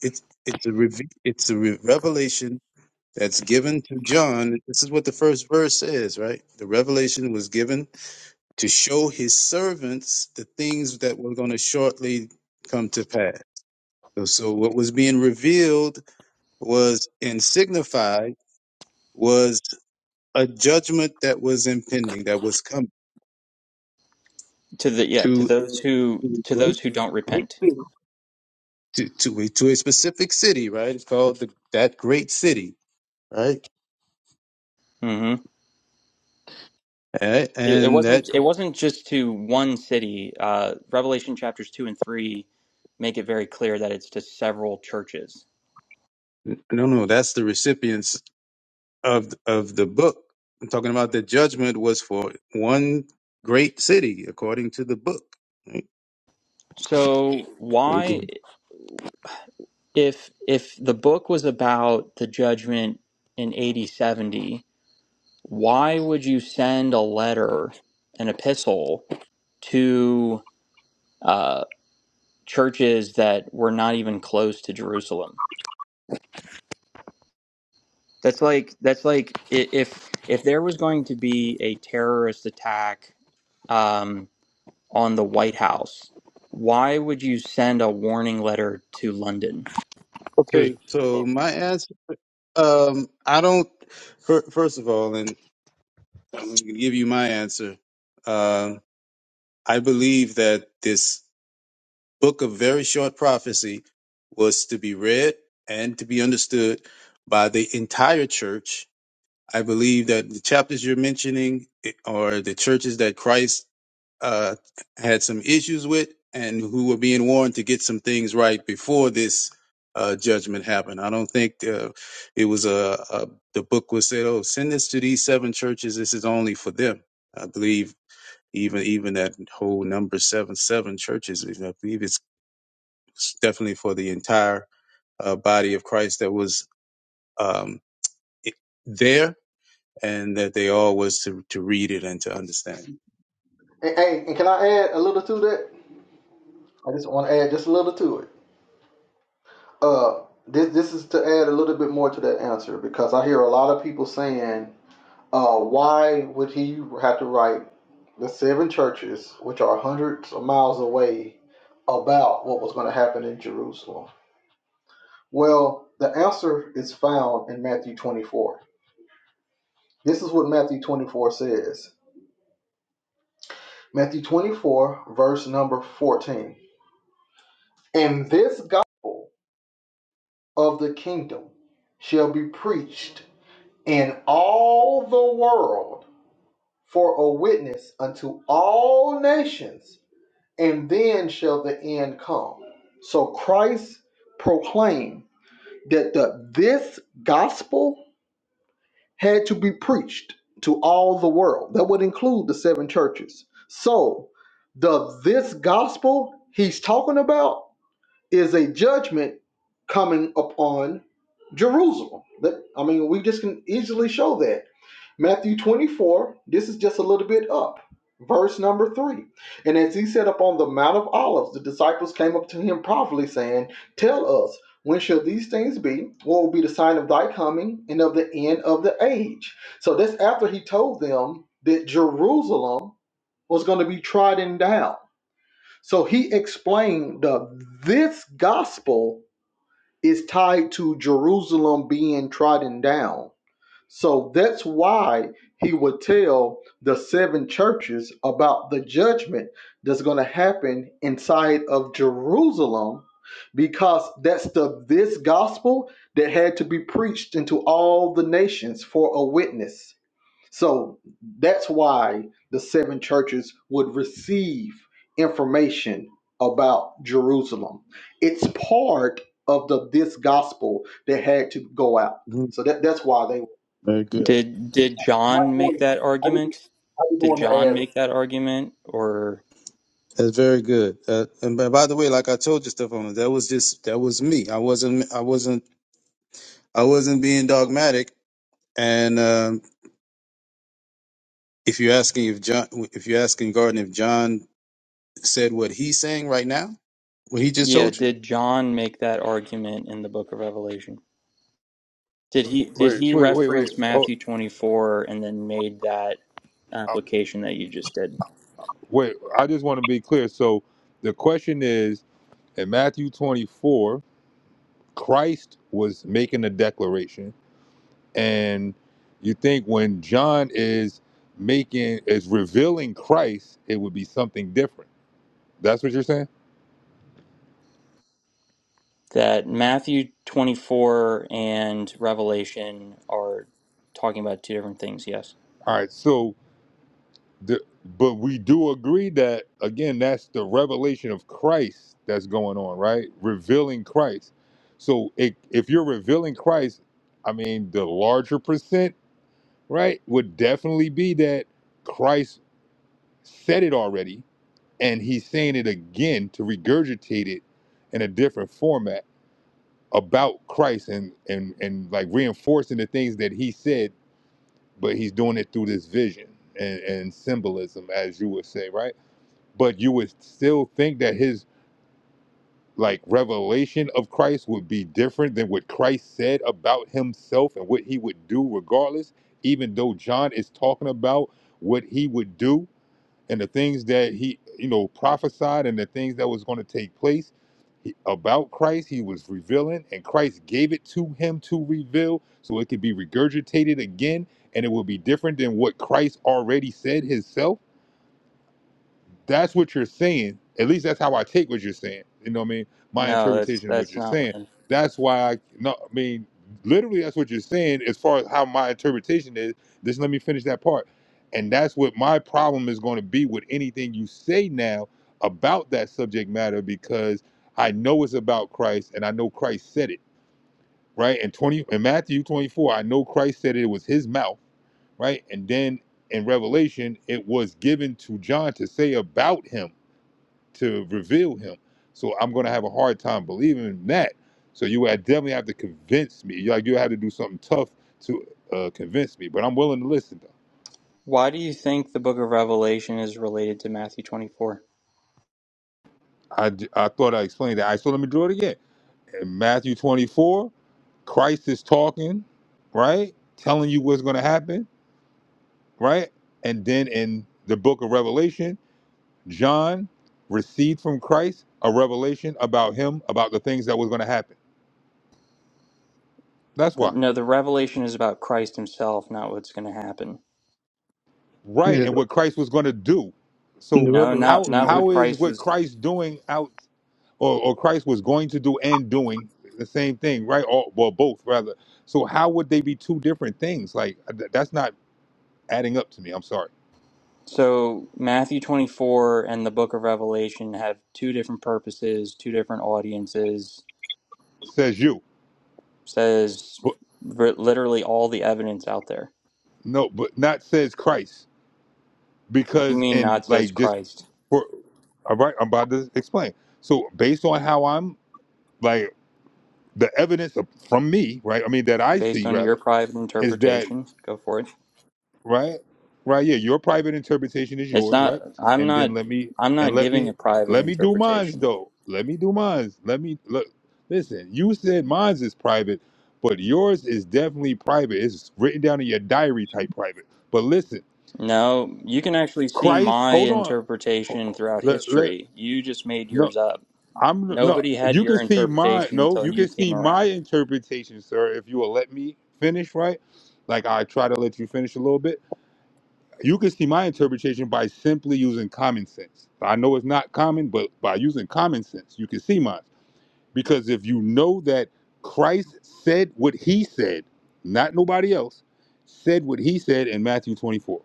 it's it's a reve- it's a re- revelation that's given to John. This is what the first verse says, right? The revelation was given to show his servants the things that were going to shortly come to pass. So, so what was being revealed was and signified was a judgment that was impending, that was coming
to the yeah to
to,
those who
to a
to
great,
those who don't
great
repent.
city, to, to, a, to a specific city, right? It's called the, that great city, right?
hmm
A-
It, it
And that,
wasn't it wasn't just to one city. Uh, Revelation chapters two and three make it very clear that it's to several churches.
no, no, that's the recipients of of the book. I'm talking about the judgment was for one great city, according to the book.
So
right?
why? if if the book was about the judgment in 8070 why would you send a letter an epistle to uh, churches that were not even close to jerusalem that's like that's like i- if if there was going to be a terrorist attack um, on the white house why would you send a warning letter to london
To
Okay. So
oh,
my answer, um, I don't. fir- First of all, and I'm going to give you my answer. Um, I believe that this book of very short prophecy was to be read and to be understood by the entire church. I believe that the chapters you're mentioning eh, are the churches that Christ uh, had some issues with and who were being warned to get some things right before this uh, judgment happened. I don't think uh, it was a, a the book was said, oh, send this to these seven churches. This is only for them. I believe even even that whole number seven seven churches. I believe it's definitely for the entire uh, body of Christ that was um, it- there and that they all was to to read it and to understand.
hey, and can I add a little to that? I just want to add just a little to it. Uh, this this is to add a little bit more to that answer because I hear a lot of people saying, uh, why would he have to write the seven churches, which are hundreds of miles away, about what was going to happen in Jerusalem? Well, the answer is found in Matthew 24. This is what Matthew 24 says. Matthew 24, verse number 14. And this gospel of the kingdom shall be preached in all the world for a witness unto all nations, and then shall the end come. So Christ proclaimed that the, this gospel had to be preached to all the world. That would include the seven churches. So the this gospel he's talking about is a judgment coming upon Jerusalem. That I mean, we just can easily show that. Matthew 24, this is just a little bit up, verse number 3. And as he sat upon the Mount of Olives, the disciples came up to him privately, saying, Tell us, when shall these things be? What will be the sign of thy coming and of the end of the age? So that's after he told them that Jerusalem was going to be trodden down. So he explained the, this gospel is tied to Jerusalem being trodden down. So that's why he would tell the seven churches about the judgment that's going to happen inside of Jerusalem because that's the this gospel that had to be preached into all the nations for a witness. So that's why the seven churches would receive information about Jerusalem. It's part of the this gospel that had to go out.
Mhm.
So that, that's why they.
Very good.
Did did
I
John make that
just
argument? Did
want to
John
add.
make that argument or
That's very good. Uh, and by, by the way, like I told you, Stefano, that was just that was me. I wasn't. I wasn't. I wasn't being dogmatic. And um, if you're asking if John, if you're asking Garden if John said what he's saying right now, what he just
yeah,
told you.
did John make that argument in the book of Revelation? Did he did
wait,
he
so wait, wait, wait.
reference
Hold,
Matthew 24 and then made that
uh,
application that you just did?
wait, I just want to be clear. So the question is in Matthew 24, Christ was making a declaration and you think when John is making is revealing Christ, it would be something different. That's what you're saying?
That Matthew 24 and Revelation are talking about two different things, yes.
All right. So The, but we do agree that again, that's the revelation of Christ that's going on, right? Revealing Christ. So it, if you're revealing Christ, I mean, the larger percent, right, would definitely be that Christ said it already, and he's saying it again to regurgitate it in a different format about Christ and and and like reinforcing the things that he said, but he's doing it through this vision and, and symbolism, as you would say, right? but you would still think that his like revelation of Christ would be different than what Christ said about himself and what he would do regardless even though John is talking about what he would do and the things that he you know prophesied and the things that was going to take place he- about Christ he was revealing and Christ gave it to him to reveal so it could be regurgitated again and it would be different than what Christ already said himself That's what you're saying. At least that's how I take what you're saying. You know what I mean? My
No, that's
interpretation of what
that's
you're
not what
saying.
I'm
That's why I no I mean literally that's what you're saying as far as how my interpretation is. Just let me finish that part. And that's what my problem is going to be with anything you say now about that subject matter because I know it's about Christ and I know Christ said it, right? And 20 in Matthew 24, I know Christ said it, it was his mouth, right? And then in Revelation, it was given to John to say about him to reveal him. So I'm gonna have a hard time believing in that. So you would definitely have to convince me. You like you have to do something tough to uh, convince me. But I'm willing to listen though.
Why do you think the book of Revelation is related to Matthew 24?
I, j- I thought I explained that. I so let me do it again. In Matthew 24, Christ is talking, right? Telling you what's gonna happen, right? And then in the book of Revelation, John received from Christ a revelation about him, about the things that was gonna happen. That's
The,
why.
no, the revelation is about Christ himself, not what's going to happen.
right
Yeah,
and what christ was going to do so
the
No, not
how
revelation
not
is.
what
how is
Christ
what
was.
christ doing out or, or christ was going to do and doing the same thing right or well both rather so how would they be two different things like uh, th- that's not adding up to me i'm sorry
So Matthew 24 and the book of Revelation have two different purposes, two different audiences.
says you
Says
but
ver- literally all the evidence out there.
no but not says christ
What do you
because
mean
in
not says
like just
Christ?
for all right i'm about to explain so based on how i'm like the evidence of- from me right i mean that i
Based
see
on
rather
your private
is that
interpretation, go for it.
right right yeah your private interpretation is
It's
yours right
not I'm
and then
not
let me
I'm
and
not
let
giving
me
a private
let me do mines
interpretation.
though let me do mines let me look listen you said mines is private but yours is definitely private it's written down in your diary type private but listen
No, you can actually see
christ
my
hold on
interpretation throughout
let, let
history. You just made
no
yours up.
i'm no
Nobody had
you can
your
see my
interpretation
no
until
you can
you came
see my
around.
interpretation sir if you will let me finish right like i try to let you finish a little bit You can see my interpretation by simply using common sense. I know it's not common, but by using common sense, you can see mine. Because if you know that Christ said what he said, not nobody else, said what he said in Matthew 24.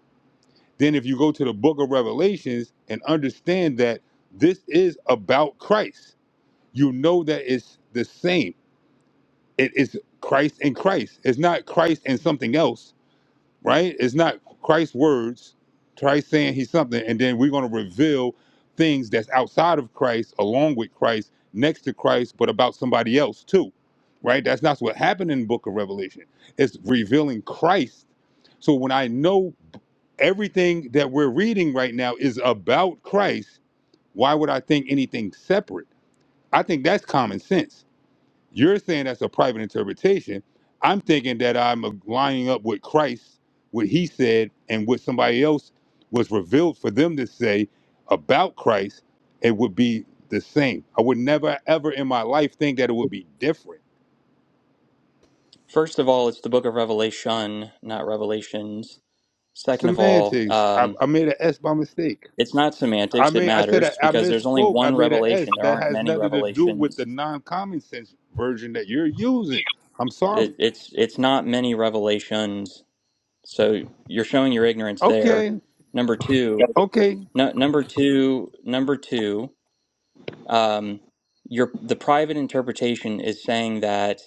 Then if you go to the book of Revelations and understand that this is about Christ, you know that it's the same. It is Christ and Christ. It's not Christ and something else right? It's not Christ's words, Christ saying he's something, and then we're going to reveal things that's outside of Christ, along with Christ, next to Christ, but about somebody else too, right? That's not what happened in the book of Revelation. It's revealing Christ. So when I know everything that we're reading right now is about Christ, why would I think anything separate? I think that's common sense you're saying that's a private interpretation. I'm thinking that I'm lining up with Christ, what he said, and what somebody else was revealed for them to say about Christ, it would be the same. I would never, ever in my life think that it would be different.
First of all, it's the book of Revelation, not Revelations. Second of all,
Semantics. I,
um,
I made an S by mistake.
it's not
I
semantics. It
mean, I said I,
matters
I
because there's only
misspoke. I
one
made an
revelation.
S
There
that
aren't
has
many
nothing to do with the
revelations.
non common sense version that you're using. I'm sorry.
It, it's it's not many revelations. So you're showing your ignorance there.
Okay.
Number two,
Okay.
no, number two, number two. um, your the private interpretation is saying that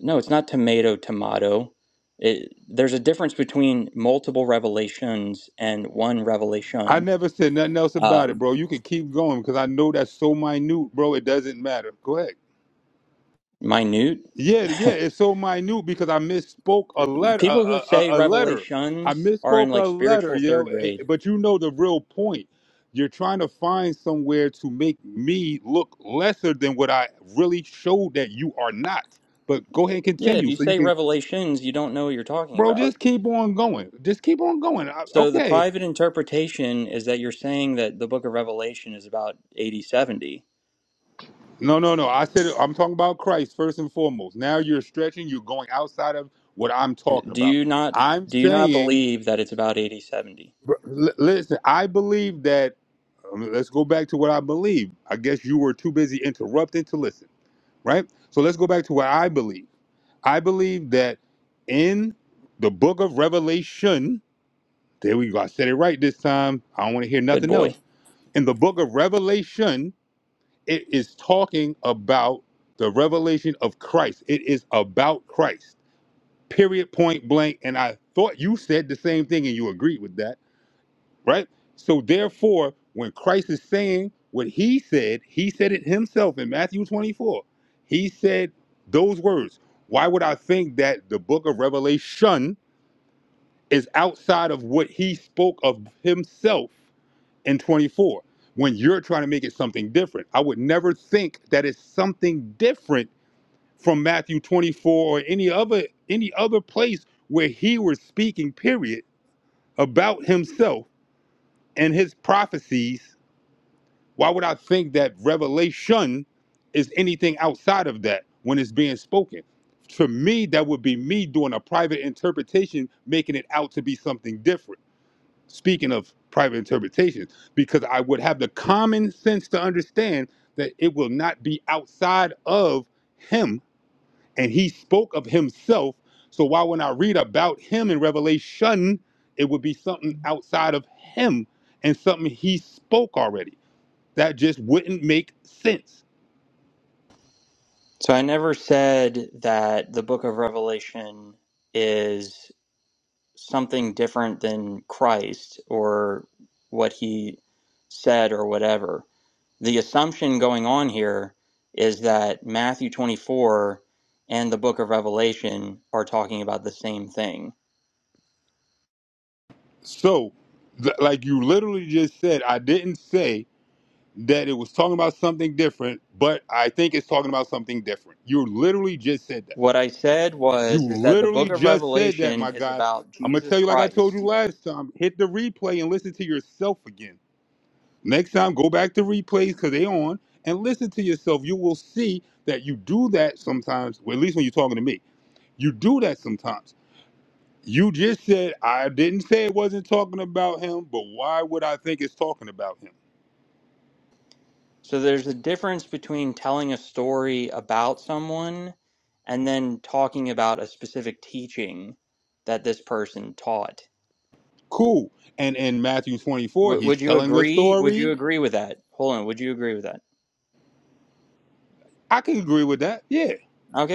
no, it's not tomato tomato. It, there's a difference between multiple revelations and one
I
revelation.
never said nothing else about it,
Um,
bro. You can keep going because I know that's so minute, bro. It doesn't matter. Go ahead.
minute
Yeah, yeah, it's so minute because I misspoke a letter. A,
people who
a, a
say
a letter. I
revelations are in
misspoke
like
a letter,
spiritual
yo.
third
Eh, eh,
grade.
But you know the real point. You're trying to find somewhere to make me look lesser than what I really showed that you are not. But go ahead and
Yeah, if
continue
you
so you
say
can,
revelations, you don't know what you're talking
bro.
about.
Just keep on going. Just keep on going. I,
So the
okay.
private interpretation is that you're saying that the book of Revelation is about 80 70.
No, no, no. I said I'm talking about Christ first and foremost. Now you're stretching. You're going outside of what I'm talking
Do
about.
you not
I'm
do you not
saying,
believe that it's about 80 70?
br- li- listen. I believe that. um, Let's go back to what I believe. I guess you were too busy interrupting to listen, right? So let's go back to what I believe. I believe that in the book of Revelation, there we go. I said it right this time. I don't want to hear
Good
nothing
boy.
else. In the book of Revelation, it is talking about the revelation of Christ. It is about Christ, period, point blank. And I thought you said the same thing and you agreed with that, right? So, therefore, when Christ is saying what he said, he said it himself in Matthew 24. He said those words. Why would I think that the book of Revelation is outside of what he spoke of himself? and 24 when you're trying to make it something different. I would never think that it's something different from Matthew 24 or any other any other place where he was speaking period about himself and his prophecies. Why would I think that revelation is anything outside of that when it's being spoken? To me, that would be me doing a private interpretation, making it out to be something different speaking of private interpretations, because I would have the common sense to understand that it will not be outside of him. And he spoke of himself. So why when I read about him in Revelation, it would be something outside of him and something he spoke already. That just wouldn't make sense.
So I never said that the book of Revelation is something different than Christ or what he said or whatever. The assumption going on here is that Matthew 24 and the book of Revelation are talking about the same thing.
So, th- like you literally just said, I didn't say that it was talking about something different, but I think it's talking about something different. You literally just said that.
What I said
You
was is that the
literally
book of
just said that,
Revelation
my
is
guy.
about
I'm gonna tell
Jesus
you like I told you
Christ
last time. Hit the replay and listen to yourself again. Next time, go back to replays because they on and listen to yourself. You will see that you do that sometimes. Well, at least when you're talking to me, you do that sometimes. You just said I didn't say it wasn't talking about him, but why would I think it's talking about him?
So there's a difference between telling a story about someone and then talking about a specific teaching that this person taught.
Cool. And in Matthew 24,
W-
he's
would you
telling a
agree? Would you
story.
agree with that? Hold on. Would you agree with that?
I can agree with that. Yeah,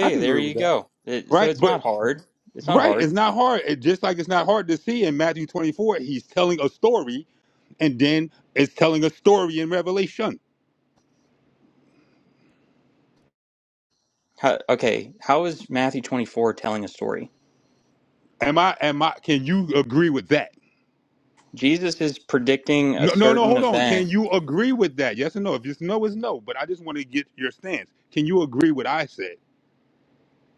I can
there
agree
you
with that.
go. It, so
Right?
it's
But
not hard. It's not
Right. It's
hard.
not hard. It, just like it's not hard to see in Matthew 24, he's telling a story and then it's telling a story in Revelation.
How, okay, how is Matthew 24 telling a story?
Am I, am I, can you agree with that?
Jesus is predicting a
No, no, no,
certain
hold on. Can
event.
you agree with that? Yes or no? If it's no, it's no. But I just want to get your stance. Can you agree what I said?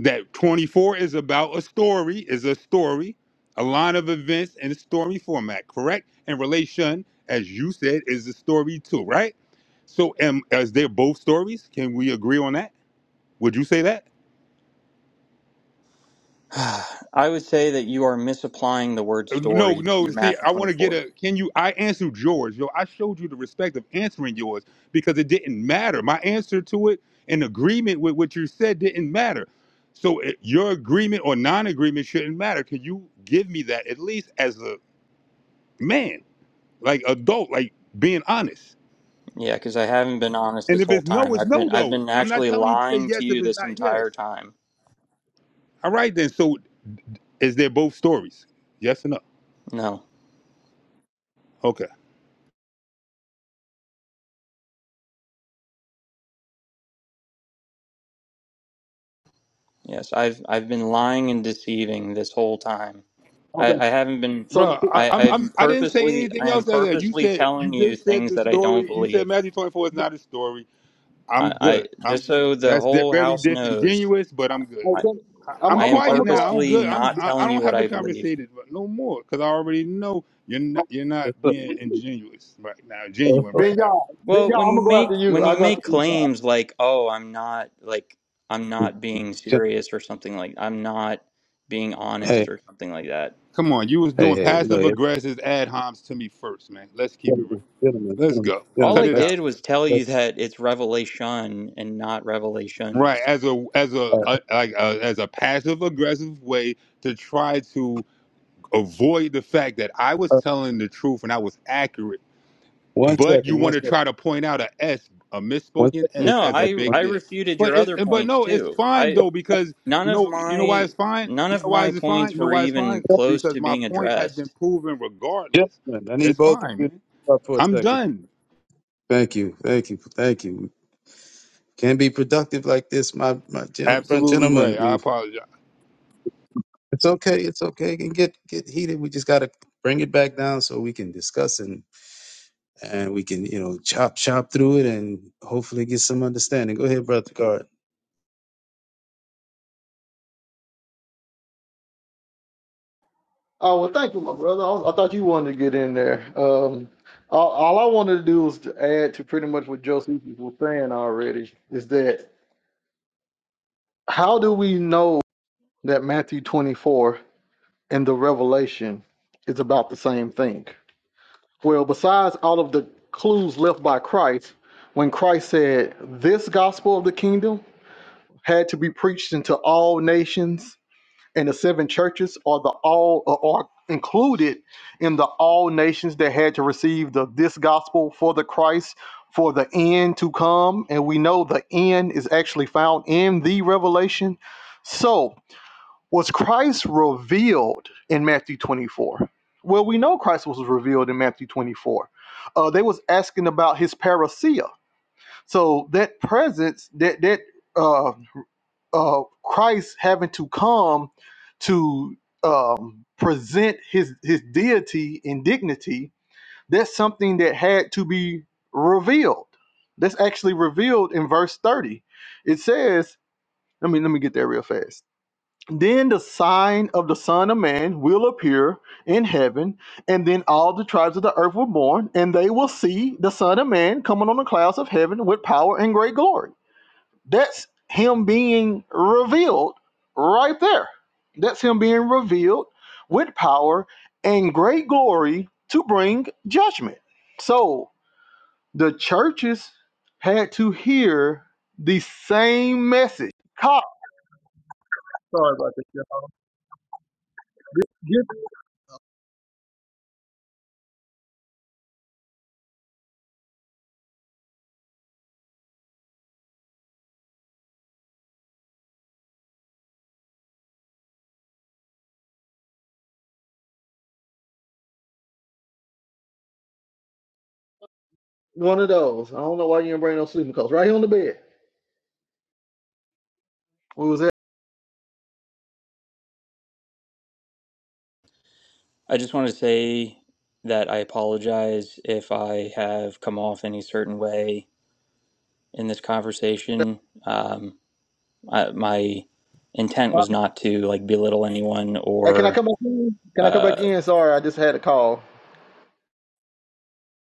That 24 is about a story, is a story, a line of events in a story format, correct? And relation, as you said, is a story too, right? So, am, they're both stories? Can we agree on that? Would you say that?
I would say that you are misapplying the word
Uh, No,
story
no.
to
See,
Matthew
I want to get
24.
a. Can you? I answered yours. Yo, I showed you the respect of answering yours because it didn't matter. My answer to it in agreement with what you said didn't matter. So it, your agreement or non-agreement shouldn't matter. Can you give me that at least as a man, like adult, like being honest?
Yeah, because I haven't been honest
And
this
if
whole
it's no,
time.
it's
I've
no.
been I've
Though
been
I'm not
actually
telling you to say
lying to
yes if
you
it's
this
not yes.
entire time.
All right then. So is there both stories? Yes or no?
No.
Okay.
Yes, I've I've been lying and deceiving this whole time. I,
Okay.
I haven't been
So
Bro, I,
I,
I'm,
I'm
I'm I didn't say
purposely
anything
I am
else out there. You
purposely
said you
telling you
just said
things
the
that I don't
story. You said
believe.
Matthew 24 is not a story. I'm
I, I
good. I'm
just
good.
so the
That's di-
whole
very
house knows,
disingenuous, but I'm good.
I,
okay.
I,
I'm, I'm,
I'm
I
I'm
am
quiet
gonna go.
now. I'm
purposely
good. I'm
not
I, I
telling you
don't
what
have to
I believe.
conversate it but no more because I already know you're not, you're
That's
not
a,
being ingenuous right now.
that's
Genuine
a-
Ben
right
Yah,
now.
Ben
Well,
Yah,
when
I'm
you
gonna go after
make
you.
when
I
you
go after
make
Ben Yah.
claims like, "Oh, I'm not like I'm not being serious or something like I'm not being
hey,
honest or something like that."
Come on, you was
hey,
doing
hey! Look,
passive aggressive ad homs to me first, man. Let's keep it real.
Gentlemen, gentlemen,
Let's
gentlemen,
go.
All
Cut
gentlemen,
I
it
let's,
out.
did was tell
let's,
you that it's revelation and not
Right,
revelations.
as a as a,
uh,
a like a, as a passive aggressive way to try to avoid the fact that I was
uh,
telling the truth and I was accurate,
one
but you
second, one
want to
second,
try to point out a s a
one
misspoken
second, one
s
No,
as a
second,
I
one
big
I
deal.
refuted your
But
other
it, but
points
no, it's
too.
fine
I
though because
none
you
of
know you know why
my
it's fine.
none
You
of
know why
my
it's fine.
points
You know
were
why it's
even
fine
second.
close
because
to
my
being
point has been
addressed.
proven regardless.
Gentlemen, I need
It's
both of
fine,
you to
man.
stop for a
I'm
second.
done.
Thank you, thank you, thank you. Can't be productive like this, my, my gen-
Absolutely
gentlemen.
right. I
We,
apologize.
it's okay, it's okay. It can get, get heated. We just gotta bring it back down so we can discuss and, and we can, you know, chop, chop through it and hopefully get some understanding. Go ahead, brother Card.
Oh well, thank you, my brother. I, I thought you wanted to get in there. Um, all, all I wanted to do was to add to pretty much what Josephus was saying already. Is that How do we know that Matthew 24 and the Revelation is about the same thing? Well, besides all of the clues left by Christ, when Christ said, This gospel of the kingdom had to be preached into all nations, and the seven churches are the all uh, are included in the all nations that had to receive the this gospel for the Christ for the end to come. And we know the end is actually found in the revelation. So was Christ revealed in Matthew 24? Well, we know Christ was revealed in Matthew 24. Uh, they was asking about his parousia. So that presence, that that uh, uh, Christ having to come to um, present his his deity and dignity, that's something that had to be revealed. That's revealed in verse 30. It says, let me let me get there real fast then the sign of the Son of Man will appear in heaven, and then all the tribes of the earth will born, and they will see the Son of Man coming on the clouds of heaven with power and great glory. That's him being revealed right there. That's him being revealed with power and great glory to bring judgment. So the churches had to hear the same message. Cop One of those. I don't know why you didn't bring no sleeping coats. Right here on the bed. What was that?
I just want to say that I apologize if I have come off any certain way in this conversation. Um, I, my intent was not to like belittle anyone
Hey, can I
or.
come back in? Can I come back
Uh,
in? Sorry, I just had a call.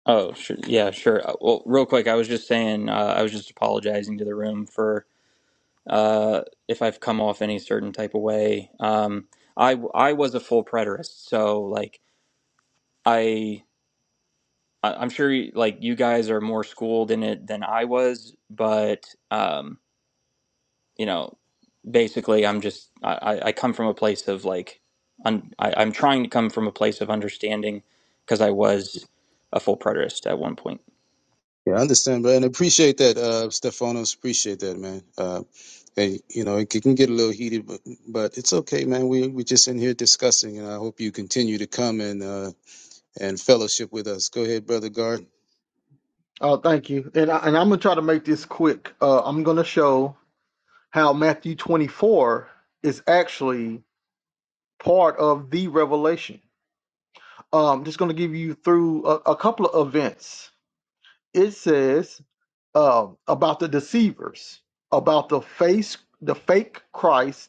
oh, sure, yeah, sure. Uh, Well, real quick, I was just saying, uh, I was just apologizing to the room for uh, if I've come off any certain type of way. Um, I I was a full preterist, so like I. I- I'm sure like you guys are more schooled in it than I was, but um, you know, basically, I'm just I, I come from a place of like, un, I, I'm trying to come from a place of understanding because I was a full preterist at one point.
Yeah, I understand, but and appreciate that, uh, Stephanos. Appreciate that, man. Uh, hey, you know, it can get a little heated, but but it's okay, man. We we just in here discussing, and I hope you continue to come and uh and fellowship with us. Go ahead, brother Guard.
Oh, thank you. And I, and I'm gonna try to make this quick. Uh, I'm gonna show how Matthew 24 is actually part of the Revelation. Um, just gonna give you through a, a couple of events. It says um, about the deceivers, about the face, the fake Christ,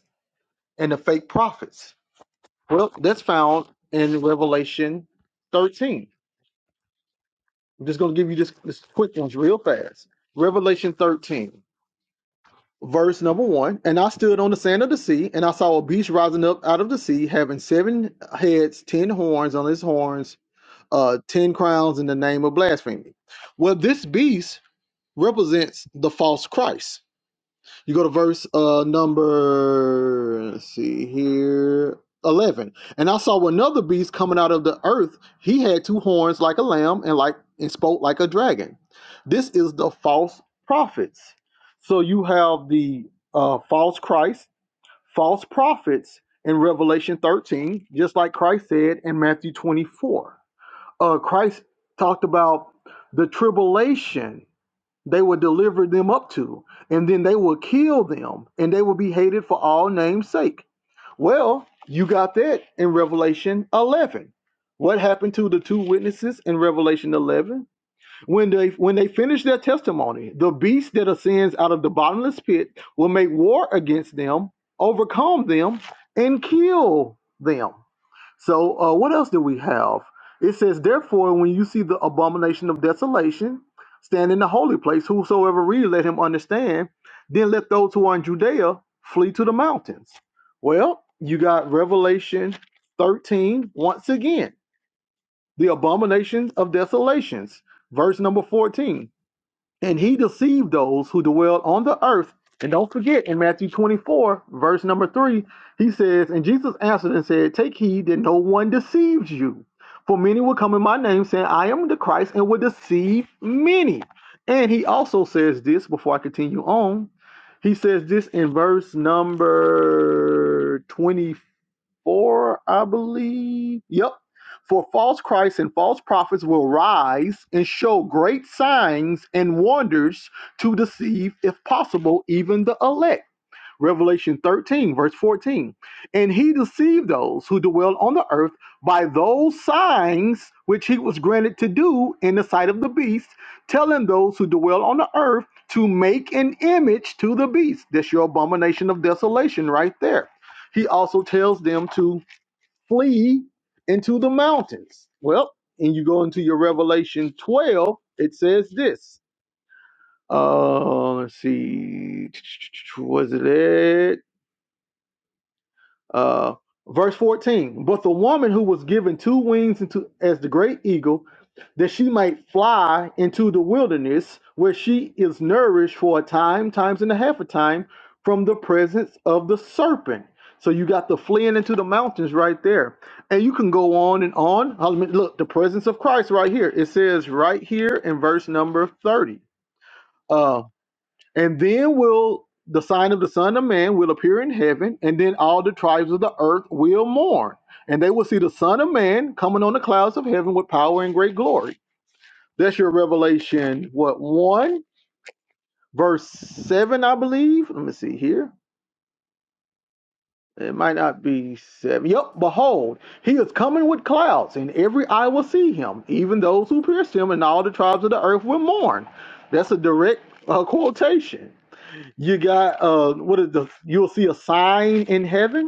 and the fake prophets. Well, that's found in Revelation 13. I'm just going to give you just this quick ones real fast. Revelation 13, verse number one. And I stood on the sand of the sea, and I saw a beast rising up out of the sea, having seven heads, ten horns on his horns, uh, ten crowns in the name of blasphemy. Well, this beast represents the false Christ You go to verse uh number let's see here. 11 and i saw another beast coming out of the earth he had two horns like a lamb and like and spoke like a dragon this is the false prophets so you have the uh, false christ false prophets in revelation 13 just like christ said in matthew 24 uh, christ talked about the tribulation they would deliver them up to, and then they would kill them, and they would be hated for all names' sake. Well, you got that in Revelation 11. What happened to the two witnesses in Revelation 11? When they when they finish their testimony, the beast that ascends out of the bottomless pit will make war against them, overcome them, and kill them. So uh, what else do we have? It says, therefore, when you see the abomination of desolation stand in the holy place, whosoever read, let him understand. Then let those who are in Judea flee to the mountains. Well, you got Revelation 13 once again, the abomination of desolations, verse number 14. And he deceived those who dwell on the earth. And don't forget, in Matthew 24, verse number 3, he says, And Jesus answered and said, Take heed that no one deceives you. For many will come in my name, saying, I am the Christ, and will deceive many. And he also says this, before I continue on, he says this in verse number twenty four, I believe. Yep. For false Christs and false prophets will rise and show great signs and wonders to deceive, if possible, even the elect. Revelation 13, verse 14. And he deceived those who dwell on the earth by those signs which he was granted to do in the sight of the beast, telling those who dwell on the earth to make an image to the beast. That's your abomination of desolation right there. He also tells them to flee into the mountains. Well, and you go into your Revelation 12, it says this. Uh, let's see, was it it? Uh, verse 14. But the woman who was given two wings into as the great eagle that she might fly into the wilderness where she is nourished for a time, times and a half a time from the presence of the serpent. So you got the fleeing into the mountains right there. And you can go on and on. I mean, Look, the presence of Christ right here. It says right here in verse number 30. Uh, and then will the sign of the Son of Man will appear in heaven, and then all the tribes of the earth will mourn. And they will see the Son of Man coming on the clouds of heaven with power and great glory. That's your Revelation, what, 1, verse 7, I believe. Let me see here. It might not be 7. Yep, behold, he is coming with clouds, and every eye will see him, even those who pierced him, and all the tribes of the earth will mourn. That's a direct uh, quotation. You got, uh, what is the, you'll see a sign in heaven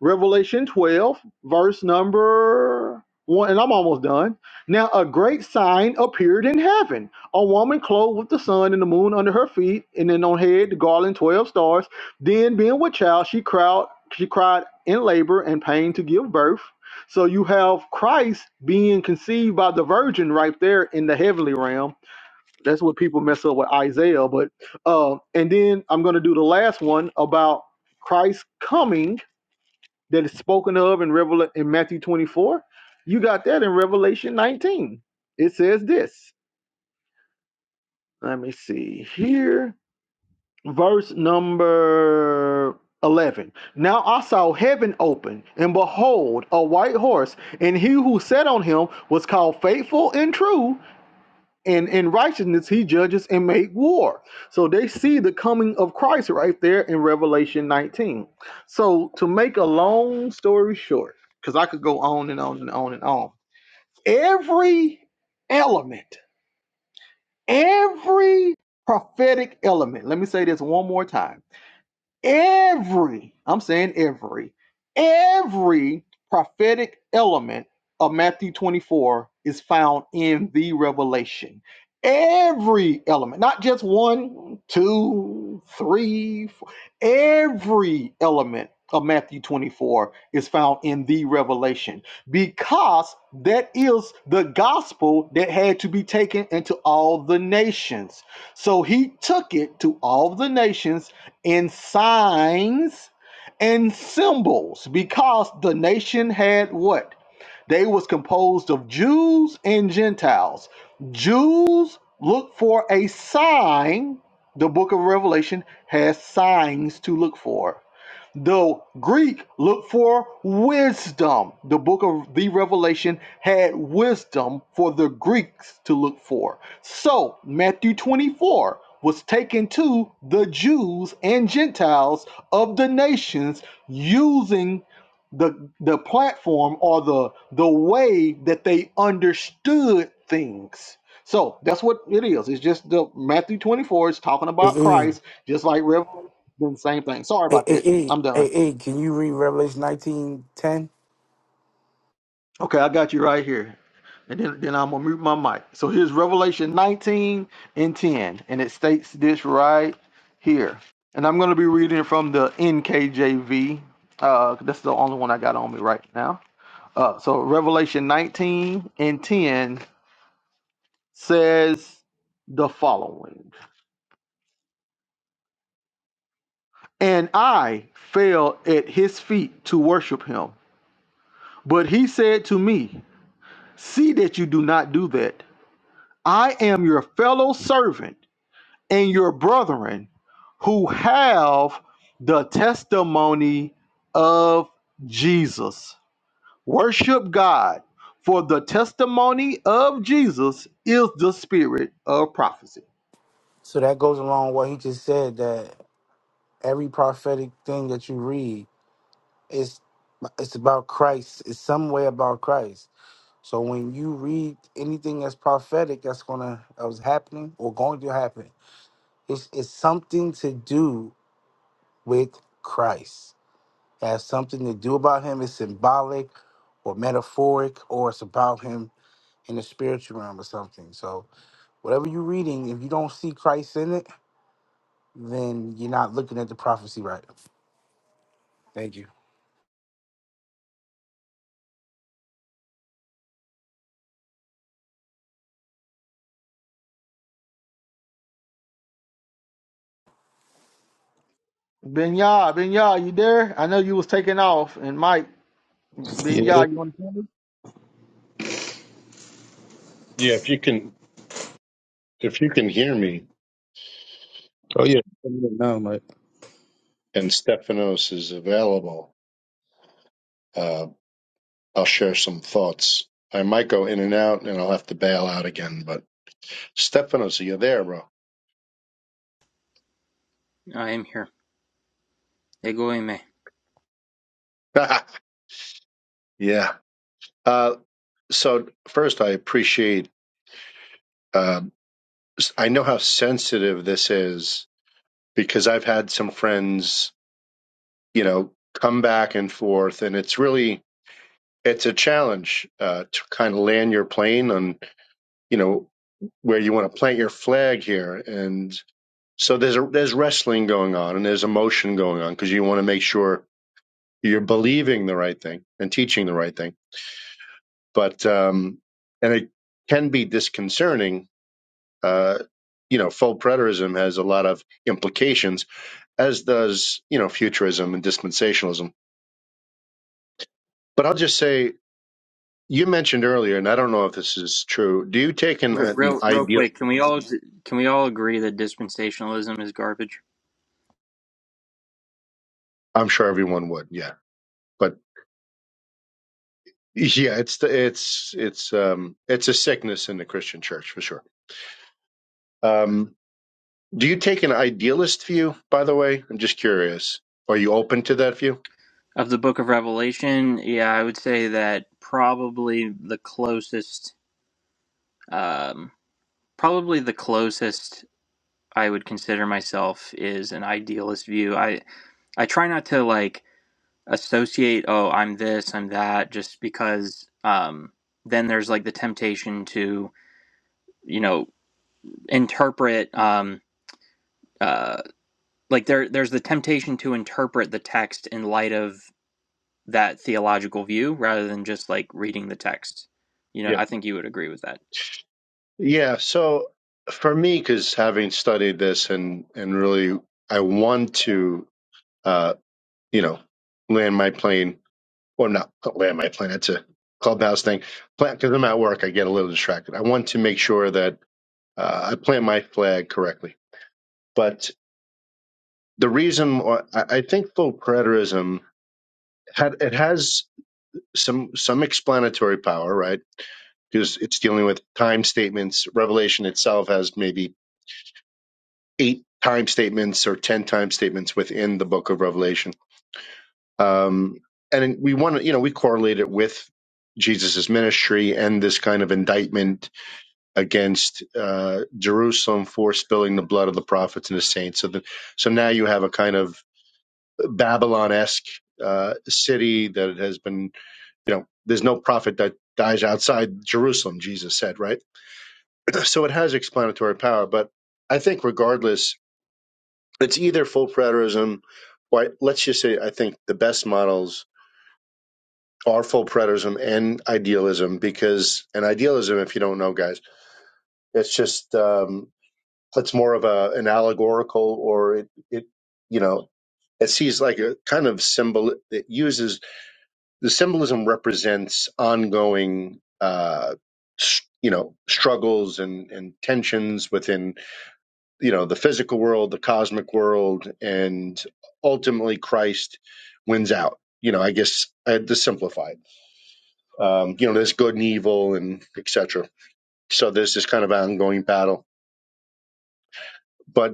Revelation 12, verse number one, and I'm almost done. Now, a great sign appeared in heaven a woman clothed with the sun and the moon under her feet, and then on head the garland 12 stars. Then, being with child, she cried, she cried in labor and pain to give birth. So, you have Christ being conceived by the virgin right there in the heavenly realm. That's what people mess up with Isaiah. But, uh, and then I'm going to do the last one about Christ coming that is spoken of in Revel in Matthew 24. You got that in Revelation 19. It says this. Let me see here. Verse number 11. Now I saw heaven open, and behold, a white horse, and he who sat on him was called faithful and true, and in righteousness he judges and make war so they see the coming of christ right there in revelation 19 so to make a long story short because i could go on and on and on and on every element every prophet say this one more time every, I'm saying every, every prophetic element of Matthew 24 is found in the revelation. Every element, not just one, two, three, four. Every element of Matthew 24 is found in the revelation because that is the gospel that had to be taken into all the nations. So he took it to all the nations in signs and symbols because the nation had what they was composed of jews and gentiles jews look for a sign the book of revelation has signs to look for the Greek looked for wisdom. The book of the Revelation had wisdom for the Greeks to look for. So, Matthew 24 was taken to the Jews and Gentiles of the nations using the the platform or the the way that they understood things. So, that's what it is. It's just the Matthew 24 is talking
Hey,
about
hey,
Christ just like Revelation, the same thing. Sorry
hey,
about that.
hey, hey,
I'm
hey,
done.
hey, can you read Revelation nineteen ten?
Okay, I got you right here. And then, then I'm gonna mute my mic. So here's Revelation 19 and 10, and it states this right here. And I'm gonna be reading from the NKJV. Uh, that's the only one I got on me right now. Uh, so Revelation 19 and 10 says the following: And I fell at his feet to worship him, but he said to me, "See that you do not do that. I am your fellow servant." and your brethren who have the testimony of Jesus. Worship God, for the testimony of Jesus is the spirit of prophecy.
So that goes along what he just said that every prophetic thing that you read is it's about Christ. It's some way about Christ. So when you read anything that's prophetic, that's gonna that was happening or going to happen. It's, it's something to do with Christ. It has something to do about him. It's symbolic or metaphoric, or it's about him in the spiritual realm or something. So, whatever you're reading, if you don't see Christ in it, then you're not looking at the prophecy right. Thank you.
Benya, Benya, you there? I know you was taking off, and Mike,
Yeah.
Benya, you want to?
yeah if you can if you can hear me
Oh yeah. No, Mike.
and Stephanos is available uh, I'll share some thoughts I might go in and out and I'll have to bail out again but Stephanos are you there bro
I am here. Egoime.
yeah uh, so first I appreciate uh, I know how sensitive this is because I've had some friends, you know, come back and forth, and it's really it's a challenge uh, to kind of land your plane on you know where you want to plant your flag here, and so there's a, there's wrestling going on and there's emotion going on because you want to make sure you're believing the right thing and teaching the right thing, but um, and it can be disconcerting. Uh, you know, full preterism has a lot of implications as does, you know, futurism and dispensationalism. But I'll just say, you mentioned earlier, and I don't know if this is true. Do you take an,
Re-
an
Real, real
ideal?
quick, can we all can we all agree that dispensationalism is garbage?
I'm sure everyone would, yeah. But yeah, it's the, it's it's um it's a sickness in the Christian church for sure. Um, do you take an idealist view? By the way, I'm just curious. Are you open to that view?
Of the Book of Revelation, yeah, I would say that probably the closest, um, probably the closest I would consider myself is an idealist view. I I try not to like. associate oh i'm this i'm that just because um then there's like the temptation to you know interpret um uh like there there's the temptation to interpret the text in light of that theological view rather than just like reading the text you know
Yeah.
i think you would agree with that
Yeah. So for me, because having studied this and and really, I want to, uh, you know, land my plane Well, not land my plan. It's a clubhouse thing. Plan because I'm at work, I get a little distracted. I want to make sure that uh, I plant my flag correctly. But the reason why I I think full preterism had it has some some explanatory power, right? Because it's dealing with time statements. Revelation itself has maybe eight time statements or ten time statements within the book of Revelation. Um, and we want to, you know, we correlate it with Jesus's ministry and this kind of indictment against uh, Jerusalem for spilling the blood of the prophets and the saints. So, that so now you have a kind of Babylon esque uh, city that has been, you know, there's no prophet that dies outside Jerusalem, Jesus said, right? So it has explanatory power. But I think, regardless, it's either full preterism, or I, let's just say, I think the best models are full preterism and idealism because, and idealism, if you don't know, guys, it's just, um, It's more of a an allegorical, or it it you know it sees like a kind of symbol It uses the symbolism represents ongoing uh you know struggles and and tensions within you know the physical world the cosmic world and ultimately christ wins out you know i guess i had to simplify it um you know there's good and evil and etc so there's this kind of ongoing battle but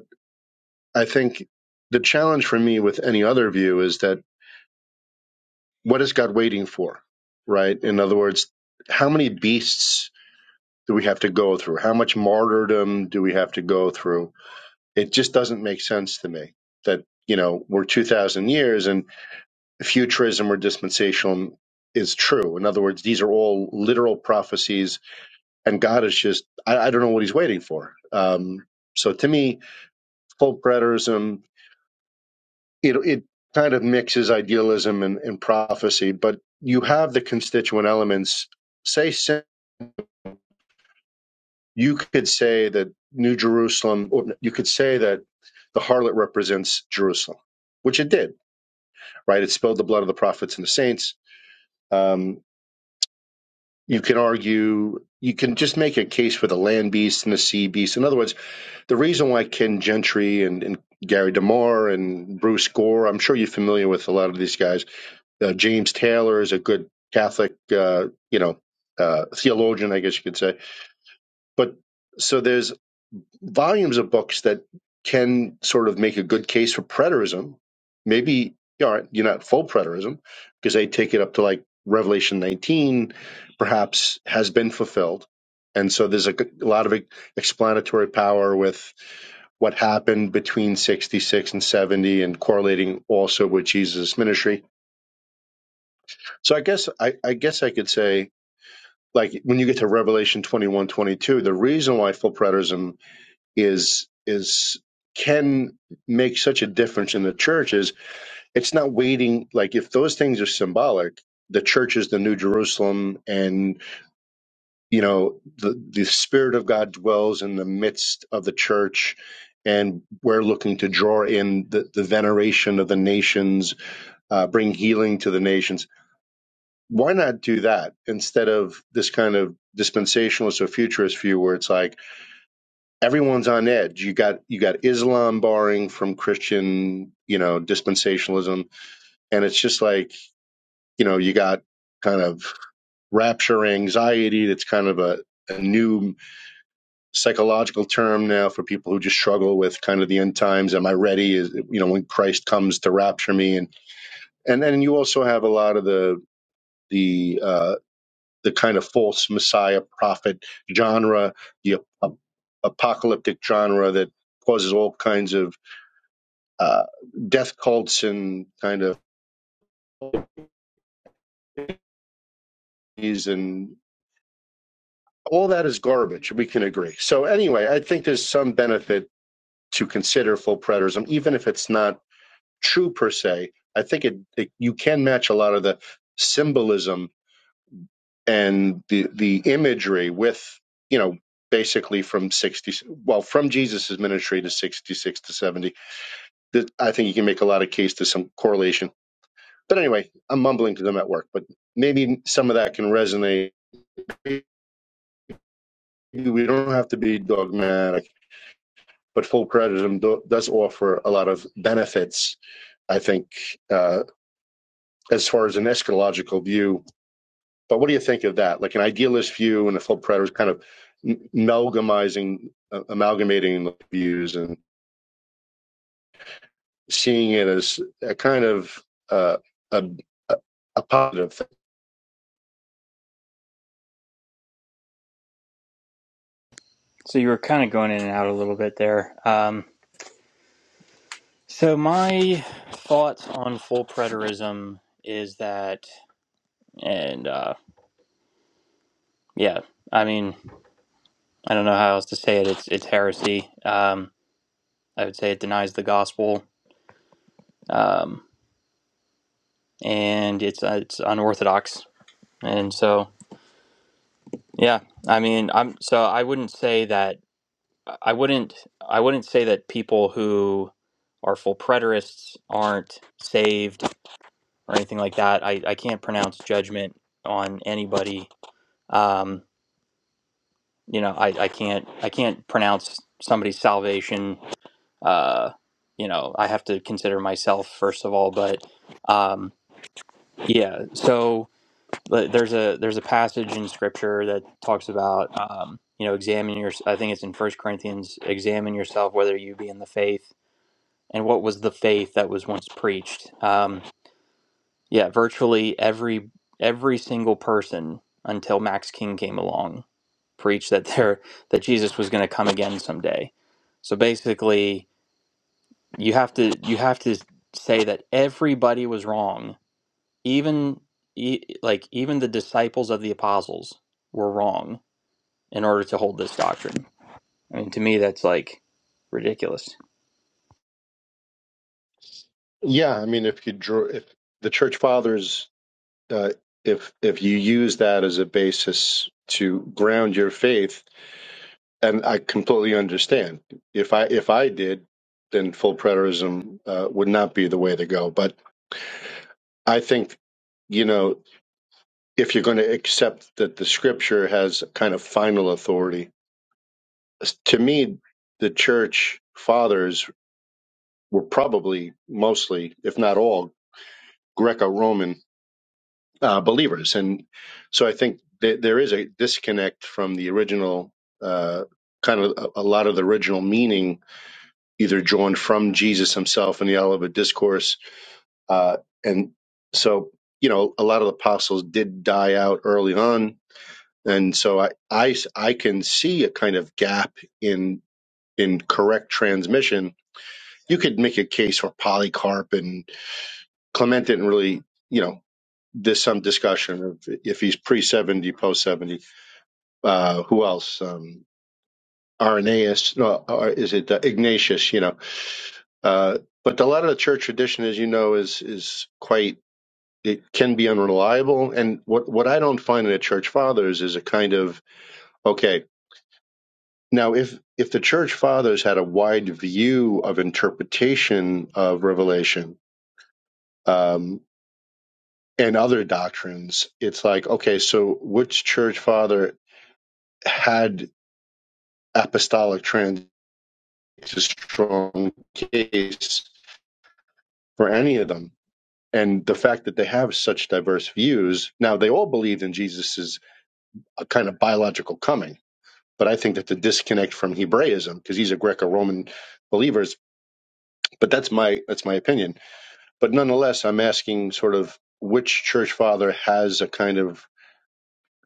I think the challenge for me with any other view is that what is God waiting for, right? In other words, how many beasts do we have to go through? How much martyrdom do we have to go through? It just doesn't make sense to me that, you know, we're 2,000 years and futurism or dispensation is true. In other words, these are all literal prophecies and God is just, I, I don't know what he's waiting for. Um, so to me, full preterism, it it kind of mixes idealism and, and prophecy, but you have the constituent elements. Say, say you could say that New Jerusalem, or you could say that the harlot represents Jerusalem, which it did, right? It spilled the blood of the prophets and the saints. Um, you can argue, you can just make a case for the land beast and the sea beast. In other words, the reason why Ken Gentry and, and Gary Demar and Bruce Gore, I'm sure you're familiar with a lot of these guys Uh, James Taylor is a good Catholic, uh, you know, uh, theologian, I guess you could say. But so there's volumes of books that can sort of make a good case for preterism. Maybe you aren't, you're not full preterism because they take it up to like Revelation 19, perhaps has been fulfilled. And so there's a, g- a lot of e- explanatory power with what happened between 66 and 70 and correlating also with Jesus' ministry so I guess I, I guess I could say like when you get to Revelation 21 22 the reason why full preterism is is can make such a difference in the church is it's not waiting like if those things are symbolic, the church is the new Jerusalem and you know the the spirit of God dwells in the midst of the church and we're looking to draw in the, the veneration of the nations, uh, bring healing to the nations why not do that instead of this kind of dispensationalist or futurist view where it's like everyone's on edge you got you got islam barring from christian you know dispensationalism and it's just like you know you got kind of rapture anxiety that's kind of a, a new psychological term now for people who just struggle with kind of the end times am i ready is you know when christ comes to rapture me and and then you also have a lot of the the uh the kind of false messiah prophet genre, the ap- apocalyptic genre that causes all kinds of uh, death cults and kind of these and all that is garbage. We can agree. So anyway, I think there's some benefit to consider full preterism, even if it's not true per se. I think it, it you can match a lot of the symbolism and the the imagery with you know basically from 60 well from Jesus's ministry to 66 to 70 that i think you can make a lot of case to some correlation but anyway i'm mumbling to them at work but maybe some of that can resonate maybe we don't have to be dogmatic but full preterism do, does offer a lot of benefits i think uh, as far as an eschatological view But what do you think of that? Like an idealist view and the full preterist kind of amalgamizing, uh, amalgamating the views and seeing it as a kind of uh, a, a a positive thing.
so you were kind of going in and out a little bit there um so my thoughts on full preterism is that and uh yeah i mean I don't know how else to say it. It's it's heresy. Um, I would say it denies the gospel, um, and it's uh, it's unorthodox. And so, yeah, I mean, I'm so I wouldn't say that I wouldn't I wouldn't say that people who are full preterists aren't saved or anything like that. I, I can't pronounce judgment on anybody. Um, you know, I, I can't I can't pronounce somebody's salvation uh, you know, I have to consider myself first of all. But um, yeah, so but there's a there's a passage in Scripture that talks about um, you know examine your. I think it's in First Corinthians. Examine yourself whether you be in the faith, and what was the faith that was once preached. Um, yeah, virtually every every single person until Max King came along preached that there that Jesus was going to come again someday. So basically, you have to you have to say that everybody was wrong even e- like even the disciples of the apostles were wrong in order to hold this doctrine i mean to me that's like ridiculous
Yeah, I mean, if you draw, if the church fathers, uh, if if you use that as a basis to ground your faith, and I completely understand. If I if I did, then full preterism uh, would not be the way to go. But I think you know if you're going to accept that the scripture has kind of final authority. To me, the church fathers were probably mostly, if not all, Greco Roman uh, believers. And so I think that there is a disconnect from the original, uh, kind of a, a lot of the original meaning, either drawn from Jesus himself in the Olivet Discourse. Uh, and so, you know, a lot of the apostles did die out early on and so I, I I can see a kind of gap in in correct transmission. You could make a case for Polycarp and Clement didn't really, you know, there's some discussion of if he's pre seventy, post seventy. Uh, who else? Um, Irenaeus? No, or is it uh, Ignatius? You know, uh, but a lot of the church tradition, as you know, is is quite. It can be unreliable, and what what I don't find in the church fathers is a kind of okay Now, if if the church fathers had a wide view of interpretation of Revelation um, and other doctrines, it's like okay, so which church father had apostolic trans a strong case for any of them? And the fact that they have such diverse views, now they all believed in Jesus's uh, kind of biological coming, but I think that the disconnect from Hebraism, because he's a Greco-Roman believer, but that's my that's my opinion But nonetheless, I'm asking sort of which church father has a kind of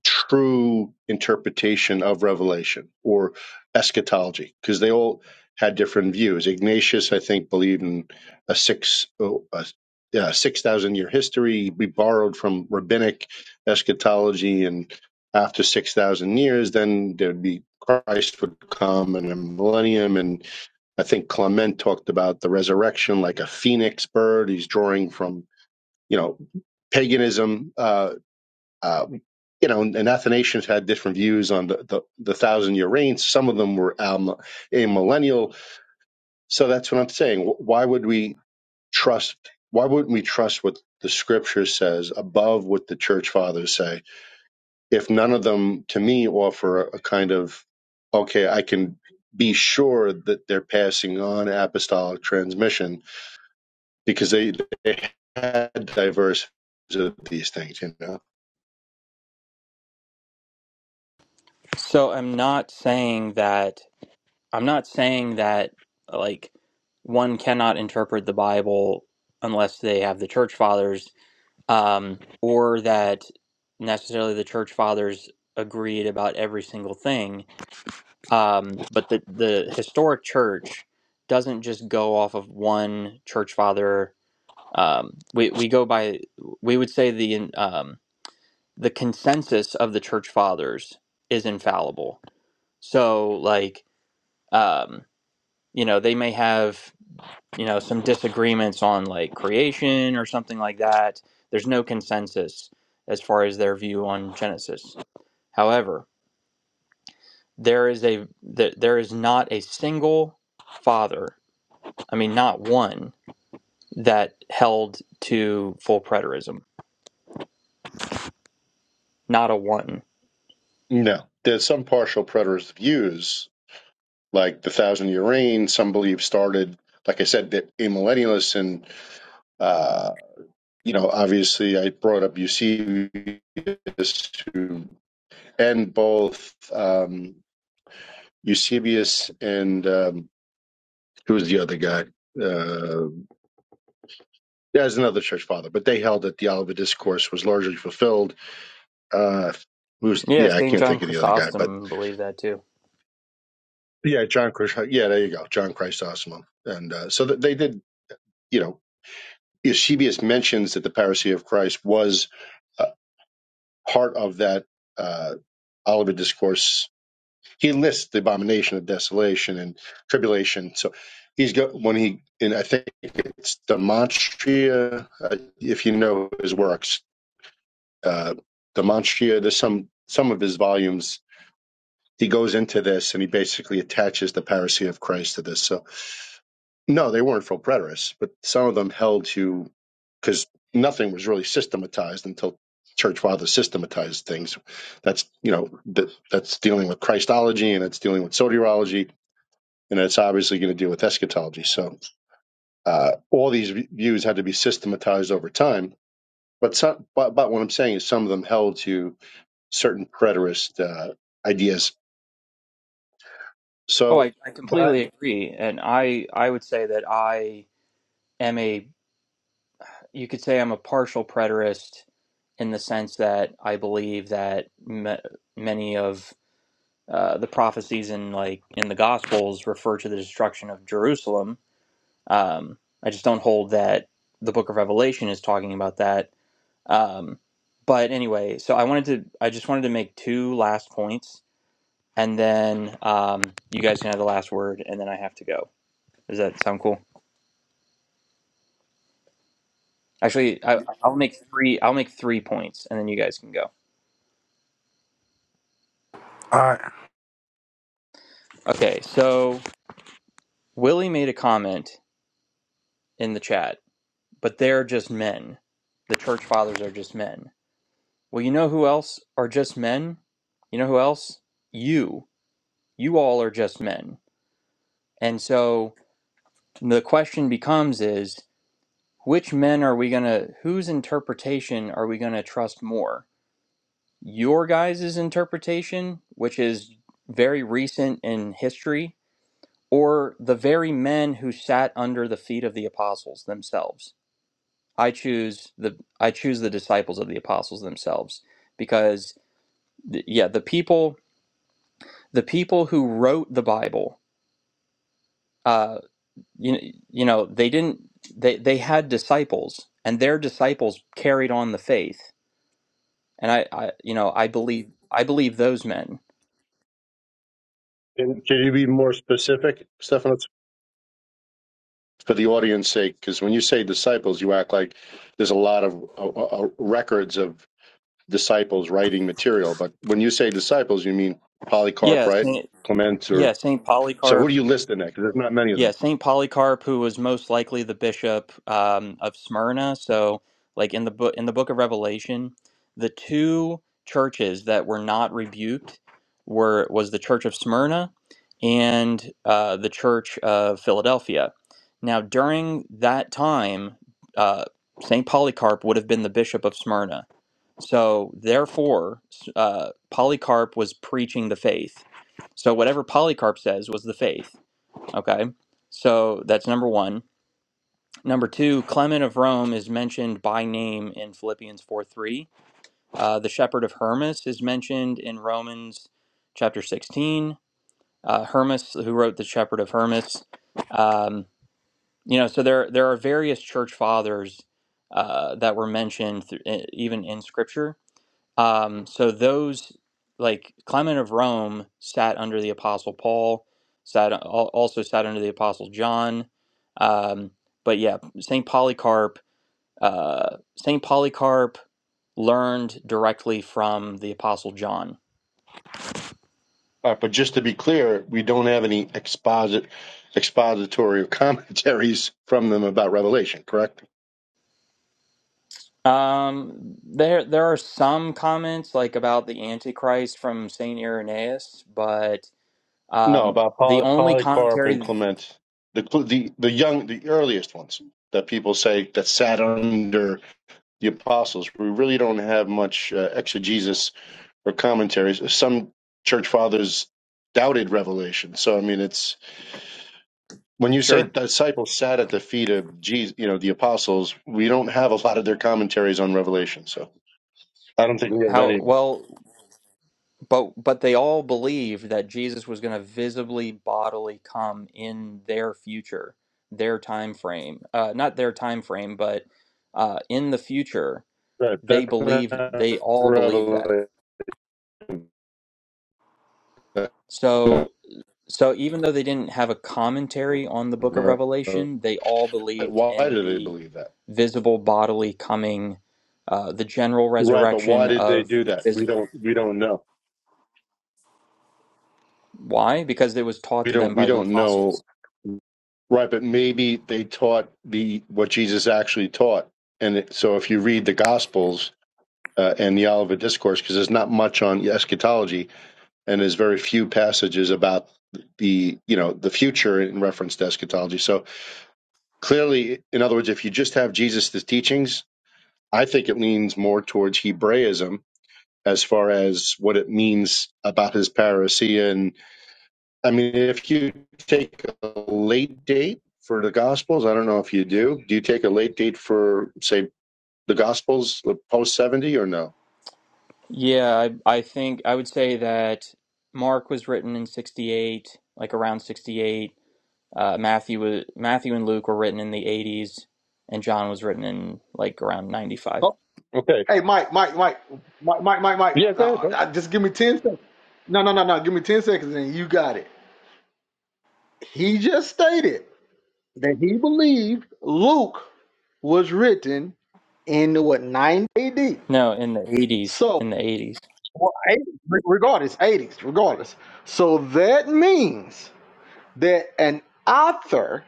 true interpretation of Revelation or eschatology, because they all had different views. Ignatius, I think, believed in a six oh, a, yeah, six thousand year history. We borrowed from rabbinic eschatology, and after six thousand years, then there'd be Christ would come and a millennium, and I think Clement talked about the resurrection like a phoenix bird. He's drawing from you know, paganism, uh, uh, you know, and, Athanasians had different views on the, the, the thousand year reign. Some of them were um, a millennial. So that's what I'm saying. Why would we trust? Why wouldn't we trust what the scripture says above what the church fathers say? If none of them, to me, offer a kind of, okay, I can be sure that they're passing on apostolic transmission because they, they had diverse views of these things, you know.
so i'm not saying that i'm not saying that like one cannot interpret the bible unless they have the church fathers um, or that necessarily the church fathers agreed about every single thing Um, but the, the historic church doesn't just go off of one church father. Um, we, we go by, we would say the, um, the consensus of the church fathers is infallible. So, like, um, you know, they may have, you know, some disagreements on like creation or something like that. There's no consensus as far as their view on Genesis. However, there is a th- there is not a single father I mean, not one that held to full preterism. Not a one.
No, there's some partial preterist views, like the thousand year reign. Some believe started, like I said, that amillennialists and uh, you know, obviously, I brought up Eusebius, who, and both um, Eusebius and um, who was the other guy? Uh, yeah, there's another church father, but they held that the Olivet Discourse was largely fulfilled. Uh, who's
Yeah,
yeah, I
St.
can't
John
think of the other guy, but
Chrysostom believed that too.
yeah, John Christ. Yeah, there you go, John Chrysostom, and uh, so they did you know, Eusebius mentions that the parousia of Christ was uh, part of that uh, Olivet discourse. He lists the abomination of desolation and tribulation. So he's got when he and I think it's Demonstria, uh, if you know his works, uh, Demonstria. There's some some of his volumes he goes into this and he basically attaches the parousia of Christ to this. So, no, they weren't full preterists, but some of them held to, because nothing was really systematized until church fathers systematized things. That's, you know, that, that's dealing with Christology and it's dealing with soteriology and it's obviously going to deal with eschatology. So, uh, all these views had to be systematized over time. But, some, but, but what I'm saying is some of them held to certain preterist uh, ideas.
Oh,
So
I, I completely agree. And I, I would say that I am a, you could say I'm a partial preterist in the sense that I believe that ma many of uh, the prophecies in like in the Gospels refer to the destruction of Jerusalem. Um, I just don't hold that the Book of Revelation is talking about that Um, but anyway, so I wanted to, I just wanted to make two last points, and then um, you guys can have the last word, and then I have to go. Does that sound cool? Actually, I, I'll make three. I'll make three points, and then you guys can go.
All right.
Okay. So Willie made a comment in the chat, but they're just men. The church fathers are just men. Well, you know who else are just men? You know who else? You. You all are just men. And so the question becomes is Which men are we gonna, whose interpretation are we gonna trust more? Your guys' interpretation, which is very recent in history, or the very men who sat under the feet of the apostles themselves? I choose the I choose the disciples of the apostles themselves because th- yeah, the people the people who wrote the Bible, uh, you you know, they didn't they they had disciples and their disciples carried on the faith and I, I you know I believe I believe those men.
And can you be more specific, Stephanos? For the audience sake, because when you say disciples, you act like there's a lot of uh, uh, records of disciples writing material. But when you say disciples, you mean Polycarp,
Yeah,
right?
Saint,
Clement, or
yeah, Saint
so who
Polycarp.
do you list in that? Because there's not many of
Yeah,
them.
Saint Polycarp, who was most likely the bishop um, of Smyrna. So, like in the book in the book of Revelation, the two churches that were not rebuked were was the church of Smyrna and uh, the church of Philadelphia. Now, during that time, uh, Saint Polycarp would have been the bishop of Smyrna. So, therefore, s- uh, Polycarp was preaching the faith. So, whatever Polycarp says was the faith Okay. So that's number one. Number two, Clement of Rome is mentioned by name in Philippians 4 3. Uh, the shepherd of Hermas is mentioned in Romans chapter 16. Uh, Hermas, who wrote the shepherd of Hermas. Um, you know, so there, there are various church fathers uh, that were mentioned th- even in scripture. Um, so those like Clement of Rome sat under the Apostle Paul, sat uh, al- also sat under the Apostle John. Um, but yeah, Saint Polycarp, uh, Saint Polycarp learned directly from the Apostle John.
All right, but just to be clear, we don't have any exposit, expository or commentaries from them about Revelation, correct?
Um, there there are some comments like about the Antichrist from Saint Irenaeus, but
No,
um,
about
the
Poly-
only
Polycarp and
commentary,
Clement, the cl- the the young, the earliest ones that people say that sat under the apostles. We really don't have much uh, exegesis or commentaries. Some church fathers doubted revelation. So I mean, it's when you say
sure.
disciples sat at the feet of Jesus, you know, the apostles. We don't have a lot of their commentaries on revelation. So I don't think we have
How
any.
well? But but they all believed that Jesus was going to visibly bodily come in their future, their time frame. Uh, not their time frame, but uh, in the future,
Right,
they
that's
believed
not
they all believed that.
revelation. That's
So so even though they didn't have a commentary on the book of
not
Revelation, they all believed
why
in
do they
the
believe that
visible bodily coming, uh, the general
right but why
resurrection
did they
of
do
the
that we
physical.
don't we don't know
Why? Because it was taught
we
to
don't
them
we
by the
don't
apostles.
know right but maybe they taught the what jesus actually taught and it, so if you read the gospels uh, and the olivet discourse because there's not much on eschatology and there's very few passages about the you know the future in reference to eschatology so clearly in other words if you just have jesus' teachings i think it leans more towards hebraism as far as what it means about his parousia. And I mean, if you take a late date for the Gospels, I don't know if you do. Do you take a late date for, say, the Gospels post 70 or no?
Yeah, I, I think I would say that Mark was written in 68, like around 68. Uh, Matthew was, Matthew and Luke were written in the 80s, and John was written in like around 95.
Oh,
Okay.
hey, Mike, Mike, Mike, Mike, Mike, Mike,
Yeah,
Mike. No,
go ahead, bro.
I- just give me ten seconds. No, no, no, no. Give me ten seconds, and you got it. He just stated that he believed Luke was written in what 9 AD.
No, in the 80s, in
So,
the 80s.
well, 80, regardless, 80s, regardless. So that means that an author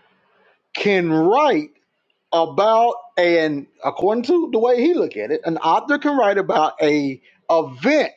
can write about an according to the way he look at it, an author can write about a event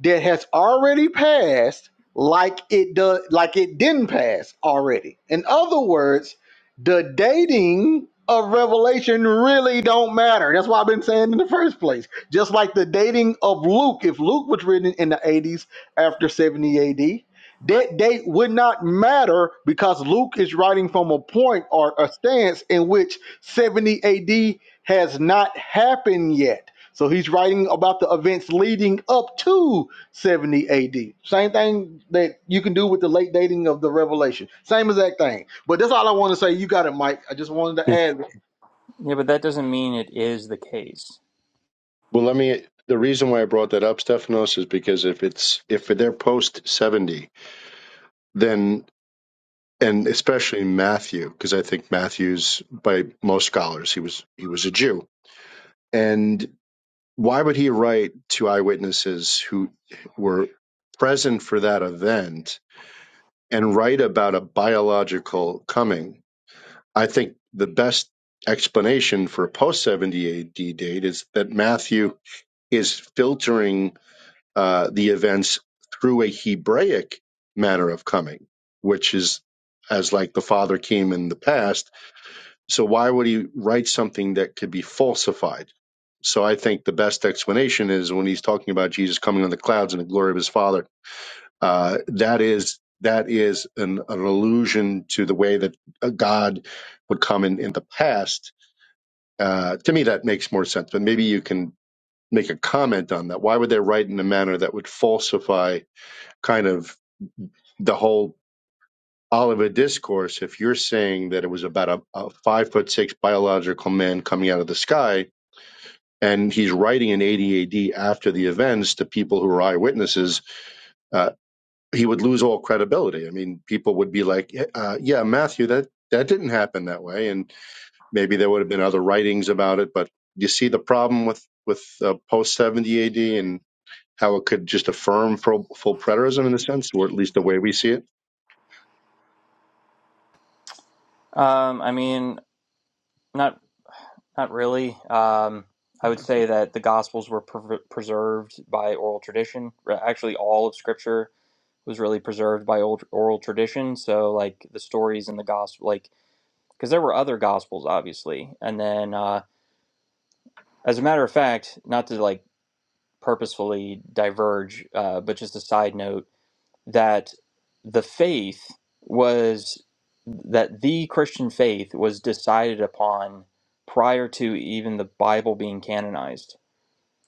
that has already passed like it does like it didn't pass already in other words the dating of revelation really don't matter that's why i've been saying in the first place just like the dating of luke if luke was written in the 80s after 70 ad that date would not matter because luke is writing from a point or a stance in which 70 ad has not happened yet so he's writing about the events leading up to 70 AD. Same thing that you can do with the late dating of the revelation. Same exact thing. But that's all I want to say. You got it, Mike. I just wanted to
Hmm.
add. Like,
Yeah, but that doesn't mean it is the case.
Well, let me. The reason why I brought that up, Stephanos, is because if it's if they're post seventy, then and especially Matthew, because I think Matthew's by most scholars he was he was a Jew, and. why would he write to eyewitnesses who were present for that event and write about a biological coming? I think the best explanation for a post 70 AD date is that Matthew is filtering uh, the events through a Hebraic manner of coming, which is as like the Father came in the past so why would he write something that could be falsified? So I think the best explanation is when he's talking about Jesus coming on the clouds in the glory of his Father. Uh, that is that is an, an allusion to the way that uh, God would come in in the past. Uh, to me, that makes more sense. But maybe you can make a comment on that. Why would they write in a manner that would falsify kind of the whole Olivet discourse? If you're saying that it was about a, a five foot six biological man coming out of the sky, and he's writing in 80 AD after the events to people who are eyewitnesses, uh, he would lose all credibility. I mean, people would be like, "Yeah, uh, "Yeah, Matthew, that that didn't happen that way," and maybe there would have been other writings about it. But you see the problem with with uh, post seventy AD, and how it could just affirm full, full preterism in a sense, or at least the way we see it.
Um, I mean, not not really. Um, I would say that the Gospels were pre preserved by oral tradition, actually all of Scripture was really preserved by old oral tradition. So like the stories in the gospel, like because there were other gospels obviously, and then uh, as a matter of fact, not to like purposefully diverge, uh, but just a side note that the faith was that the Christian faith was decided upon prior to even the Bible being canonized.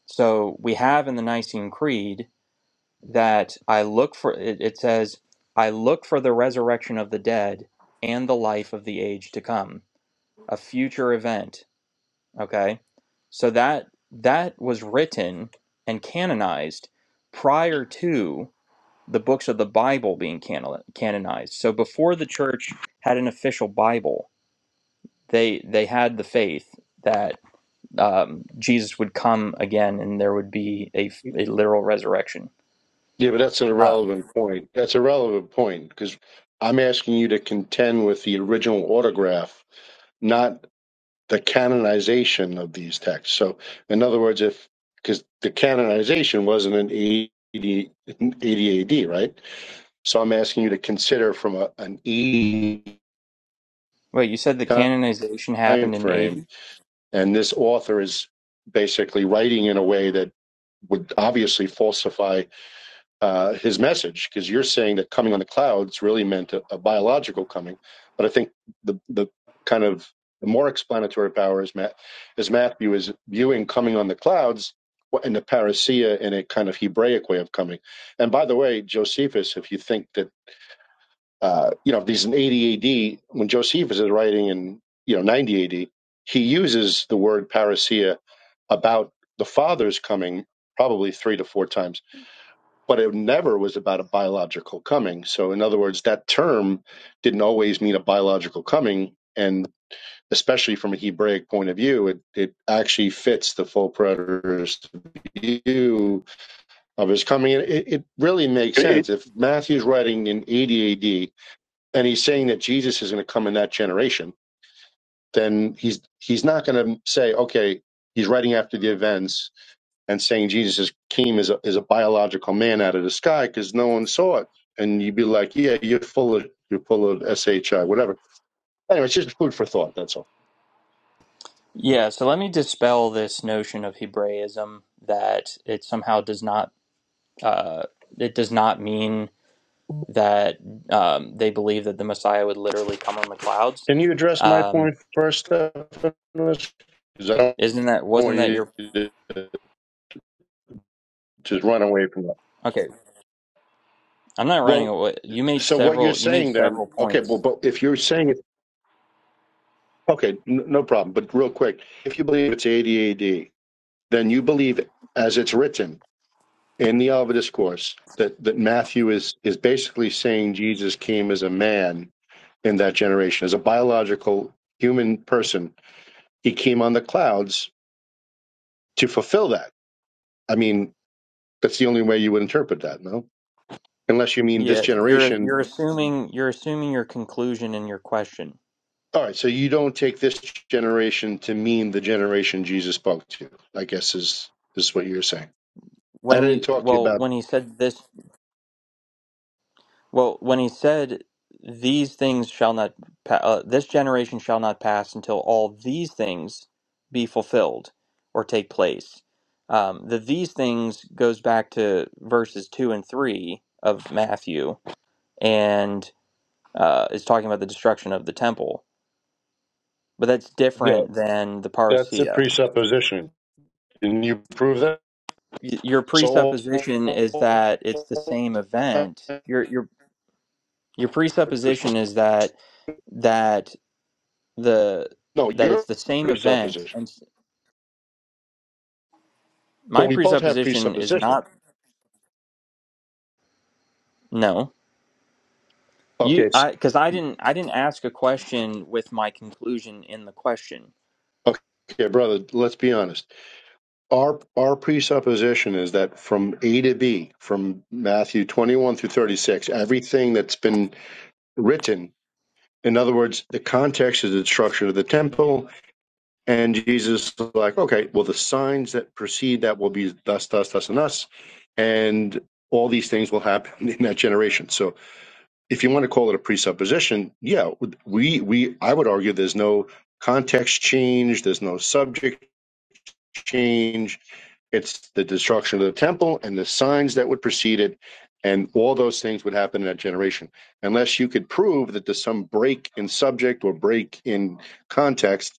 So we have in the Nicene Creed that I look for, it, it says, I look for the resurrection of the dead and the life of the age to come, a future event. Okay. So that, that was written and canonized prior to the books of the Bible being canon- canonized. So before the church had an official Bible, they, they had the faith that um, Jesus would come again and there would be a, a literal resurrection.
Yeah, but that's an irrelevant point. That's a relevant point because I'm asking you to contend with the original autograph, not the canonization of these texts. So, in other words, if because the canonization wasn't an 80, AD, right? So, I'm asking you to consider from a, an E
Wait, you said the
time
canonization happened in
frame,
80?
and this author is basically writing in a way that would obviously falsify uh, his message because you're saying that coming on the clouds really meant a, a biological coming, but I think the the kind of the more explanatory power is Matt, is Matthew is viewing coming on the clouds in the parousia in a kind of Hebraic way of coming. And by the way, Josephus, if you think that uh, you know if these in 80 AD, when Josephus is writing in you know 90 AD, he uses the word parousia about the Father's coming probably three to four times but it never was about a biological coming. So, in other words, that term didn't always mean a biological coming. And especially from a Hebraic point of view, it, it actually fits the full preterist view of his coming. And it, it really makes
It-
sense. If Matthew's writing in 80 AD and he's saying that Jesus is going to come in that generation, then he's he's not going to say, okay, he's writing after the events and saying Jesus came as a, as a biological man out of the sky because no one saw it. And you'd be like, yeah, you're full of you're full of SHI, whatever. Anyway, it's just food for thought. That's all.
Yeah, so let me dispel this notion of Hebraism that it somehow does not uh, it does not mean that um, they believe that the Messiah would literally come on the clouds.
Can you address my
Um,
point first, Stephanus? Because I don't
isn't that wasn't
want
that
you
your
to just run away from that.
Okay, I'm not running
Well,
away. You made
so what you're
several you made
saying then?
several
Okay, well,
points.
but if you're saying it, okay, n- no problem. But real quick, if you believe it's ADAD, then you believe it as it's written in the Olivet Discourse that that Matthew is is basically saying Jesus came as a man in that generation, as a biological human person. He came on the clouds to fulfill that. I mean, that's the only way you would interpret that, no? Unless you mean this
Yeah, you're
generation.
you're assuming you're assuming your conclusion in your question.
All right, so you don't take this generation to mean the generation Jesus spoke to. I guess is is what you're saying. I
When
didn't
he
talk to you
well,
about.
when he said this Well, when he said, "These things shall not, pa- uh, this generation shall not pass until all these things be fulfilled or take place," um, the "these things" goes back to verses two and three of Matthew, and uh, is talking about the destruction of the temple. But that's
Yeah,
different than the
that's a
parousia.
presupposition. Can you prove that?
Y- Your
So,
presupposition is that it's the same event. Your your your presupposition is that that the
no,
that it's
your
the same event
presupposition.
and s-
Well,
my
we both have
presupposition is
presupposition.
not no
Okay,
you
s-
i because i didn't i didn't ask a question with my conclusion in the question
okay, brother. Let's be honest. Our our presupposition is that from A to B, from Matthew twenty one through thirty six, everything that's been written. In other words, the context is the destruction of the temple, And Jesus was like, okay, well, the signs that precede that will be thus, thus, thus, and thus. And all these things will happen in that generation. So if you want to call it a presupposition, yeah, we, we, I would argue there's no context change. There's no subject change. It's the destruction of the temple and the signs that would precede it. And all those things would happen in that generation. Unless you could prove that there's some break in subject or break in context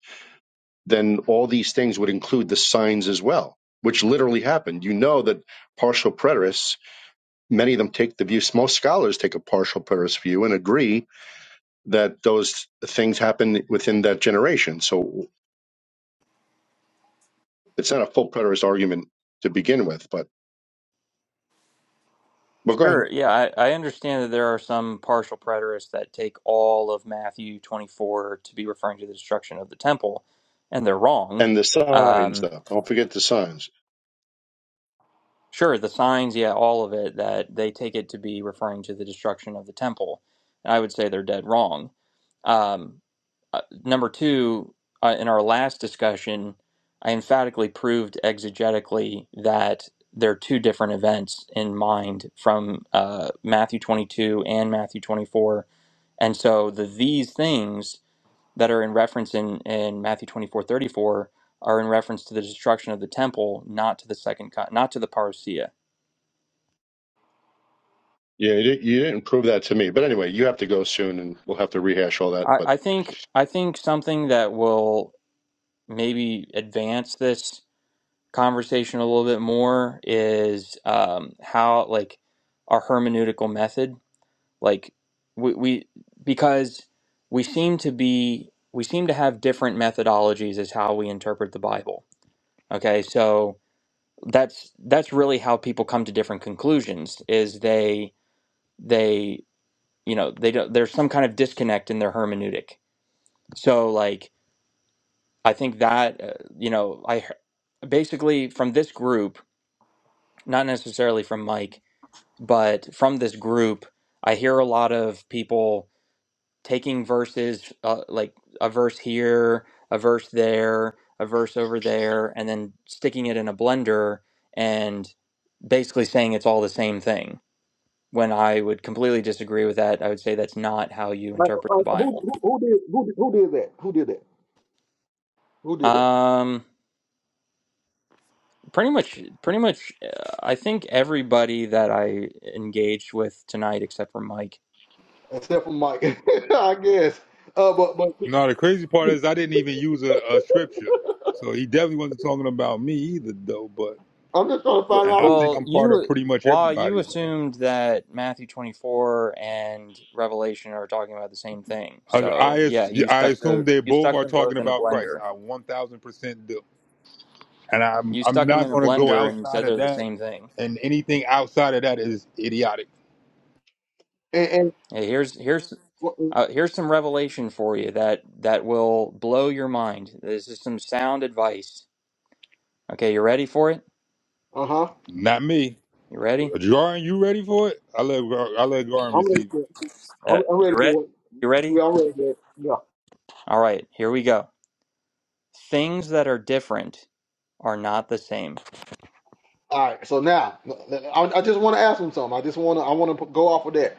then all these things would include the signs as well, which literally happened. You know that partial preterists, many of them take the view, most scholars take a partial preterist view and agree that those things happen within that generation. So it's not a full preterist argument to begin with, but but go ahead.
sure yeah I, I understand that there are some partial preterists that take all of matthew 24 to be referring to the destruction of the temple and they're wrong
And the signs,
Um,
though. Don't forget the signs.
Sure, the signs, yeah, all of it, that they take it to be referring to the destruction of the temple. And I would say they're dead wrong. Um, uh, number two, uh, in our last discussion, I emphatically proved exegetically that there are two different events in mind from uh, Matthew 22 and Matthew 24. And so the these things that are in reference in, in Matthew 24 34 are in reference to the destruction of the temple, not to the second, co- not to the parousia.
Yeah, you di- you didn't prove that to me. But anyway, you have to go soon and we'll have to rehash all that.
I,
But
I think I think something that will maybe advance this conversation a little bit more is um, how like our hermeneutical method, like we, we because we seem to be we seem to have different methodologies as how we interpret the Bible. Okay, so that's that's really how people come to different conclusions is they they you know they don't there's some kind of disconnect in their hermeneutic. So like I think that, uh, you know, I he- basically from this group, not necessarily from Mike, but from this group, I hear a lot of people taking verses, uh, like a verse here, a verse there, a verse over there, and then sticking it in a blender and basically saying it's all the same thing. When I would completely disagree with that, I would say that's not how you
like,
interpret
who,
the Bible.
who, who did who, did- who did that? Who did that? Who did that?
Um, pretty much pretty much uh, i think everybody that i engaged with tonight except for mike
Except for Mike, I guess. Uh, but but
No, the crazy part is I didn't even use a, a scripture. So he definitely wasn't talking about me either, though. But
I'm just trying to
Well,
find
and
out.
I
who-
think
well
I'm part of
you
pretty much
while you
everybody, though.
assumed that matthew 24 and revelation are talking about the same thing
I I,
so yeah
as-
you
I
stuck
assume
the
they
you
both
stuck
are
them
talking
both in a
about Christ.
blender
I 1,000 percent do, and I'm
you
I'm
stuck them
not
in a
going to go
blender and
outside
said
of
they're the
that.
same thing
And anything outside of that is idiotic.
And, and
hey here's here's uh, here's some revelation for you that that will blow your mind this is some sound advice okay you ready for it
uh huh.
Not me.
you ready
Jaron, you ready for it? I let Gar- I let Garin
I'm ready
receive it.
for.
Uh,
I'm, I'm
you
ready
ready?
for. it.
You ready?
Yeah, I'm ready for. it. Yeah.
All right, here we go. Things that are different are not the same.
All right. So now, I, I just want to ask him something. I just want to. I want to go off of that.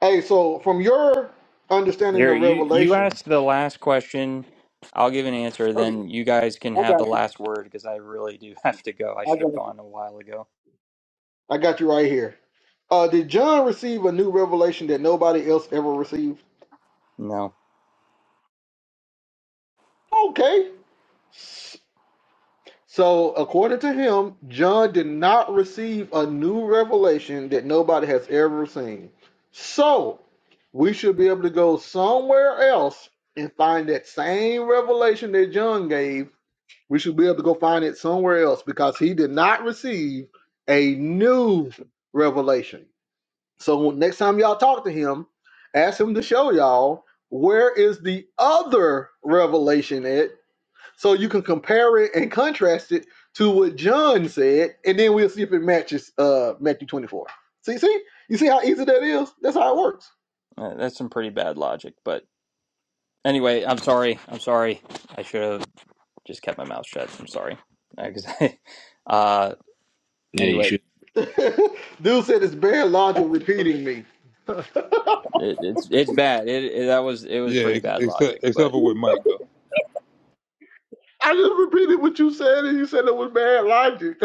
Hey, so from your understanding the
Here, you you
revelation
asked the last question. I'll give an answer,
No,
then you guys can
I
have
got
the
you.
last word because I really do have to go. I
I
should have
got you.
gone a while ago.
I got you right here. Uh, did John receive a new revelation that nobody else ever received?
No,
Okay. So, according to him, John did not receive a new revelation that nobody has ever seen. So, we should be able to go somewhere else and find that same revelation that John gave. We should be able to go find it somewhere else because he did not receive a new revelation. So next time y'all talk to him, ask him to show y'all where is the other revelation at, so you can compare it and contrast it to what John said, and then we'll see if it matches uh before. See, see, you see how easy that is. That's how it works.
uh, that's some pretty bad logic. But anyway, I'm sorry. I'm sorry. I should have just kept my mouth shut. I'm sorry. Because I, uh,
Yeah, you
anyway,
should.
Dude said it's bad logic repeating me.
it, it's it's bad. It, it that was it was
Yeah,
pretty
ex-
bad logic,
except except
but.
for with Mike though.
I just repeated what you said, and you said it was bad logic.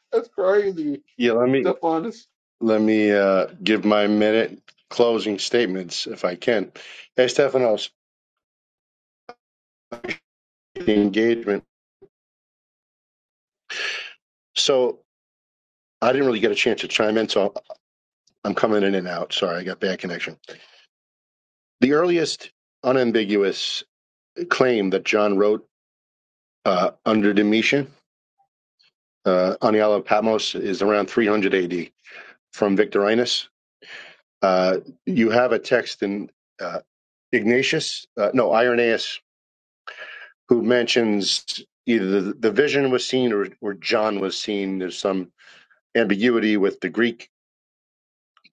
That's crazy,
yeah, let me
Stephon. This,
Let me uh, give my minute closing statements if I can. Hey, Stephanos, the engagement. So I didn't really get a chance to chime in, so I'm coming in and out. Sorry, I got bad connection. The earliest unambiguous claim that John wrote uh, under Domitian uh, on the Isle of Patmos is around 300 AD from Victorinus. Uh, you have a text in uh, Ignatius, uh, no, Irenaeus who mentions either the, the vision was seen or, or John was seen. There's some ambiguity with the Greek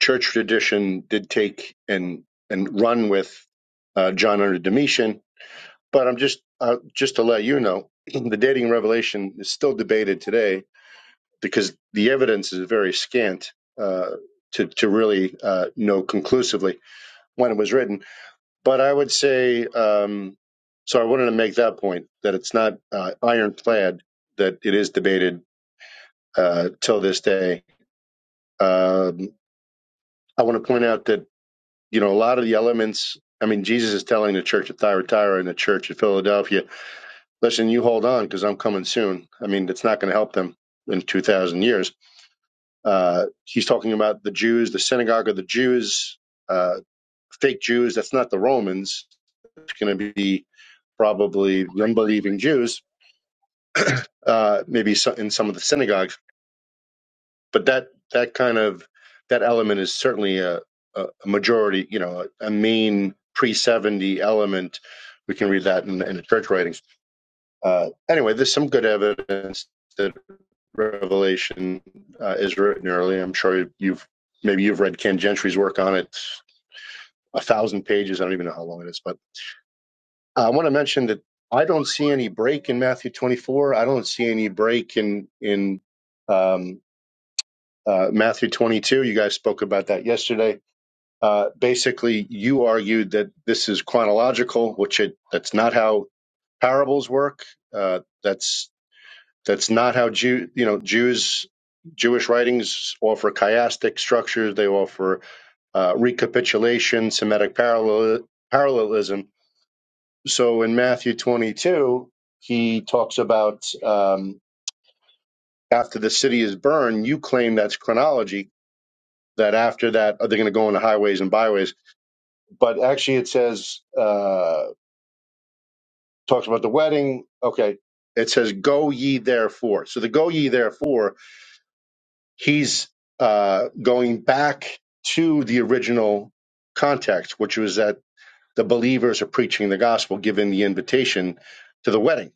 church tradition did take and and run with uh, John under Domitian, but I'm just uh, just to let you know the dating of Revelation is still debated today because the evidence is very scant uh, to to really uh, know conclusively when it was written But I would say, um, so I wanted to make that point that it's not uh, ironclad that it is debated uh, till this day. Um, I want to point out that you know a lot of the elements. I mean, Jesus is telling the church at Thyatira and the church at Philadelphia, "Listen, you hold on because I'm coming soon." I mean, it's not going to help them in two thousand years. Uh, he's talking about the Jews, the synagogue of the Jews, uh, fake Jews. That's not the Romans. It's going to be probably unbelieving Jews, uh, maybe so, in some of the synagogues. But that that kind of that element is certainly a, a a majority, you know, a, a main pre seventy element. We can read that in, in the church writings. Uh, anyway, there's some good evidence that Revelation uh, is written early. I'm sure you've maybe you've read Ken Gentry's work on it, a thousand pages. I don't even know how long it is, but Uh, I want to mention that I don't see any break in Matthew 24. I don't see any break in in um, uh, Matthew 22. You guys spoke about that yesterday. Uh, basically, you argued that this is chronological, which it that's not how parables work. Uh, that's that's not how Jew you know Jews Jewish writings offer chiastic structures. They offer uh, recapitulation, Semitic parallel, parallelism so in Matthew 22, he talks about um, after the city is burned, you claim that's chronology, that after that, are they going to go on the highways and byways? But actually, it says, uh, talks about the wedding. Okay. It says, go ye therefore. So the go ye therefore, he's uh, going back to the original context, which was that the believers are preaching the gospel, giving the invitation to the wedding.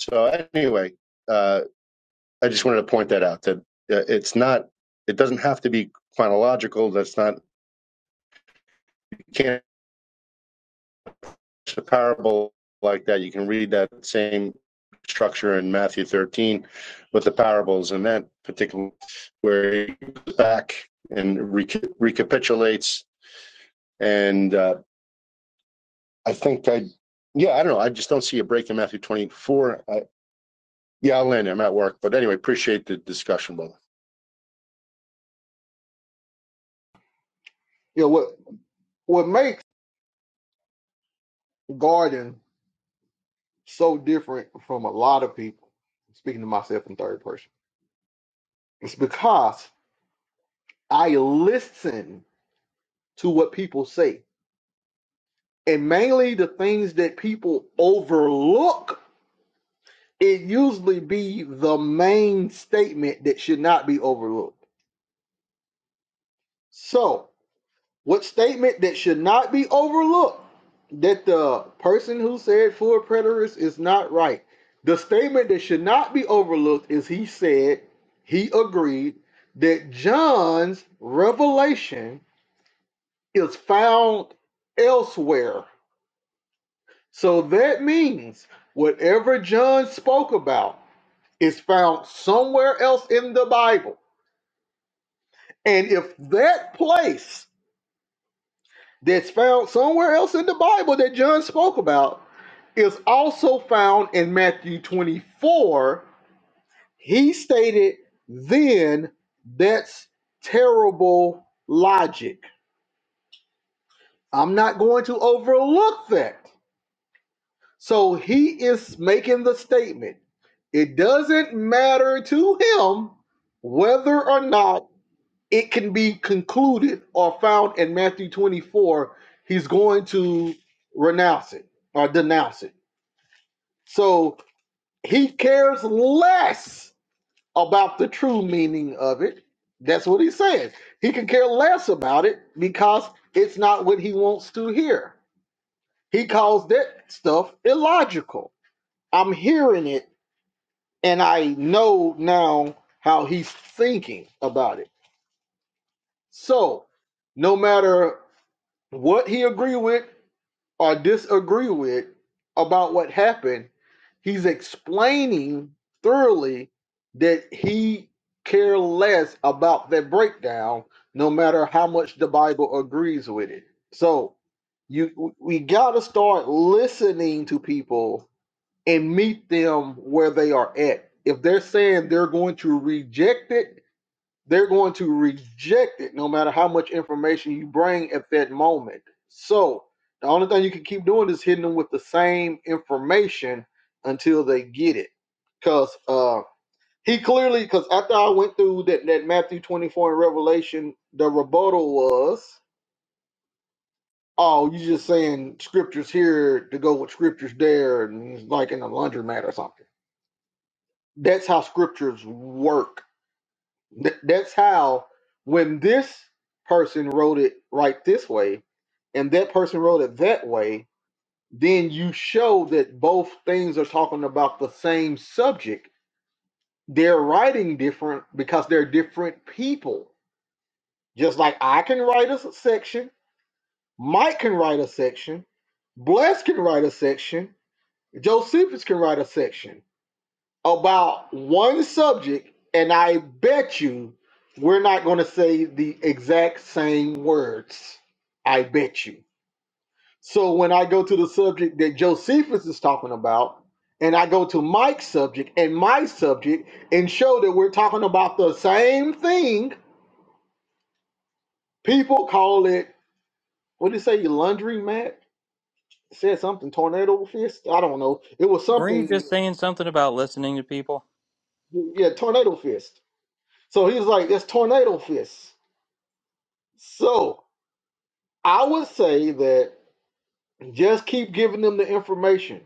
So anyway, uh, I just wanted to point that out that uh, it's not, it doesn't have to be chronological. That's not, you can't, it's a parable like that. You can read that same structure in Matthew 13 with the parables and that particular where he goes back and reca- recapitulates. And uh, I think I, yeah, I don't know. I just don't see a break in Matthew 24. I, yeah, I'll land. I'm at work. But anyway, appreciate the discussion, brother.
you know what? What makes Garden so different from a lot of people? speaking to myself in third person. It's because I listen to what people say. And mainly the things that people overlook, it usually be the main statement that should not be overlooked. So, what statement that should not be overlooked that the person who said full preterist is not right? The statement that should not be overlooked is he said, he agreed that John's revelation is found elsewhere. So that means whatever John spoke about is found somewhere else in the Bible. And if that place that's found somewhere else in the Bible that John spoke about is also found in Matthew 24, he stated, then that's terrible logic. I'm not going to overlook that. So he is making the statement It doesn't matter to him whether or not it can be concluded or found in Matthew 24. He's going to renounce it or denounce it. So he cares less about the true meaning of it. That's what he's saying. He can care less about it because it's not what he wants to hear. He calls that stuff illogical. I'm hearing it and I know now how he's thinking about it. So, no matter what he agree with or disagree with about what happened, he's explaining thoroughly that he care less about that breakdown, no matter how much the Bible agrees with it. So, you we gotta start listening to people and meet them where they are at. If they're saying they're going to reject it, they're going to reject it no matter how much information you bring at that moment. So the only thing you can keep doing is hitting them with the same information until they get it. Because uh, he clearly, because after I went through that, that Matthew 24 and Revelation, the rebuttal was, oh, you are just saying scriptures here to go with scriptures there, and it's like in a laundromat or something That's how scriptures work. Th- That's how when this person wrote it right this way and that person wrote it that way, then you show that both things are talking about the same subject. They're writing different because they're different people. Just like I can write a s- section, Mike can write a section, Bless can write a section, Josephus can write a section about one subject, and I bet you we're not going to say the exact same words. I bet you. So when I go to the subject that Josephus is talking about, and I go to Mike's subject and my subject and show that we're talking about the same thing, people call it, what did it say, laundry mat? It said something, tornado fist? I don't know. It was
Weren't you
something,
just saying something about listening to people?
yeah, tornado fist. So he was like, that's tornado fist. So I would say that just keep giving them the information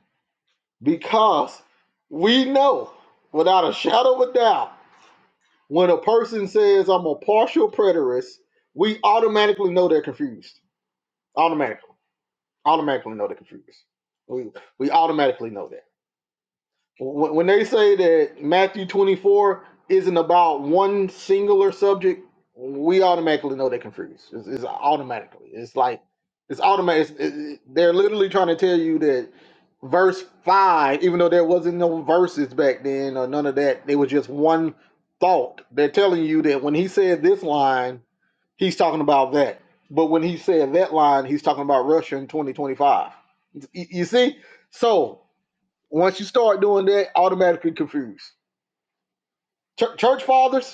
because we know without a shadow of a doubt when a person says I'm a partial preterist, we automatically know they're confused. Automatically, automatically know they're confused. We we automatically know that when, when they say that Matthew 24 isn't about one singular subject, we automatically know they're confused. It's, it's automatically. It's like it's automatic. it's- it- it- they're literally trying to tell you that verse five, even though there wasn't no verses back then or none of that, they was just one thought. They're telling you that when he said this line, he's talking about that. But when he said that line, he's talking about Russia in 2025. You see? So once you start doing that, automatically confused. Church fathers,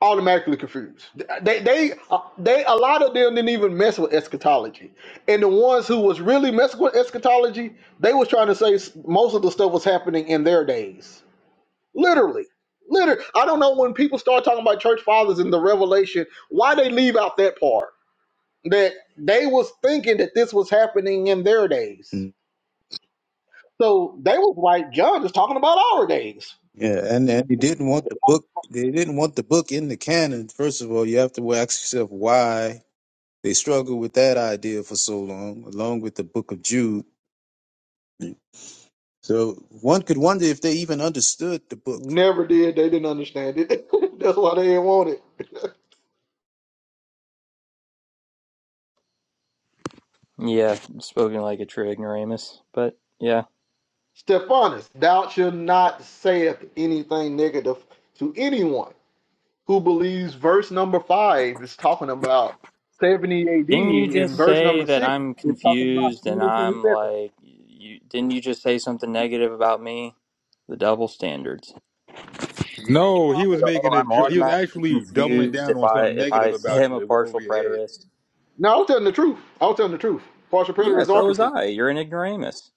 automatically confused. They they they a lot of them didn't even mess with eschatology, and the ones who was really messing with eschatology, they was trying to say s- most of the stuff was happening in their days, literally. Literally, I don't know when people start talking about church fathers in the Revelation, why they leave out that part that they was thinking that this was happening in their days.
Mm.
So they was like, John is talking about our days.
Yeah, and and they didn't want the book. They didn't want the book in the canon. First of all, you have to ask yourself why they struggled with that idea for so long, along with the Book of Jude. So one could wonder if they even understood the book.
Never did. They didn't understand it. That's why they didn't want it.
Yeah, spoken like a true ignoramus. But yeah,
Stephanus, thou shalt not saith anything negative to anyone who believes verse number five is talking about 70 AD
didn't you
and
just
verse
say
number
that
six
I'm
is talking about
confused and I'm
2027.
like, you, didn't you just say something negative about me? The double standards.
No, he was
So
making
oh,
a
I'm
jo- he was
automatically
actually doubling
confused
down
if
on
I
something
if
negative
I say
about
I'm
you.
a
It went over
partial
your head.
preterist.
No, I was telling the truth. I was telling the truth. Partial
Yeah,
preterist
so was
orchestra.
I. You're an ignoramus.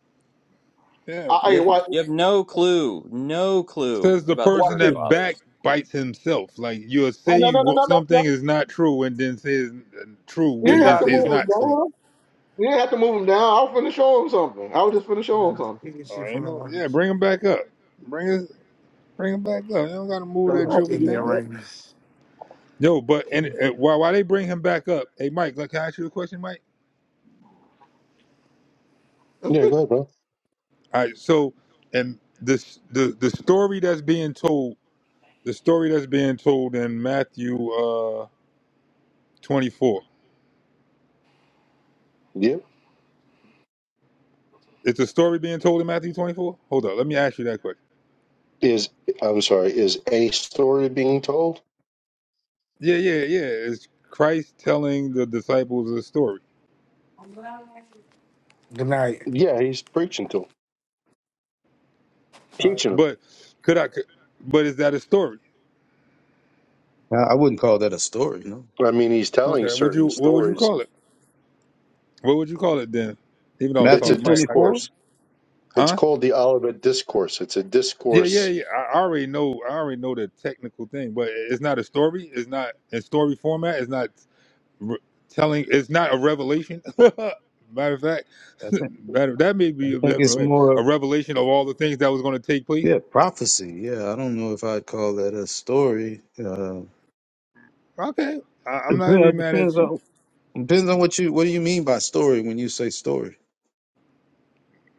I,
Yeah.
You
I
have
watch, watch
you have no clue, no
Says
clue
the
about the
person
church
this.
that
fathers.
backbites himself. Like you'll
Oh, no,
say
no, no,
what
no, no, no.
something is not true and then say it's true
You
He's
and
didn't have
then
to
out
say
of
it's
here.
move him
not true.
down. You didn't have to move him down. I was finna show him something. I was just finna show him
No, he
something.
can see
Oh, ain't
from the
no yeah,
audience.
bring him back up. Bring his bring him back up. You don't gotta move
Sounds
that
like
joker down.
ignorant ranks.
Yo, but and,
Good
and while while they bring him back up, hey Mike, like, can I ask you a question, Mike?
Yeah, go ahead, bro.
All right, so and this the the story that's being told The story that's being told in Matthew uh, 24.
Yeah.
It's a story being told in Matthew 24? Hold up, let me ask you that quick.
Is I'm sorry, is a story being told?
Yeah, yeah, yeah. It's Christ telling the disciples a story.
night.
Yeah, he's preaching to 'em,
All right.
teaching them.
But could I? Could, but is that a story?
Now, I wouldn't call that a story, no.
I mean, he's telling
Okay. Would you?
certain
What would you
stories.
call it? What would you call it then? Even though I was
It's
Matthew
a
talking to Mike, I got
24?
you.
discourse. It's
Huh?
called the Olivet Discourse. It's a
Yeah, yeah,
discourse.
yeah. I I already know. I already know the technical thing, but it's not a story. It's not in story format. It's not. re- telling it's not a revelation. matter of fact,
I think
matter, that may
I
be a
think
different
it's
way.
more
A revelation of all the things that was going to take place.
yeah, prophecy. Yeah, I don't know if I'd call that a story. Uh
Okay, I,
it
I'm not gonna be
depends it
mad
depends
at you.
on depends on what you what do you mean by story when you say story.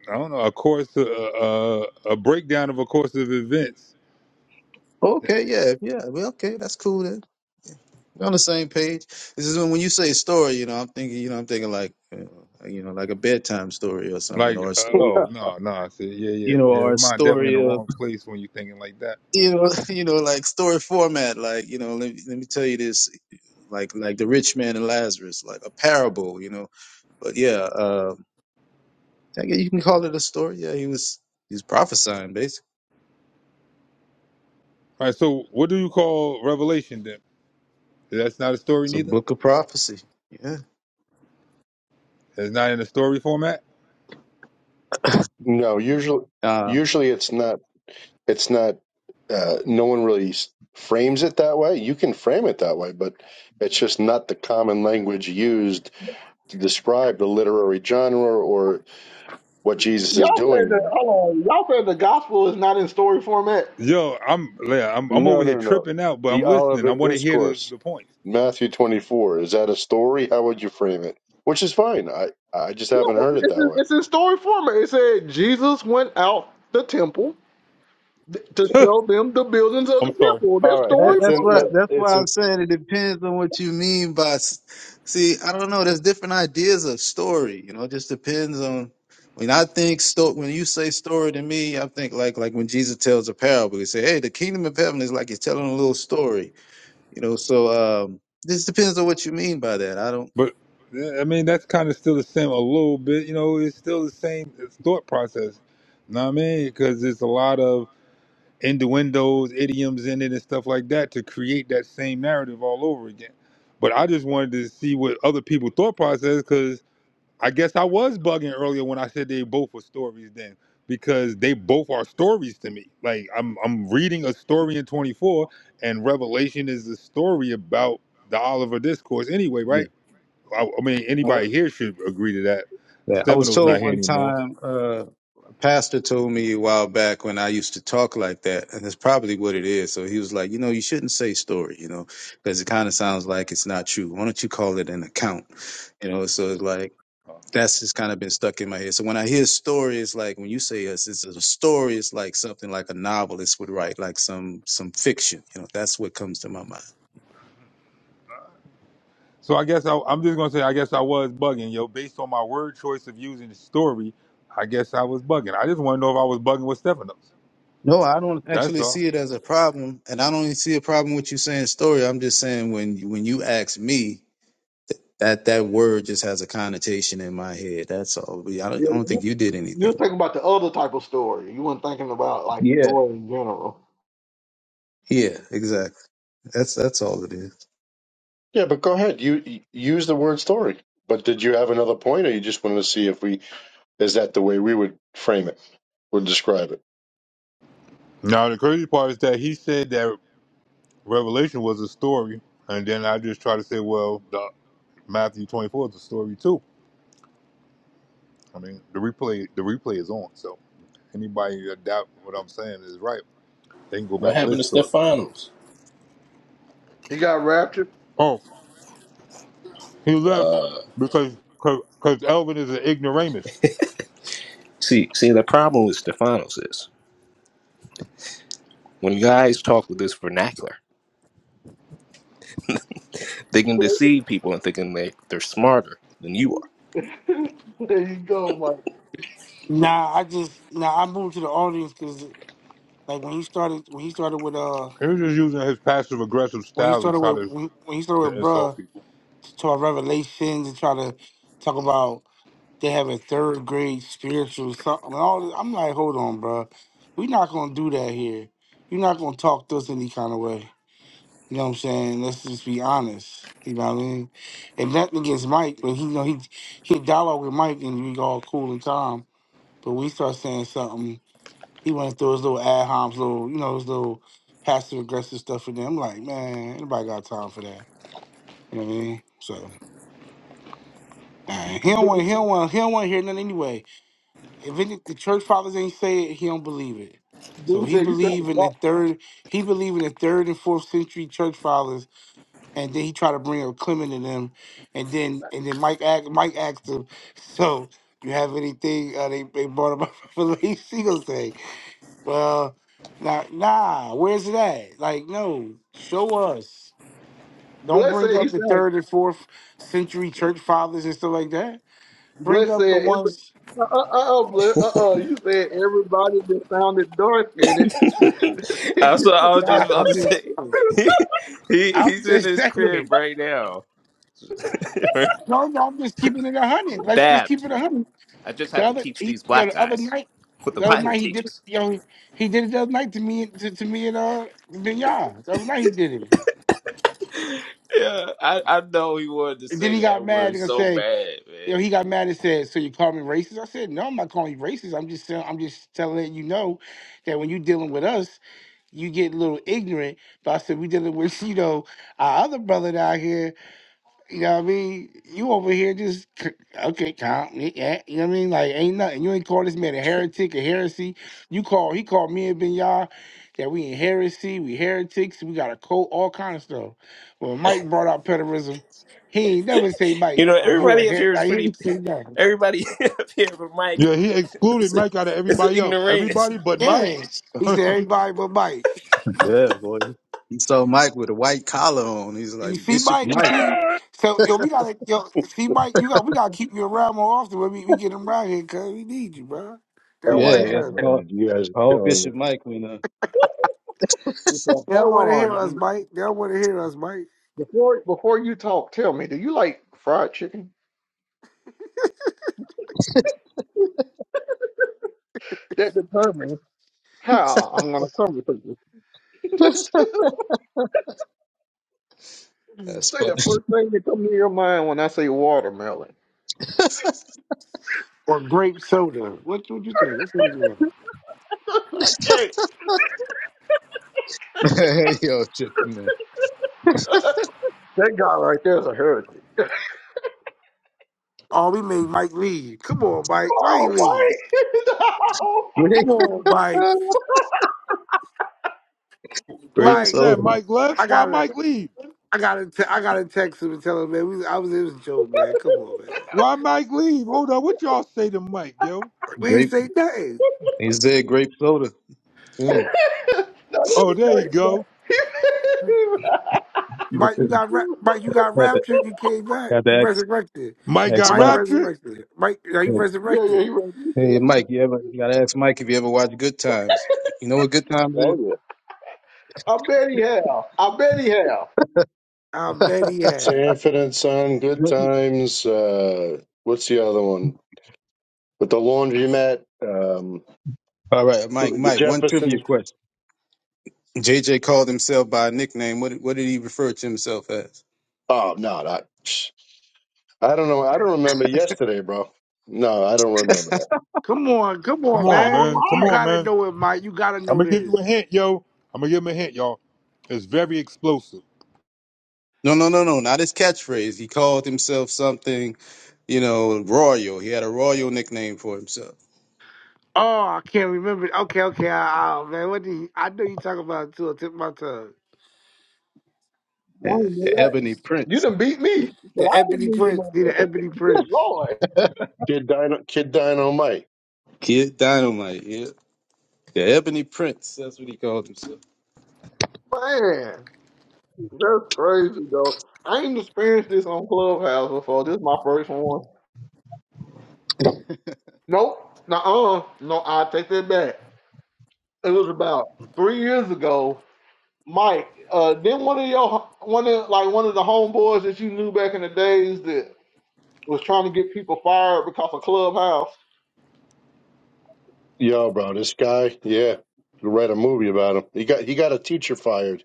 I don't know. A course, uh, uh, a breakdown of a course of events.
Okay, yeah, yeah. Well, okay, that's cool then. Yeah, We're on the same page. This is when, when you say story, you know, I'm thinking, you know, I'm thinking like, you know, you know, like a bedtime story or something,
Like,
or a
uh,
story,
oh no, no. I said, yeah, yeah,
you know,
yeah.
or
Your
a
mind definitely in the
story of.
wrong place when you're thinking like that.
you know, you know, like story format, like you know, let me, let me tell you this, like like the rich man and Lazarus, like a parable, you know. But yeah, uh, I guess you can call it a story. Yeah, he was he's prophesying basically.
All right. So, what do you call revelation then? That's not a story,
It's a
neither.
book of prophecy. Yeah.
It's not in a story format.
no, usually,
Uh,
usually it's not. It's not. Uh, no one really s- frames it that way. You can frame it that way, but it's just not the common language used to describe the literary genre or what Jesus is
Y'all
doing there.
Yo, I'm yeah, I'm I'm over
No,
here
no, no.
tripping out, but I'm
The
listening. I
Olivet
want to hear the,
Discourse,
the points.
Matthew twenty-four. Is that a story? How would you frame it? Which is fine. I I just haven't
No,
heard it
it's,
that
in-
way.
it's in story format. It said Jesus went out the temple th- to show
I'm
them the buildings of the
sorry,
temple. That's
All right.
That,
story
It's
that's
in.
what
Let.
format.
that's why
It's
I'm
in.
saying it depends on what you mean by. s- See, I don't know. There's different ideas of story. You know, it just depends on. When I think sto- when you say story to me, I think like like when Jesus tells a parable, he say, "Hey, the kingdom of heaven is like he's telling a little story." You know, so um, this depends on what you mean by that. I don't.
but yeah, I mean that's kind of still the same a little bit. You know, it's still the same thought process. know what I mean? Because there's a lot of innuendos, idioms in it, and stuff like that to create that same narrative all over again. But I just wanted to see what other people thought process because I guess I was bugging earlier when I said they both were stories then, because they both are stories to me. Like I'm I'm reading a story in 24, and Revelation is the story about the Oliver discourse anyway,
Yeah.
right? I, I mean, anybody
What?
here should agree to that.
yeah. I was
Stefano's not
told
here
one
anymore.
time, uh, a pastor told me a while back when I used to talk like that, and it's probably what it is. So he was like, you know, you shouldn't say story, you know, because it kind of sounds like it's not true. Why don't you call it an account? You know, so it's like, that's just kind of been stuck in my head. So when I hear story, it's like when you say us, it's a story. It's like something like a novelist would write, like some some fiction. You know, that's what comes to my mind.
So I guess I, I'm just gonna say I guess I was bugging, yo. Based on my word choice of using the story, I guess I was bugging. I just want to know if I was bugging with Stefanos.
No, I don't
That's
actually
all.
see it as a problem, and I don't even see a problem with you saying story. I'm just saying when when you ask me that that word just has a connotation in my head. That's all. But I
Yeah,
don't, I don't
you,
think you did
you're
anything wrong.
thinking about the other type of story. You weren't thinking about like
Yeah,
story in general.
yeah, exactly. That's that's all it is.
Yeah, but go ahead. You, you use the word story. But did you have another point, or you just wanted to see if we is that the way we would frame it or describe it?
Now the crazy part is that he said that Revelation was a story, and then I just try to say, well, the Matthew 24 is a story too. I mean, the replay the replay is on, so anybody that doubt what I'm saying is right, they can go back
What
and
happened to
listen to it.
Stephanos?
He got raptured.
Oh, he left
Uh,
because because Elvin is an ignoramus.
see, see, the problem with Stephanos is when guys talk with this vernacular, they can deceive people and thinking they they're smarter than you are.
There you go, Mike.
Nah, I just nah, I moved to the audience because like when he started when he started with uh
He was just using his passive aggressive
when he
style to
started
try
with
to,
when when he started
to
with
insult
bruh
people.
to our revelations and try to talk about they have a third grade spiritual something and all this, I'm like, hold on, bruh. We're not gonna do that here. You're not gonna talk to us any kind of way. You know what I'm saying? Let's just be honest. You know what I mean? And nothing against Mike, but he you know he he dialogue with Mike and we all cool and calm. But when he starts saying something, he went through his little ad homs, little you know, his little passive aggressive stuff for them. I'm like, man, anybody got time for that? You know what I mean? So uh, he don't want he don't want he don't want to hear nothing anyway. If any, the church fathers ain't say it, he don't believe it. So he believe in the third he believe in the third and fourth century church fathers, and then he try to bring up Clement and them, and then and then Mike asked, Mike asked him, so you have anything uh, they they brought up Revelation? He gonna say, well, nah, nah, where's it at? Like no, show us. Don't
Bless
bring
said
up
he
the
sounded.
third and fourth century church fathers and stuff like that. Bring
Bless
up the
said every.
ones.
Uh uh uh uh. Bless, uh, uh you said everybody that sounded dark in it.
I was,
he
I was just
Ah,
about
I'm
to
just,
say, he, he
I'm
he's in
just
his crib
saying.
right now.
No, no, I'm just keeping it a hundred. Let's just
Dad,
keep it a hundred.
I just
The
have to
other,
teach
he,
these
yo,
black
the other
guys
night,
what the
the other
Bible
night he did it.
teaches.
Yo, he did it the other night to me, to, to me and uh, Vinyard. The other night he did it.
Yeah, I, I know he wanted to
And then
say
he
the
got
N
mad
word
and gonna
so
say,
bad,
you know,
man.
he got mad and said, "So you call me racist?" I said, "No, I'm not calling you racist. I'm just, saying- I'm just telling you know that when you're dealing with us." you get a little ignorant. But I said, we dealing with, you know, our other brother down here. You know what I mean? You over here just, c- okay, count me. eh, You know what I mean? Like, ain't nothing. You ain't call this man a heretic, a heresy. You call, he called me and Ben Yah that we in heresy, we heretics, we got a cult, all kind of stuff. When Mike brought out pederism, he ain't never say,
You
Mike,
know,
oh, you a
everybody up
her.
here is
Like, he
pretty.
didn't say nothing.
Everybody up here but Mike
Yeah, he excluded
is, a-
Mike out of
is an
everybody else.
ignoramus.
Everybody but Mike.
Yeah. He said, everybody but Mike.
Yeah, boy. He saw Mike with a white collar on. He's
You
like
see,
Bishop
Mike. You
Mike.
see, so yo, we gotta yo. See, Mike, you got we gotta keep you around more often when we, we get them around here, cause we need you, bro. They don't
Yeah,
want to
you
Oh
have
hear
to
us.
call,
man, you guys are
call
killing me.
Bishop Mike when uh,
said,
They
"Hold
don't want to
on,
hear us,
dude.
Mike. They don't want to hear us, Mike.
before before you talk, tell me, do you like fried chicken?" That determines How I'm gonna come to think this?
that's
Say
funny.
the first thing that comes to your mind when I say watermelon.
Or grape soda. What what you think? What's gonna do?
Yo, tripping
That guy right there is a heretic.
Oh, we made Mike leave. Come on, Mike. Why he leave? Come on,
man.
Mike.
Grape
oh
Mike,
snap,
soda.
Mike left?
I
Why
gotta,
Mike leave?
I gotta, te- I gotta text him and tell him, man. We, I was, it was a joke, man. Come on, man.
Why Mike leave? Hold on, what y'all say to Mike, yo?
We didn't
Grape.
say nothing.
He said grape soda. Mm.
Oh, there you go.
Mike, you got ra- Mike, you got
Got to
raptured. You came back.
got
You
the ex,
resurrected.
Mike
ex
got
Mike
Mike.
raptured.
resurrected. Mike, are you
Hey,
resurrected?
hey, Mike, you ever you gotta ask Mike if you ever watched Good Times. You know what Good Times
Oh yeah,
I bet he have. I bet he have.
I bet he had.
Sanford and Son, Good
is?
Times. Uh, what's the other one with the laundromat? Um,
All right, Mike,
who, the
Mike, one trivia
Jeffersons.
question. JJ called himself by a nickname. What did- what did he refer to himself as?
Oh no, not. I don't know. I don't remember yesterday, bro. No, I don't remember that.
Come on, come
Come
on,
Dynamite.
on, man.
man.
Come
You
on,
gotta
man.
know it, Mike. You gotta
I'm
know
gonna give you a
this.
hint, yo. I'm gonna give him a hint, y'all. It's very explosive.
No, no, no, no, not his catchphrase. He called himself something, you know, royal. He had a royal nickname for himself.
Oh, I can't remember. Okay, okay. I, I, man, what did he, I know you talking about it too. I tip my tongue.
I
Yeah,
ain't know
the
that.
Ebony
Jeez.
You
Prince.
done beat me. But
The
I
Ebony
didn't even
Prince.
know
Need an
that.
Ebony
Good
Prince.
Lord.
Kid Dino, Kid Dynamite.
Kid Dynamite, yeah. The Ebony Prince, that's what he called himself.
Man, that's crazy though. I ain't experienced on Clubhouse before. This is my first one. Nope. Nuh-uh. No, I take that back. It was about three years ago. Mike, uh, then one of your one of like one of the homeboys that you knew back in the days that was trying to get people fired because of Clubhouse.
Yo, bro, this guy, yeah, I read a movie about him. He got he got a teacher fired.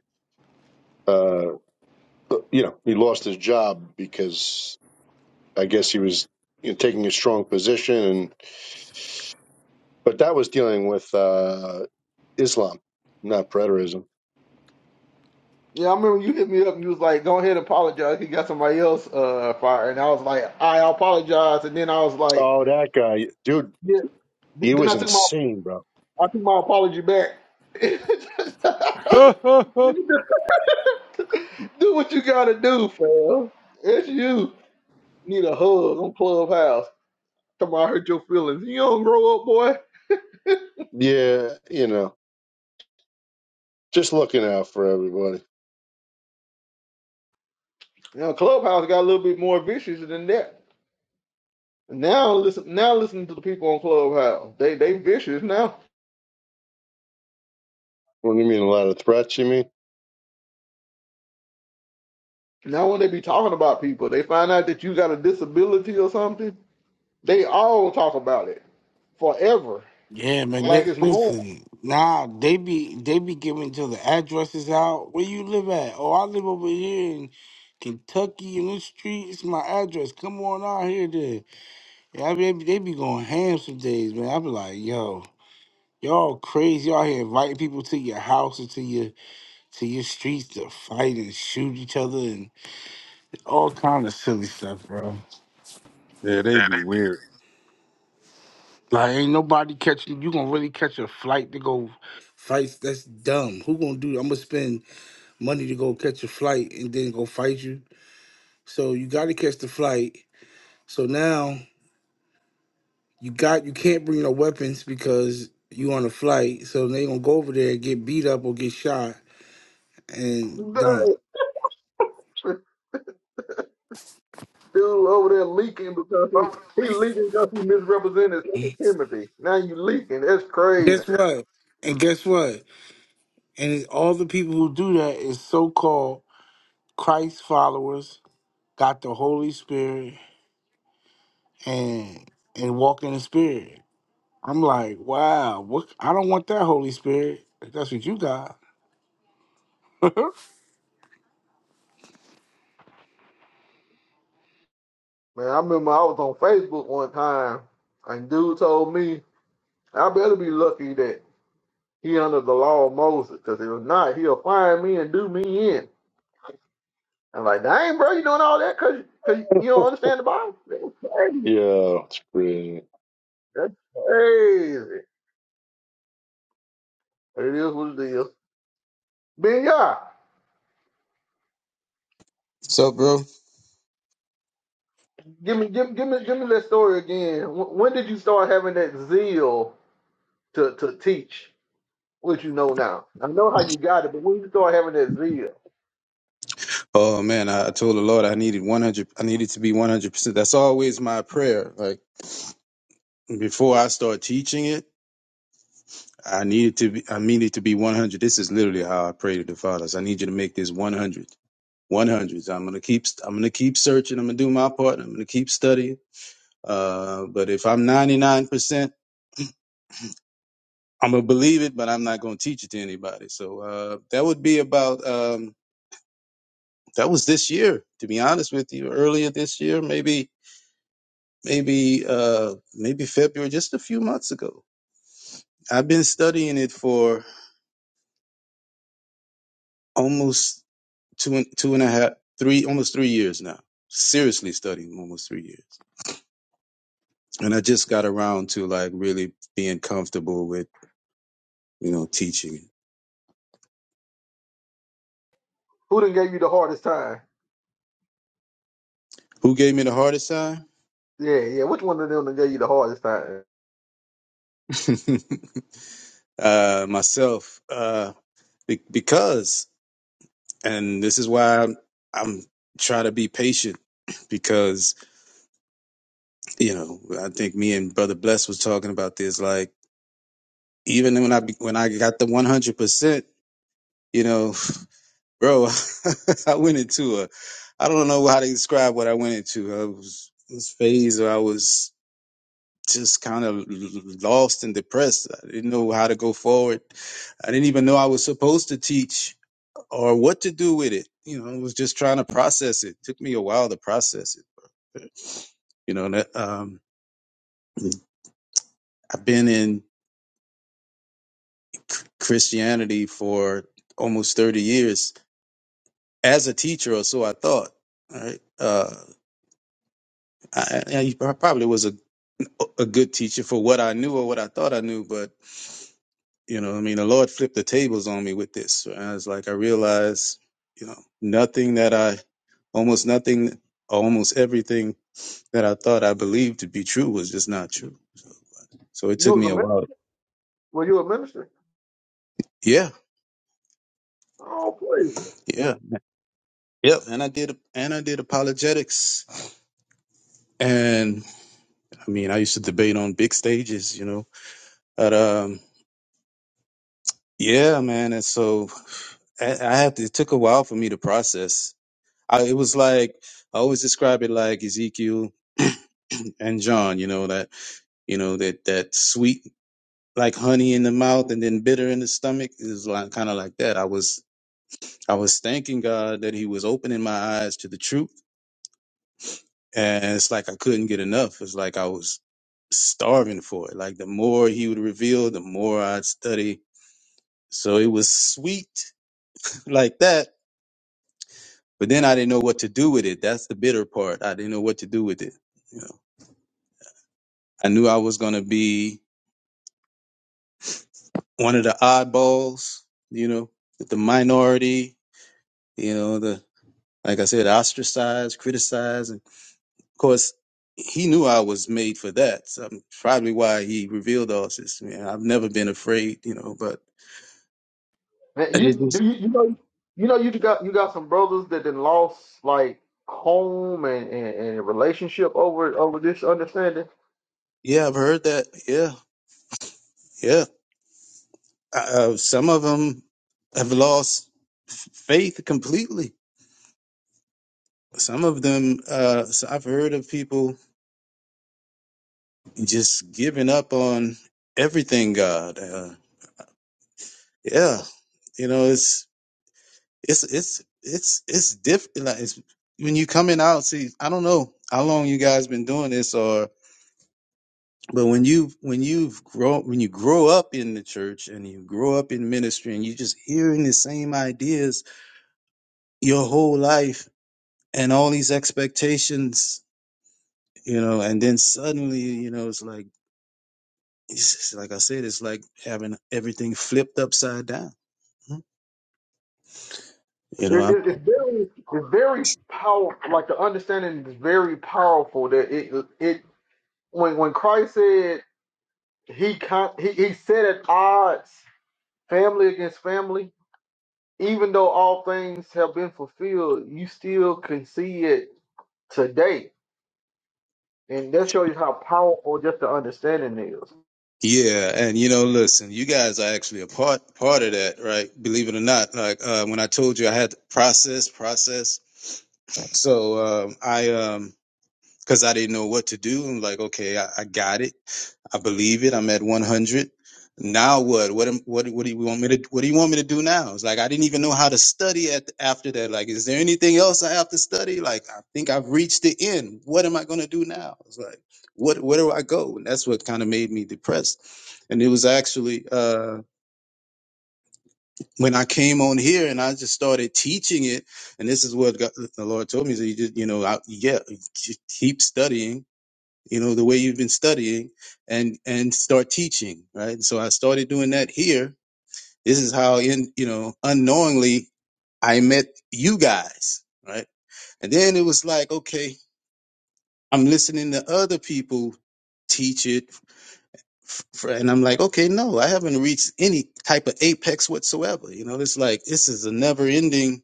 Uh, you know, he lost his job because I guess he was you know, taking a strong position, and but that was dealing with uh, Islam, not preterism.
Yeah, I remember you hit me up and you was like, "Go ahead, and apologize." He got somebody else uh, fired, and I was like, "I apologize." And then I was like,
Oh, that guy, dude,
"Yeah." th-
he
Then
was
I took my
insane, bro.
I took my apology back. do
yeah,
what you gotta do, fam. It's you need a hug on Clubhouse. Talking about I hurt your feelings. You don't grow up, boy.
Yeah, you know, just looking out for everybody.
You know, Clubhouse got a little bit more vicious than that. Now listen, now listen to the people on Clubhouse. They they vicious now.
What do you mean, a lot of threats? You mean?
Now, when they be talking about people, they find out that you got a disability or something. They all talk about it forever,
Yeah, man.
like
They,
it's normal.
listen, nah, they be they be giving to the addresses out. Where you live at? Oh, I live over here in Kentucky in this street. It's my address. Come on out here, then. Yeah, I mean, they be going ham some days, man. I be like, yo, y'all crazy. Y'all here inviting people to your house and to your to your streets to fight and shoot each other and all kind of silly stuff, bro.
they be weird.
Like ain't nobody catching you gonna really catch a flight to go fight that's dumb. Who gonna do I'm gonna spend money to go catch a flight and then go fight you. So you gotta catch the flight. So now you got you can't bring no weapons because you on a flight. So they gonna go over there and get beat up or get shot and done.
Dude, he misrepresented Timothy. That's crazy,
Guess what? And guess what? And all the people who do that is so called Christ followers, got the Holy Spirit, and and walk in the spirit. I'm like, wow, what I don't want that Holy Spirit. if That's what you got. yeah,
man. I remember I was on Facebook one time, and dude told me I better be lucky that he under the law of Moses, because if not, he'll find me and do me in. I'm like, dang, bro, you doing all that because you don't understand the Bible? That's crazy.
Yeah, it's crazy.
That's crazy. But it is what it is. Ben Yah.
So, bro?
Give me, give, me- give me, give me that story again. Wh- When did you start having that zeal to, to teach what you know now? I know how you got it, but when you start having that zeal,
Oh man, I I told the Lord I needed 100. I needed to be 100. percent That's always my prayer. Like before I start teaching it, I needed to be. I needed to be 100. This is literally how I pray to the fathers. I need you to make this 100. 100. I'm gonna keep. I'm gonna keep searching. I'm gonna do my part. I'm gonna keep studying. Uh, but if I'm 99 percent, I'm gonna believe it, but I'm not gonna teach it to anybody. So uh, that would be about. Um, that was this year, to be honest with you. Earlier this year, maybe maybe uh maybe February, just a few months ago. I've been studying it for almost two and two and a half, three, almost three years now. Seriously studying almost three years, and I just got around to like really being comfortable with you know teaching it.
who? The,
Who gave me the hardest time?
yeah, yeah. Which one of them that gave you the hardest time?
uh, myself, uh, be- because, and this is why I'm, I'm trying to be patient because you know I think me and Brother Bless was talking about this like even when I be- when I got the one hundred percent, you know, bro, I went into a, I don't know how to describe what I went into. I was this phase where I was just kind of lost and depressed. I didn't know how to go forward. I didn't even know I was supposed to teach or what to do with it. You know, I was just trying to process it. took me a while to process it. You know, that, um, I've been in Christianity for almost 30 years as a teacher or so I thought. Right? Uh, I, I I probably was a a good teacher for what I knew or what I thought I knew, but you know, I mean, the Lord flipped the tables on me with this. I was like, I realized, you know, nothing that I, almost nothing, almost everything that I thought I believed to be true was just not true. So it
You
took
was
me
a
a
minister.
while.
Were you a minister?
Yeah,
Oh, please.
yeah, yep. And I did, and I did apologetics, and I mean, I used to debate on big stages, you know, at um. Yeah, man. And so I, I have to, it took a while for me to process. I, it was like, I always describe it like Ezekiel and John, you know, that, you know, that, that sweet, like honey in the mouth and then bitter in the stomach is like, kind of like that. I was, I was thanking God that he was opening my eyes to the truth. And it's like, I couldn't get enough. It's like I was starving for it. Like the more he would reveal, the more I'd study. So it was sweet like that But then I didn't know what to do with it. That's the bitter part. I didn't know what to do with it. You know, I knew I was going to be one of the oddballs, you know, the minority, you know, the, like I said, ostracized, criticized. And of course, he knew I was made for that. So probably why he revealed all this. Man, I've never been afraid, you know, but
Man,
it
you do
just,
you, you know you know you got you got some brothers that then lost like home and, and, and relationship over over this understanding.
yeah, I've heard that. Yeah. Yeah. Uh, some of them have lost faith completely Some of them, uh, so I've heard of people just giving up on everything. God, uh, yeah, you know, it's it's it's it's it's different. Like it's when you coming out. See, I don't know how long you guys been doing this, or but when you when you've grown when you grow up in the church and you grow up in ministry and you just hearing the same ideas your whole life and all these expectations, you know, and then suddenly, you know, it's like It's just like I said, it's like having everything flipped upside down. You know,
It,
I'm,
it, it's very, it's very powerful. Like the understanding is very powerful. That it, it when when Christ said he con- he he said at odds, family against family. Even though all things have been fulfilled, you still can see it today, and that shows you how powerful just the understanding is.
yeah, and you know, listen, you guys are actually a part part of that, right? Believe it or not, like uh, when I told you I had to process, process. So um, I, um, because I didn't know what to do, I'm like, okay, I, I got it I believe it. I'm at 100. Now what? What? am- What? What do you want me to? What do you want me to do now? It's like I didn't even know how to study at after that. Like, is there anything else I have to study? Like, I think I've reached the end. What am I going to do now? It's like, what? Where do I go? And that's what kind of made me depressed. And it was actually uh, when I came on here and I just started teaching it. And this is what God, the Lord told me: is that you just, you know, I, yeah, keep studying you know, the way you've been studying and and start teaching, right? so I started doing that here. This is how in you know, unknowingly I met you guys, right? And then it was like, okay, I'm listening to other people teach it f- f- and I'm like, okay, no, I haven't reached any type of apex whatsoever. You know, it's like this is a never-ending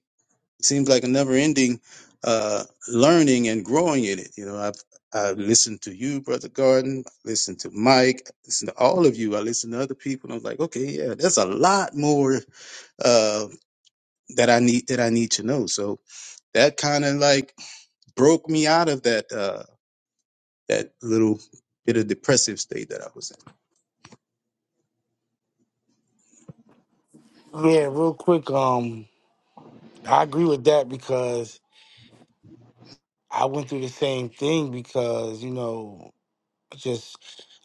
it seems like a never-ending uh, learning and growing in it. You know, I've I listened to you, Brother Garden. I Listened to Mike. I Listened to all of you. I listened to other people. And I'm like, okay, yeah, there's a lot more uh, that I need that I need to know. So that kind of like broke me out of that uh, that little bit of depressive state that I was in.
real quick, um, I agree with that because I went through the same thing because, you know, I just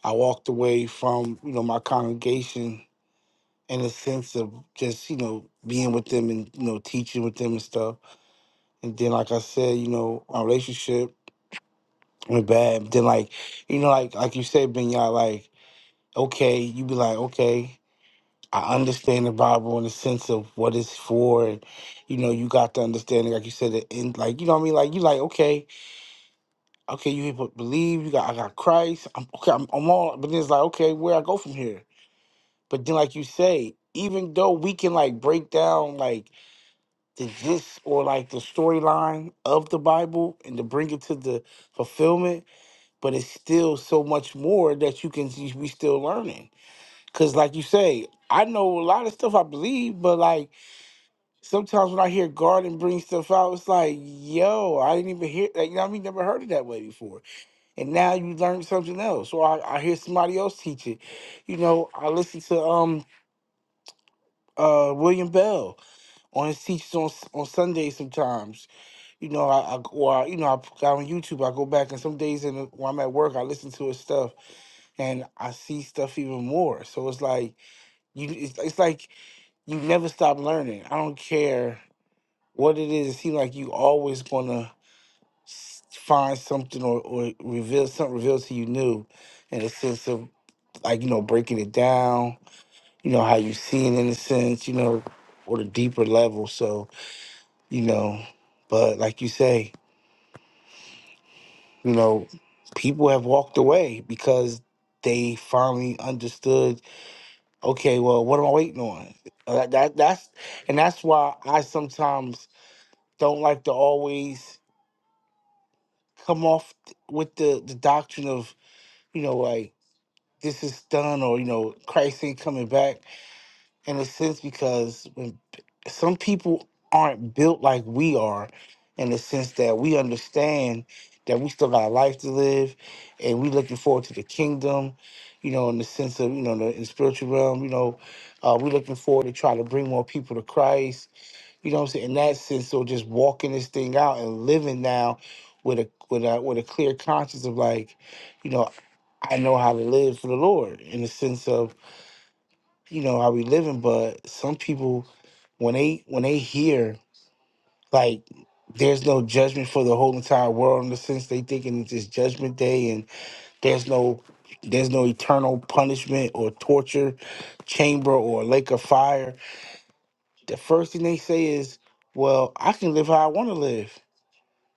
I walked away from, you know, my congregation in a sense of just, you know, being with them and, you know, teaching with them and stuff. And then like I said, you know, my relationship went bad. Then like, you know, like like you said, Benya, like okay, you be like, okay, I understand the Bible in the sense of what it's for. And, you know, you got the understanding, like you said, the end, like, you know what I mean? Like, you like, okay, okay, you people believe, you got, I got Christ. I'm, okay, I'm, I'm all, but then it's like, okay, where I go from here? But then, like you say, even though we can like break down like the gist or like the storyline of the Bible and to bring it to the fulfillment, but it's still so much more that you can, we still learning Cause like you say, I know a lot of stuff I believe, but like sometimes when I hear Garden bring stuff out, it's like, yo, I didn't even hear like you know what I mean, never heard it that way before. And now you learn something else. Or I, I hear somebody else teach it. You know, I listen to um uh William Bell on his teachings on s- on Sundays sometimes. You know, I, I or I, you know, I got on YouTube, I go back and some days in the, when I'm at work, I listen to his stuff and I see stuff even more. So it's like you it's, it's like You never stop learning. I don't care what it is. It seems like you always gonna find something or, or reveal something revealed to you new, in a sense of like you know breaking it down. You know how you see it in a sense. You know, or the deeper level. So you know, but like you say, you know, people have walked away because they finally understood. Okay, well, what am I waiting on? Uh, that that's and that's why I sometimes don't like to always come off th- with the, the doctrine of, you know, like this is done or, you know, Christ ain't coming back in a sense because when p- some people aren't built like we are in the sense that we understand that we still got a life to live and we looking forward to the kingdom, you know, in the sense of, you know, the, in the spiritual realm, you know, uh, we looking forward to try to bring more people to Christ You know what I'm saying? In that sense, so just walking this thing out and living now with a with a with a clear conscience of like, you know, I know how to live for the Lord in the sense of, you know, how we living, but some people when they when they hear like there's no judgment for the whole entire world in the sense they thinking it's just judgment day and there's no there's no eternal punishment or torture chamber or lake of fire. The first thing they say is, Well, I can live how I want to live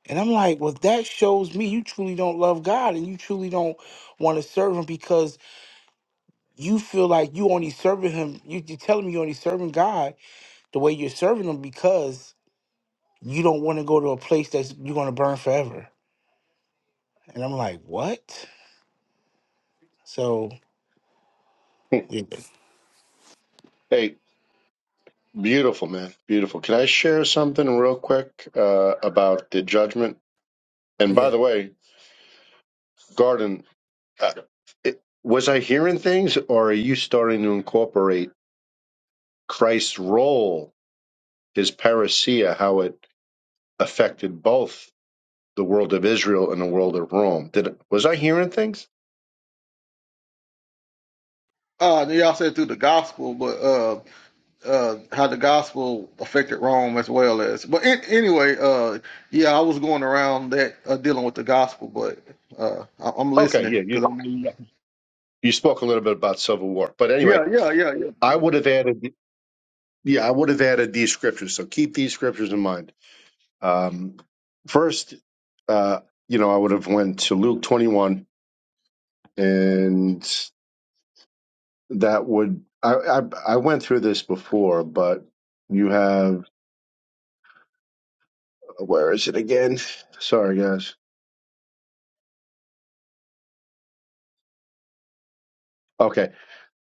And I'm like, well, that shows me you truly don't love God and you truly don't want to serve Him because you feel like you only serving Him. You, you're telling me you only serving God the way you're serving Him because you don't want to go to a place that's you're going to burn forever. And I'm like, what? So, yeah.
hey, Beautiful, man. Beautiful. Can I share something real quick uh, about the judgment? And
Yeah.
by the way, Garden, uh, it, was I hearing things or are you starting to incorporate Christ's role, his parousia, how it affected both the world of Israel and the world of Rome? Did Was I hearing things?
Uh, y'all said through the gospel, but uh, uh, how the gospel affected Rome as well as. But an- anyway, uh, yeah, I was going around that uh, dealing with the gospel, but uh, I- I'm
Okay,
listening
yeah, you,
because I'm. Yeah,
you spoke a little bit about civil war. But anyway,
yeah, yeah, yeah.
I would have added, yeah, I would have added these scriptures. So keep these scriptures in mind. Um, first, uh, you know, I would have went to Luke 21, and that would I, I I went through this before, but you have where is it again? Sorry, guys. Okay,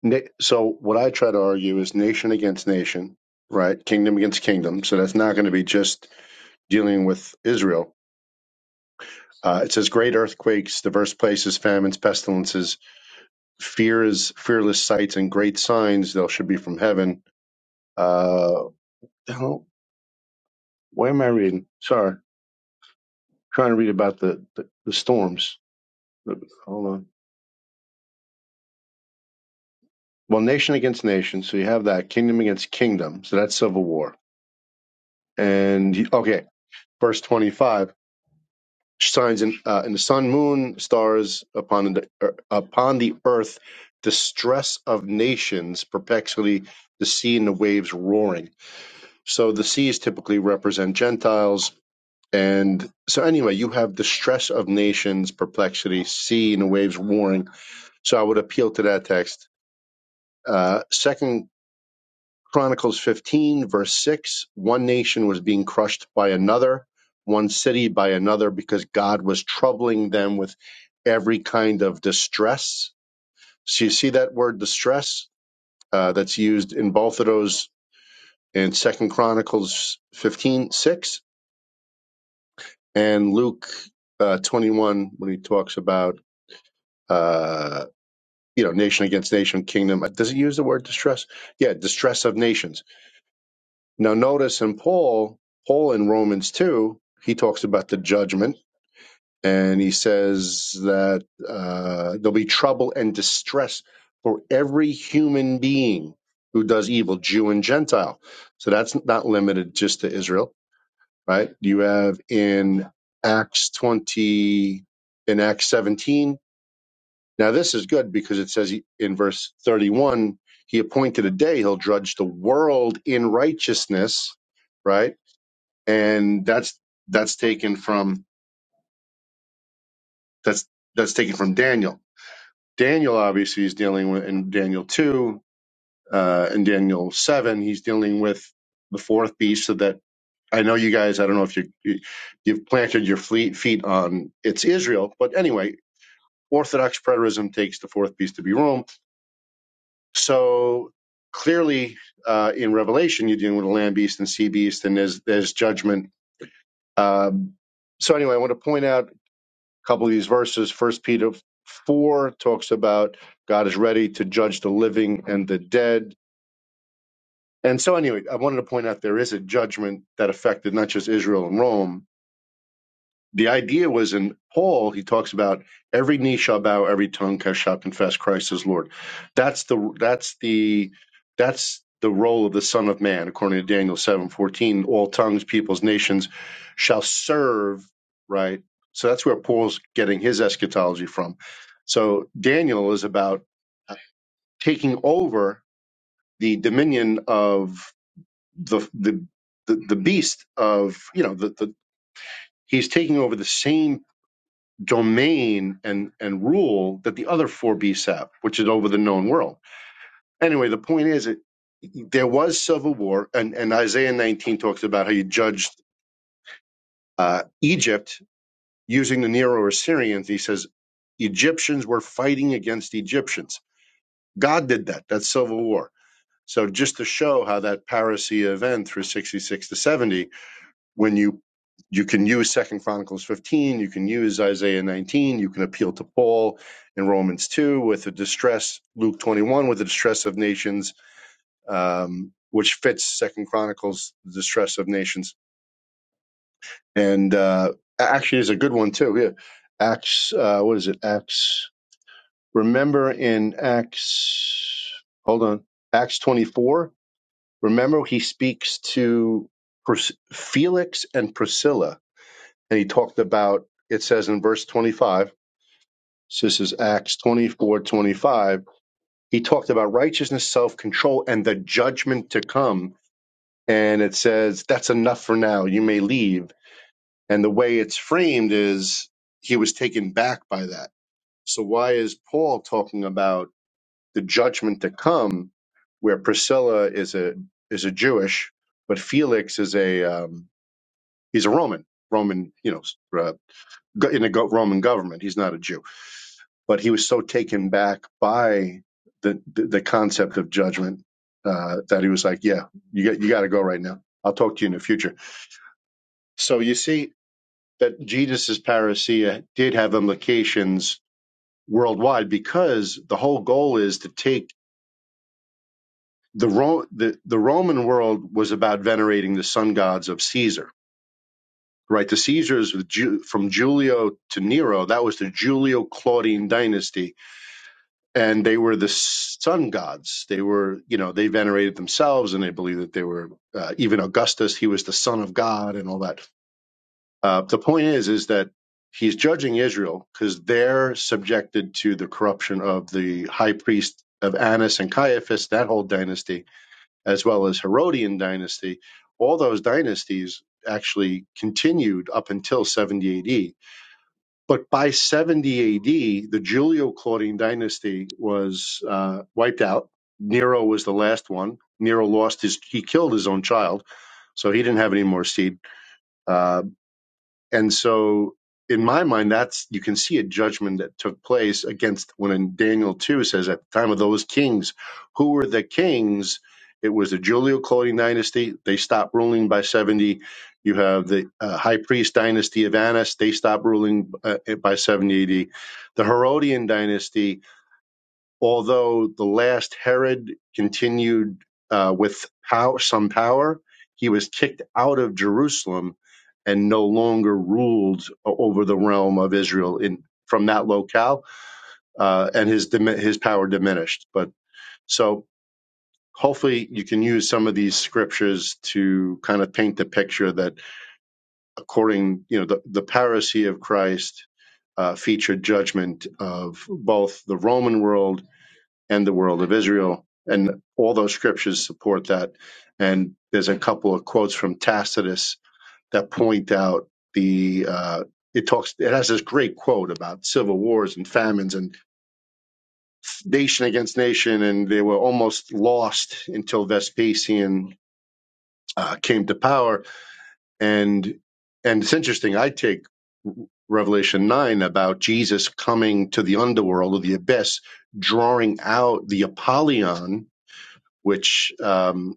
Na- so what I try to argue is nation against nation, right? Kingdom against kingdom. So that's not going to be just dealing with Israel. Uh, it says great earthquakes, diverse places, famines, pestilences, fears, fearless sights, and great signs. They'll should be from heaven Uh, hell, where am I reading? Sorry, trying to read about the, the, the storms. Hold on. Well, nation against nation. So you have that kingdom against kingdom. So that's civil war. And he- okay, verse twenty-five signs in uh, in the sun, moon, stars upon the er, upon the earth, distress of nations, perplexity, the sea and the waves roaring. So the seas typically represent Gentiles And so, anyway, you have the stress of nations, perplexity, sea and the waves warring. So, I would appeal to that text. Uh, Second Chronicles 15, verse 6 one nation was being crushed by another, one city by another, because God was troubling them with every kind of distress. So, you see that word distress uh, that's used in both of those in Second Chronicles 15 6 and Luke uh, 21 when he talks about uh, you know, nation against nation, kingdom. uh, Does it use the word distress? Yeah, distress of nations. Now, notice in Paul, Paul in Romans 2, he talks about the judgment and he says that uh, there'll be trouble and distress for every human being who does evil, Jew and Gentile. So that's not limited just to Israel, right? You have in Acts 20, in Acts 17, Now, this is good because it says he- in verse 31, he appointed a day he'll judge the world in righteousness, right? And that's that's taken from that's that's taken from Daniel. Daniel obviously is dealing with in Daniel 2 uh in Daniel 7, he's dealing with the fourth beast so that I know you guys, I don't know if you you- you've planted your fleet feet on it's Israel, but anyway, Orthodox preterism takes the fourth beast to be Rome So clearly, uh, in Revelation, you're dealing with a land beast and sea beast, and there's there's judgment. Um, so anyway, I want to point out a couple of these verses. First Peter four talks about God is ready to judge the living and the dead. And so anyway, I wanted to point out there is a judgment that affected not just Israel and Rome, the idea was in Paul, he talks about every knee shall bow, every tongue shall confess Christ is Lord. That's the that's the that's the role of the Son of Man, according to Daniel seven fourteen. All tongues, peoples, nations shall serve. Right. So that's where Paul's getting his eschatology from. So Daniel is about uh, taking over the dominion of the the the, the beast of you know the, the he's taking over the same domain and and rule that the other four beasts have, which is over the known world. Anyway, the point is, it, there was civil war, and, and Isaiah 19 talks about how you judged uh, Egypt using the Neo Assyrians. He says Egyptians were fighting against Egyptians. God did that. That's civil war. So just to show how that parousia event through 66 to 70 when you you can use second chronicles 15 you can use isaiah 19 you can appeal to paul in romans 2 with the distress luke 21 with the distress of nations um, which fits second chronicles the distress of nations and uh, actually is a good one too yeah acts uh, what is it acts remember in acts hold on acts 24 remember he speaks to Pris- felix and priscilla and he talked about it says in verse 25 so this is acts 24, 25. he talked about righteousness self-control and the judgment to come and it says that's enough for now you may leave and the way it's framed is he was taken back by that so why is paul talking about the judgment to come where priscilla is a is a jewish but felix is a um, he's a roman roman you know uh, in a go- roman government he's not a jew but he was so taken back by the the, the concept of judgment uh, that he was like, "Yeah, you got you got to go right now. I'll talk to you in the future." So you see that Jesus's parousia did have implications worldwide because the whole goal is to take the Ro- the, the Roman world was about venerating the sun gods of Caesar. Right, the Caesars with Ju- from Julio to Nero, that was the Julio Claudian dynasty and they were the sun gods. They were, you know, they venerated themselves, and they believed that they were uh, even Augustus. He was the son of God, and all that. Uh, the point is, is that he's judging Israel because they're subjected to the corruption of the high priest of Annas and Caiaphas, that whole dynasty, as well as Herodian dynasty. All those dynasties actually continued up until 70 AD but by 70 AD, the Julio Claudian dynasty was uh, wiped out. Nero was the last one. Nero lost his, he killed his own child, so he didn't have any more seed. Uh, and so, in my mind, that's you can see a judgment that took place against when in Daniel 2 says, At the time of those kings, who were the kings? It was the Julio Claudian dynasty. They stopped ruling by 70. You have the uh, high priest dynasty of Annas. They stopped ruling uh, by 70 AD. The Herodian dynasty, although the last Herod continued uh, with pow- some power, he was kicked out of Jerusalem and no longer ruled over the realm of Israel in from that locale, uh, and his dimi- his power diminished. But so hopefully you can use some of these scriptures to kind of paint the picture that according you know the, the parousia of Christ uh, featured judgment of both the Roman world and the world of Israel. And all those scriptures support that. And there's a couple of quotes from Tacitus that point out the, uh, it talks, it has this great quote about civil wars and famines and nation against nation. And they were almost lost until Vespasian uh, came to power. And, and it's interesting. I take Revelation 9 about Jesus coming to the underworld or the abyss, drawing out the Apollyon which um,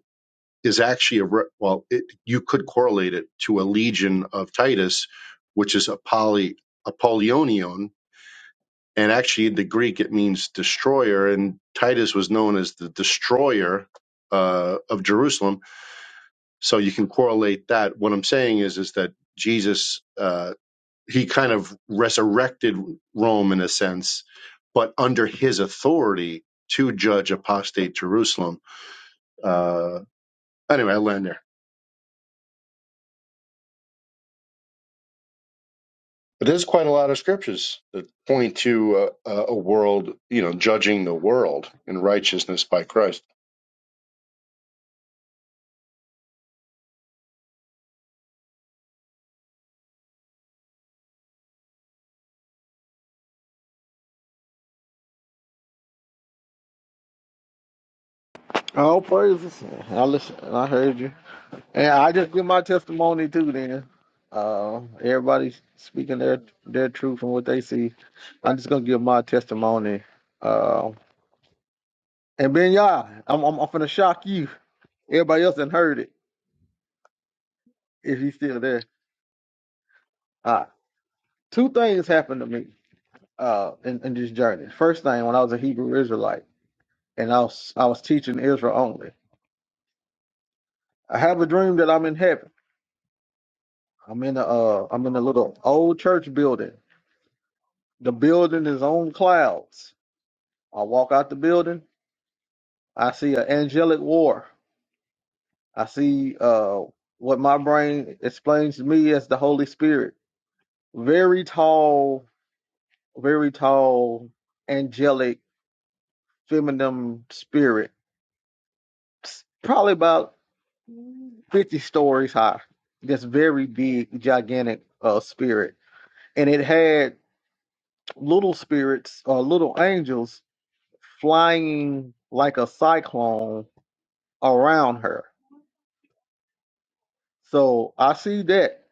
is actually a re- well, it, you could correlate it to a legion of Titus, which is a poly Apollonion, and actually in the Greek it means destroyer, and Titus was known as the destroyer uh, of Jerusalem. So you can correlate that. What I'm saying is is that Jesus uh, he kind of resurrected Rome in a sense, but under his authority to judge apostate Jerusalem. Uh, anyway, I land there. But there's quite a lot of scriptures that point to a, a world, you know, judging the world in righteousness by Christ.
All praises. I listen. I heard you, and I just give my testimony too. Then uh, everybody's speaking their their truth and what they see. I'm just gonna give my testimony. Uh, and Ben Yah, I'm I'm, I'm gonna shock you. Everybody else done heard it. If he's still there, uh, two things happened to me. uh, in, in this journey. First thing, when I was a Hebrew Israelite and I was I was teaching Israel only, I have a dream that I'm in heaven. I'm in a uh, I'm in a little old church building. The building is on clouds. I walk out the building. I see an angelic war. I see uh, what my brain explains to me as the Holy Spirit. Very tall, very tall, angelic, feminine spirit. Probably about 50 stories high. This very big, gigantic uh, spirit. And it had little spirits or little angels flying like a cyclone around her. So I see that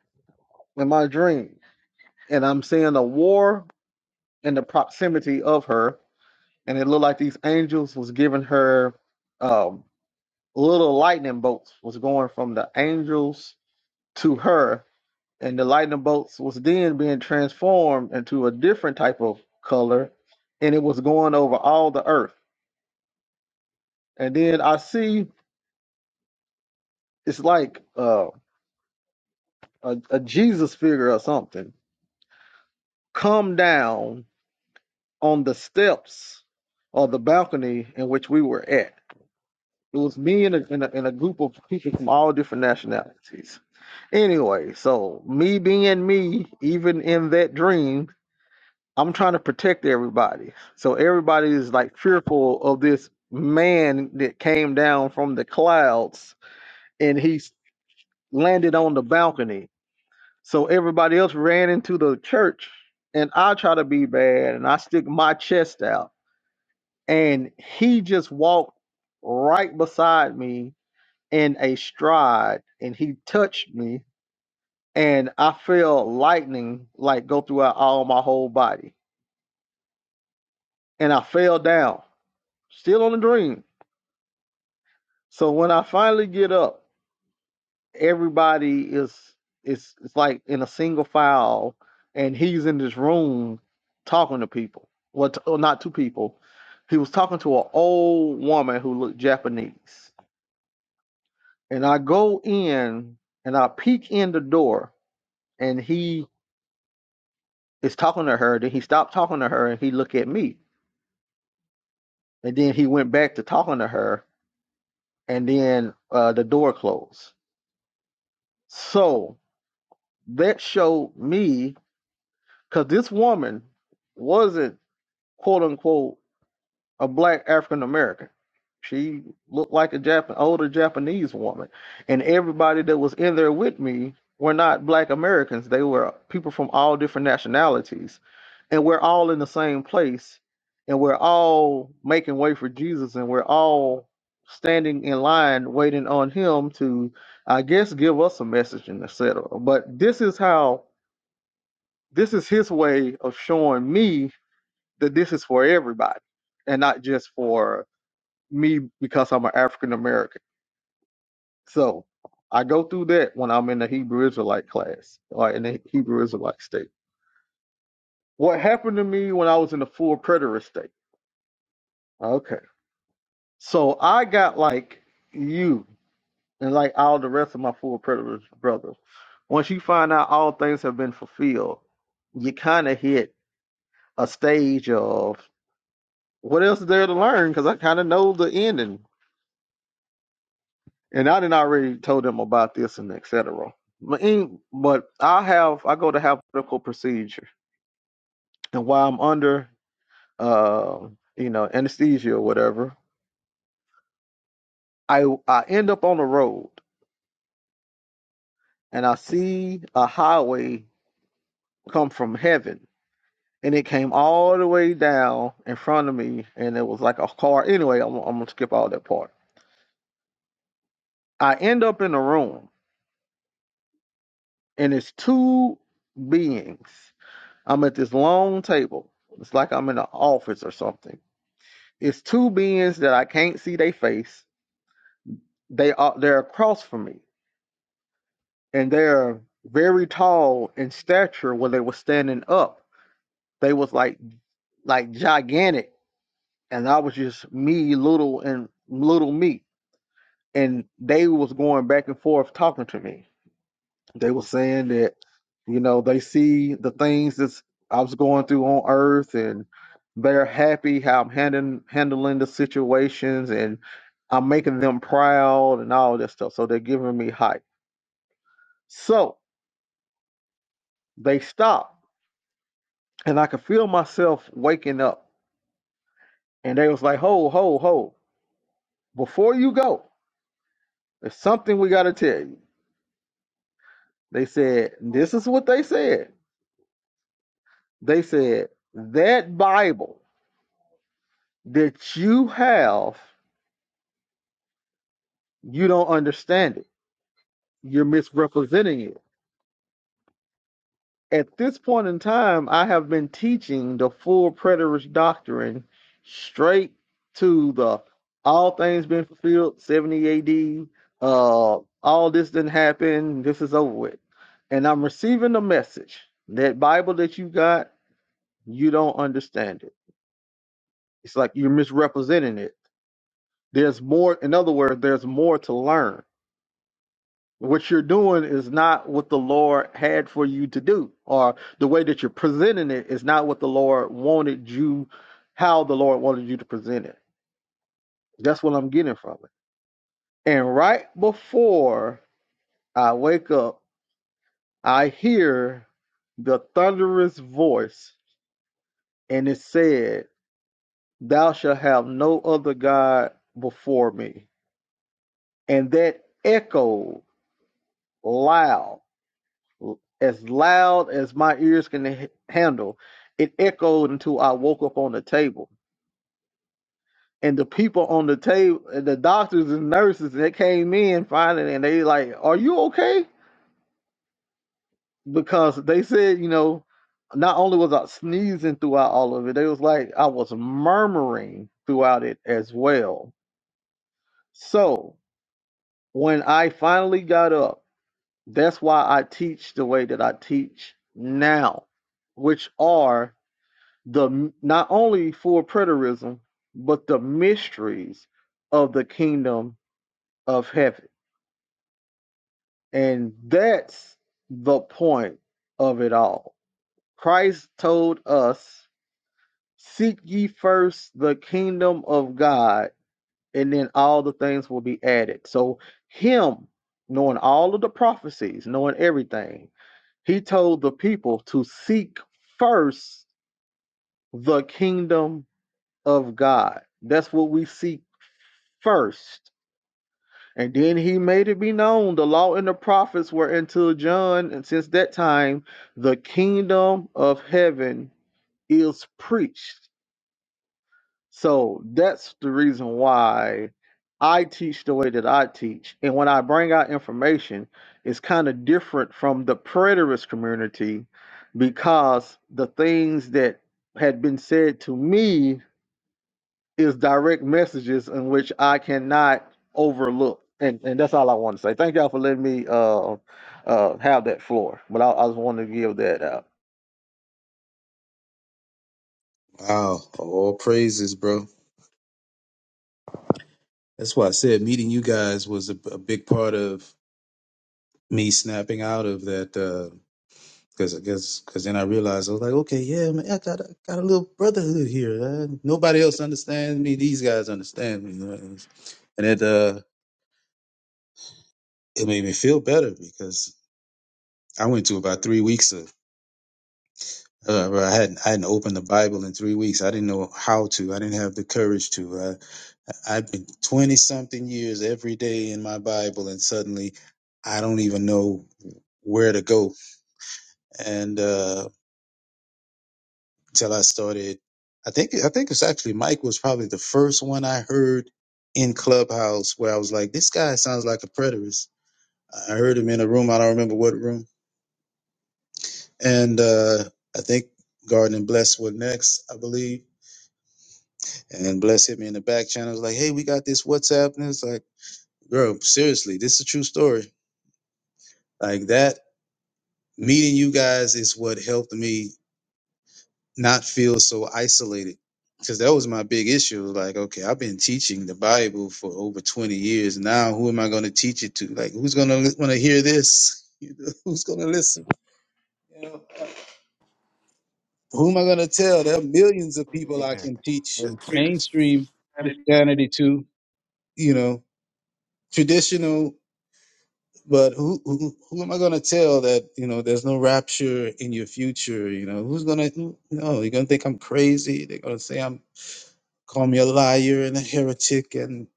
in my dream. And I'm seeing a war in the proximity of her. And it looked like these angels was giving her um, little lightning bolts was going from the angels to her and the lightning bolts was then being transformed into a different type of color and it was going over all the earth and then i see it's like uh, a, a jesus figure or something come down on the steps or the balcony in which we were at it was me and a, and a, and a group of people from all different nationalities anyway so me being me even in that dream I'm trying to protect everybody. So everybody is like fearful of this man that came down from the clouds and he s- landed on the balcony. So everybody else ran into the church and I try to be bad and I stick my chest out. And he just walked right beside me in a stride and he touched me and I felt lightning like go throughout all my whole body. And I fell down, still on the dream So when I finally get up, everybody is it's it's like in a single file, and he's in this room talking to people. Well, t- oh, not two people. He was talking to an old woman who looked Japanese, and I go in and I peek in the door, and he is talking to her. Then he stopped talking to her, and he looked at me, and then he went back to talking to her, and then uh, the door closed. So that showed me because this woman wasn't quote unquote a black African American. She looked like a Japan older Japanese woman, and everybody that was in there with me were not black Americans. They were people from all different nationalities, and we're all in the same place, and we're all making way for Jesus, and we're all standing in line waiting on him to i guess give us a message and et cetera. but this is how this is his way of showing me that this is for everybody and not just for me because I'm an African American. So I go through that when I'm in the Hebrew Israelite class or in the Hebrew Israelite state. What happened to me when I was in the full preterist state? Okay. So I got like you and like all the rest of my full preterist brothers. Once you find out all things have been fulfilled, you kind of hit a stage of what else is there to learn? Because I kind of know the ending and I didn't already told them about this and et cetera. But, in, but I have I go to have medical procedure, and while I'm under uh, you know anesthesia or whatever, I I end up on the road and I see a highway come from heaven, and it came all the way down in front of me, and it was like a car. Anyway, I'm, I'm gonna skip all that part. I end up in a room, and it's two beings. I'm at this long table. It's like I'm in an office or something It's two beings that I can't see their face. They are they're across from me, and they're very tall in stature. When they were standing up, they was like like gigantic, and I was just me, little and little me. And they was going back and forth talking to me. They were saying that you know they see the things that I was going through on Earth, and they're happy how I'm handling handling the situations, and. I'm making them proud and all this stuff. So they're giving me hype. So they stopped and I could feel myself waking up. And they was like, ho, ho, ho, before you go, there's something we got to tell you. They said, this is what they said. They said, that Bible that you have, you don't understand it. You're misrepresenting it At this point in time, I have been teaching the full preterist doctrine straight to the all things been fulfilled, 70 AD, uh, all this didn't happen, this is over with. And I'm receiving the message that Bible that you got, you don't understand it. It's like you're misrepresenting it. There's more, in other words, there's more to learn What you're doing is not what the Lord had for you to do, or the way that you're presenting it is not what the Lord wanted you, how the Lord wanted you to present it. That's what I'm getting from it. And right before I wake up, I hear the thunderous voice, and it said, Thou shalt have no other God before me. And that echoed loud as loud as my ears can h- handle. It echoed until I woke up on the table. And the people on the table, the doctors and nurses, they came in finally and they like, Are you okay? Because they said, you know, not only was I sneezing throughout all of it, they was like, I was murmuring throughout it as well. So when I finally got up, that's why I teach the way that I teach now, which are the not only for preterism but the mysteries of the kingdom of heaven and that's the point of it all christ told us seek ye first the kingdom of god and then all the things will be added so him knowing all of the prophecies knowing everything he told the people to seek first the kingdom of god that's what we seek first. And then he made it be known the law and the prophets were until John, and since that time, the kingdom of heaven is preached. So that's the reason why I teach the way that I teach. And when I bring out information, it's kind of different from the preterist community because the things that had been said to me is direct messages in which I cannot overlook. And and that's all I want to say. Thank y'all for letting me uh uh have that floor. But I, I just wanted to give that out.
Wow, all praises, bro. That's why I said meeting you guys was a, a big part of me snapping out of that. Cause, cause, cause then I realized I was like, okay, yeah, man, I got, a got a little brotherhood here. uh, nobody else understands me. These guys understand me, right? and it, uh, it made me feel better because I went to about three weeks of, uh, where I hadn't, I hadn't opened the Bible in three weeks. I didn't know how to. I didn't have the courage to. Uh, I've been twenty something years every day in my Bible, and suddenly, I don't even know where to go. And uh, till I started. I think I think it's actually Mike was probably the first one I heard in Clubhouse where I was like, this guy sounds like a preterist. I heard him in a room. I don't remember what room. And uh, I think Garden and Bless were next, I believe. And Bless hit me in the back channel. was like, hey, we got this WhatsApp. And it's like, girl, seriously, this is a true story. Like that meeting you guys is what helped me not feel so isolated because that was my big issue like okay i've been teaching the bible for over 20 years now who am i going to teach it to like who's going to want to hear this You know, who's going to listen you know? uh, who am i going to tell there are millions of people i can teach
yeah.
mainstream
I
christianity to you know traditional but who who, who am i going to tell that you know there's no rapture in your future you know who's going to no you're going to think i'm crazy they're going to say i'm call me a liar and a heretic, and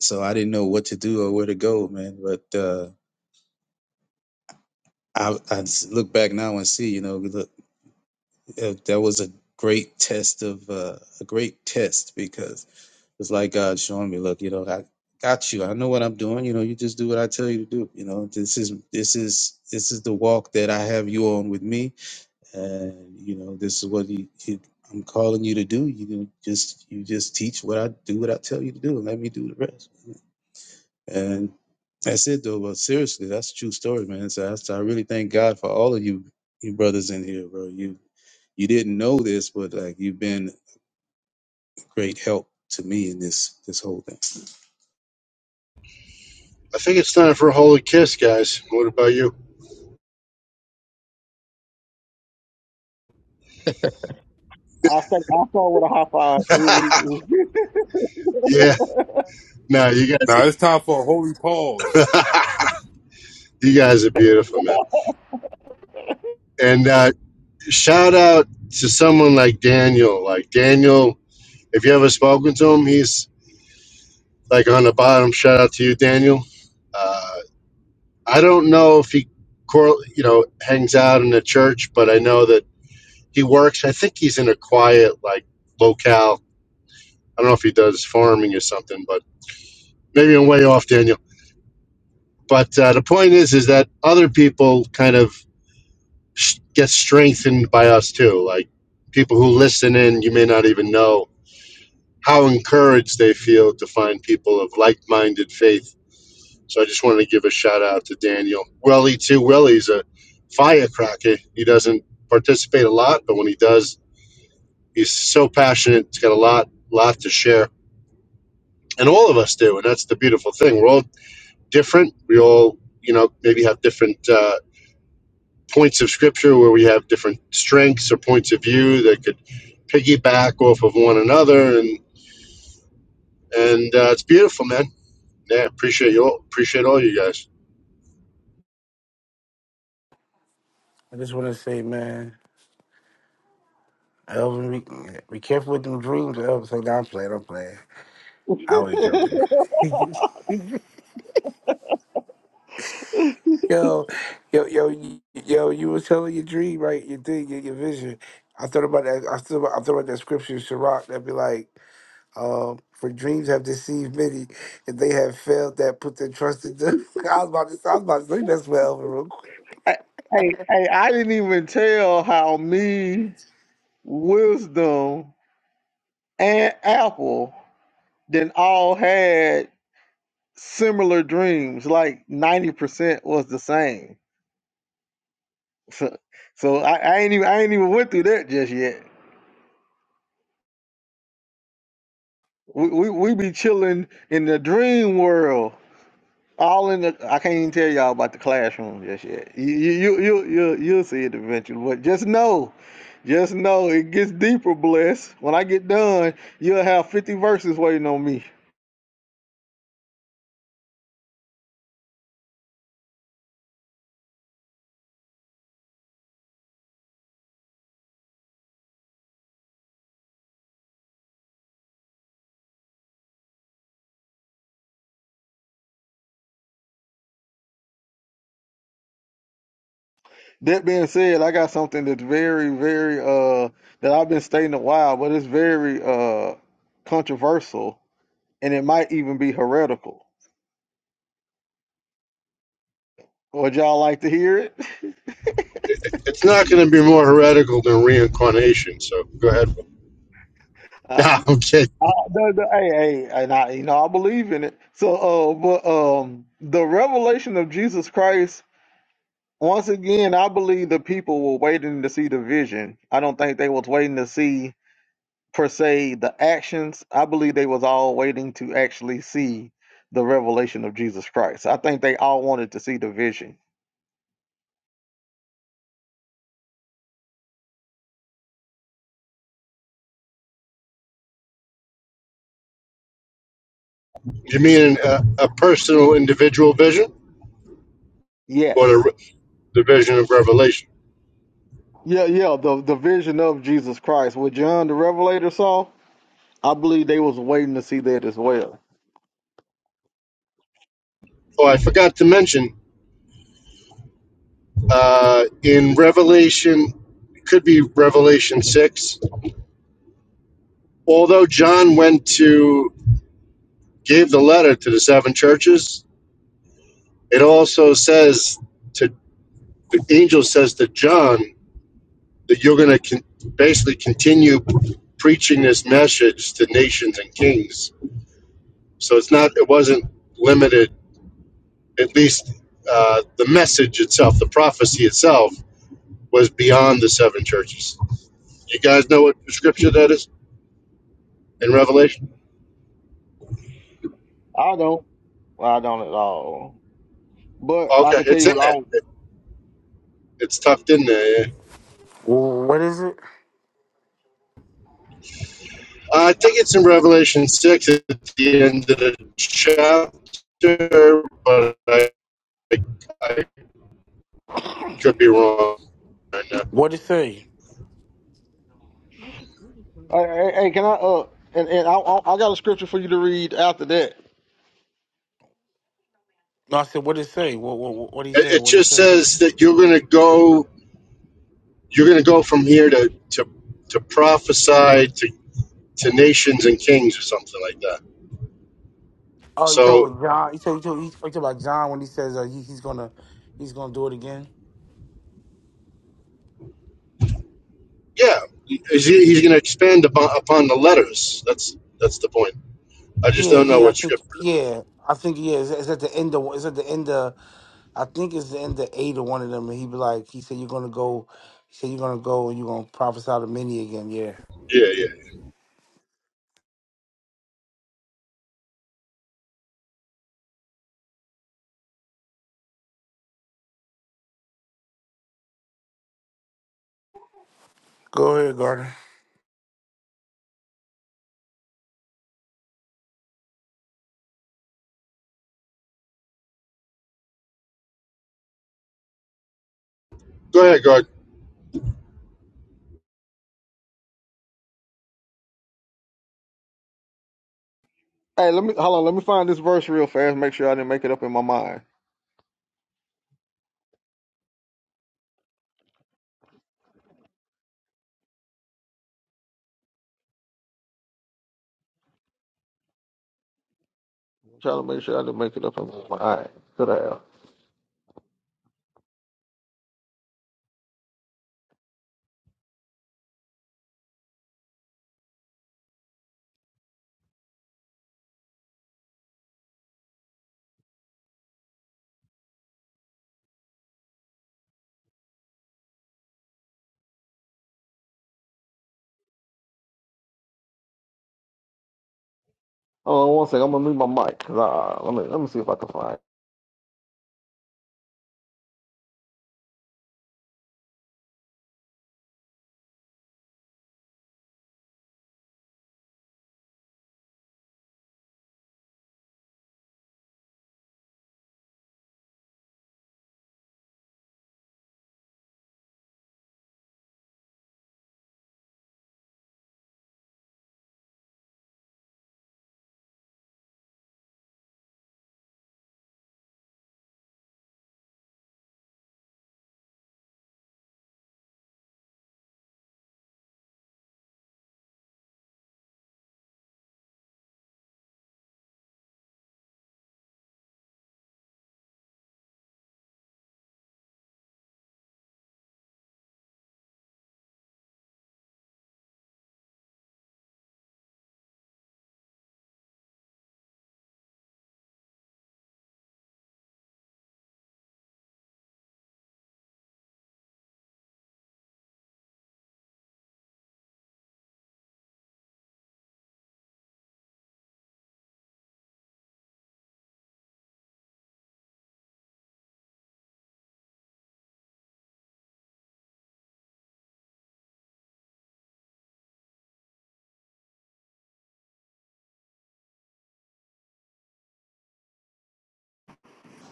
so I didn't know what to do or where to go, man. But uh, I, I s- look back now and see, you know, we look, uh, that was a great test of uh, a great test because it's like God showing me, look, you know, I got you. I know what I'm doing. You know, you just do what I tell you to do. You know, this is this is this is the walk that I have you on with me, and you know, this is what you. you I'm calling you to do. You can just you just teach what I do, what I tell you to do, and let me do the rest. And that's it, though. But seriously, that's a true story, man. So that's, I really thank God for all of you, you brothers in here, bro. You you didn't know this, but like you've been great help to me in this this whole thing.
I think it's time for a holy kiss, guys. What about you? yeah, no, you guys
now
are
it's time for a holy pause
you guys are beautiful, man. And uh, shout out to someone like Daniel. Like Daniel, if you ever spoken to him, he's like on the bottom. Shout out to you, Daniel. Uh, I don't know if he, cor- you know, hangs out in the church, but I know that. He works. I think he's in a quiet like locale. I don't know if he does farming or something, but maybe I'm way off, Daniel. But uh, the point is, is that other people kind of s- get strengthened by us too. Like people who listen in, you may not even know how encouraged they feel to find people of like-minded faith. So I just wanted to give a shout out to Daniel Willie too. Willie's a firecracker. He doesn't participate a lot, but when he does, he's so passionate. He's got a lot, lot to share. and all of us do and that's the beautiful thing we're all different we all you know maybe have different uh, points of scripture where we have different strengths or points of view that could piggyback off of one another and and uh, it's beautiful man yeah appreciate you all appreciate all you guys
just want to say, man, Elvin, be, be careful with them dreams. Elvin, say, nah, I'm playing, I'm playing. I was joking. Yo, yo, yo, y- yo, you were telling your dream, right? Your thing, your, your vision. I thought about that. I thought about, I thought about that scripture in Sirach that be like, um, for dreams have deceived many, and they have failed that put their trust in them. I was about to, I was about to say that's what Elvin real quick.
Hey, hey, hey, I didn't even tell how me, wisdom, and Apple then all had similar dreams. Like ninety percent was the same. So so I, I ain't even I ain't even went through that just yet. We, we we be chilling in the dream world All in the. I can't even tell y'all about the classroom just yet. You you you you you'll see it eventually. But just know, just know it gets deeper. Bless. When I get done, you'll have fifty verses waiting on me. That being said, I got something that's very very uh that I've been stating a while, but it's very uh controversial, and it might even be heretical. Would y'all like to hear it?
It- it's not going to be more heretical than reincarnation so go ahead nah i'm kidding
I, the, the, hey, hey, and I, you know, I believe in it. So, uh, but um, the revelation of Jesus Christ. Once again, I believe the people were waiting to see the vision. I don't think they was waiting to see per se the actions. I believe they was all waiting to actually see the revelation of Jesus Christ. I think they all wanted to see the vision.
you mean a, a personal individual vision or
Yes.
the, the vision of revelation
Yeah, yeah, the the vision of Jesus Christ, what John the Revelator saw. I believe they was waiting to see that as well.
oh i forgot to mention uh, in Revelation, it could be Revelation 6. Although John went to gave the letter to the seven churches, it also says to the angel says to John that you're going to con- basically continue preaching this message to nations and kings. So it's not it wasn't limited at least uh, the message itself, the prophecy itself was beyond the seven churches. You guys know what scripture that is in Revelation?
I don't. Well, I don't at all. But I
Okay,
can tell
it's
you
in
what I
there.
don't.
It's tucked in there. Yeah.
Wh- What is it?
I think it's in Revelation six at the end of the chapter, but I, I could be wrong. It,
What it say?
Hey, hey, hey, can I? Uh, and and I, I I got a scripture for you to read after that.
No, I said what it say. What what what he say?
it
What it
just
say?
says that you're going to go. You're going to go from here to to to prophesy to, to nations and kings or something like that.
Oh, you talking
So
about John? You talking you talking, you talking about John when he says uh, he, he's gonna he's gonna do it again?
yeah, he- he's, going to expand upon, upon the letters. That's that's the point. I just
Yeah,
don't know
yeah, I
what
think
scripture.
yeah, I think yeah. It's, it's at the end of it's at the end of I think it's the end of eight or one of them. And he be like, he said, "You're gonna go." He said, "You're gonna go and you're gonna prophesy to many again." Yeah.
Yeah, yeah.
Go ahead, Gardner.
Go ahead, God.
Hey, let me hold on. Let me find this verse real fast. Make sure I didn't make it up in my mind. I'm trying to make sure I didn't make it up in my mind. Could I have? Hold on one second. I'm gonna mute my mic. 'cause I, let me let me see if I can find. It.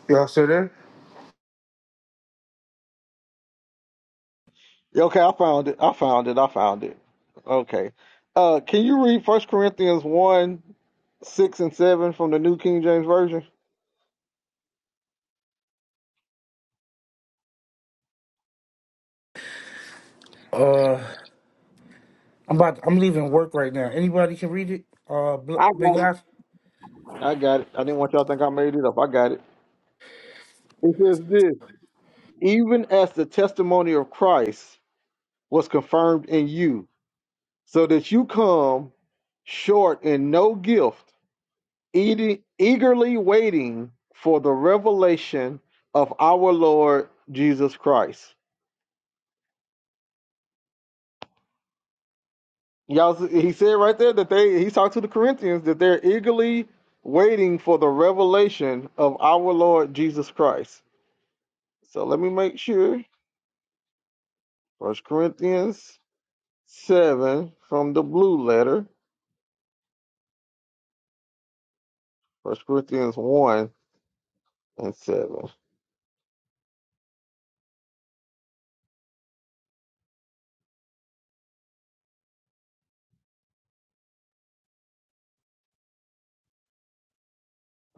Y'all still there?
Yeah, Okay, I found it. I found it. I found it. Okay. Uh, can you read First Corinthians one six and seven from the New King James Version?
Uh, I'm about. I'm leaving work right now. Anybody can read it. Uh, Bl-
I got.
Benyas.
I got it. I didn't want y'all to think I made it up. I got it. It says this even as the testimony of Christ was confirmed in you, so that you come short in no gift, eating, eagerly waiting for the revelation of our Lord Jesus Christ. Y'all, see- he said right there that they he talked to the Corinthians that they're eagerly waiting for the revelation of our Lord Jesus Christ. So let me make sure. First Corinthians seven from the blue letter. First Corinthians one and seven.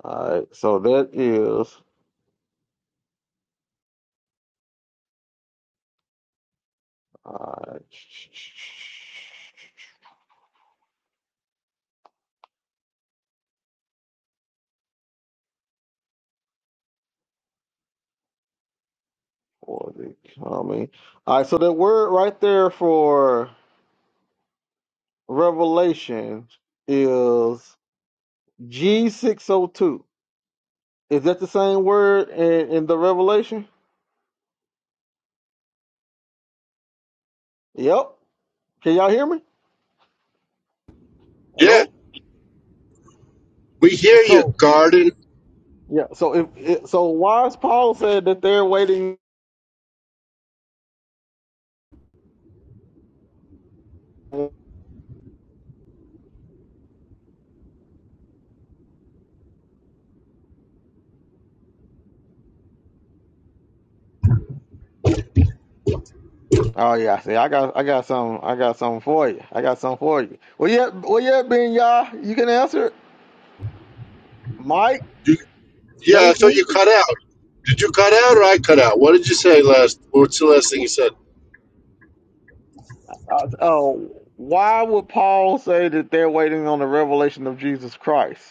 All right, so that is all right. For the coming. All right, so that word right there for Revelation is G six oh two. Is that the same word in, in the Revelation? Yep. Can y'all hear me?
Yeah,
Hello.
we hear you,
So
garden.
yeah. So if it, so, why is Paul said that they're waiting? Oh yeah, see, I got, I got some, I got something for you. I got something for you. Well, yeah, well, yeah, Ben, y'all, you can answer it. Mike,
Yeah, I thought
Joseph.
you cut out. Did you cut out or I cut out? What did you say last? What's the last thing you said?
Uh, oh, why would Paul say that they're waiting on the revelation of Jesus Christ?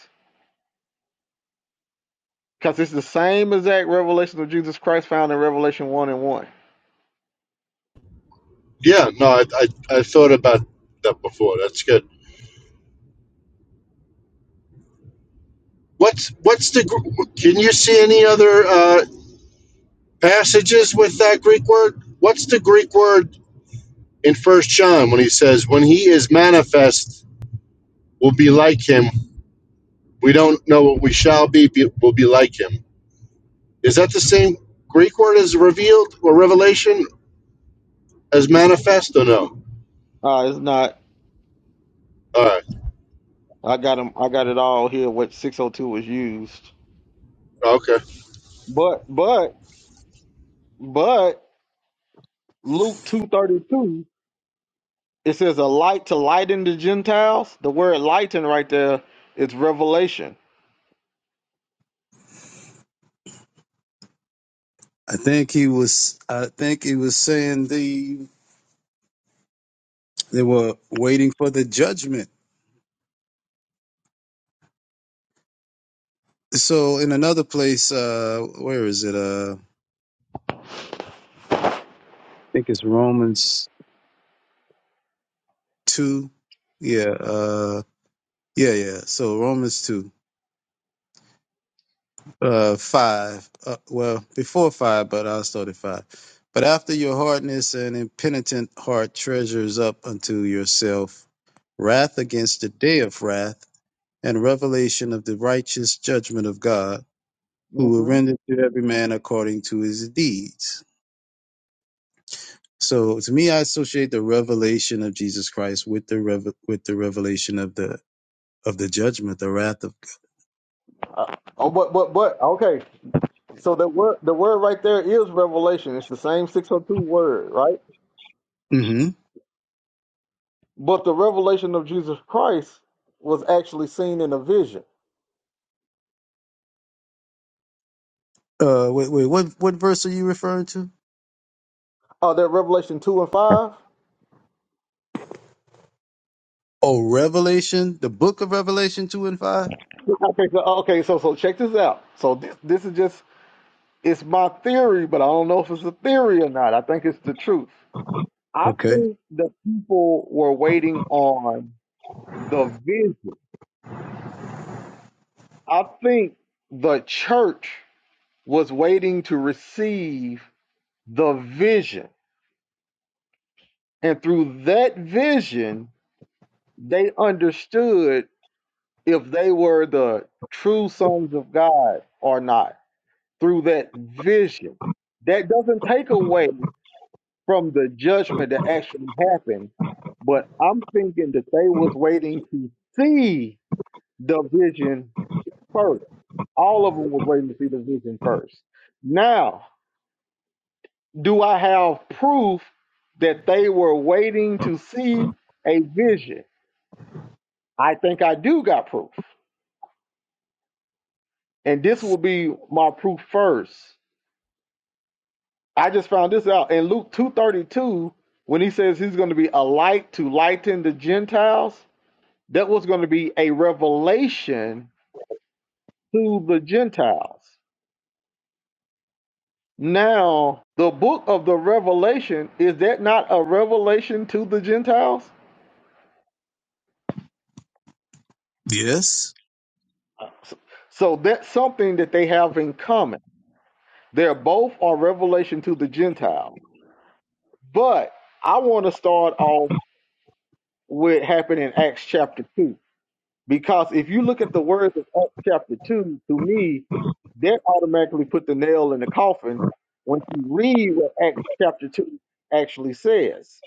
Because it's the same exact revelation of Jesus Christ found in Revelation one and one.
Yeah, no, I, I, I thought about that before. That's good. What's what's the Gr- can you see any other uh, passages with that Greek word? What's the Greek word in First John when he says, "When he is manifest, we'll be like him. We don't know what we shall be, but we'll be like him." Is that the same Greek word as revealed or revelation as manifest or no?
Uh, it's not.
All right,
I got 'em- I got it all here. What six hundred two was used,
okay.
but, but, but Luke two thirty two. It says a light to lighten the Gentiles. The word lighten right there is revelation.
I think he was I think he was saying the they were waiting for the judgment. So in another place, uh where is it? Uh I think it's Romans two. Yeah, uh yeah, yeah. So Romans two. uh five uh, well before five but i'll start at five but after your hardness and impenitent heart treasures up unto yourself wrath against the day of wrath and revelation of the righteous judgment of god who will
hmm
render to every man according to his deeds so to me i associate the revelation of jesus christ with the rev- with the revelation of the of the judgment the wrath of
Uh, oh, but but but okay. So the word the word right there is revelation. It's the same six hundred two word, right?
hmm
But the revelation of Jesus Christ was actually seen in a vision.
uh wait wait what what verse are you referring to
Oh, that Revelation two and five.
Oh, Revelation, the book of Revelation 2 and 5?
Okay, so okay, so so check this out. So this this is just it's my theory, but I don't know if it's a theory or not. I think it's the truth. I
Okay.
think the people were waiting on the vision. I think the church was waiting to receive the vision. And through that vision, they understood if they were the true sons of God or not through that vision. That doesn't take away from the judgment that actually happened, but I'm thinking that they was waiting to see the vision first. All of them was waiting to see the vision first. Now, do I have proof that they were waiting to see a vision? I think I do got proof. And this will be my proof first. I just found this out in Luke 232 when he says he's going to be a light to lighten the Gentiles. That was going to be a revelation to the Gentiles. Now, the book of the Revelation, is that not a revelation to the Gentiles?
Yes.
So that's something that they have in common. They're both are revelation to the Gentile. But I want to start off with happened in Acts chapter 2. Because if you look at the words of Acts chapter 2, to me, that automatically put the nail in the coffin when you read what Acts chapter 2 actually says.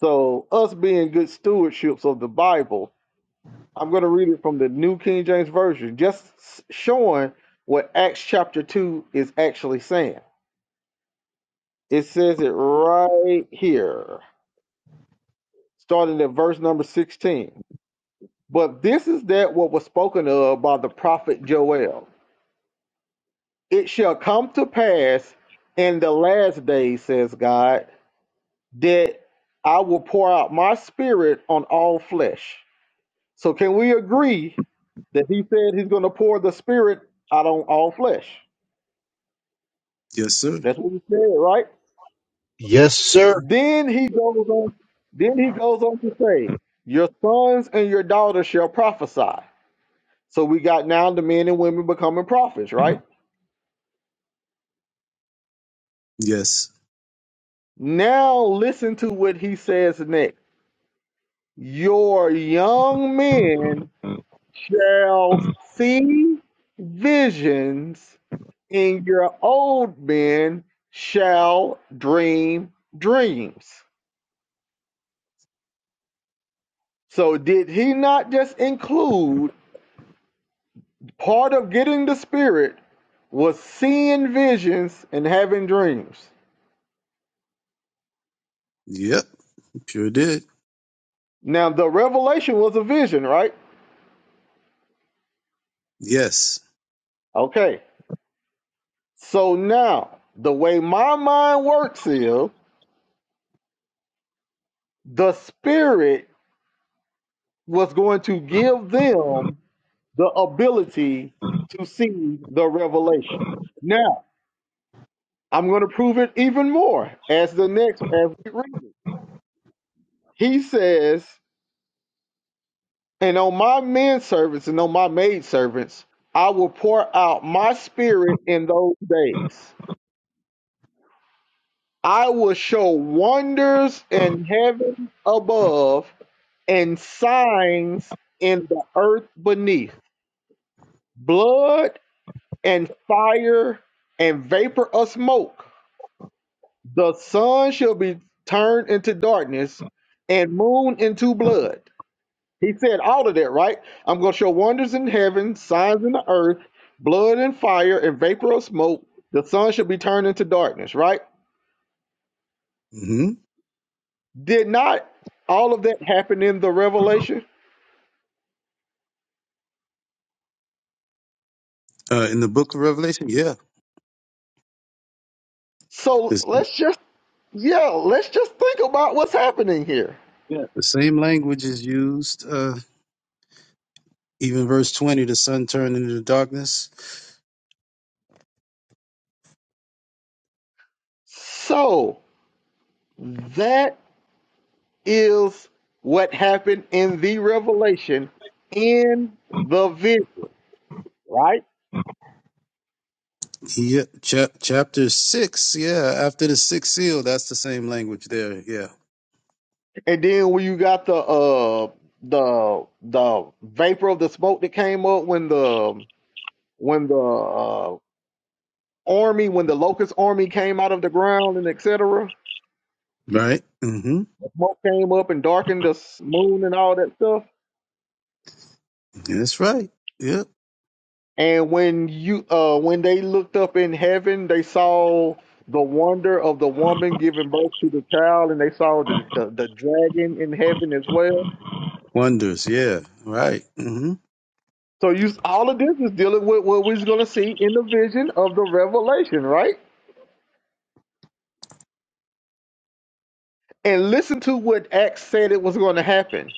So, us being good stewardships of the Bible, I'm going to read it from the New King James Version, just s- showing what Acts chapter 2 is actually saying. It says it right here, starting at verse number 16. But this is that what was spoken of by the prophet Joel. It shall come to pass in the last days, says God, that I will pour out my spirit on all flesh. So, can we agree that he said he's going to pour the spirit out on all flesh?
Yes, sir.
That's what he said, right?
Yes, sir.
Then he goes on. Then he goes on to say, "Your sons and your daughters shall prophesy." So we got now the men and women becoming prophets, right?
Yes.
Now listen to what he says next. Your young men shall see visions, and your old men shall dream dreams. So did he not just include? Part of getting the spirit was seeing visions and having dreams.
Yep. Sure did.
Now, the revelation was a vision, right?
Yes.
Okay. So now, the way my mind works is the spirit was going to give them the ability to see the revelation. Now, I'm going to prove it even more as the next as we read it. He says And on my men servants and on my maid servants, I will pour out my spirit in those days. I will show wonders in heaven above and signs in the earth beneath blood and fire and vapor of smoke. The sun shall be turned into darkness and moon into blood He said all of that, right? I'm going to show wonders in heaven, signs in the earth, blood and fire and vapor of smoke. The sun should be turned into darkness, right?
hmm
Did not all of that happen in the revelation?
Uh, in the book of Revelation, yeah.
So
This,
let's just, yeah, let's just think about what's happening here.
yeah. The same language is used. Uh, even verse 20, the sun turned into the darkness.
So that is what happened in the revelation in the vision, right?
Yeah. Chap- chapter 6, yeah. After the sixth seal, that's the same language there. Yeah.
And then when you got the uh the the vapor of the smoke that came up when the when the uh, army when the locust army came out of the ground and etc.
Right? hmm
The smoke came up and darkened the s- moon and all that stuff.
That's right. Yep.
And when you uh when they looked up in heaven, they saw the wonder of the woman giving birth to the child, and they saw the the, the dragon in heaven as well.
Wonders, yeah. Right. hmm
So you all of this is dealing with what we're gonna see in the vision of the revelation, right? and listen to what Acts said it was going to happen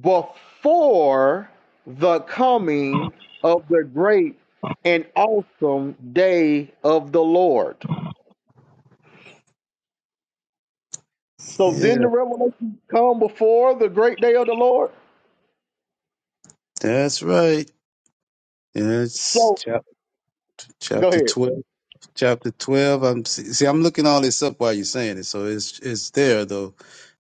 before the coming of the great and awesome day of the Lord. So didn't the
Yeah.
revelation come before the great day of the Lord?
That's right. Yeah, it's
So
chap-
go
chapter
ahead.
twelve. Chapter twelve. I'm see. see, I'm looking all this up while you're saying it, so it's it's there though.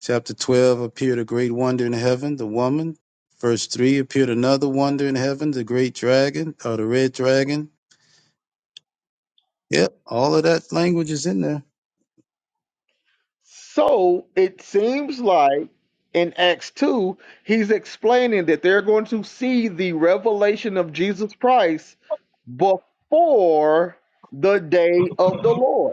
Chapter twelve appeared a great wonder in heaven, the woman. Verse three appeared another wonder in heaven, the great dragon or the red dragon. Yep, all of that language is in there.
So it seems like in Acts 2, he's explaining that they're going to see the revelation of Jesus Christ before the day of the Lord.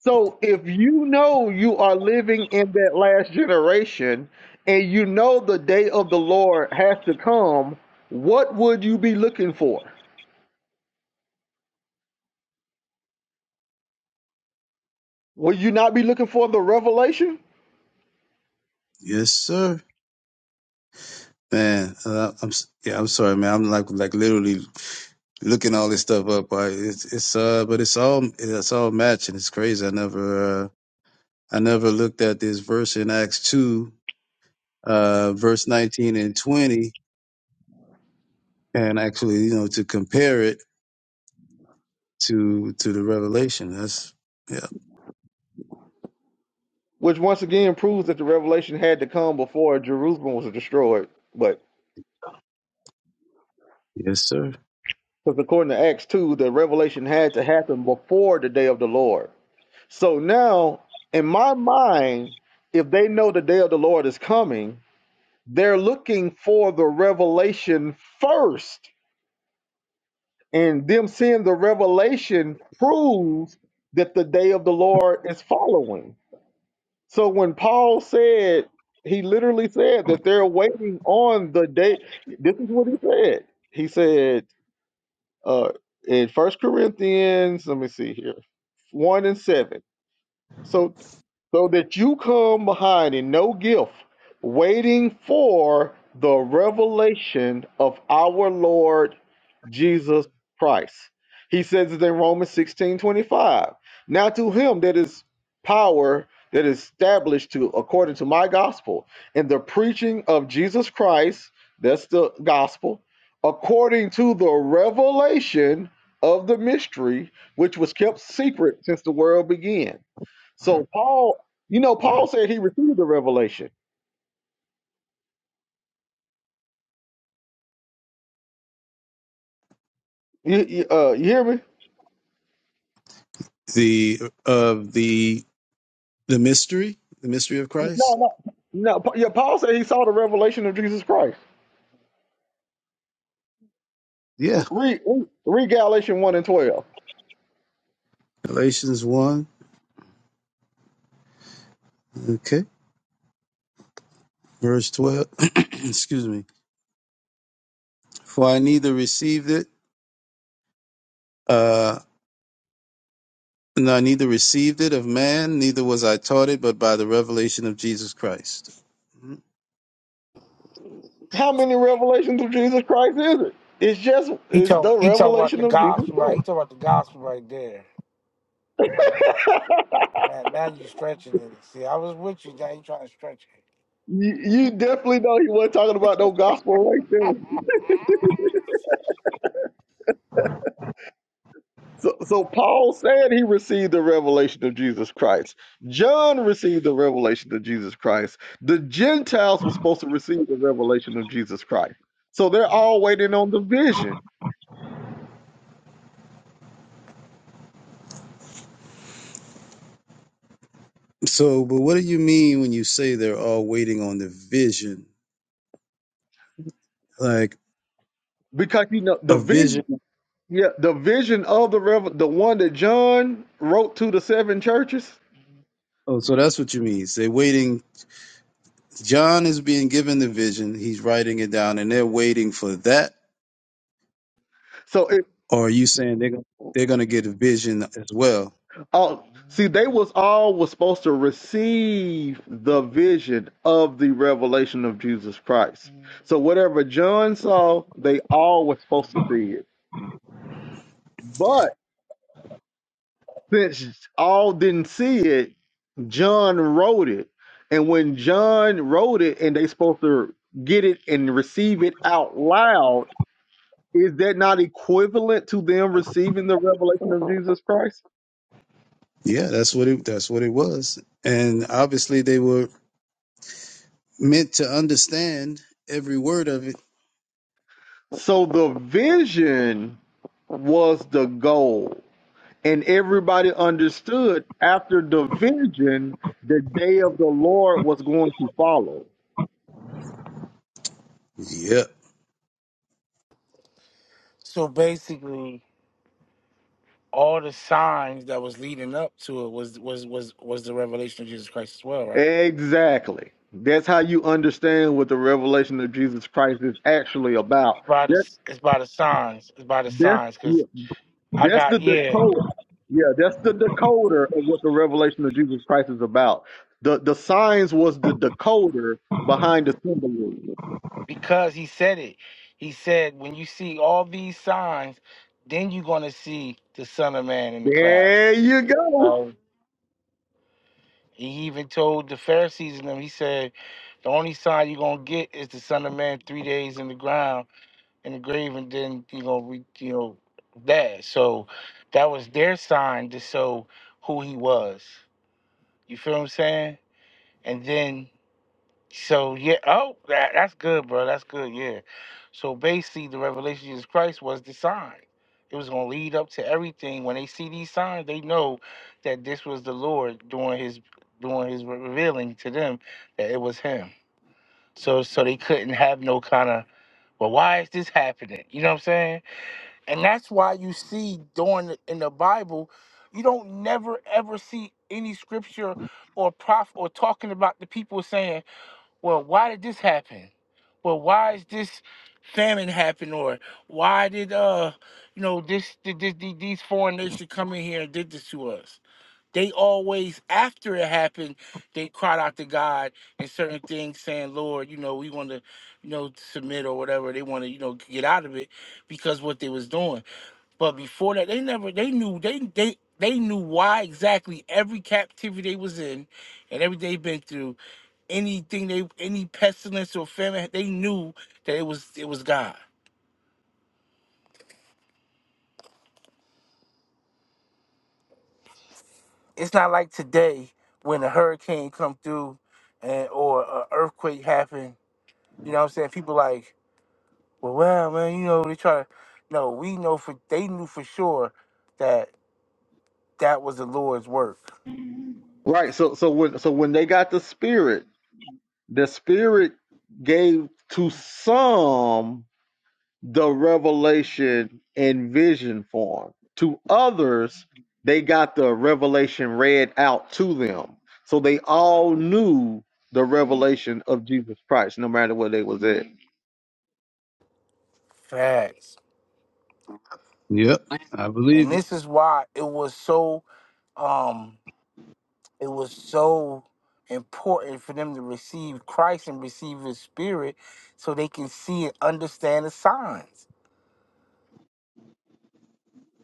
So if you know you are living in that last generation and you know the day of the Lord has to come, what would you be looking for? Will you not be looking for the revelation?
Yes, sir. Man, uh, I'm s- yeah. I'm sorry, man. I'm like like literally looking all this stuff up. I, it's it's uh, but it's all it's all matching. It's crazy. I never. uh, I never looked at this verse in Acts 2, uh, verse 19 and 20, and actually, you know, to compare it to to the revelation. That's yeah.
Which once again proves that the revelation had to come before Jerusalem was destroyed. But
Yes, sir.
because according to Acts 2, the revelation had to happen before the day of the Lord. So now, in my mind, if they know the day of the Lord is coming, They're looking for the revelation first, and them seeing the revelation proves that the day of the Lord is following. So when Paul said, he literally said that they're waiting on the day. This is what he said. He said uh, in First Corinthians, let me see here, one and seven. So so that you come behind in no gift, waiting for the revelation of our Lord Jesus Christ. He says it in Romans 16 25. Now to him that is power that is established to according to my gospel and the preaching of Jesus Christ, that's the gospel, according to the revelation of the mystery which was kept secret since the world began so Paul, you know, Paul said he received the revelation. You, you, uh, you hear me?
The of the the mystery, the mystery of
No,
Christ.
no, no. Pa- Yeah, Paul said he saw the revelation of Jesus Christ.
Yeah.
Read, read Galatians one and twelve.
Galatians 1, okay, verse 12. Excuse me. For I neither received it, uh no, I neither received it of man, neither was I taught it, but by the revelation of Jesus Christ.
How many revelations of Jesus Christ is it? It's just
He
it's
talk.
the
He talk about the
revelation of Jesus
gospel. Like he
Christ.
talk about the gospel right there. Man, now you stretching it. See, I was with you. Now you trying to stretch it.
You, you definitely know he wasn't talking about no gospel right there. So, so Paul said he received the revelation of Jesus Christ. John received the revelation of Jesus Christ. The Gentiles were supposed to receive the revelation of Jesus Christ. So they're all waiting on the vision
So, but what do you mean when you say they're all waiting on the vision? Like
because you know the
a
vision.
vision.
Yeah, the vision of the revel, the one that John wrote to the seven churches.
Oh, so that's what you mean. They're waiting. John is being given the vision. He's writing it down, and they're waiting for that.
So
Or are you saying they're gonna, they're going to get a vision as well?
Oh, see, they was all was supposed to receive the vision of the revelation of Jesus Christ. So whatever John saw, they all were supposed to see it. But since all didn't see it, John wrote it. And when John wrote it and they supposed to get it and receive it out loud, is that not equivalent to them receiving the revelation of Jesus Christ?
Yeah, that's what it. That's what it was. And obviously, they were meant to understand every word of it.
So the vision was the goal. And everybody understood after the vision, the day of the Lord was going to follow.
Yep.
So basically. all the signs that was leading up to it was was was was the revelation of Jesus Christ as well, right?
Exactly. That's how you understand what the revelation of Jesus Christ is actually about.
By the
That,
it's by the signs, it's by the
that's,
signs, because
yeah,
I
that's
got
the
yeah,
decoder. Yeah, that's the decoder of what the revelation of Jesus Christ is about. The, the signs was the decoder behind the symbolism.
because he said it. He said, when you see all these signs, then you're gonna see the Son of Man in the
There
clouds.
you go.
Um, he even told the Pharisees and them. He said, the only sign you're gonna get is the Son of Man three days in the ground in the grave and then you know we you know that so that was their sign to show who he was you feel what i'm saying and then so yeah oh that, that's good bro that's good yeah so basically the revelation of jesus christ was the sign it was going to lead up to everything when they see these signs they know that this was the lord doing his doing his revealing to them that it was him so so they couldn't have no kind of well why is this happening you know what i'm saying and that's why you see during the- in the Bible, you don't never ever see any scripture or prophet or talking about the people saying, "Well, why did this happen? Well, why is this famine happen? Or why did uh, you know, this did, did, did these foreign nations come in here and did this to us?" They always, after it happened, they cried out to God and certain things, saying, "Lord, you know, we want to, you know, submit or whatever. They want to, you know, get out of it because what they was doing." But before that, they never they knew they they they knew why exactly every captivity they was in and everything they been through, anything they any pestilence or famine, they knew that it was it was God. It's not like today when a hurricane come through and or an earthquake happen, you know what I'm saying? People like, well well man, you know, they try to no, we know for they knew for sure that that was the Lord's work.
Right. So so when so when they got the spirit, The Spirit gave to some the revelation in vision form. To others, they got the revelation read out to them. So they all knew the revelation of Jesus Christ, no matter where they was at.
Facts.
Yep. I
And
believe it.
this is why it was so um it was so important for them to receive Christ and receive his spirit so they can see and understand the signs.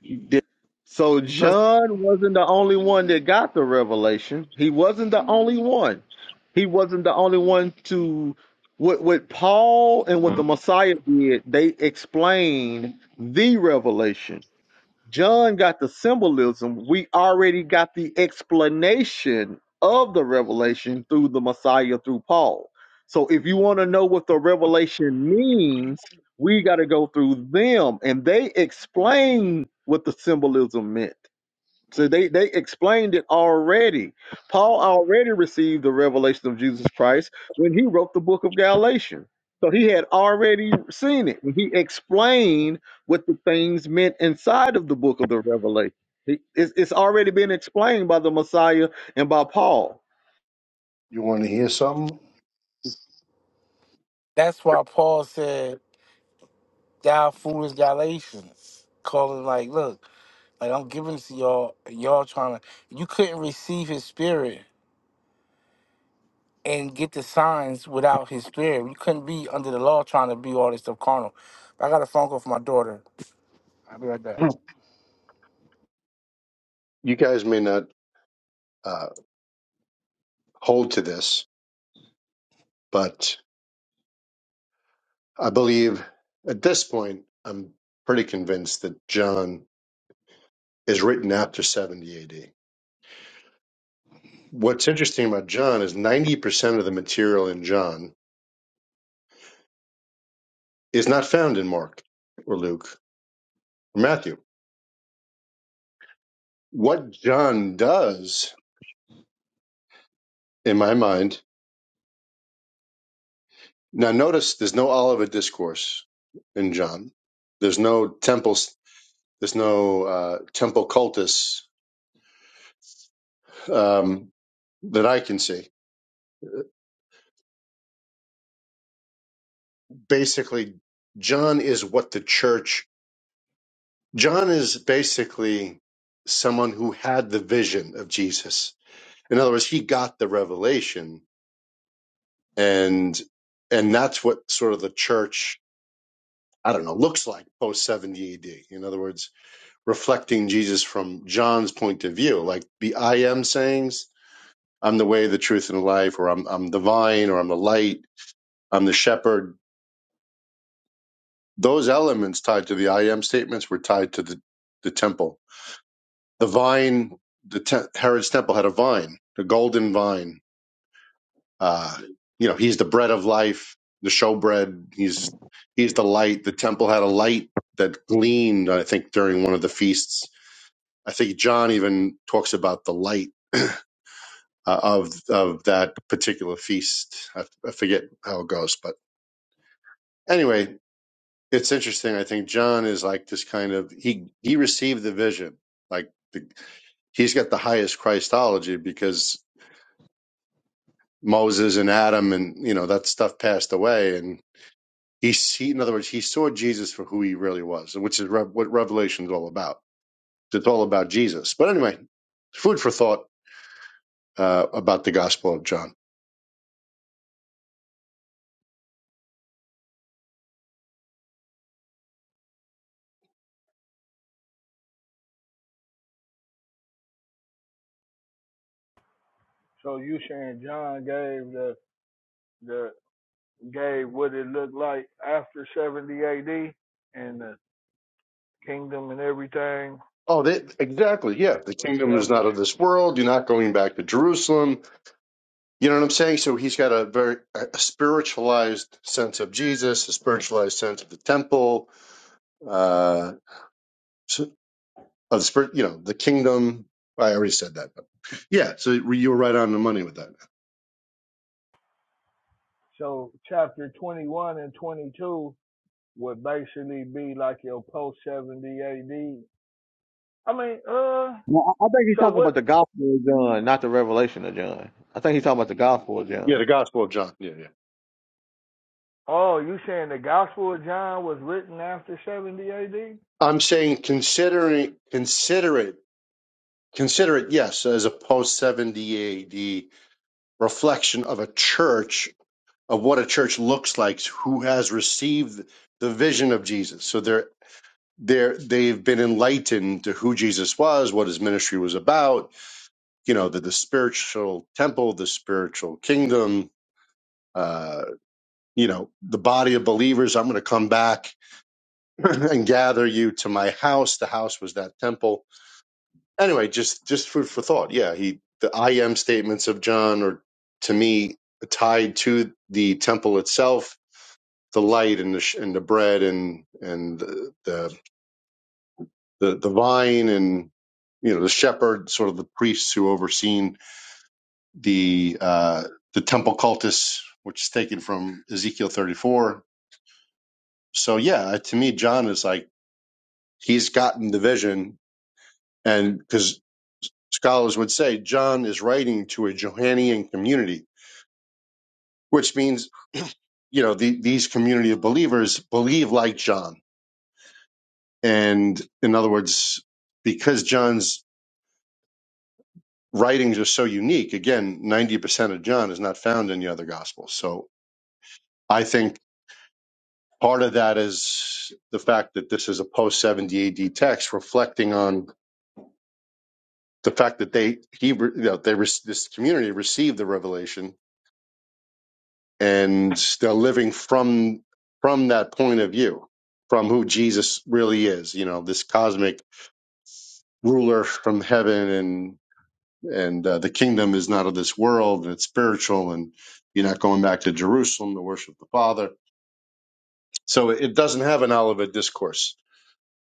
He did. So
Because
John wasn't the only one that got the revelation. He wasn't the only one. He wasn't the only one to what what Paul and what the Messiah did, they explained the revelation. John got the symbolism. We already got the explanation of the revelation through the Messiah, through Paul. So if you want to know what the revelation means, we got to go through them. And they explain what the symbolism meant. So they, they explained it already. Paul already received the revelation of Jesus Christ when he wrote the book of Galatians. So he had already seen it. When he explained what the things meant inside of the book of the Revelation. He- It's, it's already been explained by the Messiah and by Paul.
You want to hear something?
that's why Paul said, Thou foolish Galatians, calling like, look, like I'm giving this to y'all, and y'all trying to you couldn't receive his spirit and get the signs without his spirit. You couldn't be under the law trying to be all this stuff carnal. I got a phone call from my daughter. I'll be right back.
You guys may not uh, hold to this, but I believe at this point, I'm pretty convinced that John is written after 70 AD. What's interesting about John is 90% of the material in John is not found in Mark or Luke or Matthew. What John does, in my mind, now notice there's no Olivet discourse in John. There's no temples. There's no uh, temple cultus um, that I can see. Basically, John is what the church, John is basically someone who had the vision of Jesus. In other words, he got the revelation and and that's what sort of the church, I don't know, looks like post 70 AD. In other words, reflecting Jesus from John's point of view, like the I am sayings, I'm the way, the truth, and the life, or I'm I'm the vine, or I'm the light, I'm the shepherd Those elements tied to the I am statements were tied to the, the temple. The vine, the te- Herod's temple had a vine, the golden vine. Uh, you know, he's the bread of life, the showbread. He's he's the light. The temple had a light that gleamed. I think during one of the feasts. I think John even talks about the light uh, of of that particular feast. I, I forget how it goes, but anyway, It's interesting. I think John is like this kind of he he received the vision. Like the, he's got the highest Christology because Moses and Adam and you know that stuff passed away, and he see in other words he saw Jesus for who he really was, which is Rev what Revelation is all about. It's all about Jesus. But anyway, food for thought uh, about the Gospel of John.
So you saying John gave the the gave what it looked like after 70 AD and the kingdom and everything
Oh, they, exactly. Yeah. The kingdom is
established.
not of this world. You're not going back to Jerusalem. You know what I'm saying? So he's got a very a spiritualized sense of Jesus, a spiritualized sense of the temple, uh, so- of the spirit, you know, the kingdom. I already said that. But yeah. So you were right on the money with that.
So chapter 21 and 22 would basically be like your post 70 AD. I mean, uh,
Well, I I think he's
so
talking
what?
about the Gospel of John, not the Revelation of John. I think he's talking about the Gospel of
Yeah.
John.
The gospel of John. Yeah. Yeah.
Oh, you saying the Gospel of John was written after 70 AD?
I'm saying considering, consider it, consider it. Yes. As a post 70 AD reflection of a church of what a church looks like who has received the vision of Jesus. So they're they're they've been enlightened to who Jesus was, what his ministry was about, you know, the, the spiritual temple, the spiritual kingdom, uh, you know, the body of believers. I'm gonna come back and gather you to my house. The house was that temple. Anyway, just just food for thought. Yeah, he the I am statements of John are to me tied to the temple itself the light and the sh- and the bread and and the the the, the vine and you know the shepherd, sort of the priests who overseen the uh, the temple cultus, which is taken from Ezekiel 34. So yeah, uh, to me, John is like he's gotten the vision, and because scholars would say John is writing to a Johannian community, which means you know the, these community of believers believe like John, and in other words, because John's writings are so unique. Again, 90% of John is not found in the other gospels. So I think part of that is the fact that this is a post 70 AD text reflecting on the fact that they, he, you know, they, re- this community received the revelation and they're living from, from that point of view, from who Jesus really is, you know, this cosmic ruler from heaven and uh, the kingdom is not of this world and it's spiritual and you're not going back to jerusalem to worship the father so it doesn't have an olivet discourse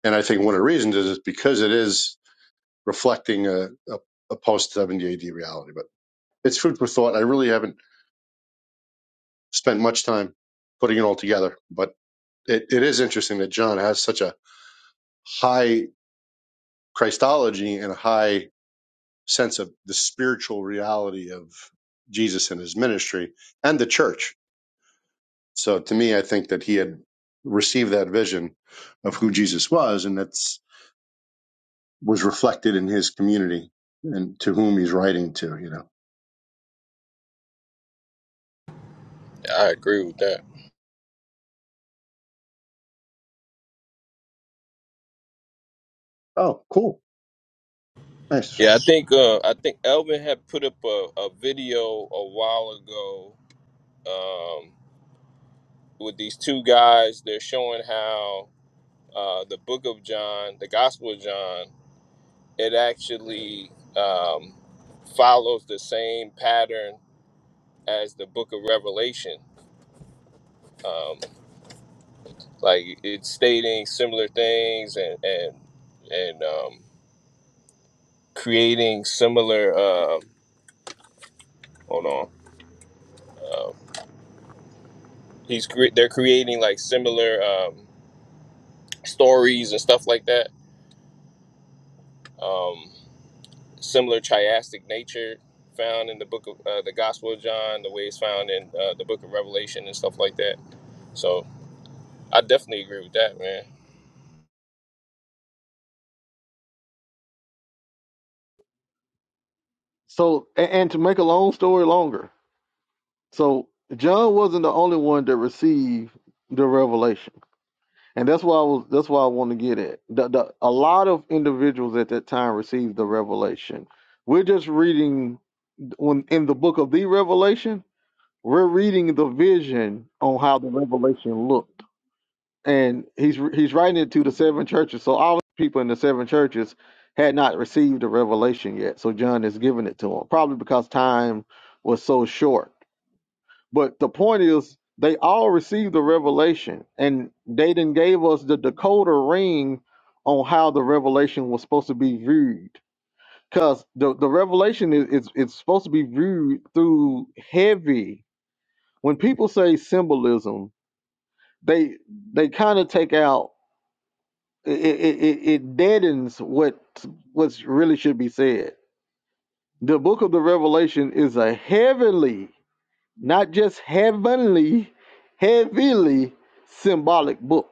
and i think one of the reasons is it's because it is reflecting a, a, a post 70 ad reality but it's food for thought i really haven't spent much time putting it all together but it, it is interesting that john has such a high christology and a high sense of the spiritual reality of jesus and his ministry and the church So to me, I think that he had received that vision of who Jesus was, and that's was reflected in his community and to whom he's writing to. You know.
I agree with that.
Oh, cool, nice,
Yeah, I think uh, I think Elvin had put up a, a video a while ago um, with these two guys. They're showing how uh, the Book of John, the Gospel of John, it actually um, follows the same pattern as the Book of Revelation. Um, like it's stating similar things and and and um, creating similar. Um, hold on, um, he's cre- they're creating like similar um, stories and stuff like that. Um, similar chiastic nature found in the book of uh, the Gospel of John, the way it's found in uh, the book of Revelation and stuff like that. So I definitely agree with that, man.
So, a- and to make a long story longer, So John wasn't the only one that received the revelation, and that's why I was. That's why I want to get at. The, the, a lot of individuals at that time received the revelation. We're just reading when in the book of the Revelation. We're reading the vision on how the revelation looked, and he's he's writing it to the seven churches. So all the people in the seven churches had not received the revelation yet. So John is giving it to them, probably because time was so short but the point is, they all received the revelation, and they then gave us the decoder ring on how the revelation was supposed to be viewed. Because the, the revelation is it's, it's supposed to be viewed through heavy. When people say symbolism, they they kind of take out it, it, it it deadens what what's really should be said. The book of the Revelation is a heavenly not just heavenly, heavily symbolic book.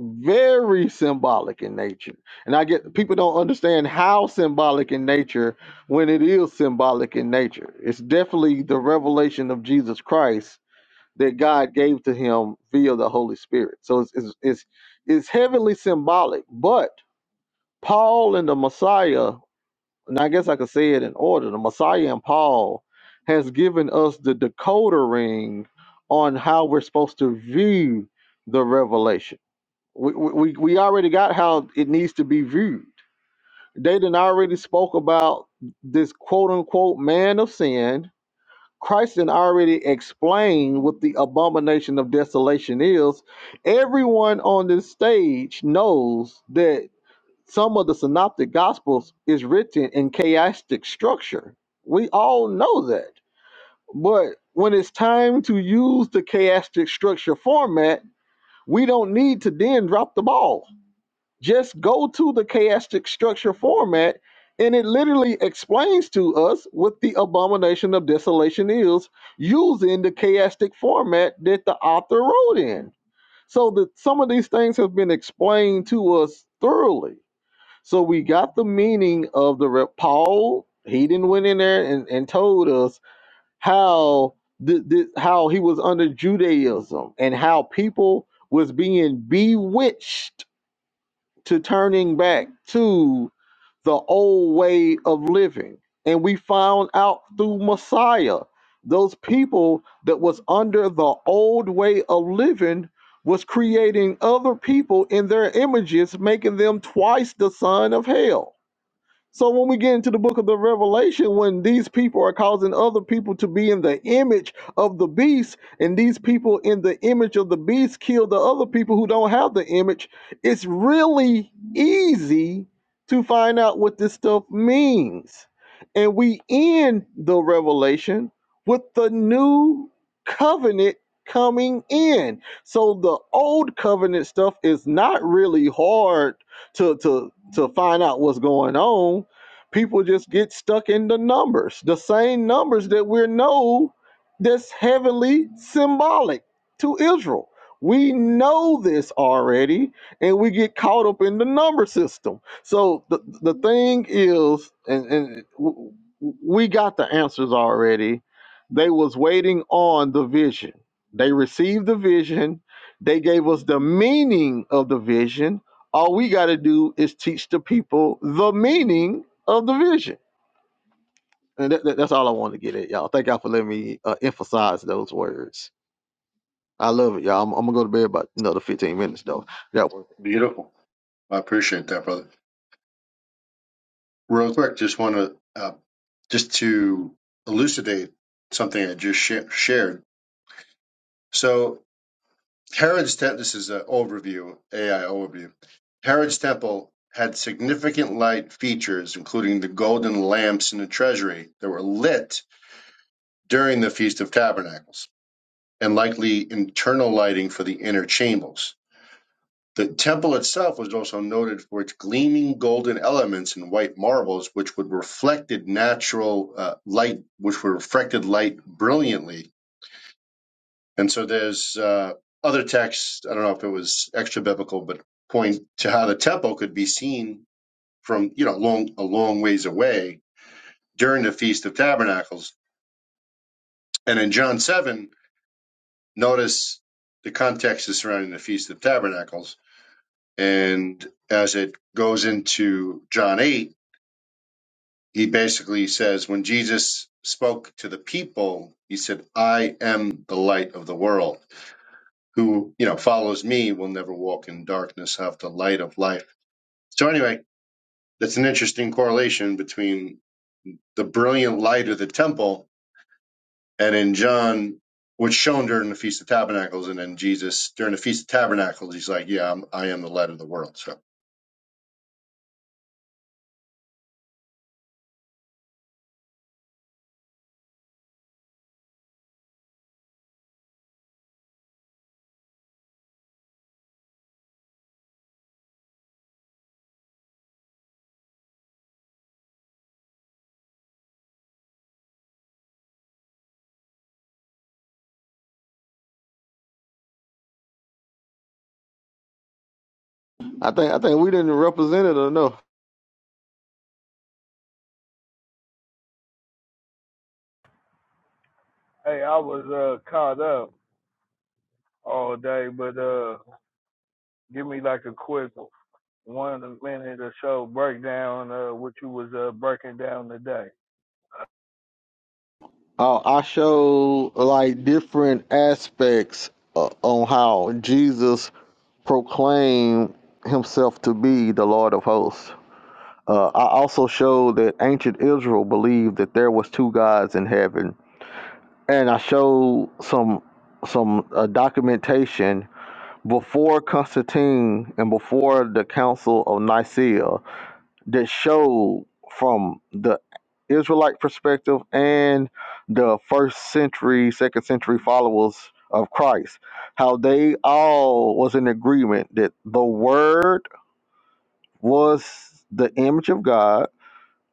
Very symbolic in nature. And I get people don't understand how symbolic in nature when it is symbolic in nature. It's definitely the revelation of Jesus Christ that God gave to him via the Holy Spirit. So it's it's it's, it's heavily symbolic, but Paul and the Messiah and I guess I could say it in order. The Messiah and Paul has given us the decoder ring on how we're supposed to view the revelation. We, we, we already got how it needs to be viewed. They done already spoke about this quote unquote man of sin. Christ done already explained what the abomination of desolation is. Everyone on this stage knows that some of the synoptic gospels is written in chaotic structure. We all know that. But when it's time to use the chaotic structure format, we don't need to then drop the ball. Just go to the chaotic structure format and it literally explains to us what the abomination of desolation is using the chaotic format that the author wrote in. So that some of these things have been explained to us thoroughly so we got the meaning of the rep. Paul. He didn't went in there and, and told us how th- th- how he was under Judaism and how people was being bewitched to turning back to the old way of living. And we found out through Messiah, those people that was under the old way of living was creating other people in their images, making them twice the son of hell so when we get into the book of the Revelation, when these people are causing other people to be in the image of the beast, and these people in the image of the beast kill the other people who don't have the image, it's really easy to find out what this stuff means. And we end the revelation with the new covenant coming in. So the old covenant stuff is not really hard to to to find out what's going on people just get stuck in the numbers the same numbers that we know that's heavenly symbolic to israel we know this already and we get caught up in the number system so the, the thing is and, and w- w- we got the answers already they was waiting on the vision they received the vision they gave us the meaning of the vision all we got to do is teach the people the meaning of the vision. And that, that- that's all I want to get at, y'all. Thank y'all for letting me uh, emphasize those words. I love it, y'all. I'm, I'm gonna go to bed about another 15 minutes though. That one.
beautiful. I appreciate that, brother. Real quick, just want to uh, just to elucidate something I just sha- shared. So Herod's temple. This is an overview, AI overview. Herod's temple had significant light features, including the golden lamps in the treasury that were lit during the Feast of Tabernacles, and likely internal lighting for the inner chambers. The temple itself was also noted for its gleaming golden elements and white marbles, which would reflected natural uh, light, which were reflected light brilliantly. And so there's uh, other texts. I don't know if it was extra biblical, but point to how the temple could be seen from you know long a long ways away during the Feast of Tabernacles. And in John seven, notice the context is surrounding the Feast of Tabernacles. And as it goes into John 8, he basically says, when Jesus spoke to the people, he said, I am the light of the world. Who, you know, follows me will never walk in darkness, have the light of life. So, anyway, that's an interesting correlation between the brilliant light of the temple And in John, what's shown during the Feast of Tabernacles, and then Jesus during the Feast of Tabernacles, he's like, "Yeah, I'm, I am the light of the world." So
I think I think we didn't represent it enough.
Hey, I was uh caught up all day, but uh, give me like a quick one. one of the minute or so breakdown uh what you was uh breaking down today.
Uh, I show like different aspects uh, on how Jesus proclaimed himself to be the Lord of hosts. Uh, I also showed that ancient Israel believed that there was two gods in heaven and I showed some some uh, documentation before Constantine and before the Council of Nicaea that showed from the Israelite perspective and the first century, second century followers of Christ, how they all was in agreement that the Word was the image of God,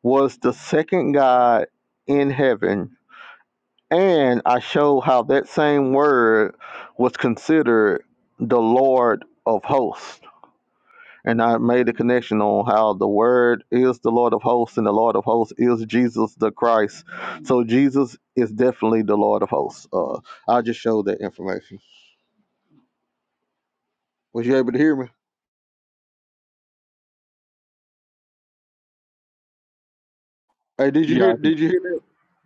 was the second God in heaven and I showed how that same word was considered the Lord of hosts. And I made a connection on how the word is the Lord of hosts and the Lord of hosts is Jesus the Christ. So Jesus is definitely the Lord of hosts. Uh, I just showed that information. Was you able to hear me? Hey, did you
Yeah,
hear
I
did you hear that?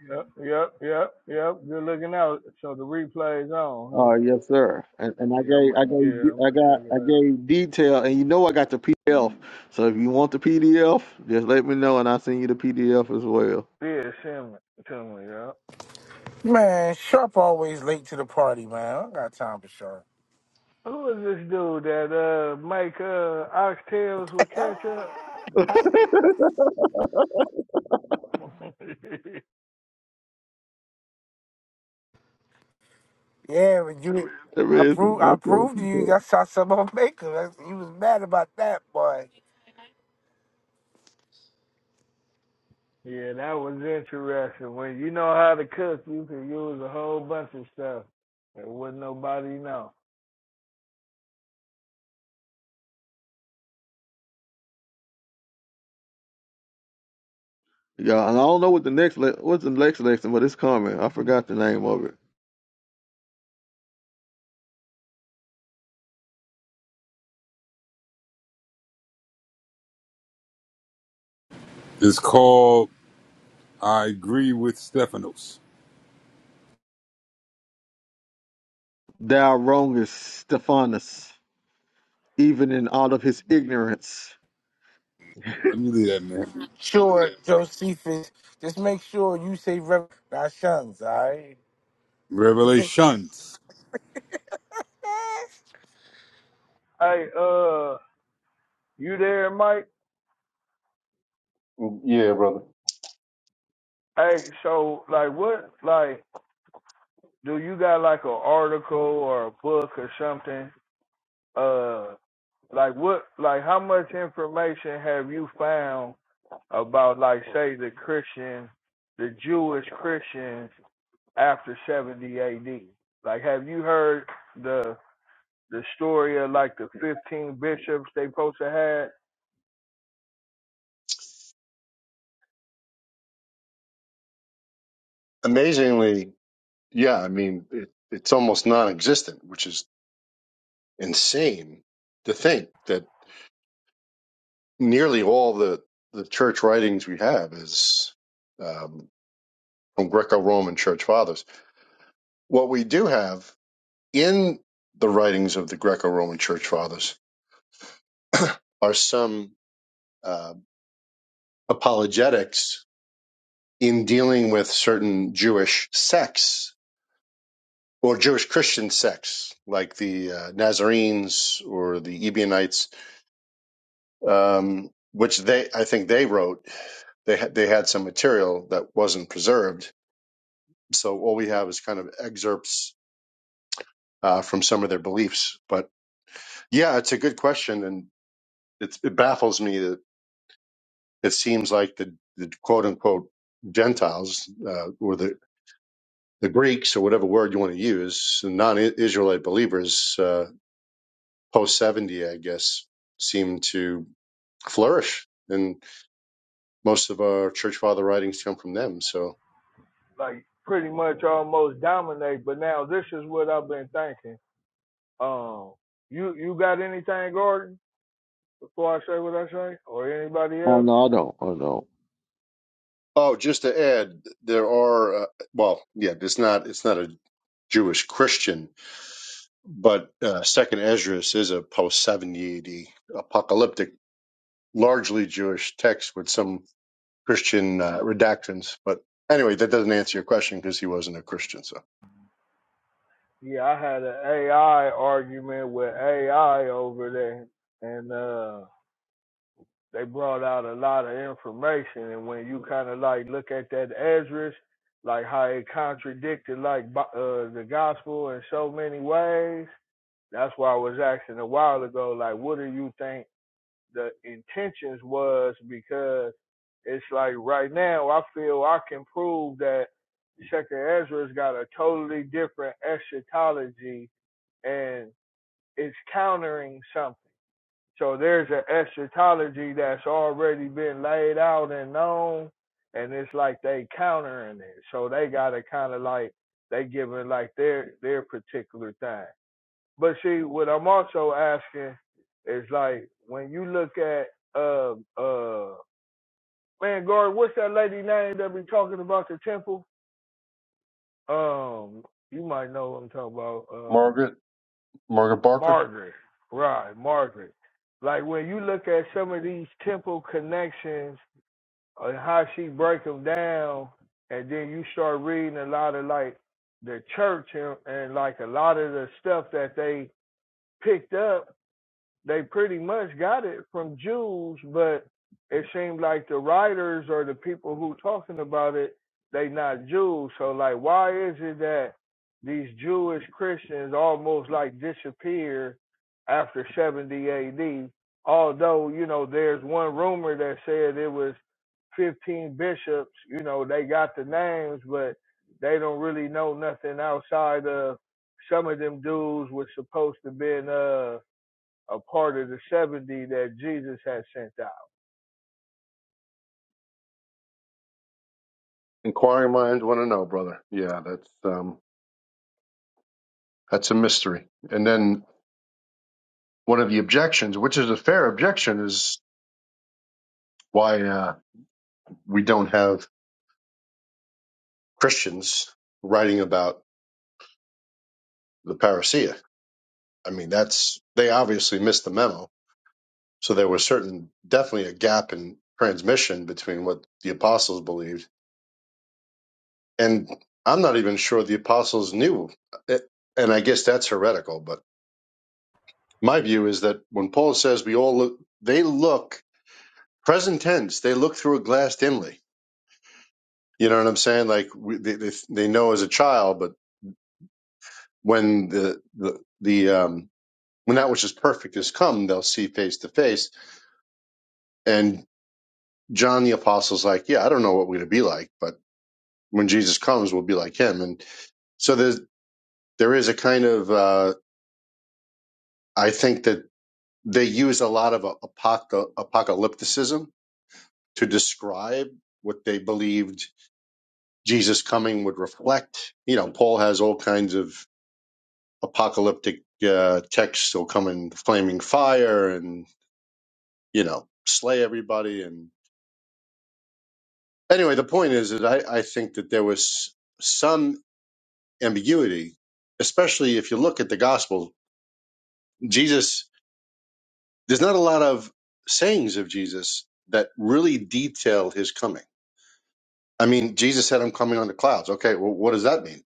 Yep, yep, yep, yep. Good looking out. So the replay's on, huh?
Uh yes, sir. And, and I
Yeah, I'm
gave I gave
yeah, I'm
I
gonna check
got
it
I
out.
gave detail and you know I got the PDF. So if you want the PDF, just let me know and I'll send you the PDF as well.
Yeah, send it to me, yeah.
Man, Sharp always late to the party, man. I don't got time for Sharp.
Who is this dude that uh make uh oxtails with ketchup?
yeah, but you,
There
I
is.
proved, I proved to you. That's how some of them make 'em. That's, you was mad about that, boy.
yeah, that was interesting. When you know how to cook, you can use a whole bunch of stuff that wouldn't nobody know.
Yeah, and I don't know what the next le- what's the next lesson, but it's coming. I forgot the name of it.
it's called I agree with Stephanos.
Thou wrongest Stephanus, even in all of his ignorance.
Let me leave that man.
Sure, Josephus. Just make sure you say Reverend not Shuns, all right?
Revelations.
Hey, uh, you there, Mike?
can- yeah, brother.
Hey, so like what like do you got like an article or a book or something? Uh like what like how much information have you found about like say the Christian the Jewish Christians after seventy AD? Like have you heard the the story of like the fifteen bishops they supposed to had
amazingly, yeah, I mean, it, it's almost non-existent, which is insane to think that nearly all the the church writings we have is um, from Greco-Roman church fathers. What we do have in the writings of the Greco-Roman church fathers are some uh, apologetics in dealing with certain Jewish sects or Jewish Christian sects, like the uh, Nazarenes or the Ebionites, um, which they I think they wrote. They had they had some material that wasn't preserved, so all we have is kind of excerpts uh, from some of their beliefs. But yeah, it's a good question, and it's, it baffles me that it seems like the, the quote unquote Gentiles uh, or the the Greeks or whatever word you want to use, non-Israelite believers. Uh, post 70, I guess, seem to flourish. And most of our church father writings come from them. So,
like pretty much almost dominate, but now this is what I've been thinking Um, you you got anything, Gordon? Before I say what I say, or anybody
Oh
else?
no, I don't. Oh no.
oh, just to add, there are, uh, well, yeah, it's not, it's not a Jewish Christian, but uh, Second Esdras is a post 70 AD apocalyptic, largely Jewish text with some Christian uh, redactions. But anyway, that doesn't answer your question because he wasn't a Christian. So,
Yeah, I had an AI argument with AI over there, and uh, they brought out a lot of information. And when you kind of like look at that Ezra's, like how it contradicted like uh, the gospel in so many ways. That's why I was asking a while ago, like, what do you think? the intentions was because it's like right now I feel I can prove that Second Ezra's got a totally different eschatology and it's countering something. So there's an eschatology that's already been laid out and known and it's like they countering it. So they gotta kinda like they giving like their their particular thing. But see, what I'm also asking is like when you look at uh uh man guard, what's that lady name that be talking about the temple? Um, you might know what I'm talking about. Um,
Margaret, Margaret Barker,
Margaret, right? Margaret. Like when you look at some of these temple connections and how she break them down, and then you start reading a lot of like the church and, and like a lot of the stuff that they picked up they pretty much got it from Jews, but it seemed like the writers or the people who talking about it, they not Jews. So like, why is it that these Jewish Christians almost like disappear after 70 AD? Although, you know, there's one rumor that said it was 15 bishops, you know, they got the names, but they don't really know nothing outside of some of them dudes was supposed to been, uh, a part of the 70 that Jesus had sent out.
inquiring minds want to know, brother. Yeah, that's, um, That's a mystery. And then one of the objections, which is a fair objection, is why uh, we don't have Christians writing about the parousia. I mean, that's they obviously missed the memo. So there was certain, definitely a gap in transmission between what the apostles believed, and I'm not even sure the apostles knew. It, and I guess that's heretical. But my view is that when Paul says we all look, they look present tense. They look through a glass dimly You know what I'm saying? Like we, they, they they know as a child, but when the the the um when that which is perfect has come, they'll see face to face. And John the apostle's like, yeah, I don't know what we're gonna be like, but when Jesus comes, we'll be like him. And so there's there is a kind of uh, I think that they use a lot of apoca- apocalypticism to describe what they believed Jesus coming would reflect. You know, Paul has all kinds of apocalyptic uh, texts will come in flaming fire and you know slay everybody and anyway the point is that I, I think that there was some ambiguity especially if you look at the gospel jesus there's not a lot of sayings of jesus that really detail his coming i mean jesus said i'm coming on the clouds okay well what does that mean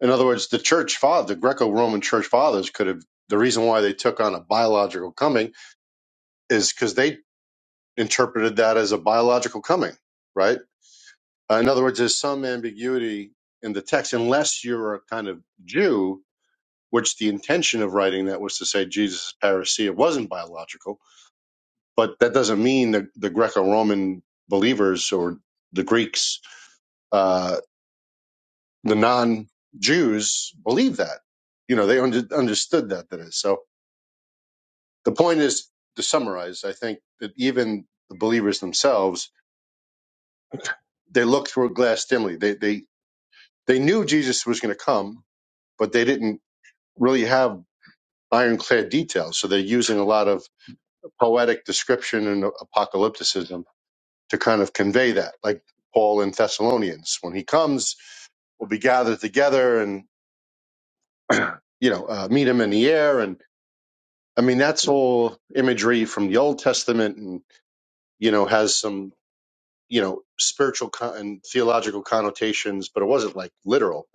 in other words the church father the greco-roman church fathers could have the reason why they took on a biological coming is because they interpreted that as a biological coming, right? Uh, in other words, there's some ambiguity in the text, unless you're a kind of Jew, which the intention of writing that was to say Jesus is parousia It wasn't biological, but that doesn't mean the, the Greco-Roman believers or the Greeks, uh, the non-Jews believe that. You know, they under, understood that, that is. So the point is, to summarize, I think that even the believers themselves, they look through a glass dimly. They, they They knew Jesus was going to come, but they didn't really have ironclad details. So they're using a lot of poetic description and apocalypticism to kind of convey that, like Paul in Thessalonians. When he comes, we'll be gathered together and, you know, uh, meet him in the air. And I mean, that's all imagery from the Old Testament and, you know, has some, you know, spiritual con- and theological connotations, but it wasn't like literal.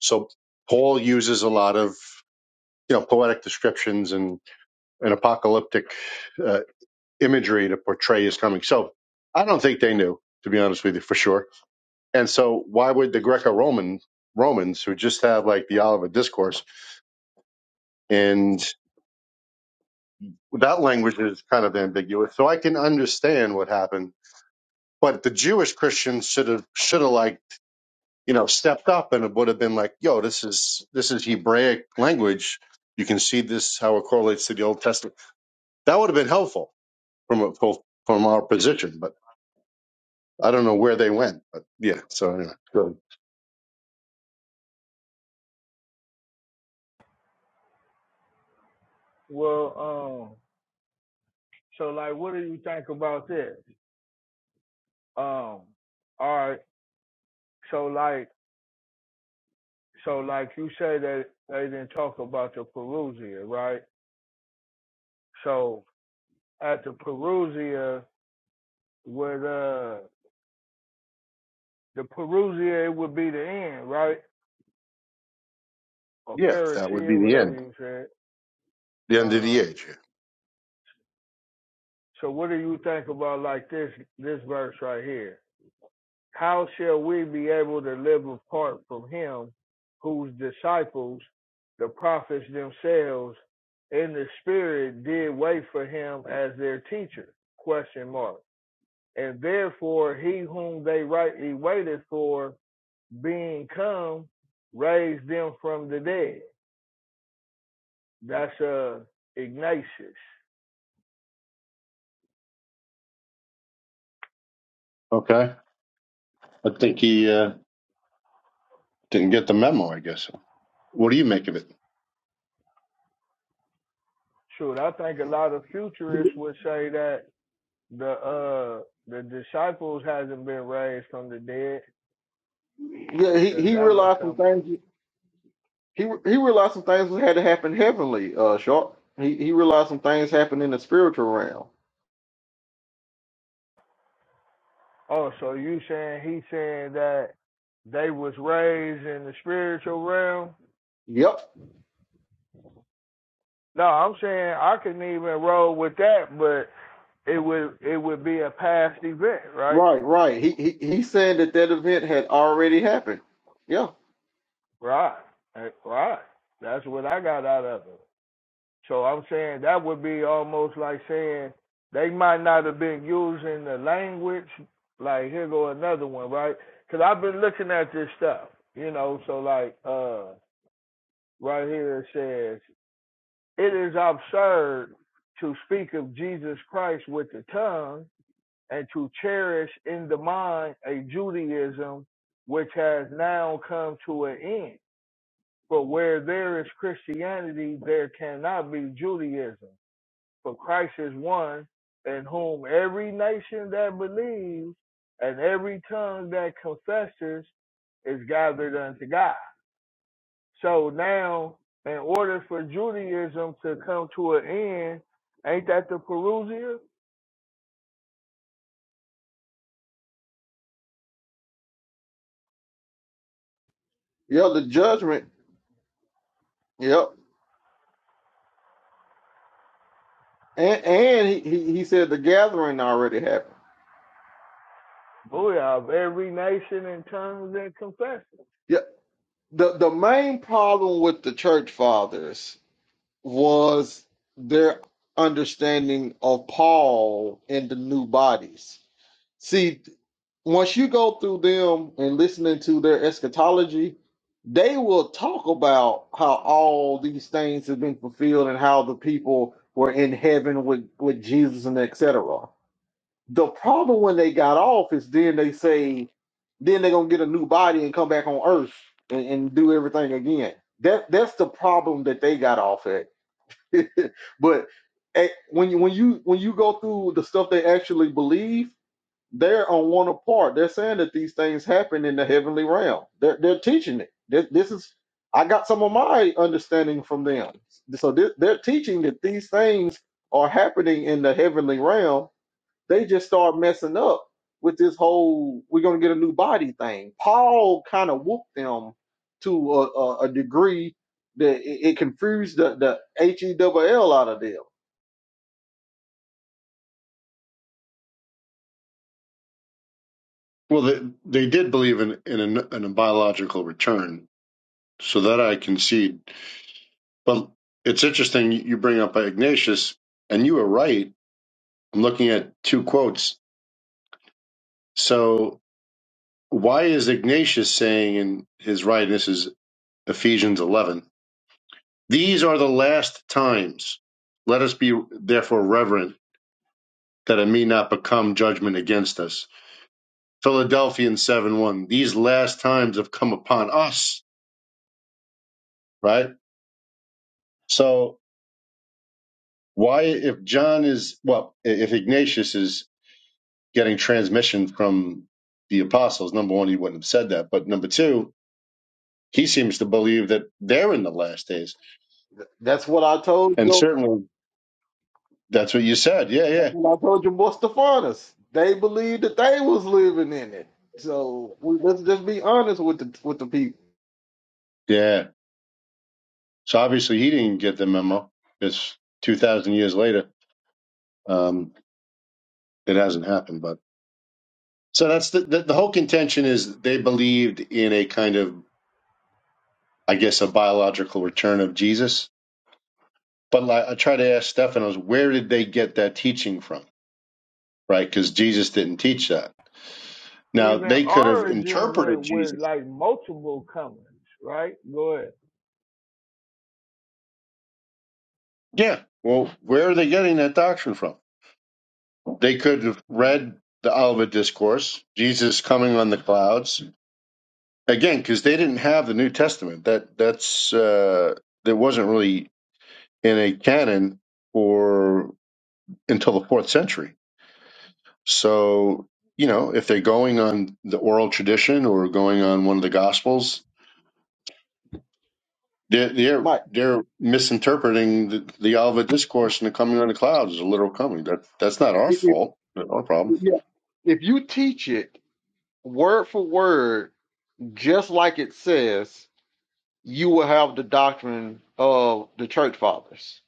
So Paul uses a lot of you know poetic descriptions and, and apocalyptic uh, imagery to portray his coming. So I don't think they knew, to be honest with you, for sure. And so why would the Greco-Roman Romans, who just have like the Olivet Discourse, and that language is kind of ambiguous. So I can understand what happened, but the Jewish Christians should have should have like you know stepped up and it would have been like, yo, this is this is Hebraic language. You can see this how it correlates to the Old Testament. That would have been helpful from from from our position, but I don't know where they went. But yeah, so anyway, so
Well, um, so like, what do you think about this? Um, all right, so like, so like you say that they didn't talk about the Perusia, right? So at the Perusia, with uh, the Perusia, it would be the end, right? Or
yeah, that would be
Parousia,
the
whatever
end,
you said.
the end of
Uh,
the age. yeah.
so what do you think about like this this verse right here? How shall we be able to live apart from him whose disciples, the prophets themselves, in the spirit did wait for him as their teacher? Question mark. And therefore he whom they rightly waited for being come raised them from the dead. That's uh Ignatius.
Okay, I think he uh, didn't get the memo. I guess. What do you make of it?
Shoot, I think a lot of futurists would say that the uh the disciples hasn't been raised from the dead.
Yeah, he,
because
he
that would
realized some
come.
things. He he realized some things that had to happen heavenly. Uh, Sharp. He he realized some things happened in the spiritual realm.
Oh, so you saying he saying that they was raised in the spiritual realm?
Yep.
No, I'm saying I couldn't even roll with that, but it would it would be a past event, right?
Right. Right. He he he's saying that that event had already happened. Yeah.
Right, Eh, right. That's what I got out of it. So I'm saying that would be almost like saying they might not have been using the language. Like here go another one, right? Because I've been looking at this stuff, you know. So like, uh right here it says, It is absurd to speak of Jesus Christ with the tongue and to cherish in the mind a Judaism which has now come to an end. For where there is Christianity, there cannot be Judaism. For Christ is one in whom every nation that believes and every tongue that confesses is gathered unto God. So now, in order for Judaism to come to an end, ain't that the Perusia?
Yeah. The judgment. Yep. And, and he, he he said the gathering already happened.
Booyah, of every nation in tongues and confession.
Yeah, the, the main problem with the church fathers was their understanding of Paul and the new bodies. See, once you go through them and listening to their eschatology, they will talk about how all these things have been fulfilled and how the people were in heaven with, with Jesus and etc. The problem when they got off is then they say, then they're gonna get a new body and come back on Earth and, and do everything again. That that's the problem that they got off at. but eh, when you when you when you go through the stuff they actually believe, they're on one apart. They're saying that these things happen in the heavenly realm. They're they're teaching it. This, this is I got some of my understanding from them. So they they're teaching that these things are happening in the heavenly realm they just start messing up with this whole we're gonna get a new body thing. Paul kind of whooped them to a, a, a degree that it, it confused the the H E double L out of them.
Well, they, they did believe in in a, in a biological return, so that I concede. But it's interesting you bring up Ignatius, and you were right. I'm looking at two quotes. So why is Ignatius saying in his right? This is Ephesians 11 These are the last times. Let us be therefore reverent that it may not become judgment against us. Philadelphians 7 1. These last times have come upon us, right? So, why, if John is, well, if Ignatius is getting transmission from the apostles, number one, he wouldn't have said that. But number two, he seems to believe that they're in the last days.
That's what I told
And
you.
certainly that's what you said. Yeah,
That's
yeah.
what I told you, Mustafanas. They believed that they was living in it. So we, let's just be honest with the with the people,
Yeah. So obviously he didn't get the memo. It's 2,000 years later. Um, it hasn't happened, but so that's the, the the whole contention is they believed in a kind of I guess a biological return of Jesus. But like, I try to ask Stephanos, where did they get that teaching from? Right, because Jesus didn't teach that. Now
Even
they could have
Origin
interpreted
went with
Jesus.
like multiple comings, right? Go ahead.
Yeah. Well, where are they getting that doctrine from? They could have read
And
the Olivet Discourse, Jesus coming on the clouds, again because they didn't have the New Testament. That that's uh, that wasn't really in a canon for until the fourth century. So you know, if they're going on the oral tradition or going on one of the Gospels, they're they're,
Mike.
they're misinterpreting the, the Olivet Discourse and the coming on the clouds as a literal coming. That that's not our
It, it,
fault. Not our problem.
yeah. If you teach it word for word, just like it says, you will have the doctrine of the church fathers.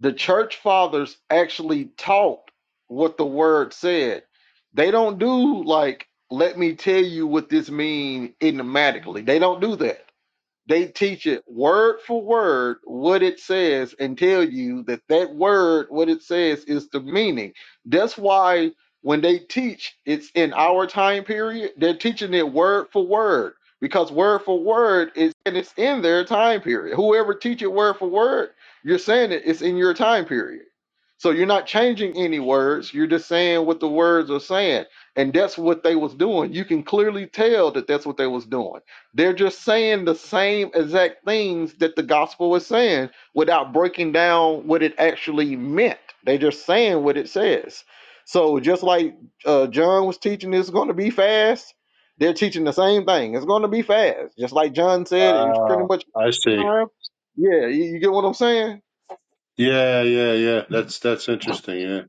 The church fathers actually taught what the word said. They don't do like, let me tell you what this means enigmatically. They don't do that. They teach it word for word what it says and tell you that that word, what it says, is the meaning. That's why when they teach, it's in our time period, they're teaching it word for word because word for word is and it's in their time period. Whoever teach it word for word, you're saying it, it's in your time period. So you're not changing any words. You're just saying what the words are saying, and that's what they was doing. You can clearly tell that that's what they was doing they're just saying the same exact things that the gospel was saying without breaking down what it actually meant. They're just saying what it says. So just like uh, John was teaching, it's going to be fast. They're teaching the same thing. It's going to be fast. Just like John said, it's pretty
Ah,
much.
I see.
Yeah, you, you get what I'm saying?
Yeah, yeah, yeah. That's that's interesting. Yeah,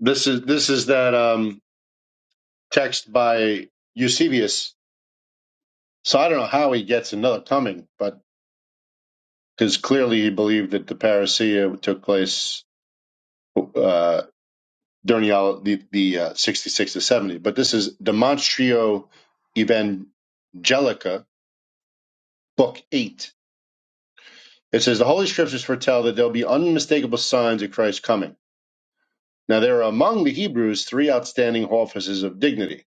this is this is that um text by Eusebius. So I don't know how he gets another coming, but because clearly he believed that the parousia took place uh, during the, the, uh, 66 to 70. But this is Demonstrio Evangelica, Book 8. It says, The Holy Scriptures foretell that there'll be unmistakable signs of Christ's coming. Now, there are among the Hebrews three outstanding offices of dignity,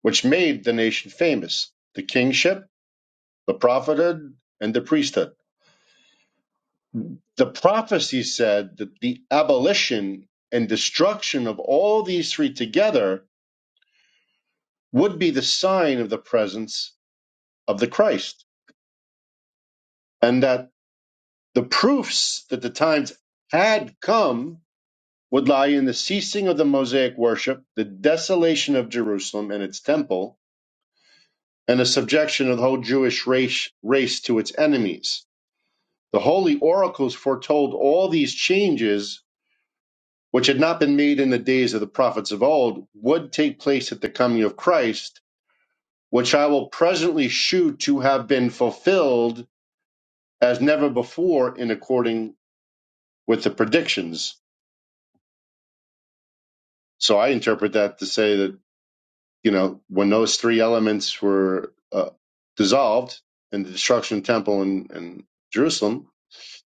which made the nation famous the kingship, the prophethood, and the priesthood. The prophecy said that the abolition and destruction of all these three together would be the sign of the presence of the Christ, and that the proofs that the times had come would lie in the ceasing of the Mosaic worship, the desolation of Jerusalem and its temple, and the subjection of the whole Jewish race, race to its enemies. The holy oracles foretold all these changes which had not been made in the days of the prophets of old, would take place at the coming of Christ, which I will presently shew to have been fulfilled as never before in according with the predictions. So I interpret that to say that, you know, when those three elements were uh, dissolved in the destruction of the temple in, in Jerusalem,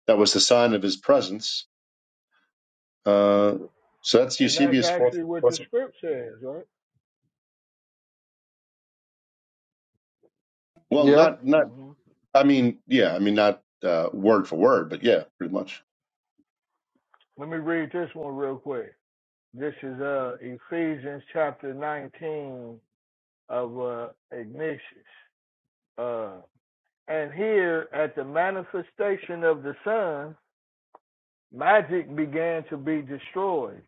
that was the sign of his presence. Uh, so that's
that's
Eusebius' fourth.
actually what the
fourth-
script says, right?
Well,
Yeah,
not, not
hmm
I mean, yeah, I mean, not uh, word for word, but yeah, pretty much.
Let me read this one real quick. This is uh Ephesians chapter 19 of uh, Ignatius. Uh, And here at the manifestation of the sun, magic began to be destroyed,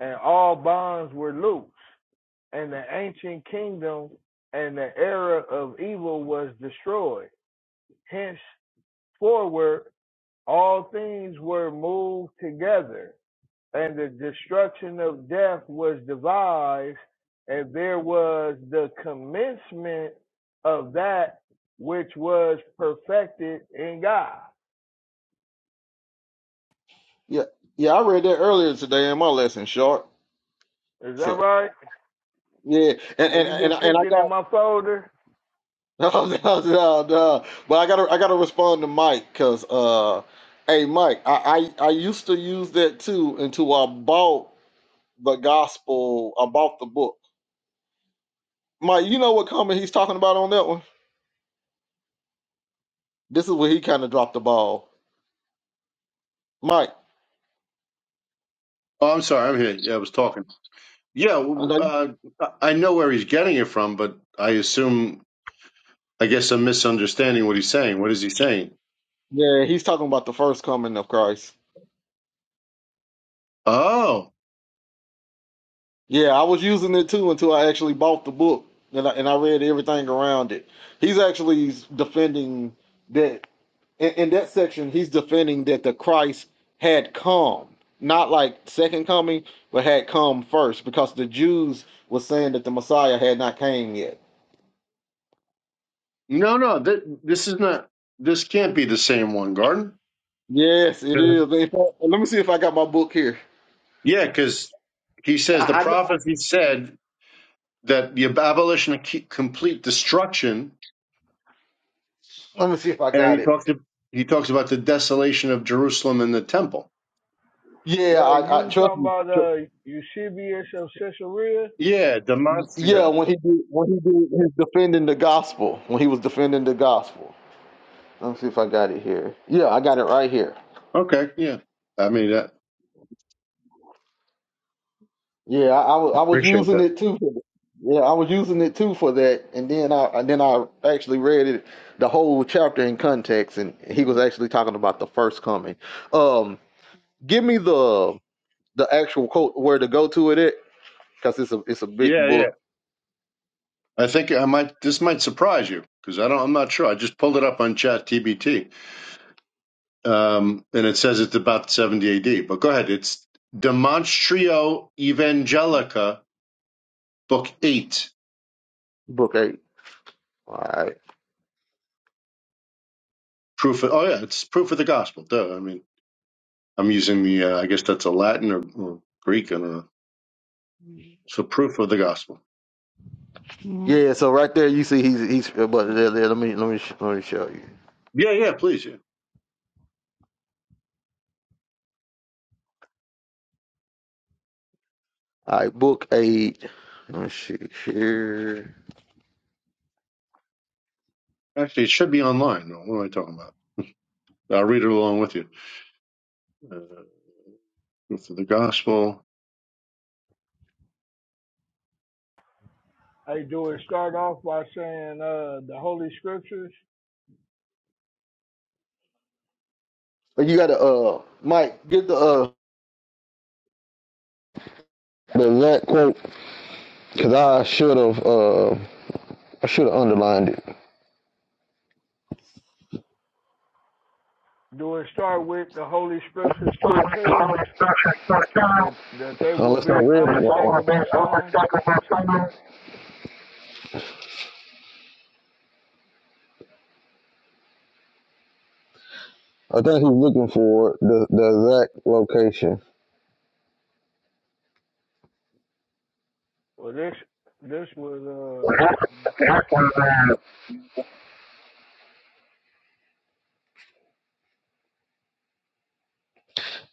and all bonds were loosed, and the ancient kingdom and the era of evil was destroyed. Henceforward, all things were moved together, and the destruction of death was devised, and there was the commencement of that which was perfected in God.
yeah, yeah. I read that earlier today in my lesson, short.
Is that
So
right?
yeah, and
Man,
and
you
and,
been
and I
peeking
got.
in my folder.
No, no, no, no. But I gotta, I gotta respond to Mike because, uh, hey, Mike, I, I, I used to use that too until I bought the gospel. I bought the book. Mike, you know what comment he's talking about on that one? This is where he kind of dropped the ball. Mike,
Oh, I'm sorry, I'm here. Yeah, I was talking. Yeah,
I
w- w-
know-
uh, I I know where he's getting it from, but I assume, I guess I'm misunderstanding what he's saying. What is he saying?
yeah, he's talking about the first coming of Christ.
Oh,
Yeah, I was using it too until I actually bought the book and I, and I read everything around it. He's actually defending that in, in that section, he's defending that the Christ had come, not like second coming, but had come first, because the Jews were saying that the Messiah had not came yet.
no, no, th- this is not, this can't be the same one, Garden.
Yes, it
Sure.
is. In fact, let me see if I got my book here.
Yeah, because he says the
I, I,
prophet, he said that the abolition of ke- complete destruction,
let me see if I
and
got
he
it.
talks, he talks about the desolation of Jerusalem and the temple.
Yeah,
Well,
I, I
you
trust
talking
me.
about uh
Tr-
Eusebius of Caesarea?
Yeah, demonstration.
Yeah, when he did, when he did his defending the gospel, when he was defending the gospel. Let me see if I got it here. Yeah, I got it right here.
Okay, yeah. I mean, that,
Yeah, I, I was I was
Appreciate
using
that.
it too. For, yeah, I was using it too for that, and then I and then I actually read it the whole chapter in context, and he was actually talking about the first coming. Um, give me the the actual quote where to go to it at, because it's a it's a big
yeah, yeah.
book,
I think I might. This might surprise you because I don't. I'm not sure. I just pulled it up on Chat TBT, um, and it says it's about 70 AD. But go ahead. It's Demonstrio Evangelica, Book Eight.
book eight. All right.
Proof. Of, oh yeah, it's proof of the gospel. Duh. I mean, I'm using the. Uh, I guess that's a Latin or, or Greek. I don't know. So proof of the gospel.
Mhm. Yeah, so right there you see he's he's uh, but there, there, let me let me sh- let me show you.
Yeah, yeah. Please, yeah.
All right, book eight. Let me see here.
Actually, it should be online. What am I talking about? I'll read it along with you. Uh, proof of the gospel.
Hey, do it start off by saying uh the Holy Scriptures?
But you got to uh Mike get the uh the exact quote Cause I should have, uh, I should have underlined it.
Do it start with the Holy Scriptures foretell that that they will
Unless I
be
read it wrong.
unmistakable signs?
I think he's looking for the, the exact location.
Well, this this was uh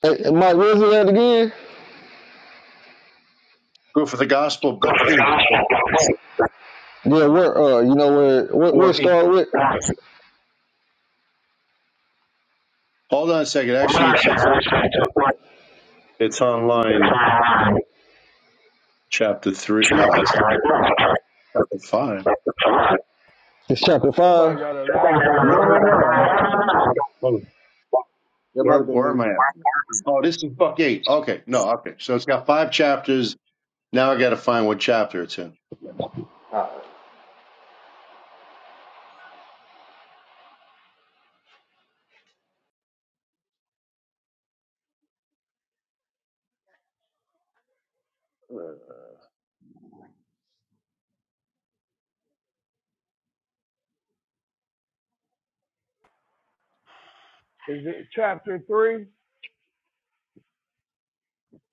Hey, hey, Mike, where's it at again?
Go for the Gospel, Book Eight, Book
Yeah, where, uh, you know where, where, where it
Four Eight.
start with?
Hold on a second. Actually, it's it's on it's online, Chapter Three. No, it's not. Chapter Five.
It's chapter five.
somebody got a lot
No, no,
of
no.
uh
I'm,
echoing.
oh,
That might
where
have been
where
me.
am I at? Oh, this is Book Eight. Okay, no, okay. So it's got five chapters. Now I got to find what chapter it's in.
Is it chapter three,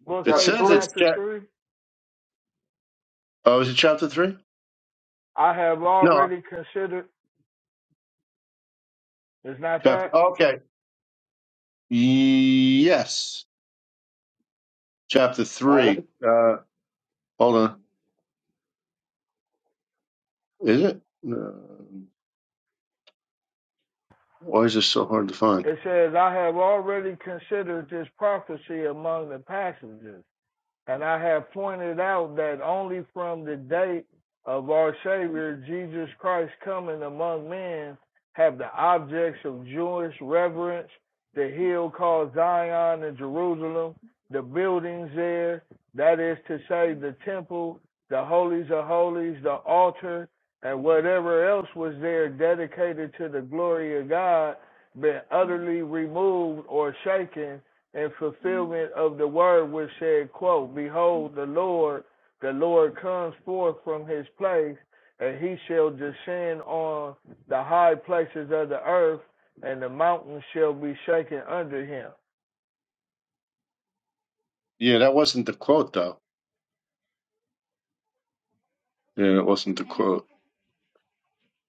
book
It
Chapter
eight,
says
three.
it's
chapter
chap.
three?
Oh, is it Chapter Three?
I have
No,
already considered. It's not
Chapter.
that.
Okay. Yes, Chapter
All right, let
Three. Uh, hold on. Is it? Uh, why is this so hard to find?
It says, I have already considered this prophecy among the passages. And I have pointed out that only from the date of our Savior Jesus Christ coming among men have the objects of Jewish reverence, the hill called Zion in Jerusalem, the buildings there, that is to say, the temple, the holies of holies, the altar, and whatever else was there dedicated to the glory of God, been utterly removed or shaken and fulfillment of the word which said, quote, Behold, the Lord, the Lord comes forth from his place, and he shall descend on the high places of the earth, and the mountains shall be shaken under him.
Yeah, that wasn't the quote though. Yeah, it wasn't the quote.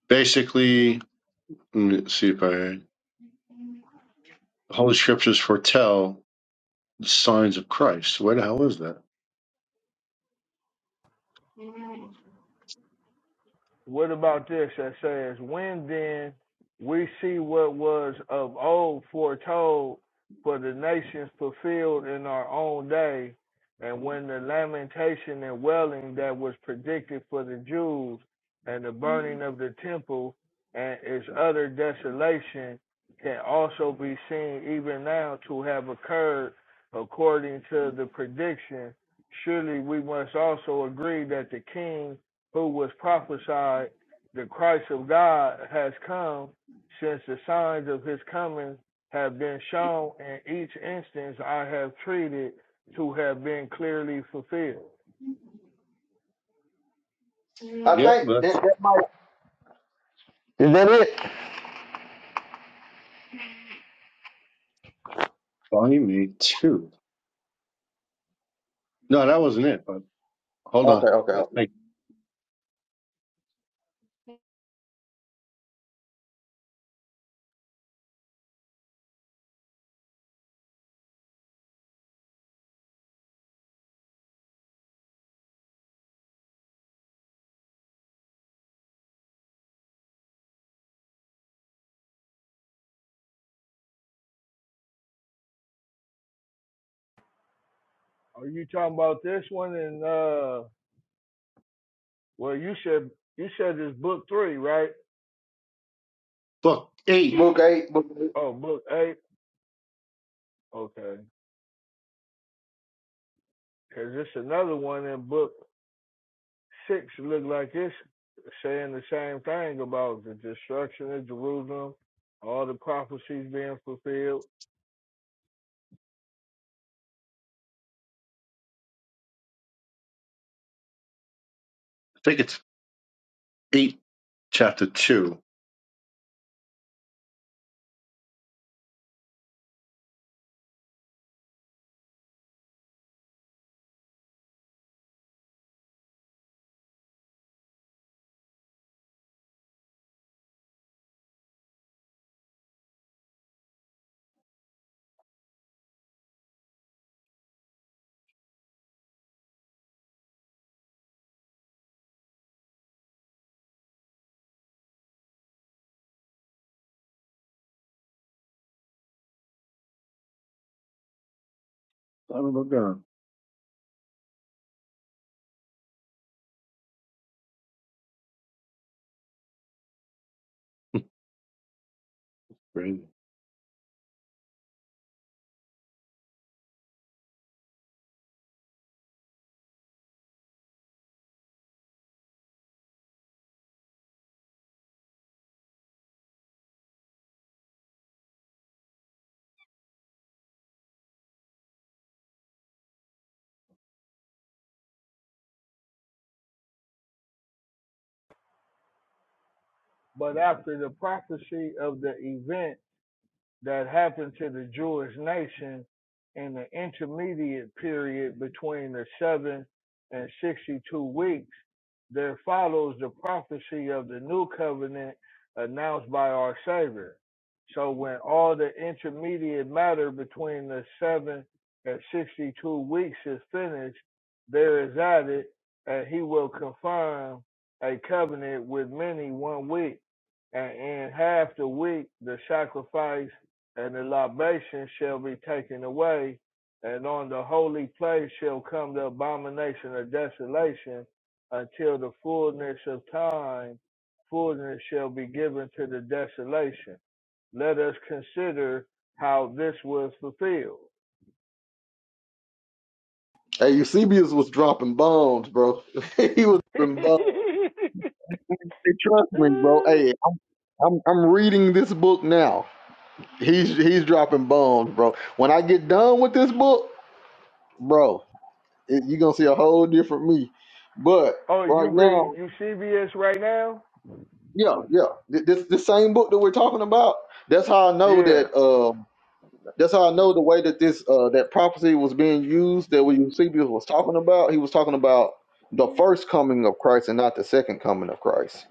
Basically, let me see if I the Holy Scriptures foretell the signs of Christ. Where the hell is that?
What about this that says, When then we see what was of old foretold for the nations fulfilled in our own day, and when the lamentation and wailing that was predicted for the Jews, and the burning of the temple and its other desolation can also be seen even now to have occurred according to the prediction. Surely we must also agree that the king who was prophesied, the Christ of God has come, since the signs of his coming have been shown, in each instance I have treated to have been clearly fulfilled.
me, I
Yeah, but
think that,
that's
that might. Is that it?
funny me too. No, that wasn't it. But hold on,
Okay, okay,
I
okay.
think
Are you talking about this one? And uh, well, you said you said it's book three, right?
book eight.
Book eight. Book eight.
Oh, book eight. Okay, because it's another one in book six. Look like it's saying the same thing about the destruction of Jerusalem, all the prophecies being fulfilled.
I think it's eight, chapter two. I don't know. God. Crazy.
But after the prophecy of the event, that happened to the Jewish nation in the intermediate period between the seven and 62 weeks, there follows the prophecy of the new covenant announced by our Savior. So when all the intermediate matter between the seven and 62 weeks is finished, there is added, and he will confirm a covenant with many one week. And in half the week, the sacrifice and the libation shall be taken away, and on the holy place shall come the abomination of desolation until the fullness of time, fullness shall be given to the desolation. Let us consider how this was fulfilled.
Hey, Eusebius was dropping bombs, bro. he was dropping bombs. Hey, trust me, bro. Hey, I'm I'm reading this book now. He's he's dropping bombs, bro. When I get done with this book, bro, it, you're gonna see a whole different me. But
oh, you
right
read
now,
you CBS right now?
yeah, yeah, th- this the same book that we're talking about. That's how I know
Yeah.
that. Um, that's how I know the way that this uh, that prophecy was being used that what Eusebius was talking about. He was talking about the first coming of Christ and not the second coming of Christ.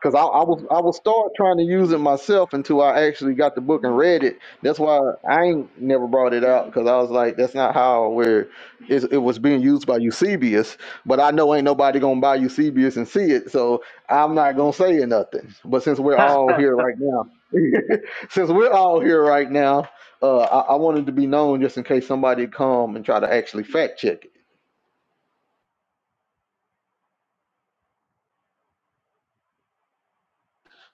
Cause I, I was I was start trying to use it myself until I actually got the book and read it. That's why I ain't never brought it out because I was like, that's not how where it, it was being used by Eusebius. But I know ain't nobody gonna buy Eusebius and see it, so I'm not gonna say nothing. But since we're all here right now, since we're all here right now, uh, I, I wanted to be known just in case somebody come and try to actually fact check it.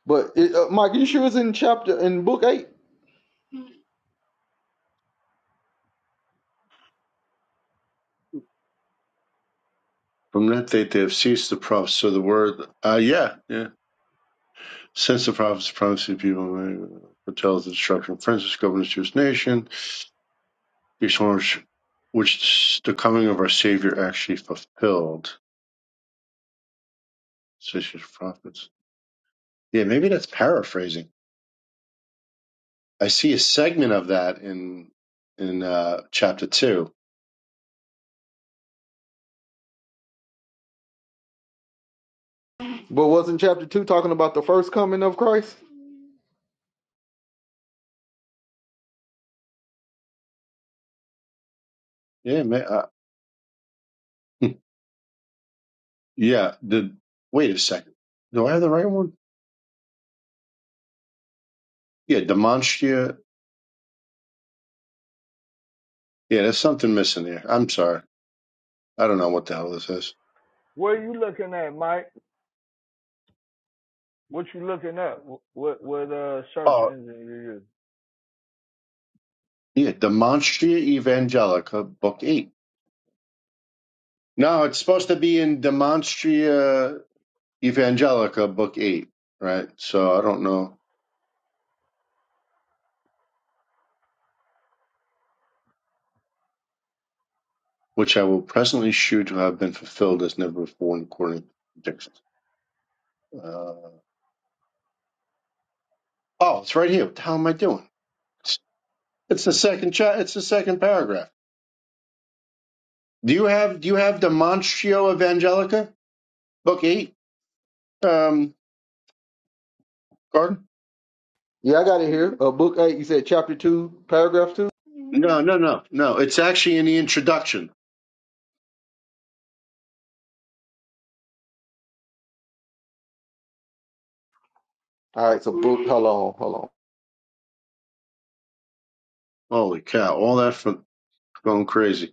But it, uh, Mike, you sure it's in chapter in book eight?
From that date, they have ceased to prophesy the word. Uh, yeah, yeah. Since the prophets promised the people foretells the destruction of Francis governs Jewish nation, each one which, the coming of our Savior actually fulfilled. Such as prophets. Yeah, maybe that's paraphrasing. I see a segment of that in in uh, chapter two.
But wasn't chapter two talking about the first coming of Christ?
Yeah, ma uh, hmm, yeah. The wait a second. Do I have the right one? Yeah, demonstria. Yeah, there's something missing there. I'm sorry. I don't know what the hell this is.
What are you looking at, Mike? What you looking at? What what uh, search
Oh,
engine you
yeah, demonstria evangelica, book eight. No, it's supposed to be in Demonstria Evangelica, Book 8, right? So I don't know, which I will presently shew to have been fulfilled as never before in according to predictions. Uh, oh, it's right here. What the hell am I doing? It's, it's the second cha- It's the second paragraph. Do you have Do you have Demonstrio Evangelica, Book 8, um, Gordon?
Yeah, I got it here. Uh, book eight. You said chapter two, paragraph two.
No, no, no, no. It's actually in the introduction.
All right. So book. Hold on. Hold on.
Holy cow! All that from going crazy.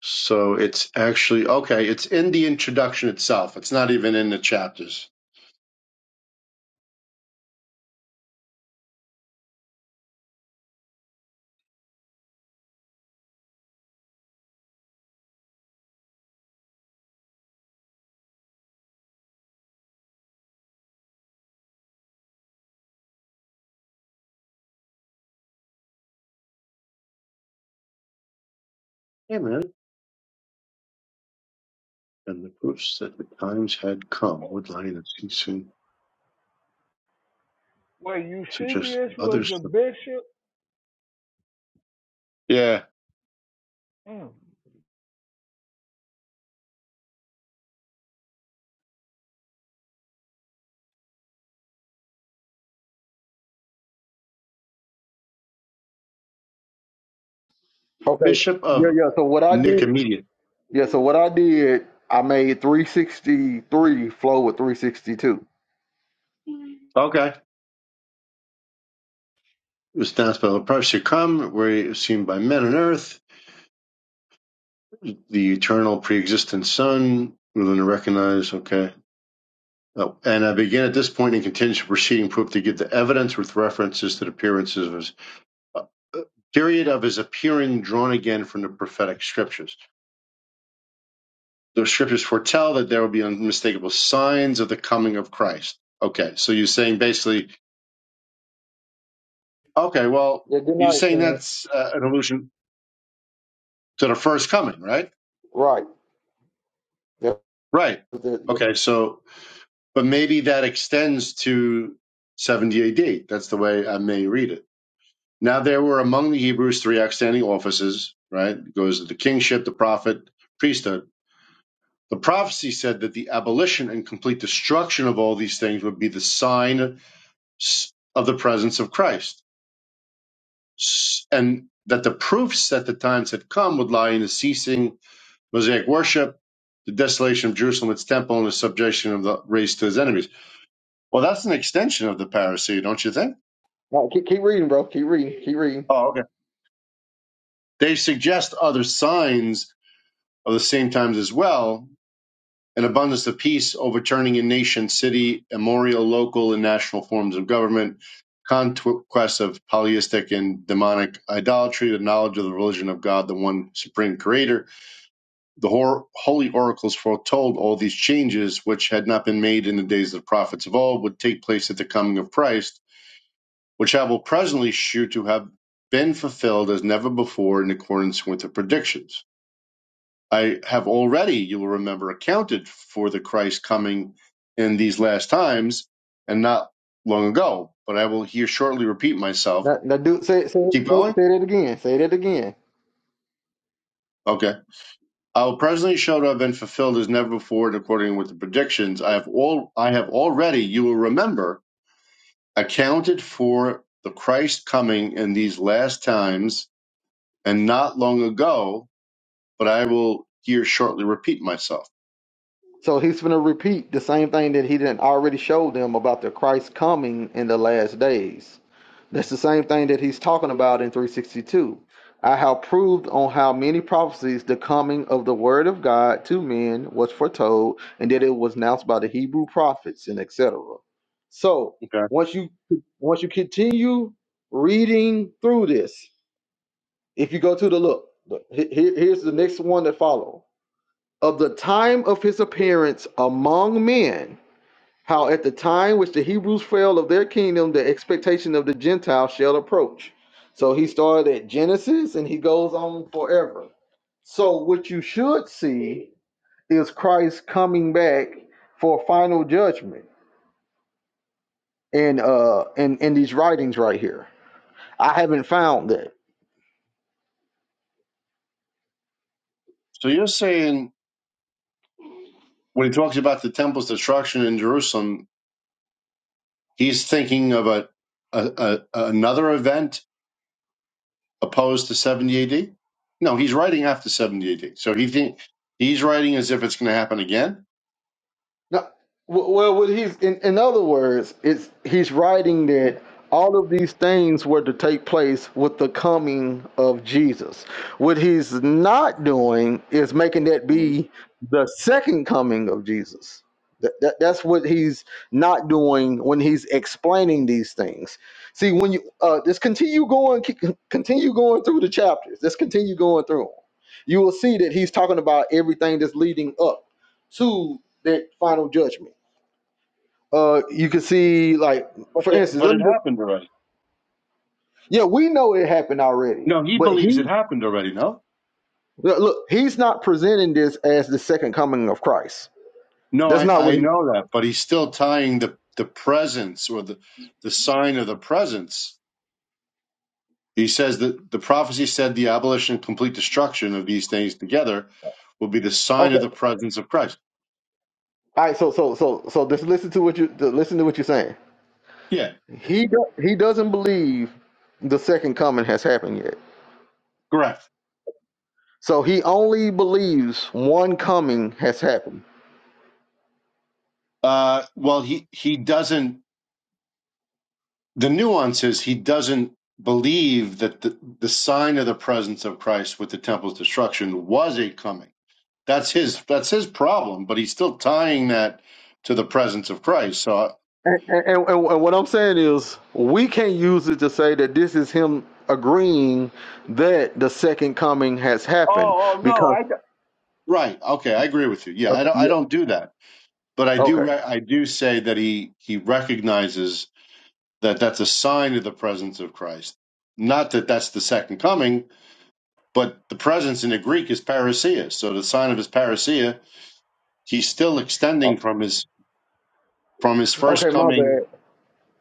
So it's actually okay. It's in the introduction itself. It's not even in the chapters. Hey, man. And the proofs that the times had come
use?
would Linus he soon
Wait,
suggest
Eusebius was
others.
a bishop?
Yeah,
Mm.
Okay.
Bishop
Yeah,
of
yeah. So what I did?
Nicomedia.
Yeah. So what I did? I made three sixty three flow with three sixty two.
Okay, it was announced by the prophets come, where he was seen by men on earth. The eternal, pre-existent Son, willing to recognize. Okay. Oh, and I begin at this point and continue to proceeding proof to give the evidence with references to the appearances of. his uh, period of his appearing drawn again from the prophetic scriptures. The scriptures foretell that there will be unmistakable signs of the coming of Christ. Okay, so you're saying basically, okay, well,
Yeah. Good
you're
night,
saying
man.
that's uh, an allusion to the first coming, right?
Right. Yeah.
Right.
yeah, yeah.
Okay, so, but maybe that extends to 70 AD. That's the way I may read it. Now, there were among the Hebrews three outstanding offices, right? It goes to the kingship, the prophet, priesthood The prophecy said that the abolition and complete destruction of all these things would be the sign of the presence of Christ. And that the proofs that the times had come would lie in the ceasing Mosaic worship, the desolation of Jerusalem, its temple, and the subjection of the race to his enemies. Well, that's an extension of the parousia, don't you think?
All right, keep, keep reading, bro. Keep reading. Keep reading.
Oh, okay. They suggest other signs of the same times as well, an abundance of peace, overturning in nation, city, memorial, local, and national forms of government, conquest of polyistic and demonic idolatry, the knowledge of the religion of God, the one supreme creator. The hor- holy oracles foretold all these changes, which had not been made in the days of the prophets of old, would take place at the coming of Christ, which I will presently shew to have been fulfilled as never before in accordance with the predictions. I have already, you will remember, accounted for the Christ coming in these last times and not long ago. But I will here shortly repeat myself.
Now, now do say say
Keep
say
going?
say that again. Say that again.
Okay. I will presently show to have been fulfilled as never before, and according with the predictions, I have all I have already, you will remember, accounted for the Christ coming in these last times and not long ago, but I will here shortly repeat myself.
So he's going to repeat the same thing that he didn't already show them about the Christ coming in the last days. That's the same thing that he's talking about in 362. I have proved on how many prophecies the coming of the word of God to men was foretold, and that it was announced by the Hebrew prophets and etc. So
Okay.
once you once you continue reading through this, if you go to the look, look, he- he- here's the next one that follow of the time of his appearance among men, how at the time which the Hebrews fell of their kingdom, the expectation of the Gentiles shall approach. So he started at Genesis and he goes on forever. So what you should see is Christ coming back for final judgment in uh in, in these writings right here. I haven't found that.
So you're saying when he talks about the temple's destruction in Jerusalem, he's thinking of a, a, a another event opposed to 70 AD. No, he's writing after 70 AD. So he think, he's writing as if it's going to happen again.
No, w- well, what he's in, in other words, it's he's writing that all of these things were to take place with the coming of Jesus. What he's not doing is making that
Mhm.
be the second coming of Jesus. That, that, that's what he's not doing when he's explaining these things. See, when you uh, just continue going, keep- continue going through the chapters. Just continue going through 'em. You will see that he's talking about everything that's leading up to that final judgment. Uh, you can see, like,
But
for
the,
instance,
but
let
it
me. Just,
happened already.
yeah, we know it happened already,
No, he
but he
believes it happened already. No,
look, look, he's not presenting this as the second coming of Christ.
no,
That's
I,
not what
I
he.
know that, but he's still tying the the presence or the the sign of the presence. He says that the prophecy said the abolition and complete destruction of these things together will be the sign
Okay,
of the presence of Christ.
all right. So, so, so, so, just listen to what you to listen to what you're saying.
Yeah,
He do- he doesn't believe the second coming has happened yet.
correct.
So he only believes one coming has happened.
Uh, well, he he doesn't. The nuance is he doesn't believe that the, the sign of the presence of Christ with the temple's destruction was a coming. That's his that's his problem. But he's still tying that to the presence of Christ. So
And, and, and, and what I'm saying is, we can't use it to say that this is him agreeing that the second coming has happened because.
right, okay, I agree with you. Yeah, I
Okay.
don't I
Yeah,
don't do that, but I do
okay.
re- I do say that he he recognizes that that's a sign of the presence of Christ. Not that that's the second coming, But the presence in the Greek is parousia. So the sign of his parousia, he's still
Uh,
extending from his from his first
Okay, my
coming.
bad.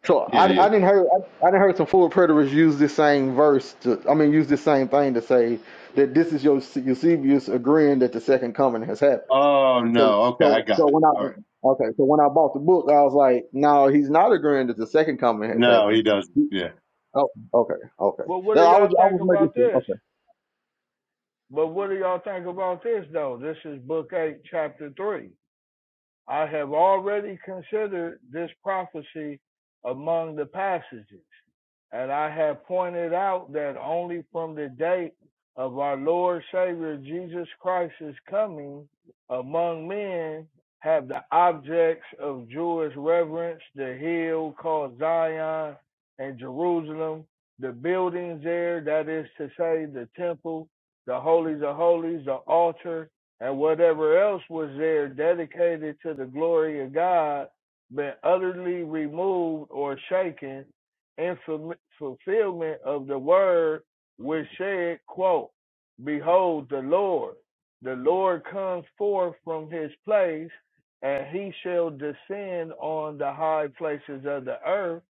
So
Yeah,
I,
yeah.
I didn't hear I, I didn't heard some full preterists use this same verse to I mean use this same thing to say that this is your Eusebius agreeing that the second coming has happened.
Oh
So
no. Okay, I
so so
got it.
when I
All right.
okay so when I bought the book I was like no he's not agreeing that the second coming has
No,
happened
he doesn't. Yeah.
Oh, okay, okay.
Well, what
That
do
I was,
y'all
I
think
was making
about
sure.
this? But what do y'all think about this, though? This is Book 8, Chapter 3. I have already considered this prophecy among the passages, and I have pointed out that only from the date of our Lord Savior Jesus Christ's coming among men have the objects of Jewish reverence, the hill called Zion and Jerusalem, the buildings there, that is to say, the temple, the holies of holies, the altar, and whatever else was there dedicated to the glory of God been utterly removed or shaken in fulfillment of the word which said, quote, Behold the Lord, the Lord comes forth from his place, and he shall descend on the high places of the earth,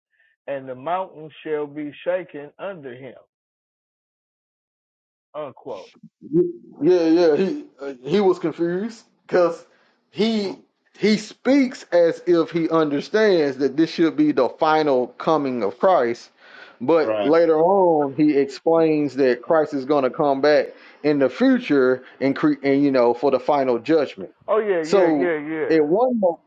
and the mountains shall be shaken under him. Unquote.
Okay. Yeah, yeah. He uh, he was confused because he he speaks as if he understands that this should be the final coming of Christ, but
Right.
later on he explains that Christ is going to come back in the future and cre- and you know for the final judgment.
Oh yeah, yeah,
So
yeah, yeah.
at one moment.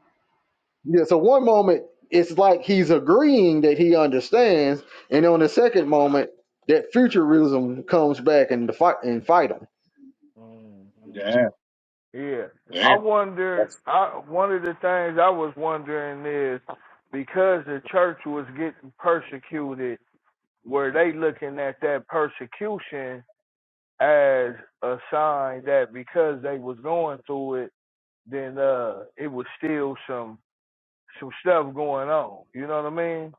Yeah, so one moment it's like he's agreeing that he understands, and on the second moment that futurism comes back and to fight and fight him.
Mhm.
Yeah.
Yeah, I
Yeah.
wonder.
That's,
I one of the things I was wondering is because the church was getting persecuted, were they looking at that persecution as a sign that because they was going through it, then uh, it was still some some stuff going on. You know what I mean?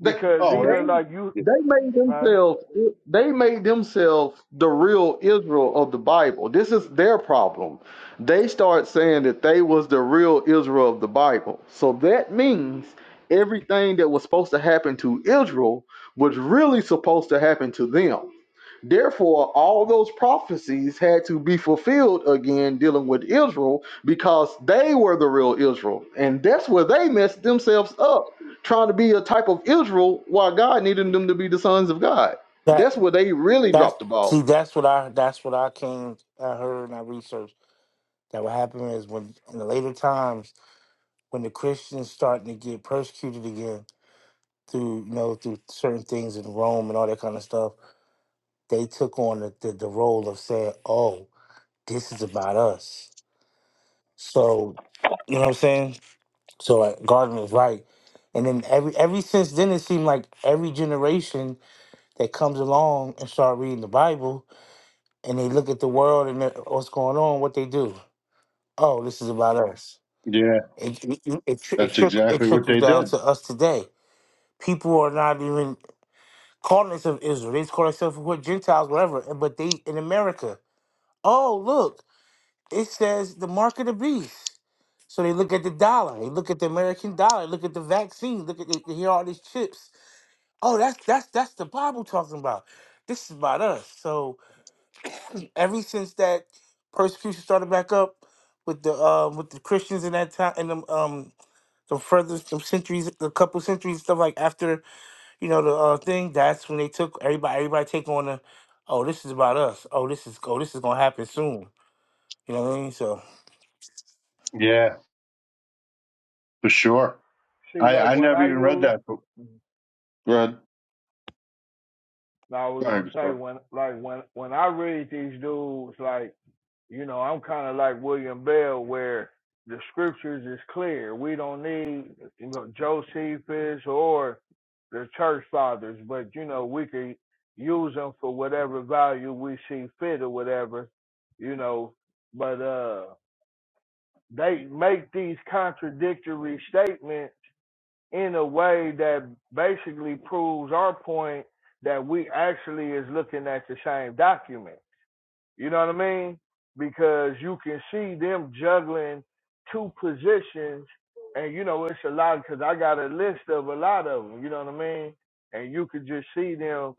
They
Because
oh, it,
they
even like you,
yeah.
they made
huh?
themselves they made themselves the real Israel of the Bible. This is their problem. They start saying that they was the real Israel of the Bible. So that means everything that was supposed to happen to Israel was really supposed to happen to them Therefore, all those prophecies had to be fulfilled again dealing with Israel because they were the real Israel. And that's where they messed themselves up, trying to be a type of Israel while God needed them to be the sons of God.
That
That's where they really
that's
dropped the ball.
see, that's what I that's what I came, I heard, and I researched. That what happened is when in the later times when the Christians starting to get persecuted again. through you know through certain things in Rome and all that kind of stuff, they took on the, the, the role of saying, "Oh, this is about us." So, you know what I'm saying? So uh, Gardner was right, and then every every since then, it seemed like every generation that comes along and start reading the Bible and they look at the world and at what's going on, what they do? Oh, this is about us.
Yeah,
It it it, it, tri- it,
That's
trick, it
exactly what
trickles
they
down
did.
to us today. People are not even. calling themselves Israelites, calling themselves what Gentiles, whatever. and- But they in America, oh look, it says the mark of the beast. So they look at the dollar, they look at the American dollar, look at the vaccine, look at the, here are all these chips. Oh, that's that's that's the Bible talking about. This is about us. So ever since that persecution started back up with the uh with the Christians in that time and them um the further some centuries, a couple centuries stuff like after you know the uh, thing. That's when they took everybody. Everybody take on the, oh, this is about us. Oh, this is oh, this is gonna happen soon. You know what I mean? So.
Yeah, for sure.
See,
I
like
I
when
never
I
even read
use,
that book. Read.
I was
All right,
gonna say
Gustavo.
when like when when I read these dudes like You know, I'm kind of like William Bell, where the scriptures is clear. We don't need you know, Josephus or the church fathers, but you know, we could use them for whatever value we see fit or whatever. You know, but uh, they make these contradictory statements in a way that basically proves our point that we actually is looking at the same document you know what I mean? Because you can see them juggling two positions, and you know it's a lot. Because I got a list of a lot of them. You know what I mean? And you could just see them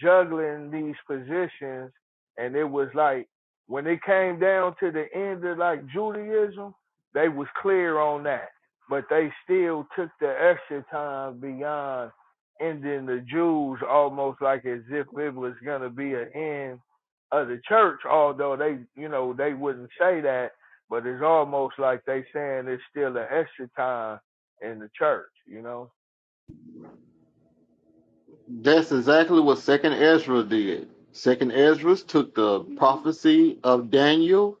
juggling these positions, and it was like when it came down to the end of like Judaism, they was clear on that, but they still took the extra time beyond ending the Jews almost like as if it was gonna be an end of the church, although they, you know, they wouldn't say that, but it's almost like they saying it's still an extra time in the church, you know,
That's exactly what Second Ezra did. Second Ezra took the prophecy of Daniel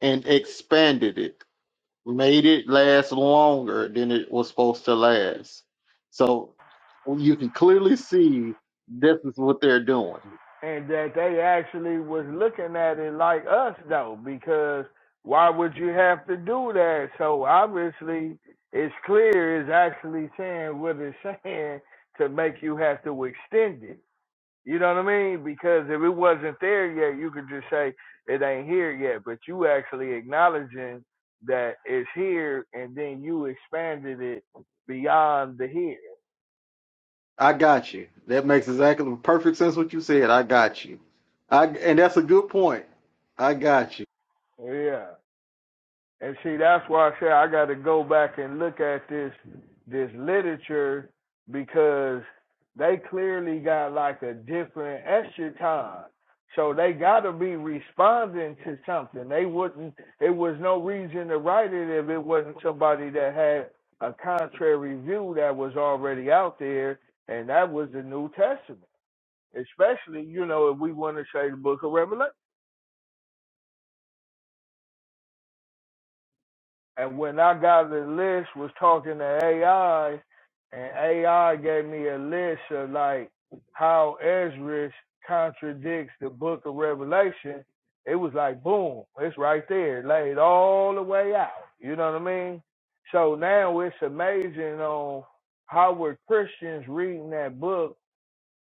and expanded it. made it last longer than it was supposed to last. So you can clearly see this is what they're doing.
and that they actually was looking at it like us though, because why would you have to do that? So obviously, it's clear it's actually saying what it's saying to make you have to extend it You know what I mean? Because if it wasn't there yet, you could just say it ain't here yet. But you actually acknowledging that it's here, and then you expanded it beyond the here.
I got you. That makes exactly perfect sense what you said. I got you. I and that's a good point. I got you.
Yeah. And see, that's why I say I got to go back and look at this this literature because they clearly got like a different eschaton. So they got to be responding to something. They wouldn't. It was no reason to write it if it wasn't somebody that had a contrary view that was already out there, and that was the New Testament. Especially, you know, if we want to say the Book of Revelation. And when I got the list, was talking to AI, and AI gave me a list of like how Ezra contradicts the Book of Revelation. It was like boom, it's right there, laid all the way out. You know what I mean? So now it's amazing on how were Christians reading that book,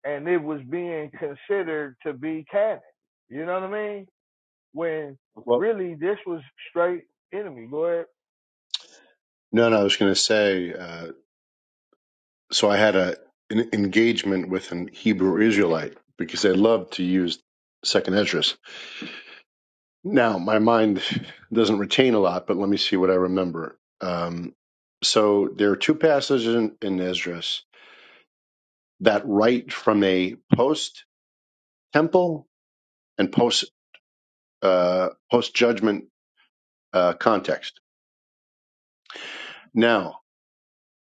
and it was being considered to be canon. You know what I mean? When
Well,
really this was straight enemy. Go ahead.
no, no. I was going to say. Uh, so I had a an engagement with an Hebrew Israelite because they love to use Second Esdras. Now my mind doesn't retain a lot, but let me see what I remember. Um, so there are two passages in, in Esdras that write from a post temple and post uh, post judgment uh, context. Now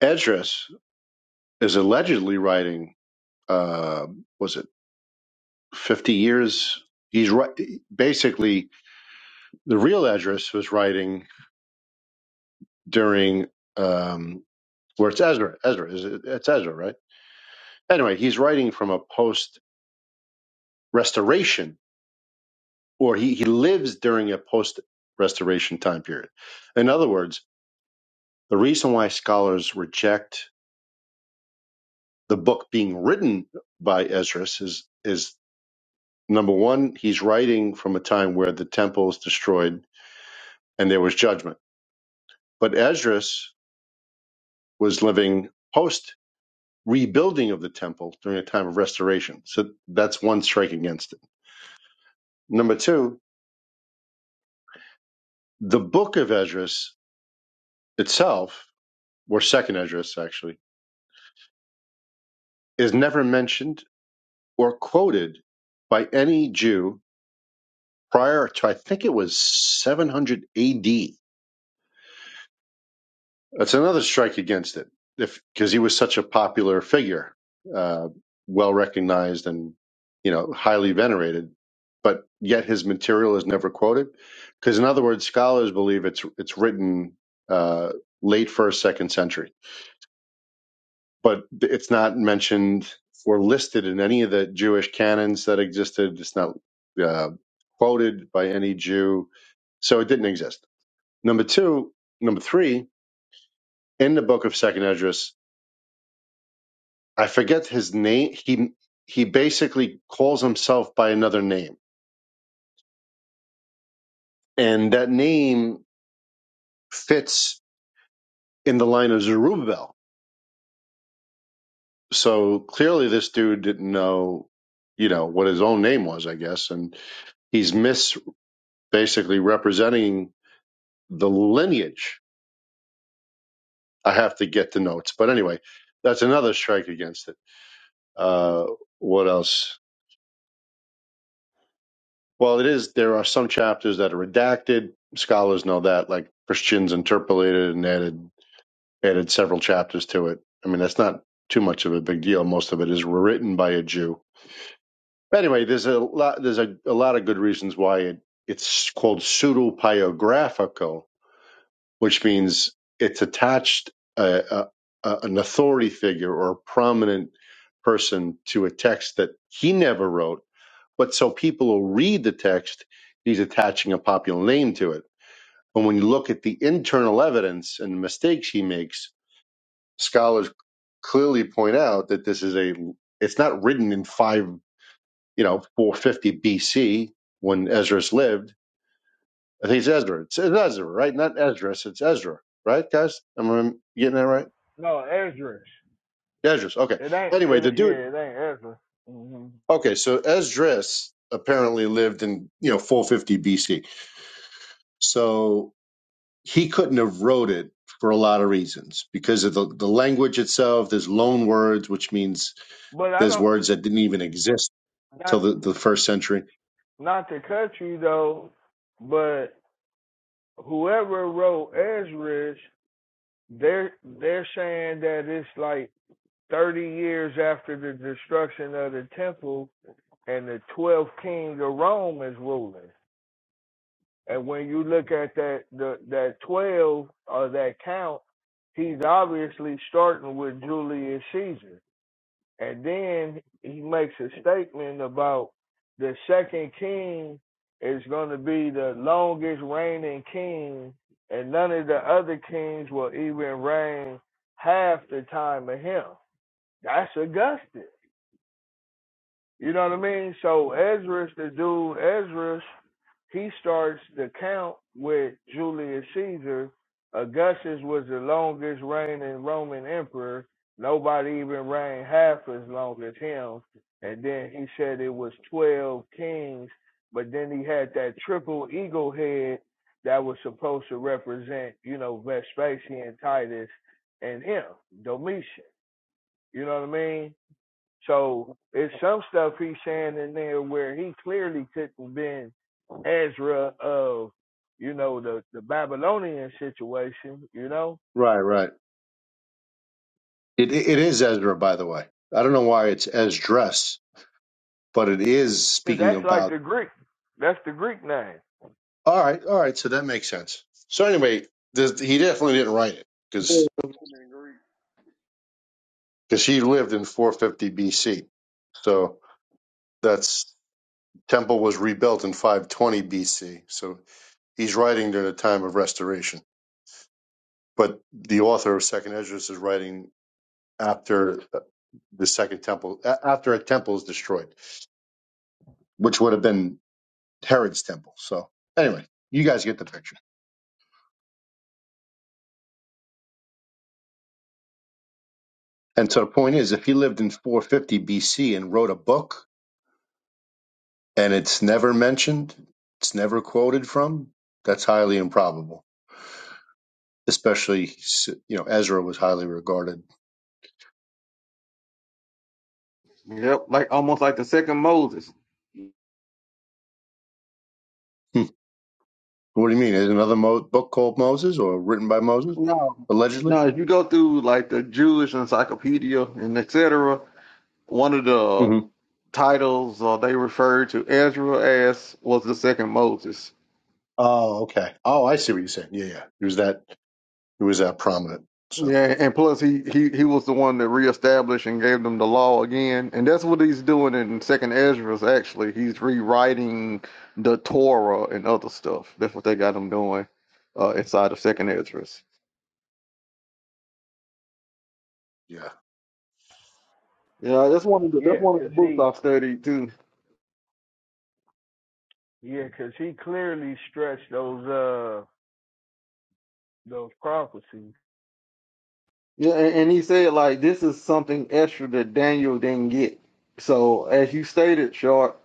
Esdras is allegedly writing. Uh, was it fifty years? He's right, basically The real Esdras was writing during um, where it's Ezra. Ezra is it, it's Ezra, right? Anyway, he's writing from a post restoration, or he he lives during a post restoration time period. In other words, the reason why scholars reject the book being written by Esdras is is number one, he's writing from a time where the temple is destroyed and there was judgment. But Esdras was living post rebuilding of the temple during a time of restoration. So that's one strike against it. Number two, the book of Esdras itself, or second Esdras actually, is never mentioned or quoted by any Jew prior to, I think it was 700 AD. That's another strike against it, if because he was such a popular figure, uh, well recognized and you know highly venerated, but yet his material is never quoted. Because in other words, scholars believe it's it's written uh, late first second century, but it's not mentioned or listed in any of the Jewish canons that existed. It's not uh, quoted by any Jew, so it didn't exist. Number two, number three, in the book of Second Esdras I forget his name. He he basically calls himself by another name, and that name fits in the line of Zerubbabel. So clearly, this dude didn't know, you know, what his own name was, I guess, and he's mis basically representing the lineage. I have to get the notes, but anyway, that's another strike against it. Uh, what else? Well, it is. There are some chapters that are redacted. Scholars know that, like Christians interpolated and added added several chapters to it. I mean, that's not too much of a big deal. Most of it is written by a Jew. But anyway, there's a lot. There's a, a lot of good reasons why it, it's called pseudo pseudopiographical, which means it's attached a, a, a- an authority figure or a prominent person to a text that he never wrote. But so people will read the text. He's attaching a popular name to it. And when you look at the internal evidence and the mistakes he makes, Scholars clearly point out that this is a it's not written in five you know 450 BC when Ezra's lived. I think it's Ezra. It's, it's Ezra, right? Not Esdras. It's Ezra, right, guys? Am I getting that right?
No, Ezra.
Esdras. Okay.
It ain't.
Anyway,
It
the dude.
yeah. It ain't Ezra. hmm
Okay, so Esdras apparently lived in you know 450 BC. So he couldn't have wrote it for a lot of reasons because of the, the language itself. There's loan words, which means
But I
there's
don't.
words that didn't even exist till
Not
the, the first century.
not to cut you though. But whoever wrote Ezra, they're they're saying that it's like thirty years after the destruction of the temple, and the twelfth king of Rome is ruling. And when you look at that the that twelve or that count, he's obviously starting with Julius Caesar. And then he makes a statement about the second king is going to be the longest reigning king, and none of the other kings will even reign half the time of him. That's Augustus. You know what I mean? So Ezra's the dude Ezra's he starts the count with Julius Caesar. Augustus was the longest reigning Roman emperor. Nobody even reigned half as long as him. And then he said it was 12 kings, but then he had that triple eagle head that was supposed to represent, you know, Vespasian, Titus, and him, Domitian. You know what I mean? So it's some stuff he's saying in there where he clearly couldn't been Ezra of, you know, the, the Babylonian situation, you know,
Right, right. It it is Ezra, by the way. I don't know why it's Esdras, but it is
because
speaking
that's like
about.
the Greek. That's the Greek name.
All right, all right. So that makes sense. So anyway, this, he definitely didn't write it because because he lived in 450 BC. So that's temple was rebuilt in 520 BC. So he's writing during the time of restoration. But the author of Second Esdras is writing after uh, the second temple, a- after a temple is destroyed, which would have been Herod's temple. So anyway, you guys get the picture. And so the point is, if he lived in 450 BC and wrote a book and it's never mentioned, it's never quoted from, that's highly improbable. Especially, you know, Ezra was highly regarded.
Yep, like almost like the second Moses.
Hmm. What do you mean? Is another Mo- book called Moses or written by Moses,
No,
allegedly?
no. If you go through like the Jewish encyclopedia and etc., one of the
hmm
titles uh, they referred to Ezra as was the second Moses.
Oh, okay. Oh, I see what you're saying. Yeah, yeah. It was that. It was that prominent. So
Yeah, and plus he, he he was the one that reestablished and gave them the law again, and that's what he's doing in Second Ezra's. Actually, he's rewriting the Torah and other stuff. That's what they got him doing uh, inside of Second Ezra's.
yeah,
Yeah, that's one of the
Yeah,
that's one of the
because
books
he,
I studied too.
yeah, because he clearly stretched those, uh, those prophecies.
Yeah, and, and he said like this is something extra that Daniel didn't get. So as you stated, short.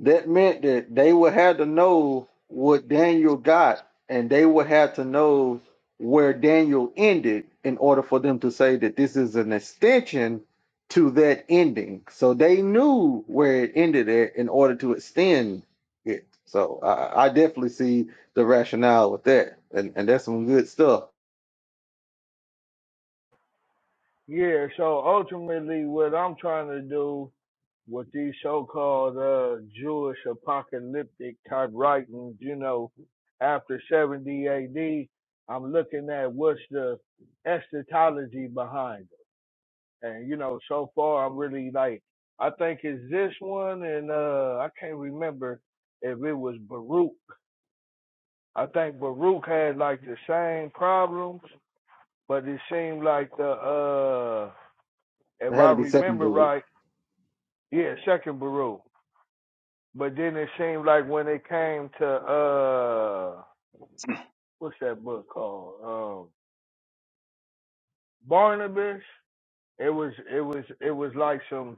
That meant that they would have to know what Daniel got, and they would have to know where Daniel ended in order for them to say that this is an extension to that ending. So they knew where it ended at in order to extend it. So I, I definitely see the rationale with that, and, and that's some good stuff.
Yeah, so ultimately what I'm trying to do what these so-called uh, Jewish apocalyptic type writings, you know, after 70 AD, I'm looking at what's the eschatology behind it. And, you know, so far I'm really like, I think it's this one and uh, I can't remember if it was Baruch. I think Baruch had like the same problems, but it seemed like the, uh,
It
if
had
I
to be
remember
secondary.
right, yeah, second Baruch. But then it seemed like when it came to uh what's that book called? Um Barnabas, it was it was it was like some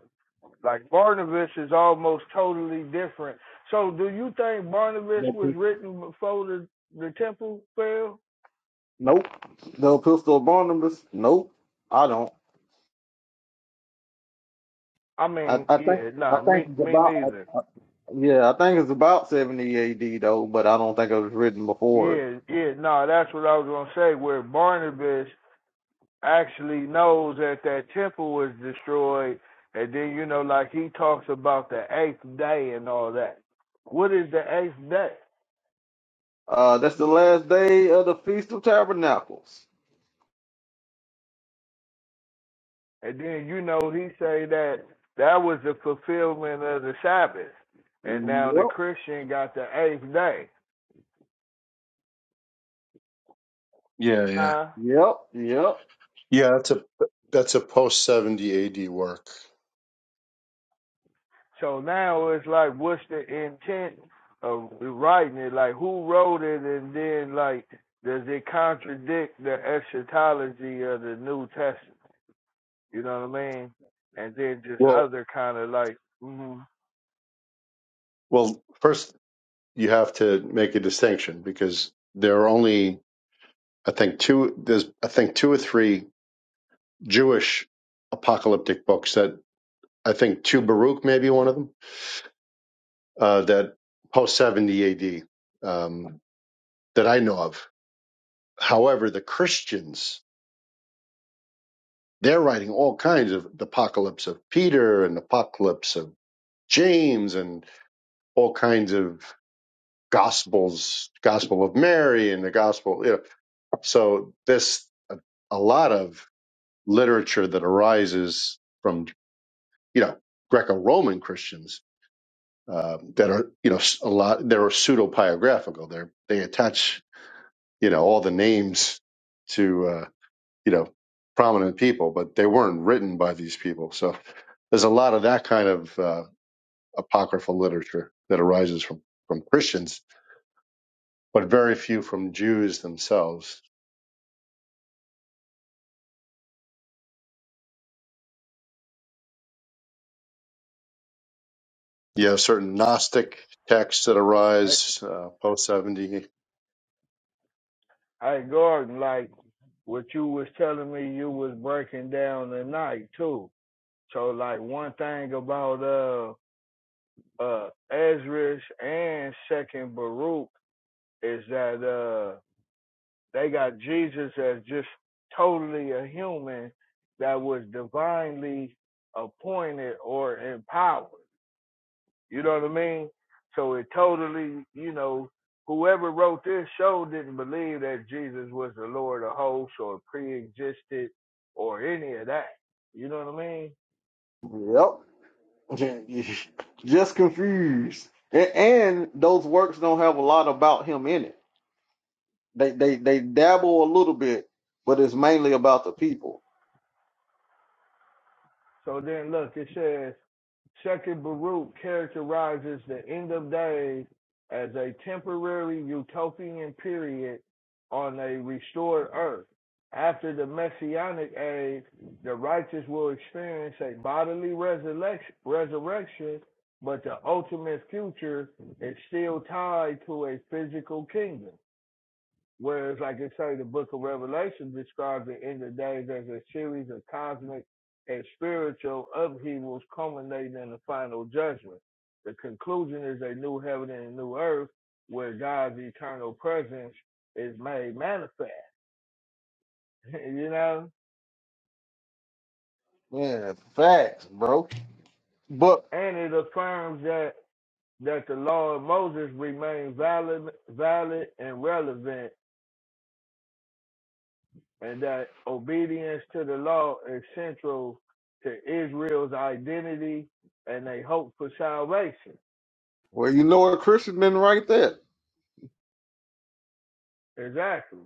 like Barnabas is almost totally different. So do you think Barnabas was
Nope.
written before the, the temple fell?
No pistol Barnabas. Nope. I don't.
I
I,
mean,
I think
yeah,
I
no, nah,
think
me
it's
me
about.
neither.
Yeah, I think it's about 70 AD though, but I don't think it was written before it.
Yeah, yeah, no, nah, that's what I was gonna say. Where Barnabas actually knows that that temple was destroyed, and then you know, like he talks about the eighth day and all that. What is the eighth day?
Uh, that's the last day of the Feast of Tabernacles.
And then you know, he say that that was the fulfillment of the Sabbath, and now the
Yep,
Christian got the eighth day,
yeah, yeah,
huh?
yep, yep,
yeah. That's a that's a post 70 AD work.
So now it's like, what's the intent of writing it? Like, who wrote it, and then like, does it contradict the eschatology of the New Testament? You know what I mean? And then just
Well.
other kind of like, mm
Well, first you have to make a distinction because there are only, I think, two. There's, I think, two or three Jewish apocalyptic books that I think two Baruch may be one of them uh, that post seventy A.D. Um, that I know of. However, the Christians they're writing all kinds of the apocalypse of Peter and the apocalypse of James and all kinds of gospels, Gospel of Mary and the Gospel. You know, So this a, a lot of literature that arises from you know Greco-Roman Christians um, that are you know s- a lot they're pseudo biographical. They they attach you know all the names to uh, you know prominent people, but they weren't written by these people. So there's a lot of that kind of uh, apocryphal literature that arises from from Christians, but very few from Jews themselves You have certain Gnostic texts that
hey,
arise uh, post 70
hey Gordon, like what you was telling me, you was breaking down the night too. So like one thing about uh uh Ezra's and Second Baruch is that uh they got Jesus as just totally a human that was divinely appointed or empowered. You know what I mean? So it totally, you know, whoever wrote this show didn't believe that Jesus was the Lord of hosts or pre existed or any of that. You know what I mean?
yep. Just confused. And, and those works don't have a lot about him in it. They they they dabble a little bit, but it's mainly about the people.
So then look, it says Second Baruch characterizes the end of days as a temporary utopian period on a restored earth. After the messianic age, the righteous will experience a bodily resurrection, but the ultimate future is still tied to a physical kingdom. Whereas like I say the book of Revelation describes the end of days as a series of cosmic and spiritual upheavals culminating in the final judgment. The conclusion is a new heaven and a new earth where God's eternal presence is made manifest. you know?
Yeah, facts, bro. But
And it affirms that that the law of Moses remains valid valid and relevant and that obedience to the law is central to Israel's identity and they hope for salvation.
well, you know a Christian then, right there.
Exactly.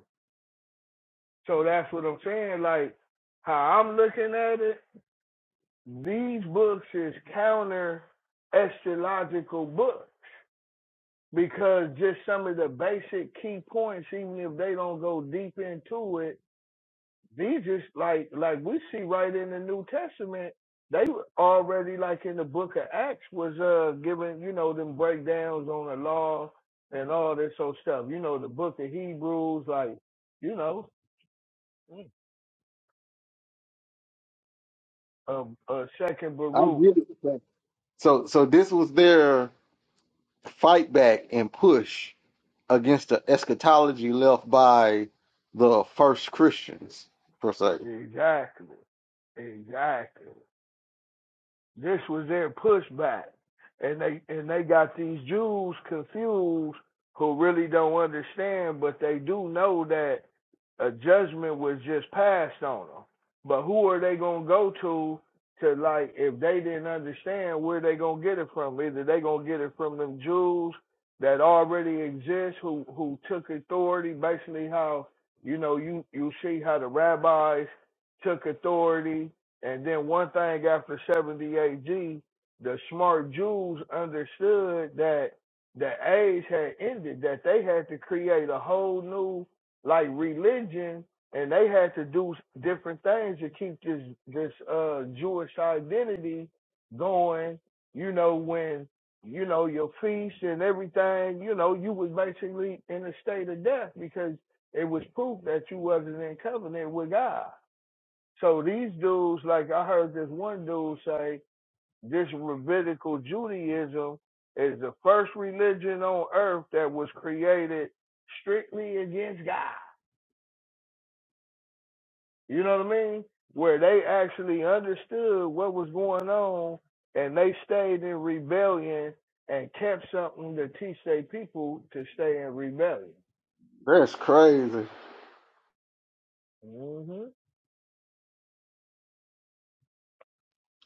So that's what I'm saying. Like how I'm looking at it, these books is counter eschatological books because just some of the basic key points, even if they don't go deep into it These just like like we see right in the New Testament, they were already like in the book of Acts was uh giving, you know, them breakdowns on the law and all this old stuff. You know, the book of Hebrews, like, you know, um uh second
I
Baruch.
get it. So so this was their fight back and push against the eschatology left by the first Christians per se.
Exactly. Exactly. This was their pushback, and they and they got these Jews confused who really don't understand, but they do know that a judgment was just passed on them. But who are they gonna go to to like if they didn't understand where they gonna get it from? Either they gonna get it from them Jews that already exist who who took authority, basically how you know you you see how the rabbis took authority and then one thing after 70 AG, the smart Jews understood that the age had ended, that they had to create a whole new like religion and they had to do different things to keep this this uh Jewish identity going, you know, when you know your feast and everything, you know, you was basically in a state of death because it was proof that you wasn't in covenant with God. So these dudes, like I heard this one dude say, this Levitical Judaism is the first religion on earth that was created strictly against God. You know what I mean? Where they actually understood what was going on and they stayed in rebellion and kept something to teach their people to stay in rebellion.
That's crazy.
hmm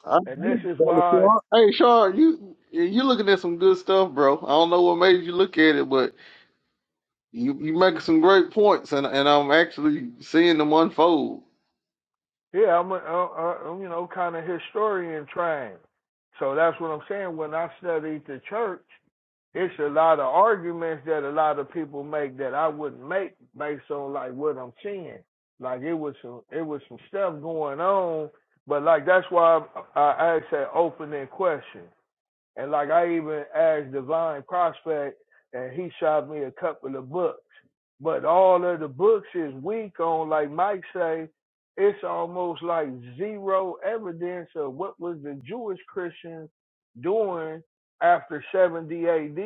I,
And this is why
hey, Sean, you you looking at some good stuff, bro. I don't know what made you look at it, but you you making some great points, and and I'm actually seeing them unfold.
Yeah, I'm, a, I, am you know, kind of historian trained. So that's what I'm saying. When I studied the church, it's a lot of arguments that a lot of people make that I wouldn't make based on like what I'm seeing. Like it was some, it was some stuff going on, but like that's why I, I asked that opening question. And like I even asked Divine Prospect, and he shot me a couple of books. But all of the books is weak on, like Mike say, it's almost like zero evidence of what was the Jewish Christians doing after 70 AD,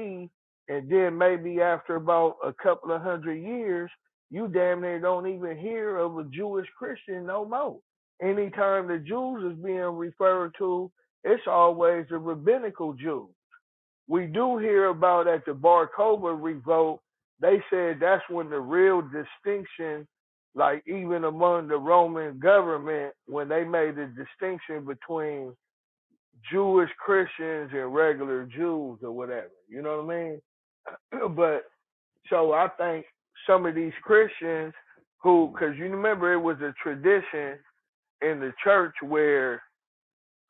and then maybe after about a couple of hundred years, you damn near don't even hear of a Jewish Christian no more. Anytime the Jews is being referred to, it's always the rabbinical Jew. We do hear about at the Bar Kokhba revolt, they said that's when the real distinction, like even among the Roman government, when they made the distinction between Jewish Christians and regular Jews or whatever. You know what I mean? but so I think some of these Christians who, because you remember it was a tradition in the church where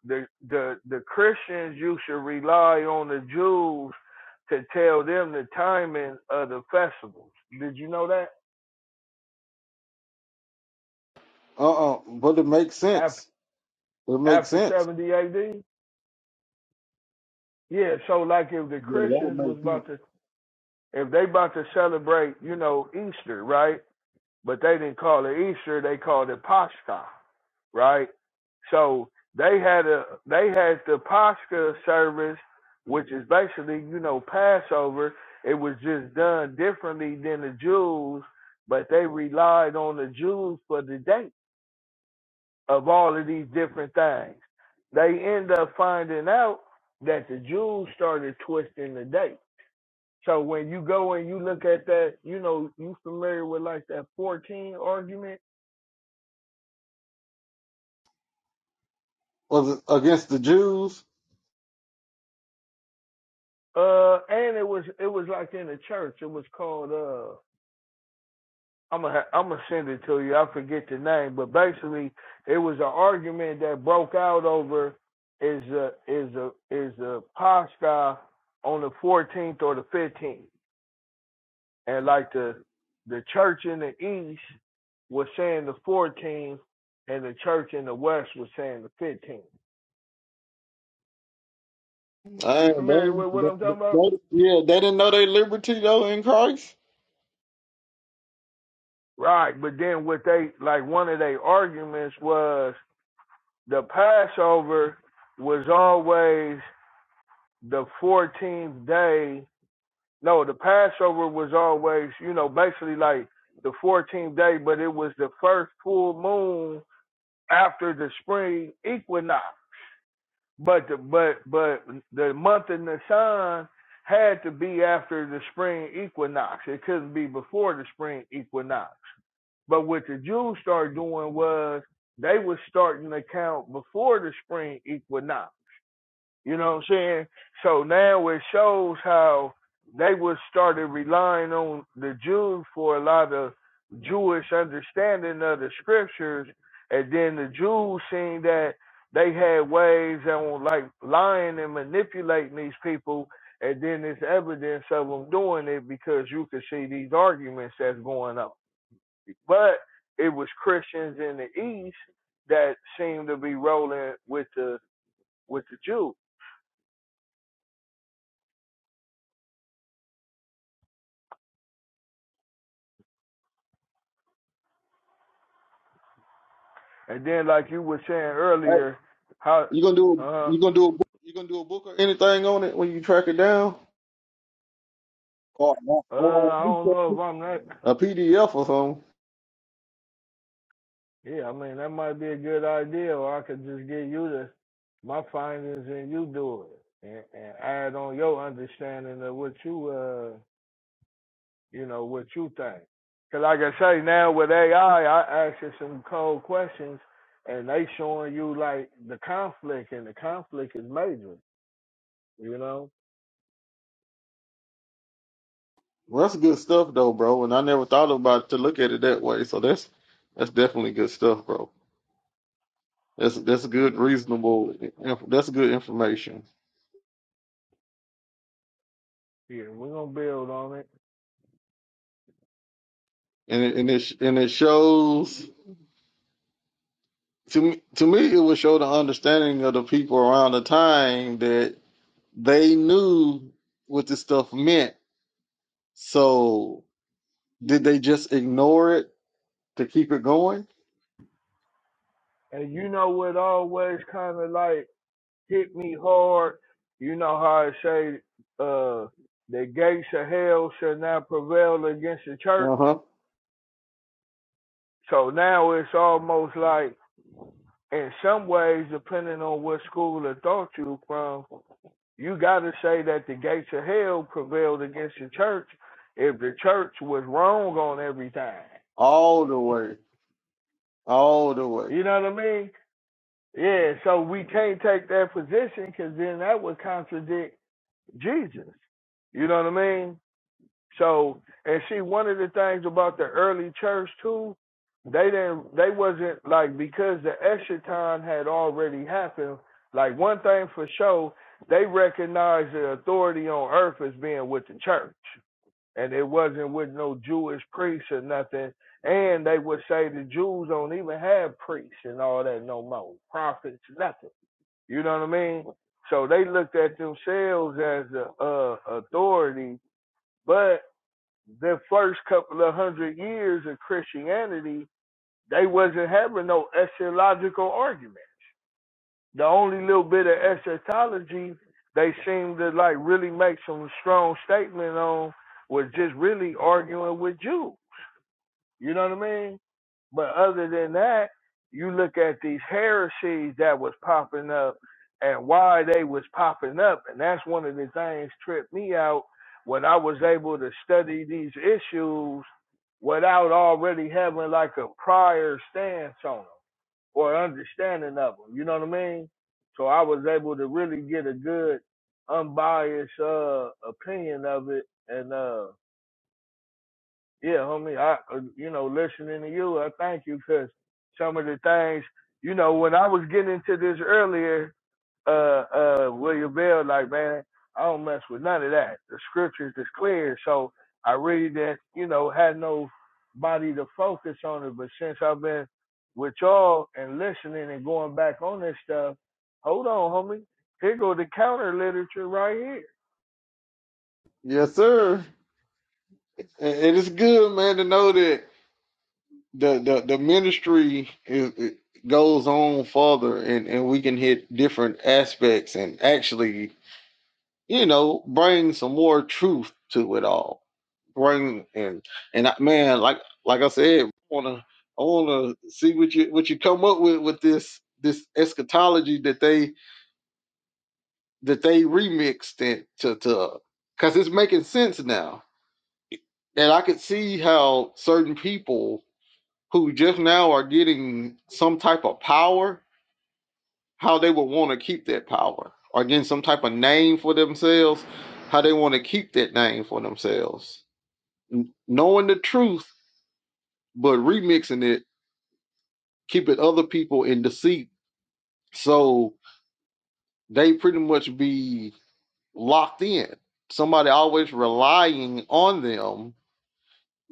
the the the Christians you should rely on the Jews to tell them the timing of the festivals. Did you know that?
Uh, uh but it makes
After
sense. It makes
after
sense.
70 AD? Yeah, so like if the
Yeah, that would
Christians was
make sense.
about to if they about to celebrate, you know, Easter, right? But they didn't call it Easter, they called it Pascha. right? So they had a they had the Pascha service, which is basically you know Passover. It was just done differently than the Jews, but they relied on the Jews for the date of all of these different things. They end up finding out that the Jews started twisting the date. So when you go and you look at that, you know, you familiar with like that 14 argument?
Was it against the Jews?
Uh, and it was it was like in the church. It was called uh. I'm gonna I'm gonna send it to you. I forget the name, but basically it was an argument that broke out over is a is a is a Pascha on the 14th or the 15th, and like the the church in the east was saying the 14th, and the church in the west was saying the 15th. You
Hey,
familiar
they,
with what
they,
I'm talking about?
they- yeah, they didn't know their liberty though in Christ.
Right, but then what they like one of their arguments was The Passover was always the 14th day. No, the Passover was always, you know, basically like the 14th day, but it was the first full moon after the spring equinox. But the, but but the month in the sun had to be after the spring equinox. It couldn't be before the spring equinox. But what the Jews started doing was they were starting to count before the spring equinox. You know what I'm saying? So now it shows how they was started relying on the Jews for a lot of Jewish understanding of the scriptures, and then the Jews seeing that they had ways on like lying and manipulating these people, and then there's evidence of them doing it because you could see these arguments that's going on. But it was Christians in the East that seemed to be rolling with the with the Jews. And then, like you were saying
Hey,
earlier, how
you gonna do
uh
you gonna do a book, you gonna do a book or anything on it when you track it down or
uh
or
I don't know if I'm not.
a PDF or something.
Yeah, I mean that might be a good idea, or I could just get you to my findings and you do it, and, and add on your understanding of what you uh you know what you think. Cause like I say now with AI, I I ask you some cold questions, and they showing you like the conflict, and the conflict is major. You know.
Well, that's good stuff though, bro. And I never thought about to look at it that way. So that's that's definitely good stuff, bro. That's that's good,
hmm
reasonable. inf- That's good information,
Yeah, we're gonna build on it.
and it, and it sh- and it shows to me. To me, it would show the understanding of the people around the time that They knew what this stuff meant. So did they just ignore it to keep it going?
And you know what always kind of like hit me hard? You know how I say, uh, the gates of hell shall not prevail against the church.
Uh huh.
So now it's almost like, in some ways, depending on what school of thought you from, you got to say that the gates of hell prevailed against the church if the church was wrong on everything.
All the way. All the way.
You know what I mean? Yeah, so we can't take that position because then that would contradict Jesus. You know what I mean? So, and see, one of the things about the early church too, they didn't, they wasn't like because the extra had already happened. Like one thing for sure, they recognized the authority on earth as being with the church, and it wasn't with no Jewish priests or nothing. And they would say the Jews don't even have priests and all that no more, prophets, nothing. You know what I mean? So they looked at themselves as a, uh authority, but the first couple of hundred years of Christianity, they wasn't having no eschatological arguments. The only little bit of eschatology they seemed to like really make some strong statement on was just really arguing with Jews. You know what I mean? But other than that, you look at these heresies that was popping up and why they was popping up, and that's one of the things tripped me out when I was able to study these issues without already having like a prior stance on them or understanding of them. You know what I mean? So I was able to really get a good, unbiased uh, opinion of it, and uh, yeah, homie. I, uh, you know, listening to you, I thank you because some of the things, you know, when I was getting into this earlier, uh, uh, William Bell, like, man, I don't mess with none of that. The scriptures is clear, so I really didn't, you know, had no body to focus on it. But since I've been with y'all and listening and going back on this stuff, hold on, homie. Here go the counter literature right here.
Yes, sir. And and it's good, man, to know that the the, the ministry is it goes on further, and and we can hit different aspects, and actually you know, bring some more truth to it all. Bring and and I, man, like like I said, I wanna I wanna see what you what you come up with with this this eschatology that they that they remixed it to to because it's making sense now, and I could see how certain people who just now are getting some type of power, how they would want to keep that power, or getting some type of name for themselves, how they want to keep that name for themselves knowing the truth but remixing it, keeping other people in deceit, so they pretty much be locked in. Somebody always relying on them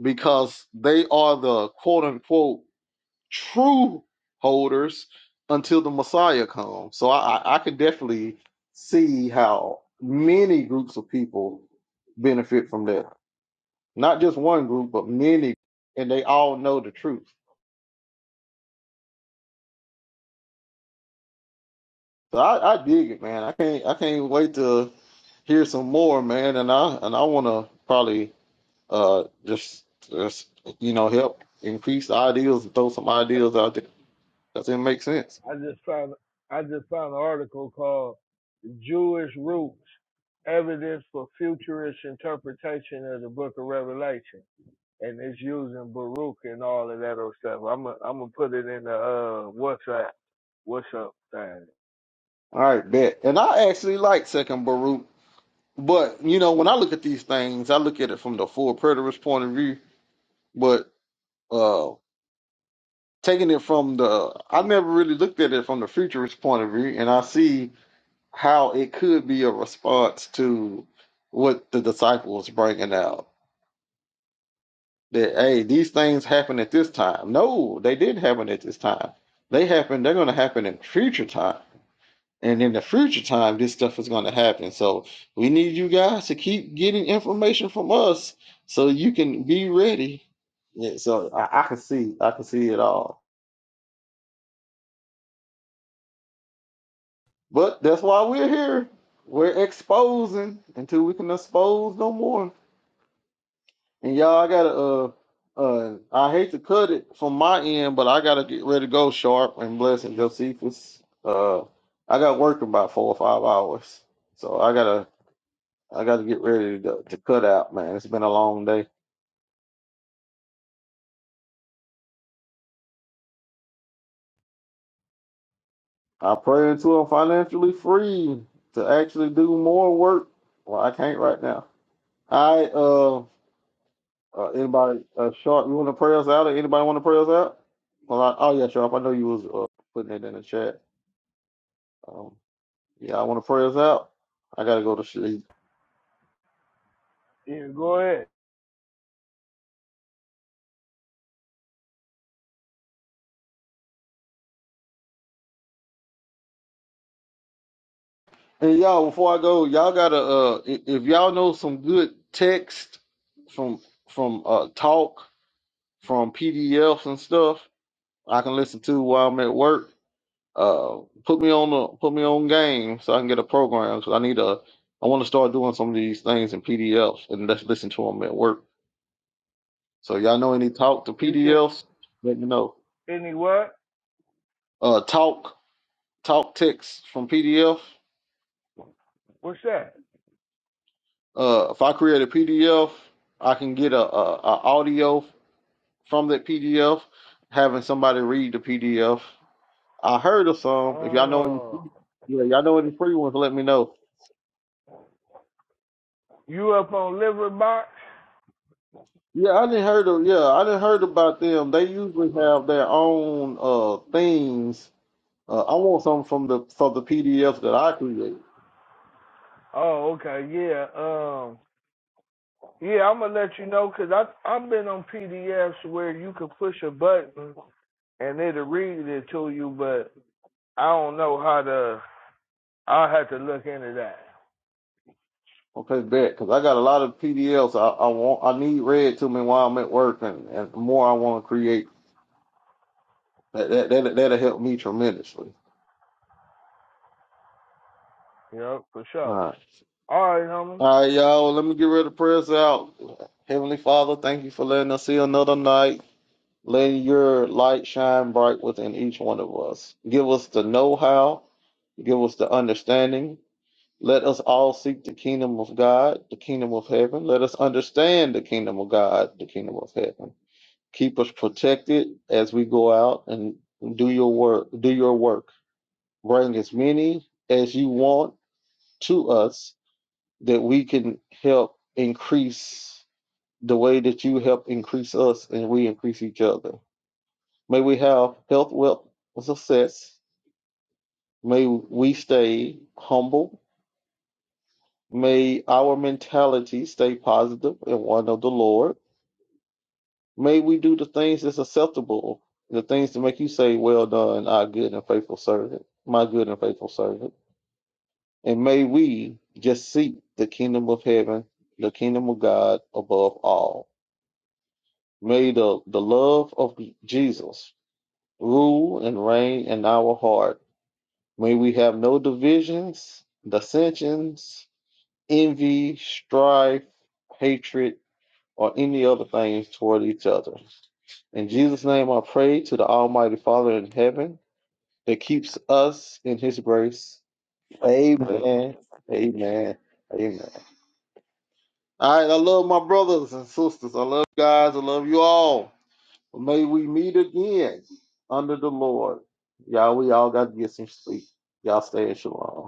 because they are the quote unquote true holders until the Messiah comes. So I, I, I could definitely see how many groups of people benefit from that. Not just one group, but many, and they all know the truth. So I, I dig it, man. I can't I can't wait to hear some more, man. And I and I want to probably uh just just you know help increase the ideas and throw some ideas out there. Does it make sense?
I just found I just found an article called Jewish Roots Evidence for Futurist Interpretation of the Book of Revelation. And it's using Baruch and all of that old stuff. I'm gonna I'm gonna put it in the uh WhatsApp. What's up thing.
All right, bet. And I actually like Second Baruch, but you know when I look at these things, I look at it from the full preterist point of view. But uh taking it from the, I never really looked at it from the futurist point of view, and I see. how it could be a response to what the disciples bringing out that hey these things happen at this time no they didn't happen at this time they happen they're going to happen in future time and in the future time this stuff is going to happen so we need you guys to keep getting information from us so you can be ready yeah so i, I can see i can see it all but that's why we're here we're exposing until we can expose no more And y'all, I gotta uh uh I hate to cut it from my end, but I gotta get ready to go sharp and blessing Josephus. Uh I got work in about four or five hours. So I gotta I gotta get ready to, to cut out, man. It's been a long day. I pray until I'm financially free to actually do more work. Well, I can't right now. I uh, uh anybody uh sharp, you wanna pray us out or anybody wanna pray us out? Well I, oh yeah, Sharp, I know you was uh, putting it in the chat. Um Y'all want to pray us out? I gotta go to sleep.
Yeah, go ahead.
And y'all, before I go, y'all gotta uh, i- if y'all know some good text from from uh talk from PDFs and stuff, I can listen to while I'm at work. Uh, put me on the put me on game so I can get a program because I need a I want to start doing some of these things in PDFs and let's listen to them at work. So y'all know any talk to
You should
PDFs? Let me know.
any what?
Uh, talk talk text from PDF.
What's that?
Uh, if I create a PDF, I can get a, a, a audio from that PDF, having somebody read the PDF. I heard of some. If y'all know any,
Oh
yeah, y'all know any free ones, let me know.
you up on liver box?
Yeah, I didn't heard of. Yeah, I didn't heard about them. They usually
Uh,
have their own uh things. Uh, I want some from the from the PDFs that I create.
oh, okay, yeah. Um. Yeah, I'm gonna let you know because I I've been on PDFs where you can push a button and it'll read it to you, but I don't know how to. I'll have to look into that.
Okay, bet, because I got a lot of PDFs I, I want. I need read to me while I'm at work, and, and the more I want to create, that, that that that'll help me tremendously.
You know, for
All
sure.
right.
All right, homie.
All right, y'all. Well, let me get ready to press out. Heavenly Father, thank you for letting us see another night, letting your light shine bright within each one of us. Give us the know how, give us the understanding. Let us all seek the kingdom of God, the kingdom of heaven. Let us understand the kingdom of God, the kingdom of heaven. Keep us protected as we go out and do your work, do your work. Bring as many as you want to us that we can help increase the way that you help increase us and we increase each other. May we have health, wealth, and success. May we stay humble. May our mentality stay positive and one of the Lord. May we do the things that's acceptable, the things that make you say, Well done, our good and faithful servant, my good and faithful servant. And may we just seek the kingdom of heaven, the kingdom of God above all. May the, the love of Jesus rule and reign in our heart. May we have no divisions, dissensions, envy, strife, hatred, or any other things toward each other. In Jesus' name I pray to the Almighty Father in heaven that keeps us in his grace. Amen. Amen. Amen. All right, I love my brothers and sisters. I love you guys. I love you all. May we meet again under the Lord. Y'all, we all got to get some sleep. Y'all stay in shalom.